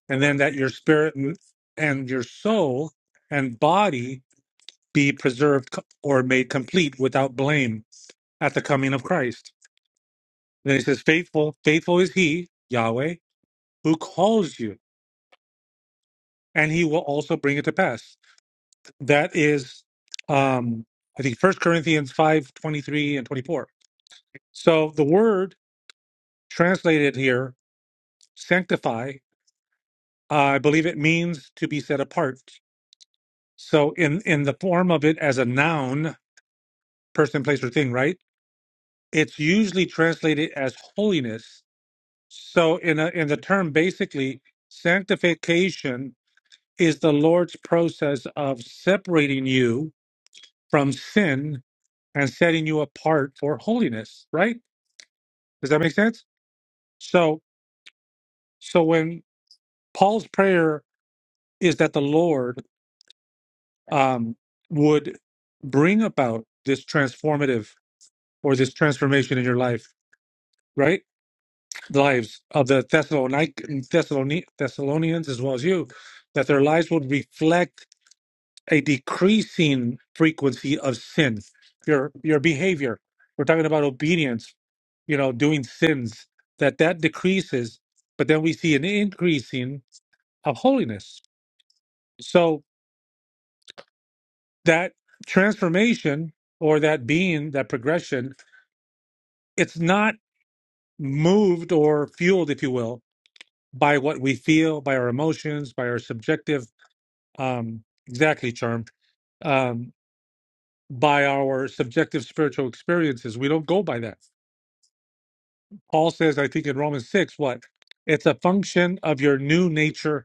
and then that your spirit and and your soul and body be preserved co- or made complete without blame at the coming of Christ. Then he says, Faithful, faithful is he, Yahweh, who calls you, and he will also bring it to pass. That is um I think First Corinthians 5 23 and 24 So the word translated here, sanctify, I believe it means to be set apart. So in in the form of it as a noun, person, place, or thing, right? It's usually translated as holiness. So in a, in the term, basically, sanctification is the Lord's process of separating you from sin and setting you apart for holiness. Right? Does that make sense? So so when Paul's prayer is that the Lord um, would bring about this transformative or this transformation in your life, right? Lives of the Thessalonic- Thessaloni- Thessalonians as well as you, that their lives would reflect a decreasing frequency of sin. Your your behavior. We're talking about obedience, you know, doing sins. That that decreases, but then we see an increasing of holiness. So that transformation or that being, that progression it's not moved or fueled, if you will, by what we feel, by our emotions, by our subjective, um, exactly, charm, um, by our subjective spiritual experiences. We don't go by that. Paul says, I think in Romans 6, what? It's a function of your new nature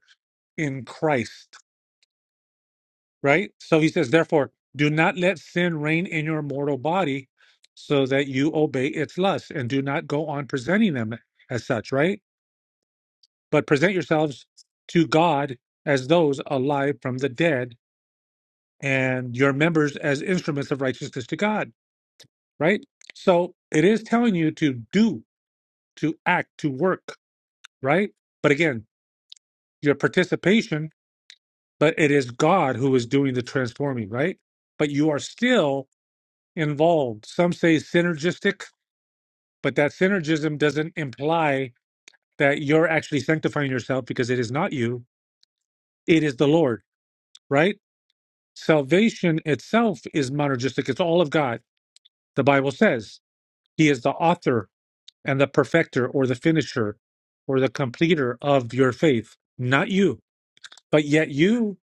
in Christ, right? So he says, therefore, do not let sin reign in your mortal body so that you obey its lusts and do not go on presenting them as such, right? but present yourselves to God as those alive from the dead, and your members as instruments of righteousness to God, right? So it is telling you to do, to act, to work, right? But again, your participation, but it is God who is doing the transforming, right? But you are still involved. Some say synergistic, but that synergism doesn't imply that you're actually sanctifying yourself because it is not you, it is the Lord, right? Salvation itself is monergistic. It's all of God. The Bible says He is the author and the perfecter or the finisher or the completer of your faith, not you. But yet you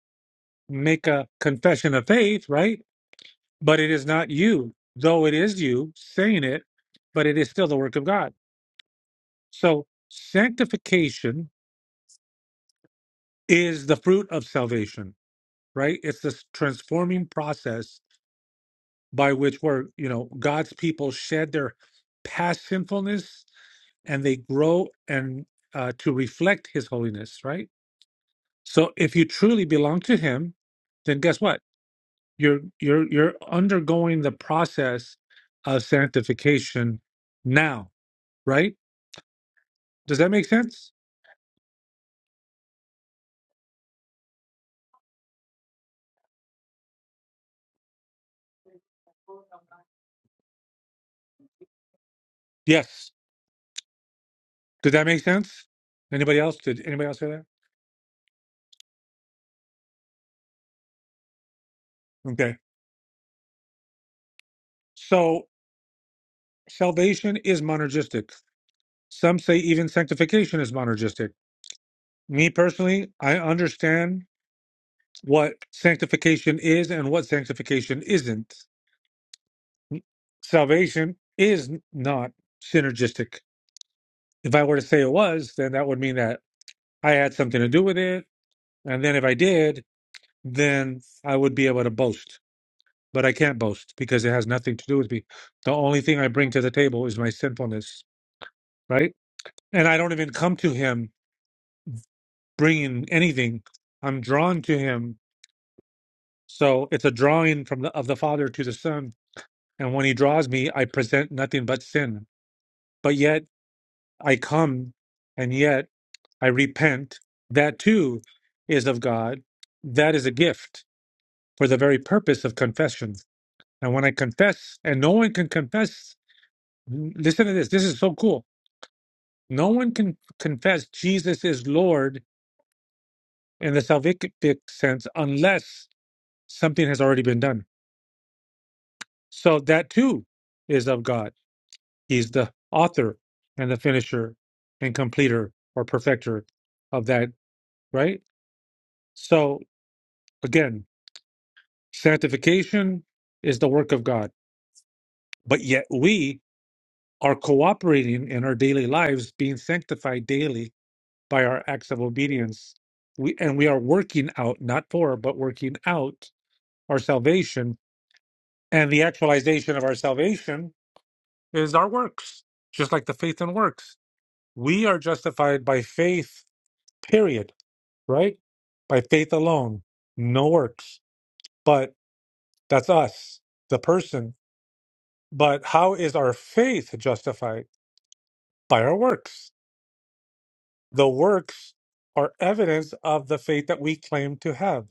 make a confession of faith, right? But it is not you, though it is you saying it, but it is still the work of God. So sanctification is the fruit of salvation, right? It's this transforming process by which were you know God's people shed their past sinfulness and they grow and uh, to reflect His holiness, right? So if you truly belong to Him, then guess what? You're you're you're undergoing the process of sanctification now, right? Does that make sense? Yes. Did that make sense? Anybody else? Did anybody else say that? Okay. So salvation is monergistic. Some say even sanctification is monergistic me personally, I understand what sanctification is and what sanctification isn't. Salvation is not synergistic. If I were to say it was, then that would mean that I had something to do with it. And then if I did, then I would be able to boast. But I can't boast because it has nothing to do with me. The only thing I bring to the table is my sinfulness, right? And I don't even come to him bringing anything. I'm drawn to him so it's a drawing from the of the Father to the Son And when he draws me, I present nothing but sin. But yet I come and yet I repent. That too is of God. That is a gift for the very purpose of confession. And when I confess, and no one can confess, listen to this. This is so cool. No one can confess Jesus is Lord in the salvific sense unless something has already been done. So that too is of God He's the author and the finisher and completer or perfecter of that, right? So again, sanctification is the work of God, but yet we are cooperating in our daily lives, being sanctified daily by our acts of obedience. We, and we are working out, not for, but working out our salvation. And the actualization of our salvation is our works, just like the faith and works. We are justified by faith, period right? By faith alone, no works. But that's us, the person. But how is our faith justified? By our works. The works are evidence of the faith that we claim to have.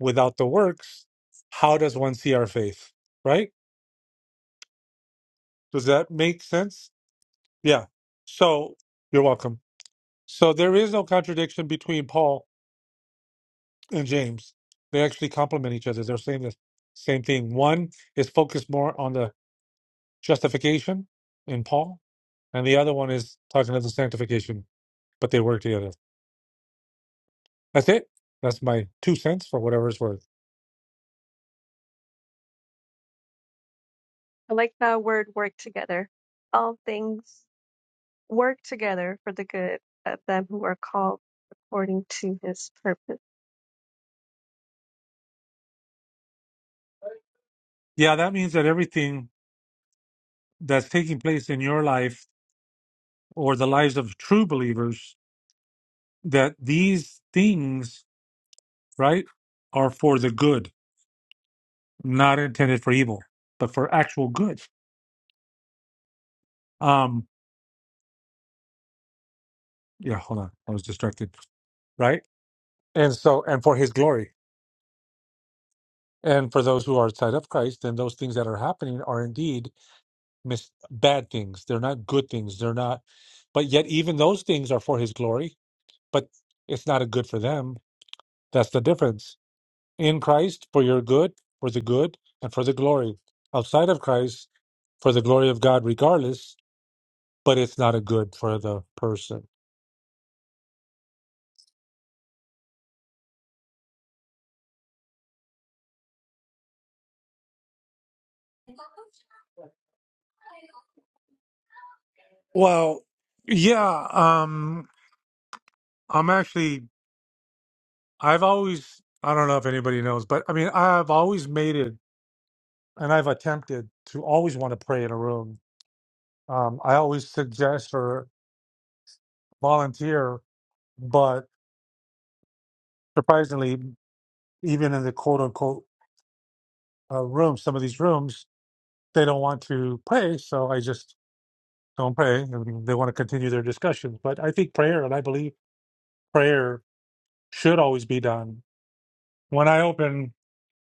Without the works, how does one see our faith, right? Does that make sense? Yeah. So you're welcome. So there is no contradiction between Paul and James. They actually complement each other. They're saying the same thing. One is focused more on the justification in Paul, and the other one is talking of the sanctification, but they work together. That's it. That's my two cents for whatever it's worth. I like that word work together. All things work together for the good of them who are called according to his purpose. Yeah, that means that everything that's taking place in your life or the lives of true believers, that these things, right, are for the good, not intended for evil, but for actual good. Um, yeah, hold on. I was distracted. Right? And so and for his glory. And for those who are outside of Christ, then those things that are happening are indeed mis- bad things. They're not good things. They're not, but yet even those things are for His glory. But it's not a good for them. That's the difference. In Christ, for your good, for the good, and for the glory. Outside of Christ, for the glory of God, regardless. But it's not a good for the person. Well, yeah, um, I'm actually, I've always, I don't know if anybody knows, but I mean, I've always made it and I've attempted to always want to pray in a room Um, I always suggest or volunteer, but surprisingly, even in the quote unquote uh, room, some of these rooms, they don't want to pray. So I just don't pray. And they want to continue their discussions. But I think prayer, and I believe prayer should always be done. When I open,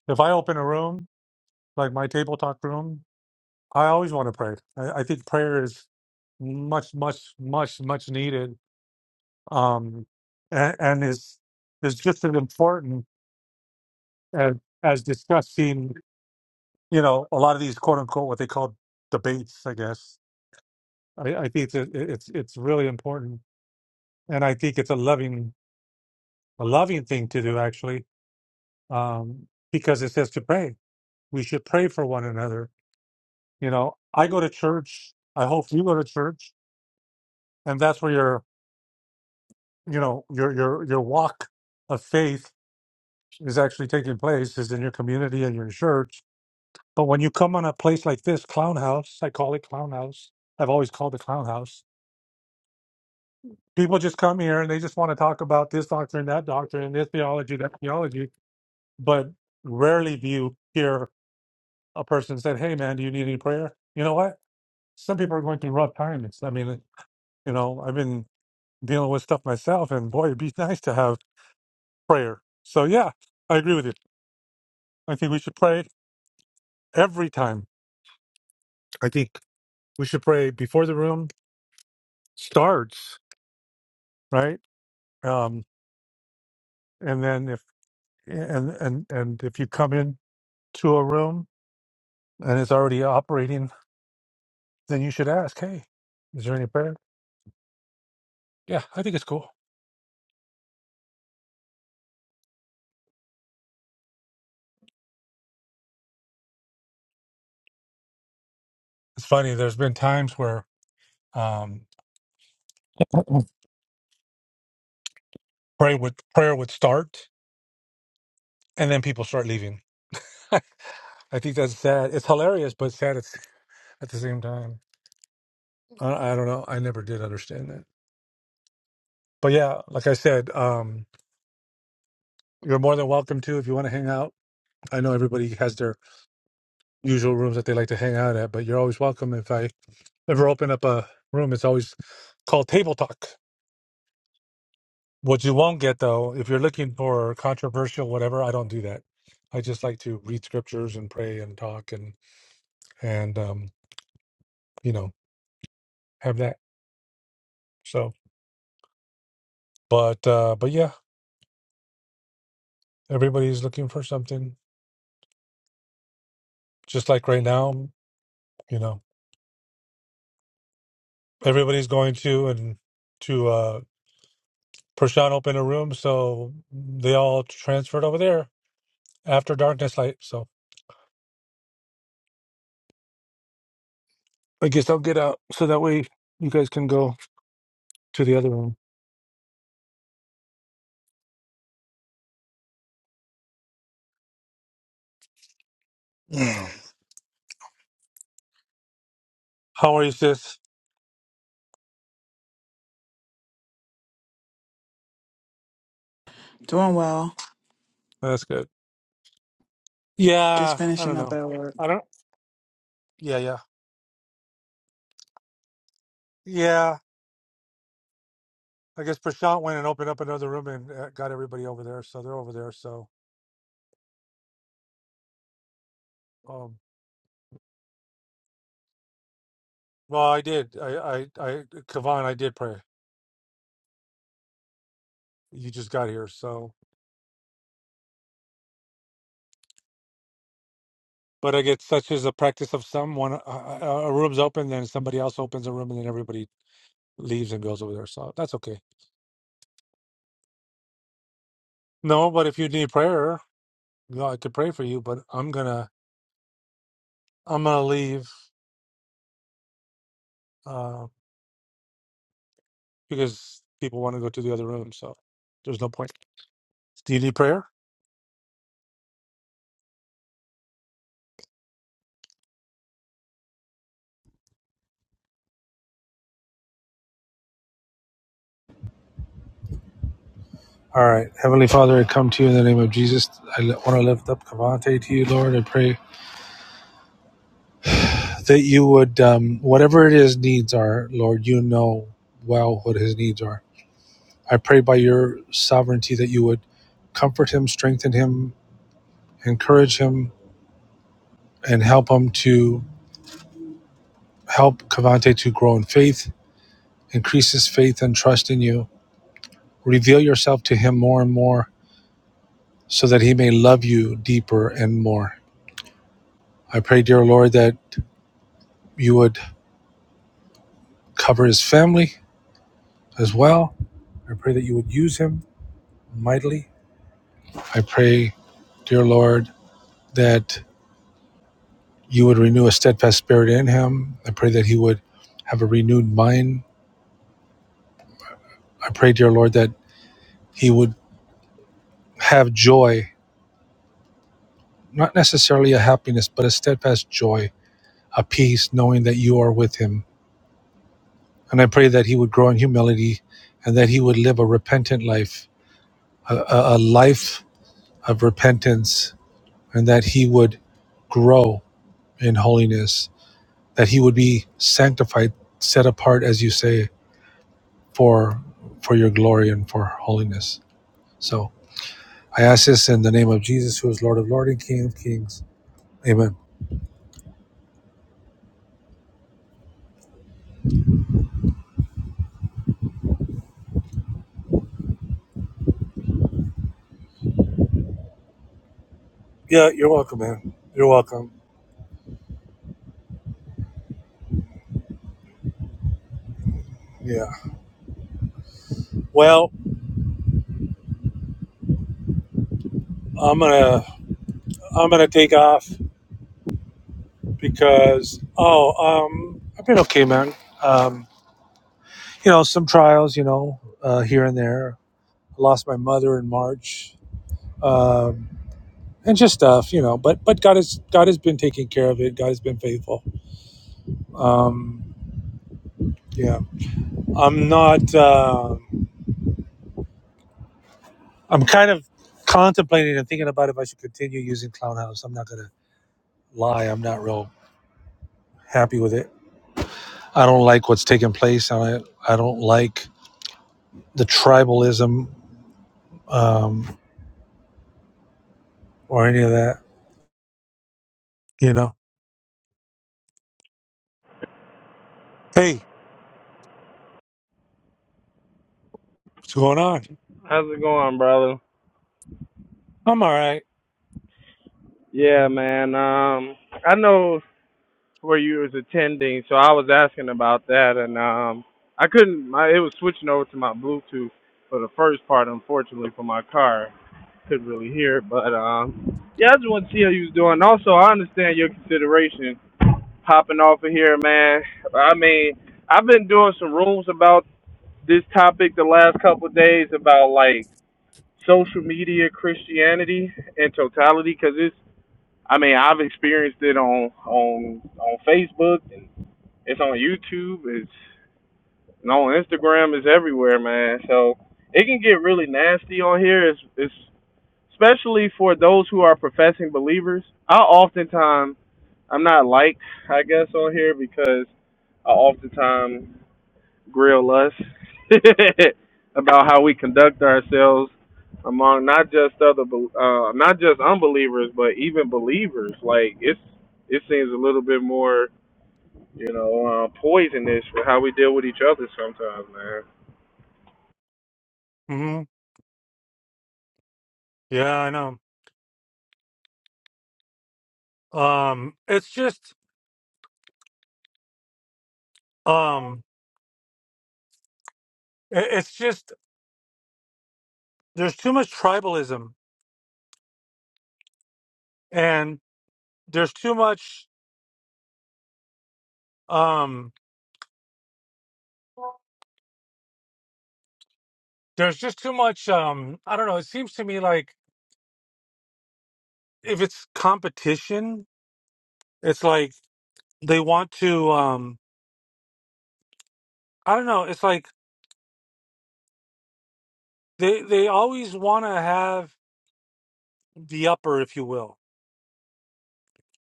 if I open a room, like my table talk room, I always want to pray. I, I think prayer is much, much, much, much needed, um, and, and is is just as important as, as discussing, you know, a lot of these quote unquote what they call debates. I guess I, I think it's it's it's really important, and I think it's a loving a loving thing to do actually, um, because it says to pray. We should pray for one another. You know, I go to church. I hope you go to church, and that's where your you know your your your walk of faith is actually taking place is in your community and your church But when you come on a place like this, Clown House, I call it Clown House. I've always called it Clown House. People just come here and they just want to talk about this doctrine, that doctrine, this theology, that theology, but rarely do you hear a person say, Hey, man, do you need any prayer? You know what? Some people are going through rough times. I mean, you know, I've been dealing with stuff myself, and boy, it'd be nice to have prayer. So, yeah, I agree with you. I think we should pray every time. I think we should pray before the room starts, right? Um, and then if and and and if you come in to a room and it's already operating then you should ask hey is there any prayer yeah i think it's cool it's funny there's been times where um pray would prayer would start and then people start leaving i think that's sad it's hilarious but sad it's at the same time I, I don't know i never did understand that but yeah like i said um you're more than welcome to if you want to hang out i know everybody has their usual rooms that they like to hang out at but you're always welcome if i ever open up a room, it's always called table talk. What you won't get though, if you're looking for controversial whatever, I don't do that. I just like to read scriptures and pray and talk and and um, you know have that. So, but uh, but yeah, everybody's looking for something. Just like right now, you know, everybody's going to and to uh, Prashant open a room, so they all transferred over there after darkness light. So I guess I'll get out so that way you guys can go to the other room. Mm. How are you, sis? Doing well. Oh, That's good. Just Yeah, I finishing don't up know. at work. I don't. Yeah, yeah, yeah. I guess Prashant went and opened up another room and uh, got everybody over there, so they're over there. So, um, well, I did. I, I, I, Kavan, I did pray. You just got here, so. But I guess such is a practice of some. One a, a room's open, then somebody else opens a room, and then everybody leaves and goes over there. So that's okay. No, but if you need prayer, you know, I could pray for you. But I'm gonna, I'm gonna leave. uh, because people want to go to the other room. So there's no point. Do you need prayer? All right. Heavenly Father, I come to you in the name of Jesus. I li- want to lift up Cavante to you, Lord. I pray that you would, um, whatever it is needs are, Lord, you know well what his needs are. I pray by your sovereignty that you would comfort him, strengthen him, encourage him, and help him to help Cavante to grow in faith, increase his faith and trust in you. Reveal yourself to him more and more so that he may love you deeper and more. I pray, dear Lord, that you would cover his family as well. I pray that you would. I pray, dear Lord, that you steadfast spirit would have a. I pray, dear Lord, that he would have joy, not necessarily a happiness, but a steadfast joy, a peace, knowing that you are with him. And I pray that he would grow in humility, and that he would live a repentant life, a a life of repentance, and that he would grow in holiness, that he would be sanctified, set apart, as you say, for for your glory and for holiness. So I ask this in the name of Jesus, who is Lord of Lords and King of Kings. Amen. Yeah, you're welcome, man. You're welcome. Yeah. Well, I'm gonna I'm gonna take off because oh um I've been okay, man. Um, you know some trials, you know, uh, here and there. I lost my mother in March. Um, and just stuff, you know. But but God has God has been taking care of it. God has been faithful. Um, yeah, I'm not. Uh, I'm kind of contemplating and thinking about if I should continue using Clown House. I'm not gonna lie. I'm not real happy with it. I don't like what's taking place. I I don't like the tribalism um, or any of that. You know. Hey, what's going on? How's it going, brother? I'm all right. Yeah, man. Um, I know where you was attending, so I was asking about that, and um, I couldn't. My, it was switching over to my Bluetooth for the first part, unfortunately, for my car. Couldn't really hear it, but um, yeah, I just want to see how you was doing. Also, I understand your consideration popping off of here, man. I mean, I've been doing some rooms about this topic the last couple of days about like social media Christianity in totality because it's I mean I've experienced it on on on Facebook and it's on YouTube it's and on Instagram it's everywhere man so it can get really nasty on here it's, it's especially for those who are professing believers I oftentimes I'm not liked I guess on here because I oftentimes grill us about how we conduct ourselves among not just other uh not just unbelievers but even believers like it's it seems a little bit more you know uh, poisonous for how we deal with each other sometimes man hmm Yeah, I know. Um, it's just, um, i- it's just. there's too much tribalism and there's too much um there's just too much um i don't know it seems to me like if it's competition it's like they want to um i don't know it's like they they always want to have the upper if you will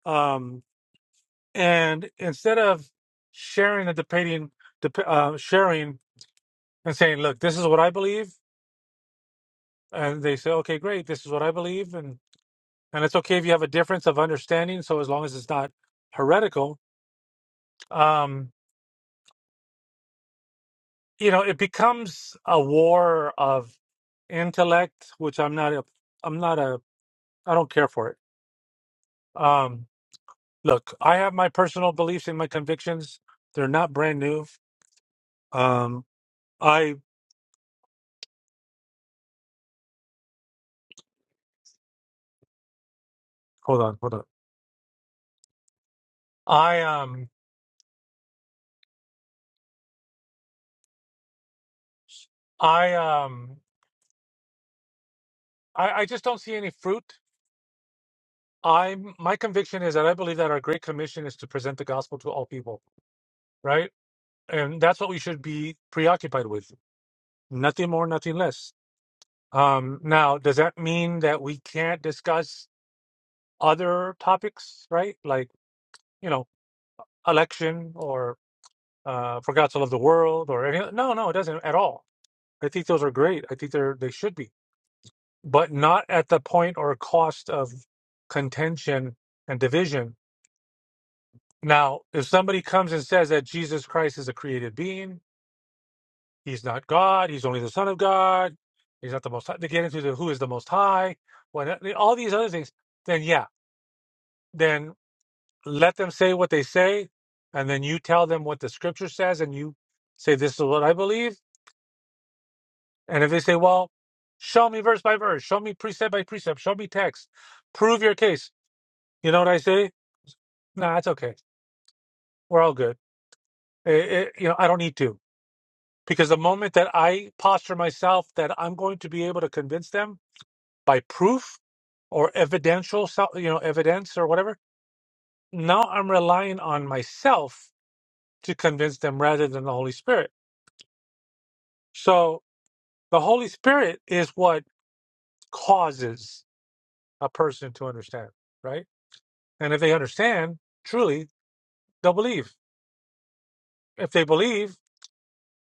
um and instead of sharing and debating dep- uh sharing and saying look this is what i believe and they say okay great this is what i believe and. and it's okay if you have a difference of understanding so as long as it's not heretical um you know it becomes a war of intellect which i'm not a i'm not a i don't care for it um look i have my personal beliefs and my convictions they're not brand new um i hold on hold on i um i um i, I just don't see any fruit i my conviction is that i believe that our great commission is to present the gospel to all people right and that's what we should be preoccupied with nothing more nothing less um now does that mean that we can't discuss other topics right like you know election or uh for god to love the world or any no no it doesn't at all i think those are great i think they're they should be but not at the point or cost of contention and division now if somebody comes and says that jesus christ is a created being He's not God. He's only the Son of God. He's not the most. High. They get into the who is the Most High. When all these other things, then yeah, then let them say what they say, and then you tell them what the Scripture says, and you say this is what I believe. And if they say, well, show me verse by verse, show me precept by precept, show me text, prove your case. You know what I say? Nah, it's okay. We're all good. Eh, eh, you know, I don't need to because the moment that I posture myself that I'm going to be able to convince them by proof or evidential, so- you know, evidence or whatever. Now I'm relying on myself to convince them rather than the Holy Spirit. So the Holy Spirit is what causes a person to understand, right? And if they understand, truly, they'll believe. If they believe,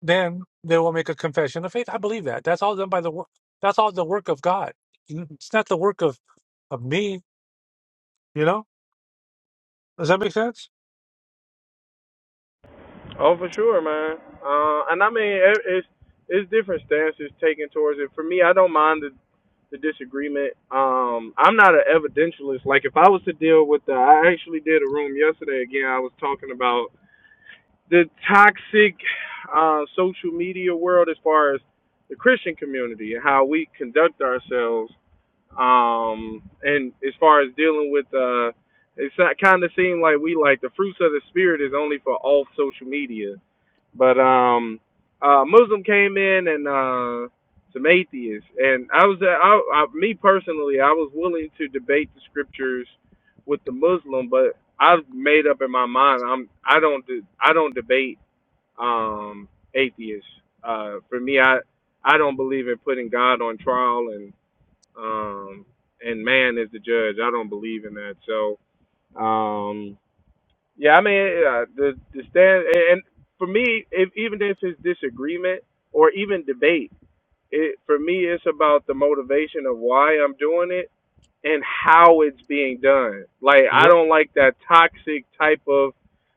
then they will make a confession of faith. I believe that. That's all done by the work. That's all the work of God. It's not the work of, of me, you know? Does that make sense? oh for sure man uh and i mean it's it's different stances taken towards it for me i don't mind the the disagreement um i'm not an evidentialist like if i was to deal with the i actually did a room yesterday again i was talking about the toxic uh, social media world as far as the Christian community and how we conduct ourselves. Um, and as far as dealing with, uh, it's kind of seemed like we like the fruits of the spirit is only for off social media. But um, uh, Muslim came in and uh, some atheists, and I was, uh, I, I, me personally, I was willing to debate the scriptures with the Muslim, but I've made up in my mind. I'm, I don't, do, I don't debate um, atheist. Uh, for me, I I don't believe in putting God on trial and um, and man is the judge. I don't believe in that. So um, yeah, I mean uh, the the stand and for me, if, even if it's disagreement or even debate, it for me it's about the motivation of why I'm doing it and how it's being done. Like I Yep. don't like that toxic type of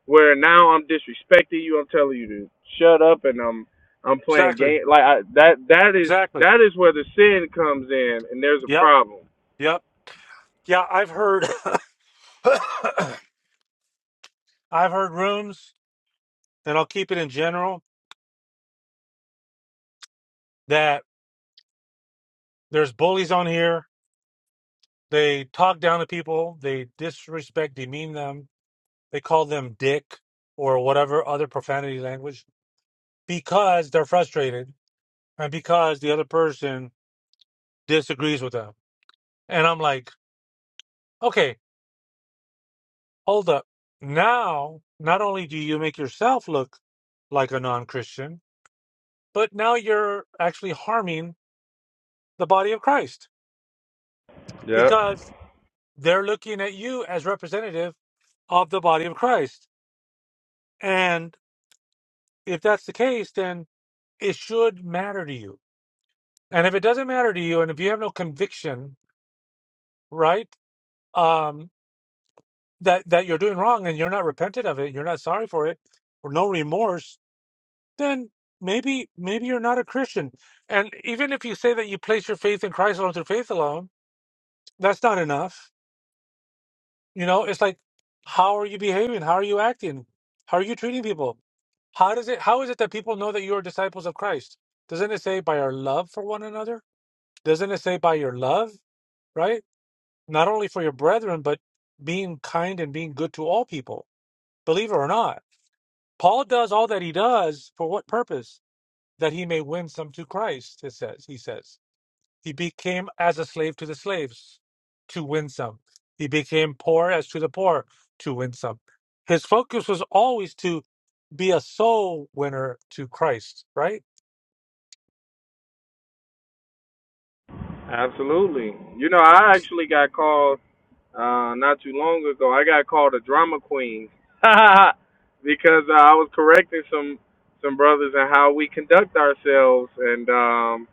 where now I'm disrespecting you. I'm telling you to shut up, and I'm I'm playing Exactly. game. Like I, that that is Exactly. that is where the sin comes in, and there's a Yep. problem. Yep. Yeah, I've heard I've heard rooms, and I'll keep it in general, that there's bullies on here. They talk down to people, they disrespect, demean them, they call them dick or whatever other profanity language because they're frustrated and because the other person disagrees with them. And I'm like, okay, hold up. Now, not only do you make yourself look like a non Christian, but now you're actually harming the body of Christ Yep. because they're looking at you as representative of the body of Christ. And if that's the case, then it should matter to you. And if it doesn't matter to you, and if you have no conviction, right? um, that that you're doing wrong and you're not repentant of it, you're not sorry for it, or no remorse, then maybe maybe you're not a Christian. And even if you say that you place your faith in Christ alone through faith alone, that's not enough. You know, it's like how are you behaving? How are you acting? How are you treating people? How does it how is it that people know that you are disciples of Christ? Doesn't it say by our love for one another? Doesn't it say by your love, right? Not only for your brethren, but being kind and being good to all people, believe it or not Paul does all that he does for what purpose? That he may win some to Christ, it says. He says. He became as a slave to the slaves to win some. He became poor as to the poor to win some. His focus was always to be a soul winner to Christ, right? Absolutely. You know, I actually got called uh, not too long ago. I got called a drama queen because uh, I was correcting some some brothers and how we conduct ourselves, and um,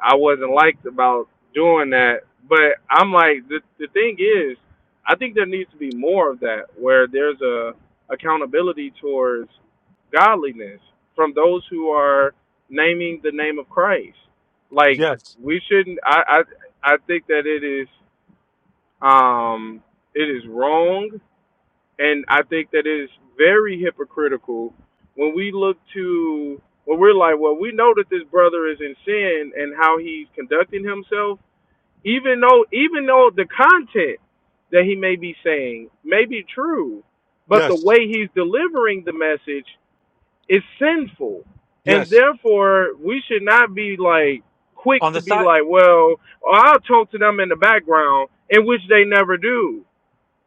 I wasn't liked about doing that. But I'm like, the the thing is, I think there needs to be more of that, where there's a accountability towards godliness from those who are naming the name of Christ. Like Yes. we shouldn't. I I I think that it is um it is wrong and I think that it is very hypocritical when we look to when we're like, well, we know that this brother is in sin and how he's conducting himself, even though even though the content that he may be saying may be true, but the Yes. way he's delivering the message is sinful, and Yes. therefore we should not be like quick On the to be side like, well, I'll talk to them in the background, in which they never do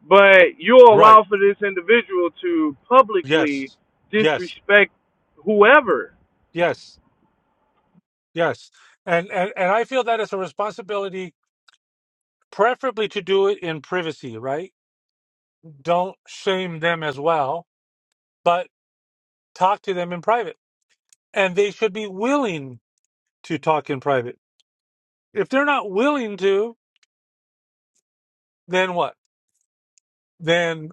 but you'll right. allow for this individual to publicly Yes, yes, disrespect whoever. yes, yes. And and and I feel that it's a responsibility, preferably to do it in privacy, right? Don't shame them as well, but talk to them in private. And they should be willing to talk in private. If they're not willing to, then what? Then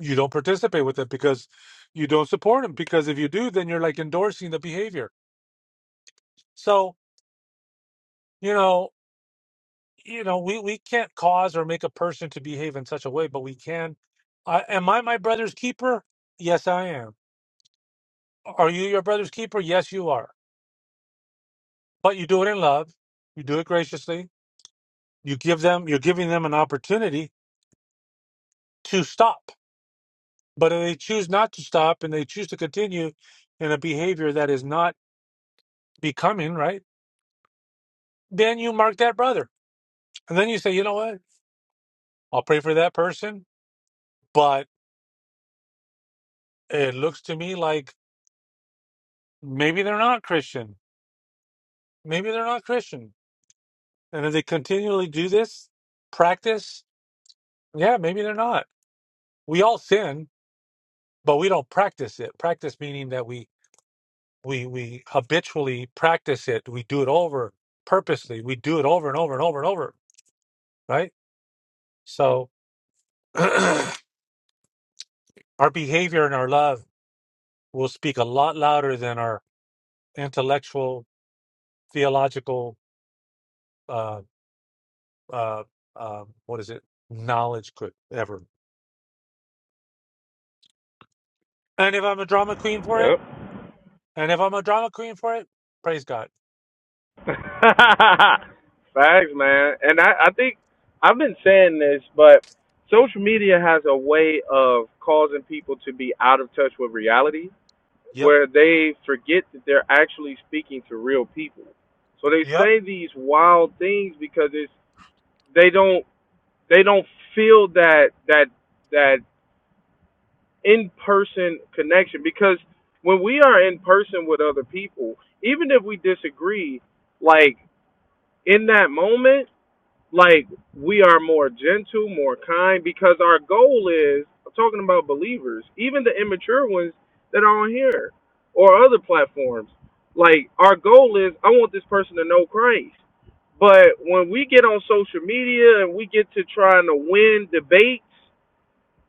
you don't participate with it because you don't support them. Because if you do, then you're like endorsing the behavior. So, you know, you know, we, we can't cause or make a person to behave in such a way, but we can. Uh, am I my brother's keeper? Yes, I am. Are you your brother's keeper? Yes, you are. But you do it in love. You do it graciously. You give them, you're giving them an opportunity to stop. But if they choose not to stop and they choose to continue in a behavior that is not becoming, right? Then you mark that brother. And then you say, you know what? I'll pray for that person, but it looks to me like maybe they're not Christian maybe they're not Christian. And if they continually do this practice, yeah, maybe they're not. We all sin, but we don't practice it. Practice meaning that we we we habitually practice it. We do it over purposely. We do it over and over and over and over, right? So our behavior and our love will speak a lot louder than our intellectual, theological, uh, uh, uh, what is it, knowledge could ever. And if I'm a drama queen for it. Yep. And if I'm a drama queen for it, praise God. Facts, man. And I, I think I've been saying this, but social media has a way of causing people to be out of touch with reality Yep. where they forget that they're actually speaking to real people. So they Yep. say these wild things because it's they don't they don't feel that that that in person connection because when we are in person with other people, even if we disagree, like in that moment, like we are more gentle, more kind because our goal is I'm talking about believers, even the immature ones that are on here or other platforms. Like our goal is I want this person to know Christ. But when we get on social media and we get to trying to win debates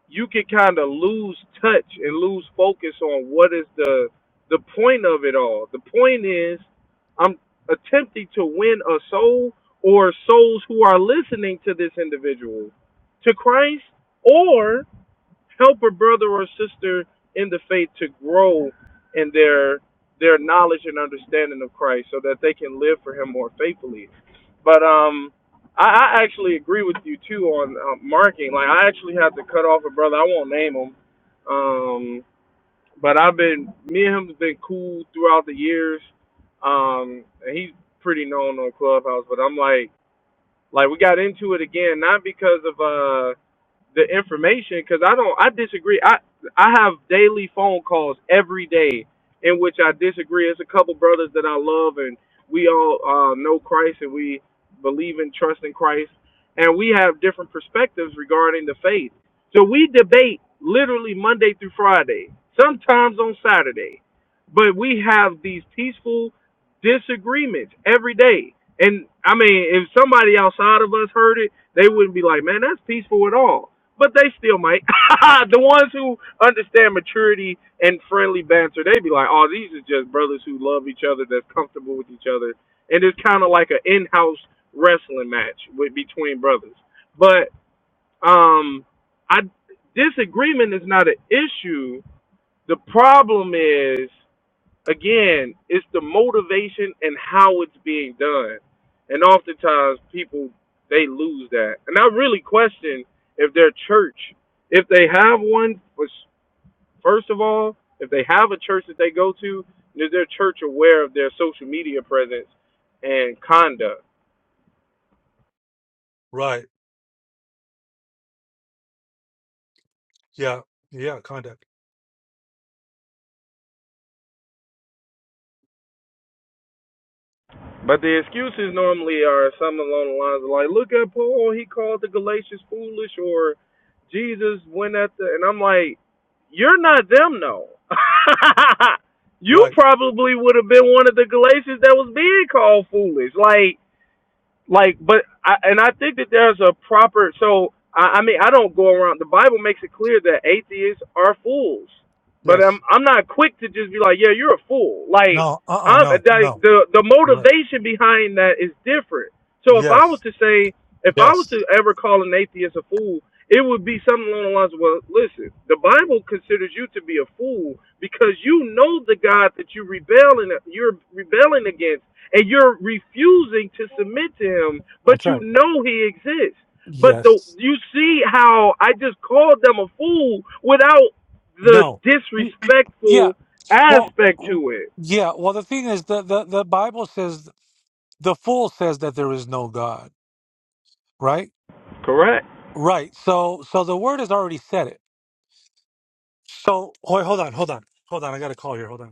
you can kind of lose touch and lose focus on what is the the point of it all. The point is I'm attempting to win a soul or souls who are listening to this individual to Christ or help a brother or sister in the faith to grow in their their knowledge and understanding of Christ so that they can live for him more faithfully. But um, I, I actually agree with you too on uh, marking. Like I actually had to cut off a brother. I won't name him. Um, but I've been me and him have been cool throughout the years. Um, and he's pretty known on Clubhouse. But I'm like, like we got into it again, not because of uh the information because I don't. I disagree. I I have daily phone calls every day in which I disagree. It's a couple brothers that I love, and we all uh, know Christ, and we believe and trust in Christ, and we have different perspectives regarding the faith. So we debate literally Monday through Friday, sometimes on Saturday, but we have these peaceful disagreements every day. And I mean, if somebody outside of us heard it, they wouldn't be like, "Man, that's peaceful at all." but they still might. the ones who understand maturity and friendly banter, they be like, "Oh, these are just brothers who love each other, that's comfortable with each other, and it's kind of like an in-house wrestling match with between brothers." But um, I disagreement is not an issue. The problem is again, it's the motivation and how it's being done. And oftentimes people they lose that. And I really question if their church, if they have one, which, first of all, if they have a church that they go to, is their church aware of their social media presence and conduct? Right. Yeah. Yeah. Conduct. But the excuses normally are something along the lines of like, look at Paul, he called the Galatians foolish, or Jesus went at the, and I'm like, you're not them though. you Right. probably would have been one of the Galatians that was being called foolish. Like like but I, and I think that there's a proper so I, I mean I don't go around the Bible makes it clear that atheists are fools but I'm Yes. I'm not quick to just be like yeah you're a fool like No. Uh. uh I'm No. like No. the the Right. motivation behind that is different so if I was Yes. to say if I was Yes. to ever call an atheist a fool it would be something along the lines of well listen the Bible considers you to be a fool because you know the God that you rebelling you're rebelling against and you're refusing to submit to him, That's but you right. know he exists. But the Yes. you see how I just called them a fool without the No. Yeah. disrespectful Well. aspect w- to it. Yeah. Well, the thing is, the the the Bible says the fool says that there is no God. Right. Correct? Right. So so the word has already said it. So wait, hold on. Hold on. Hold on. I got a call here. Hold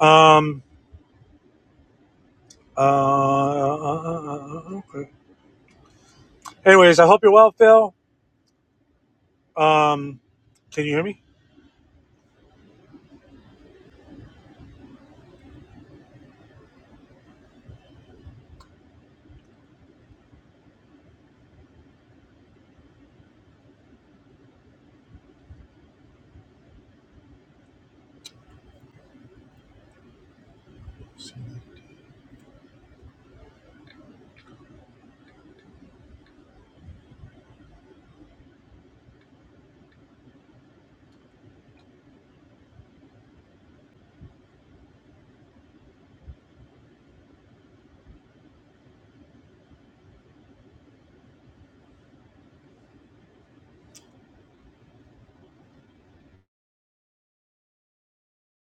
on. Um. Uh. Anyways, I hope you're well, Phil. Um, can you hear me?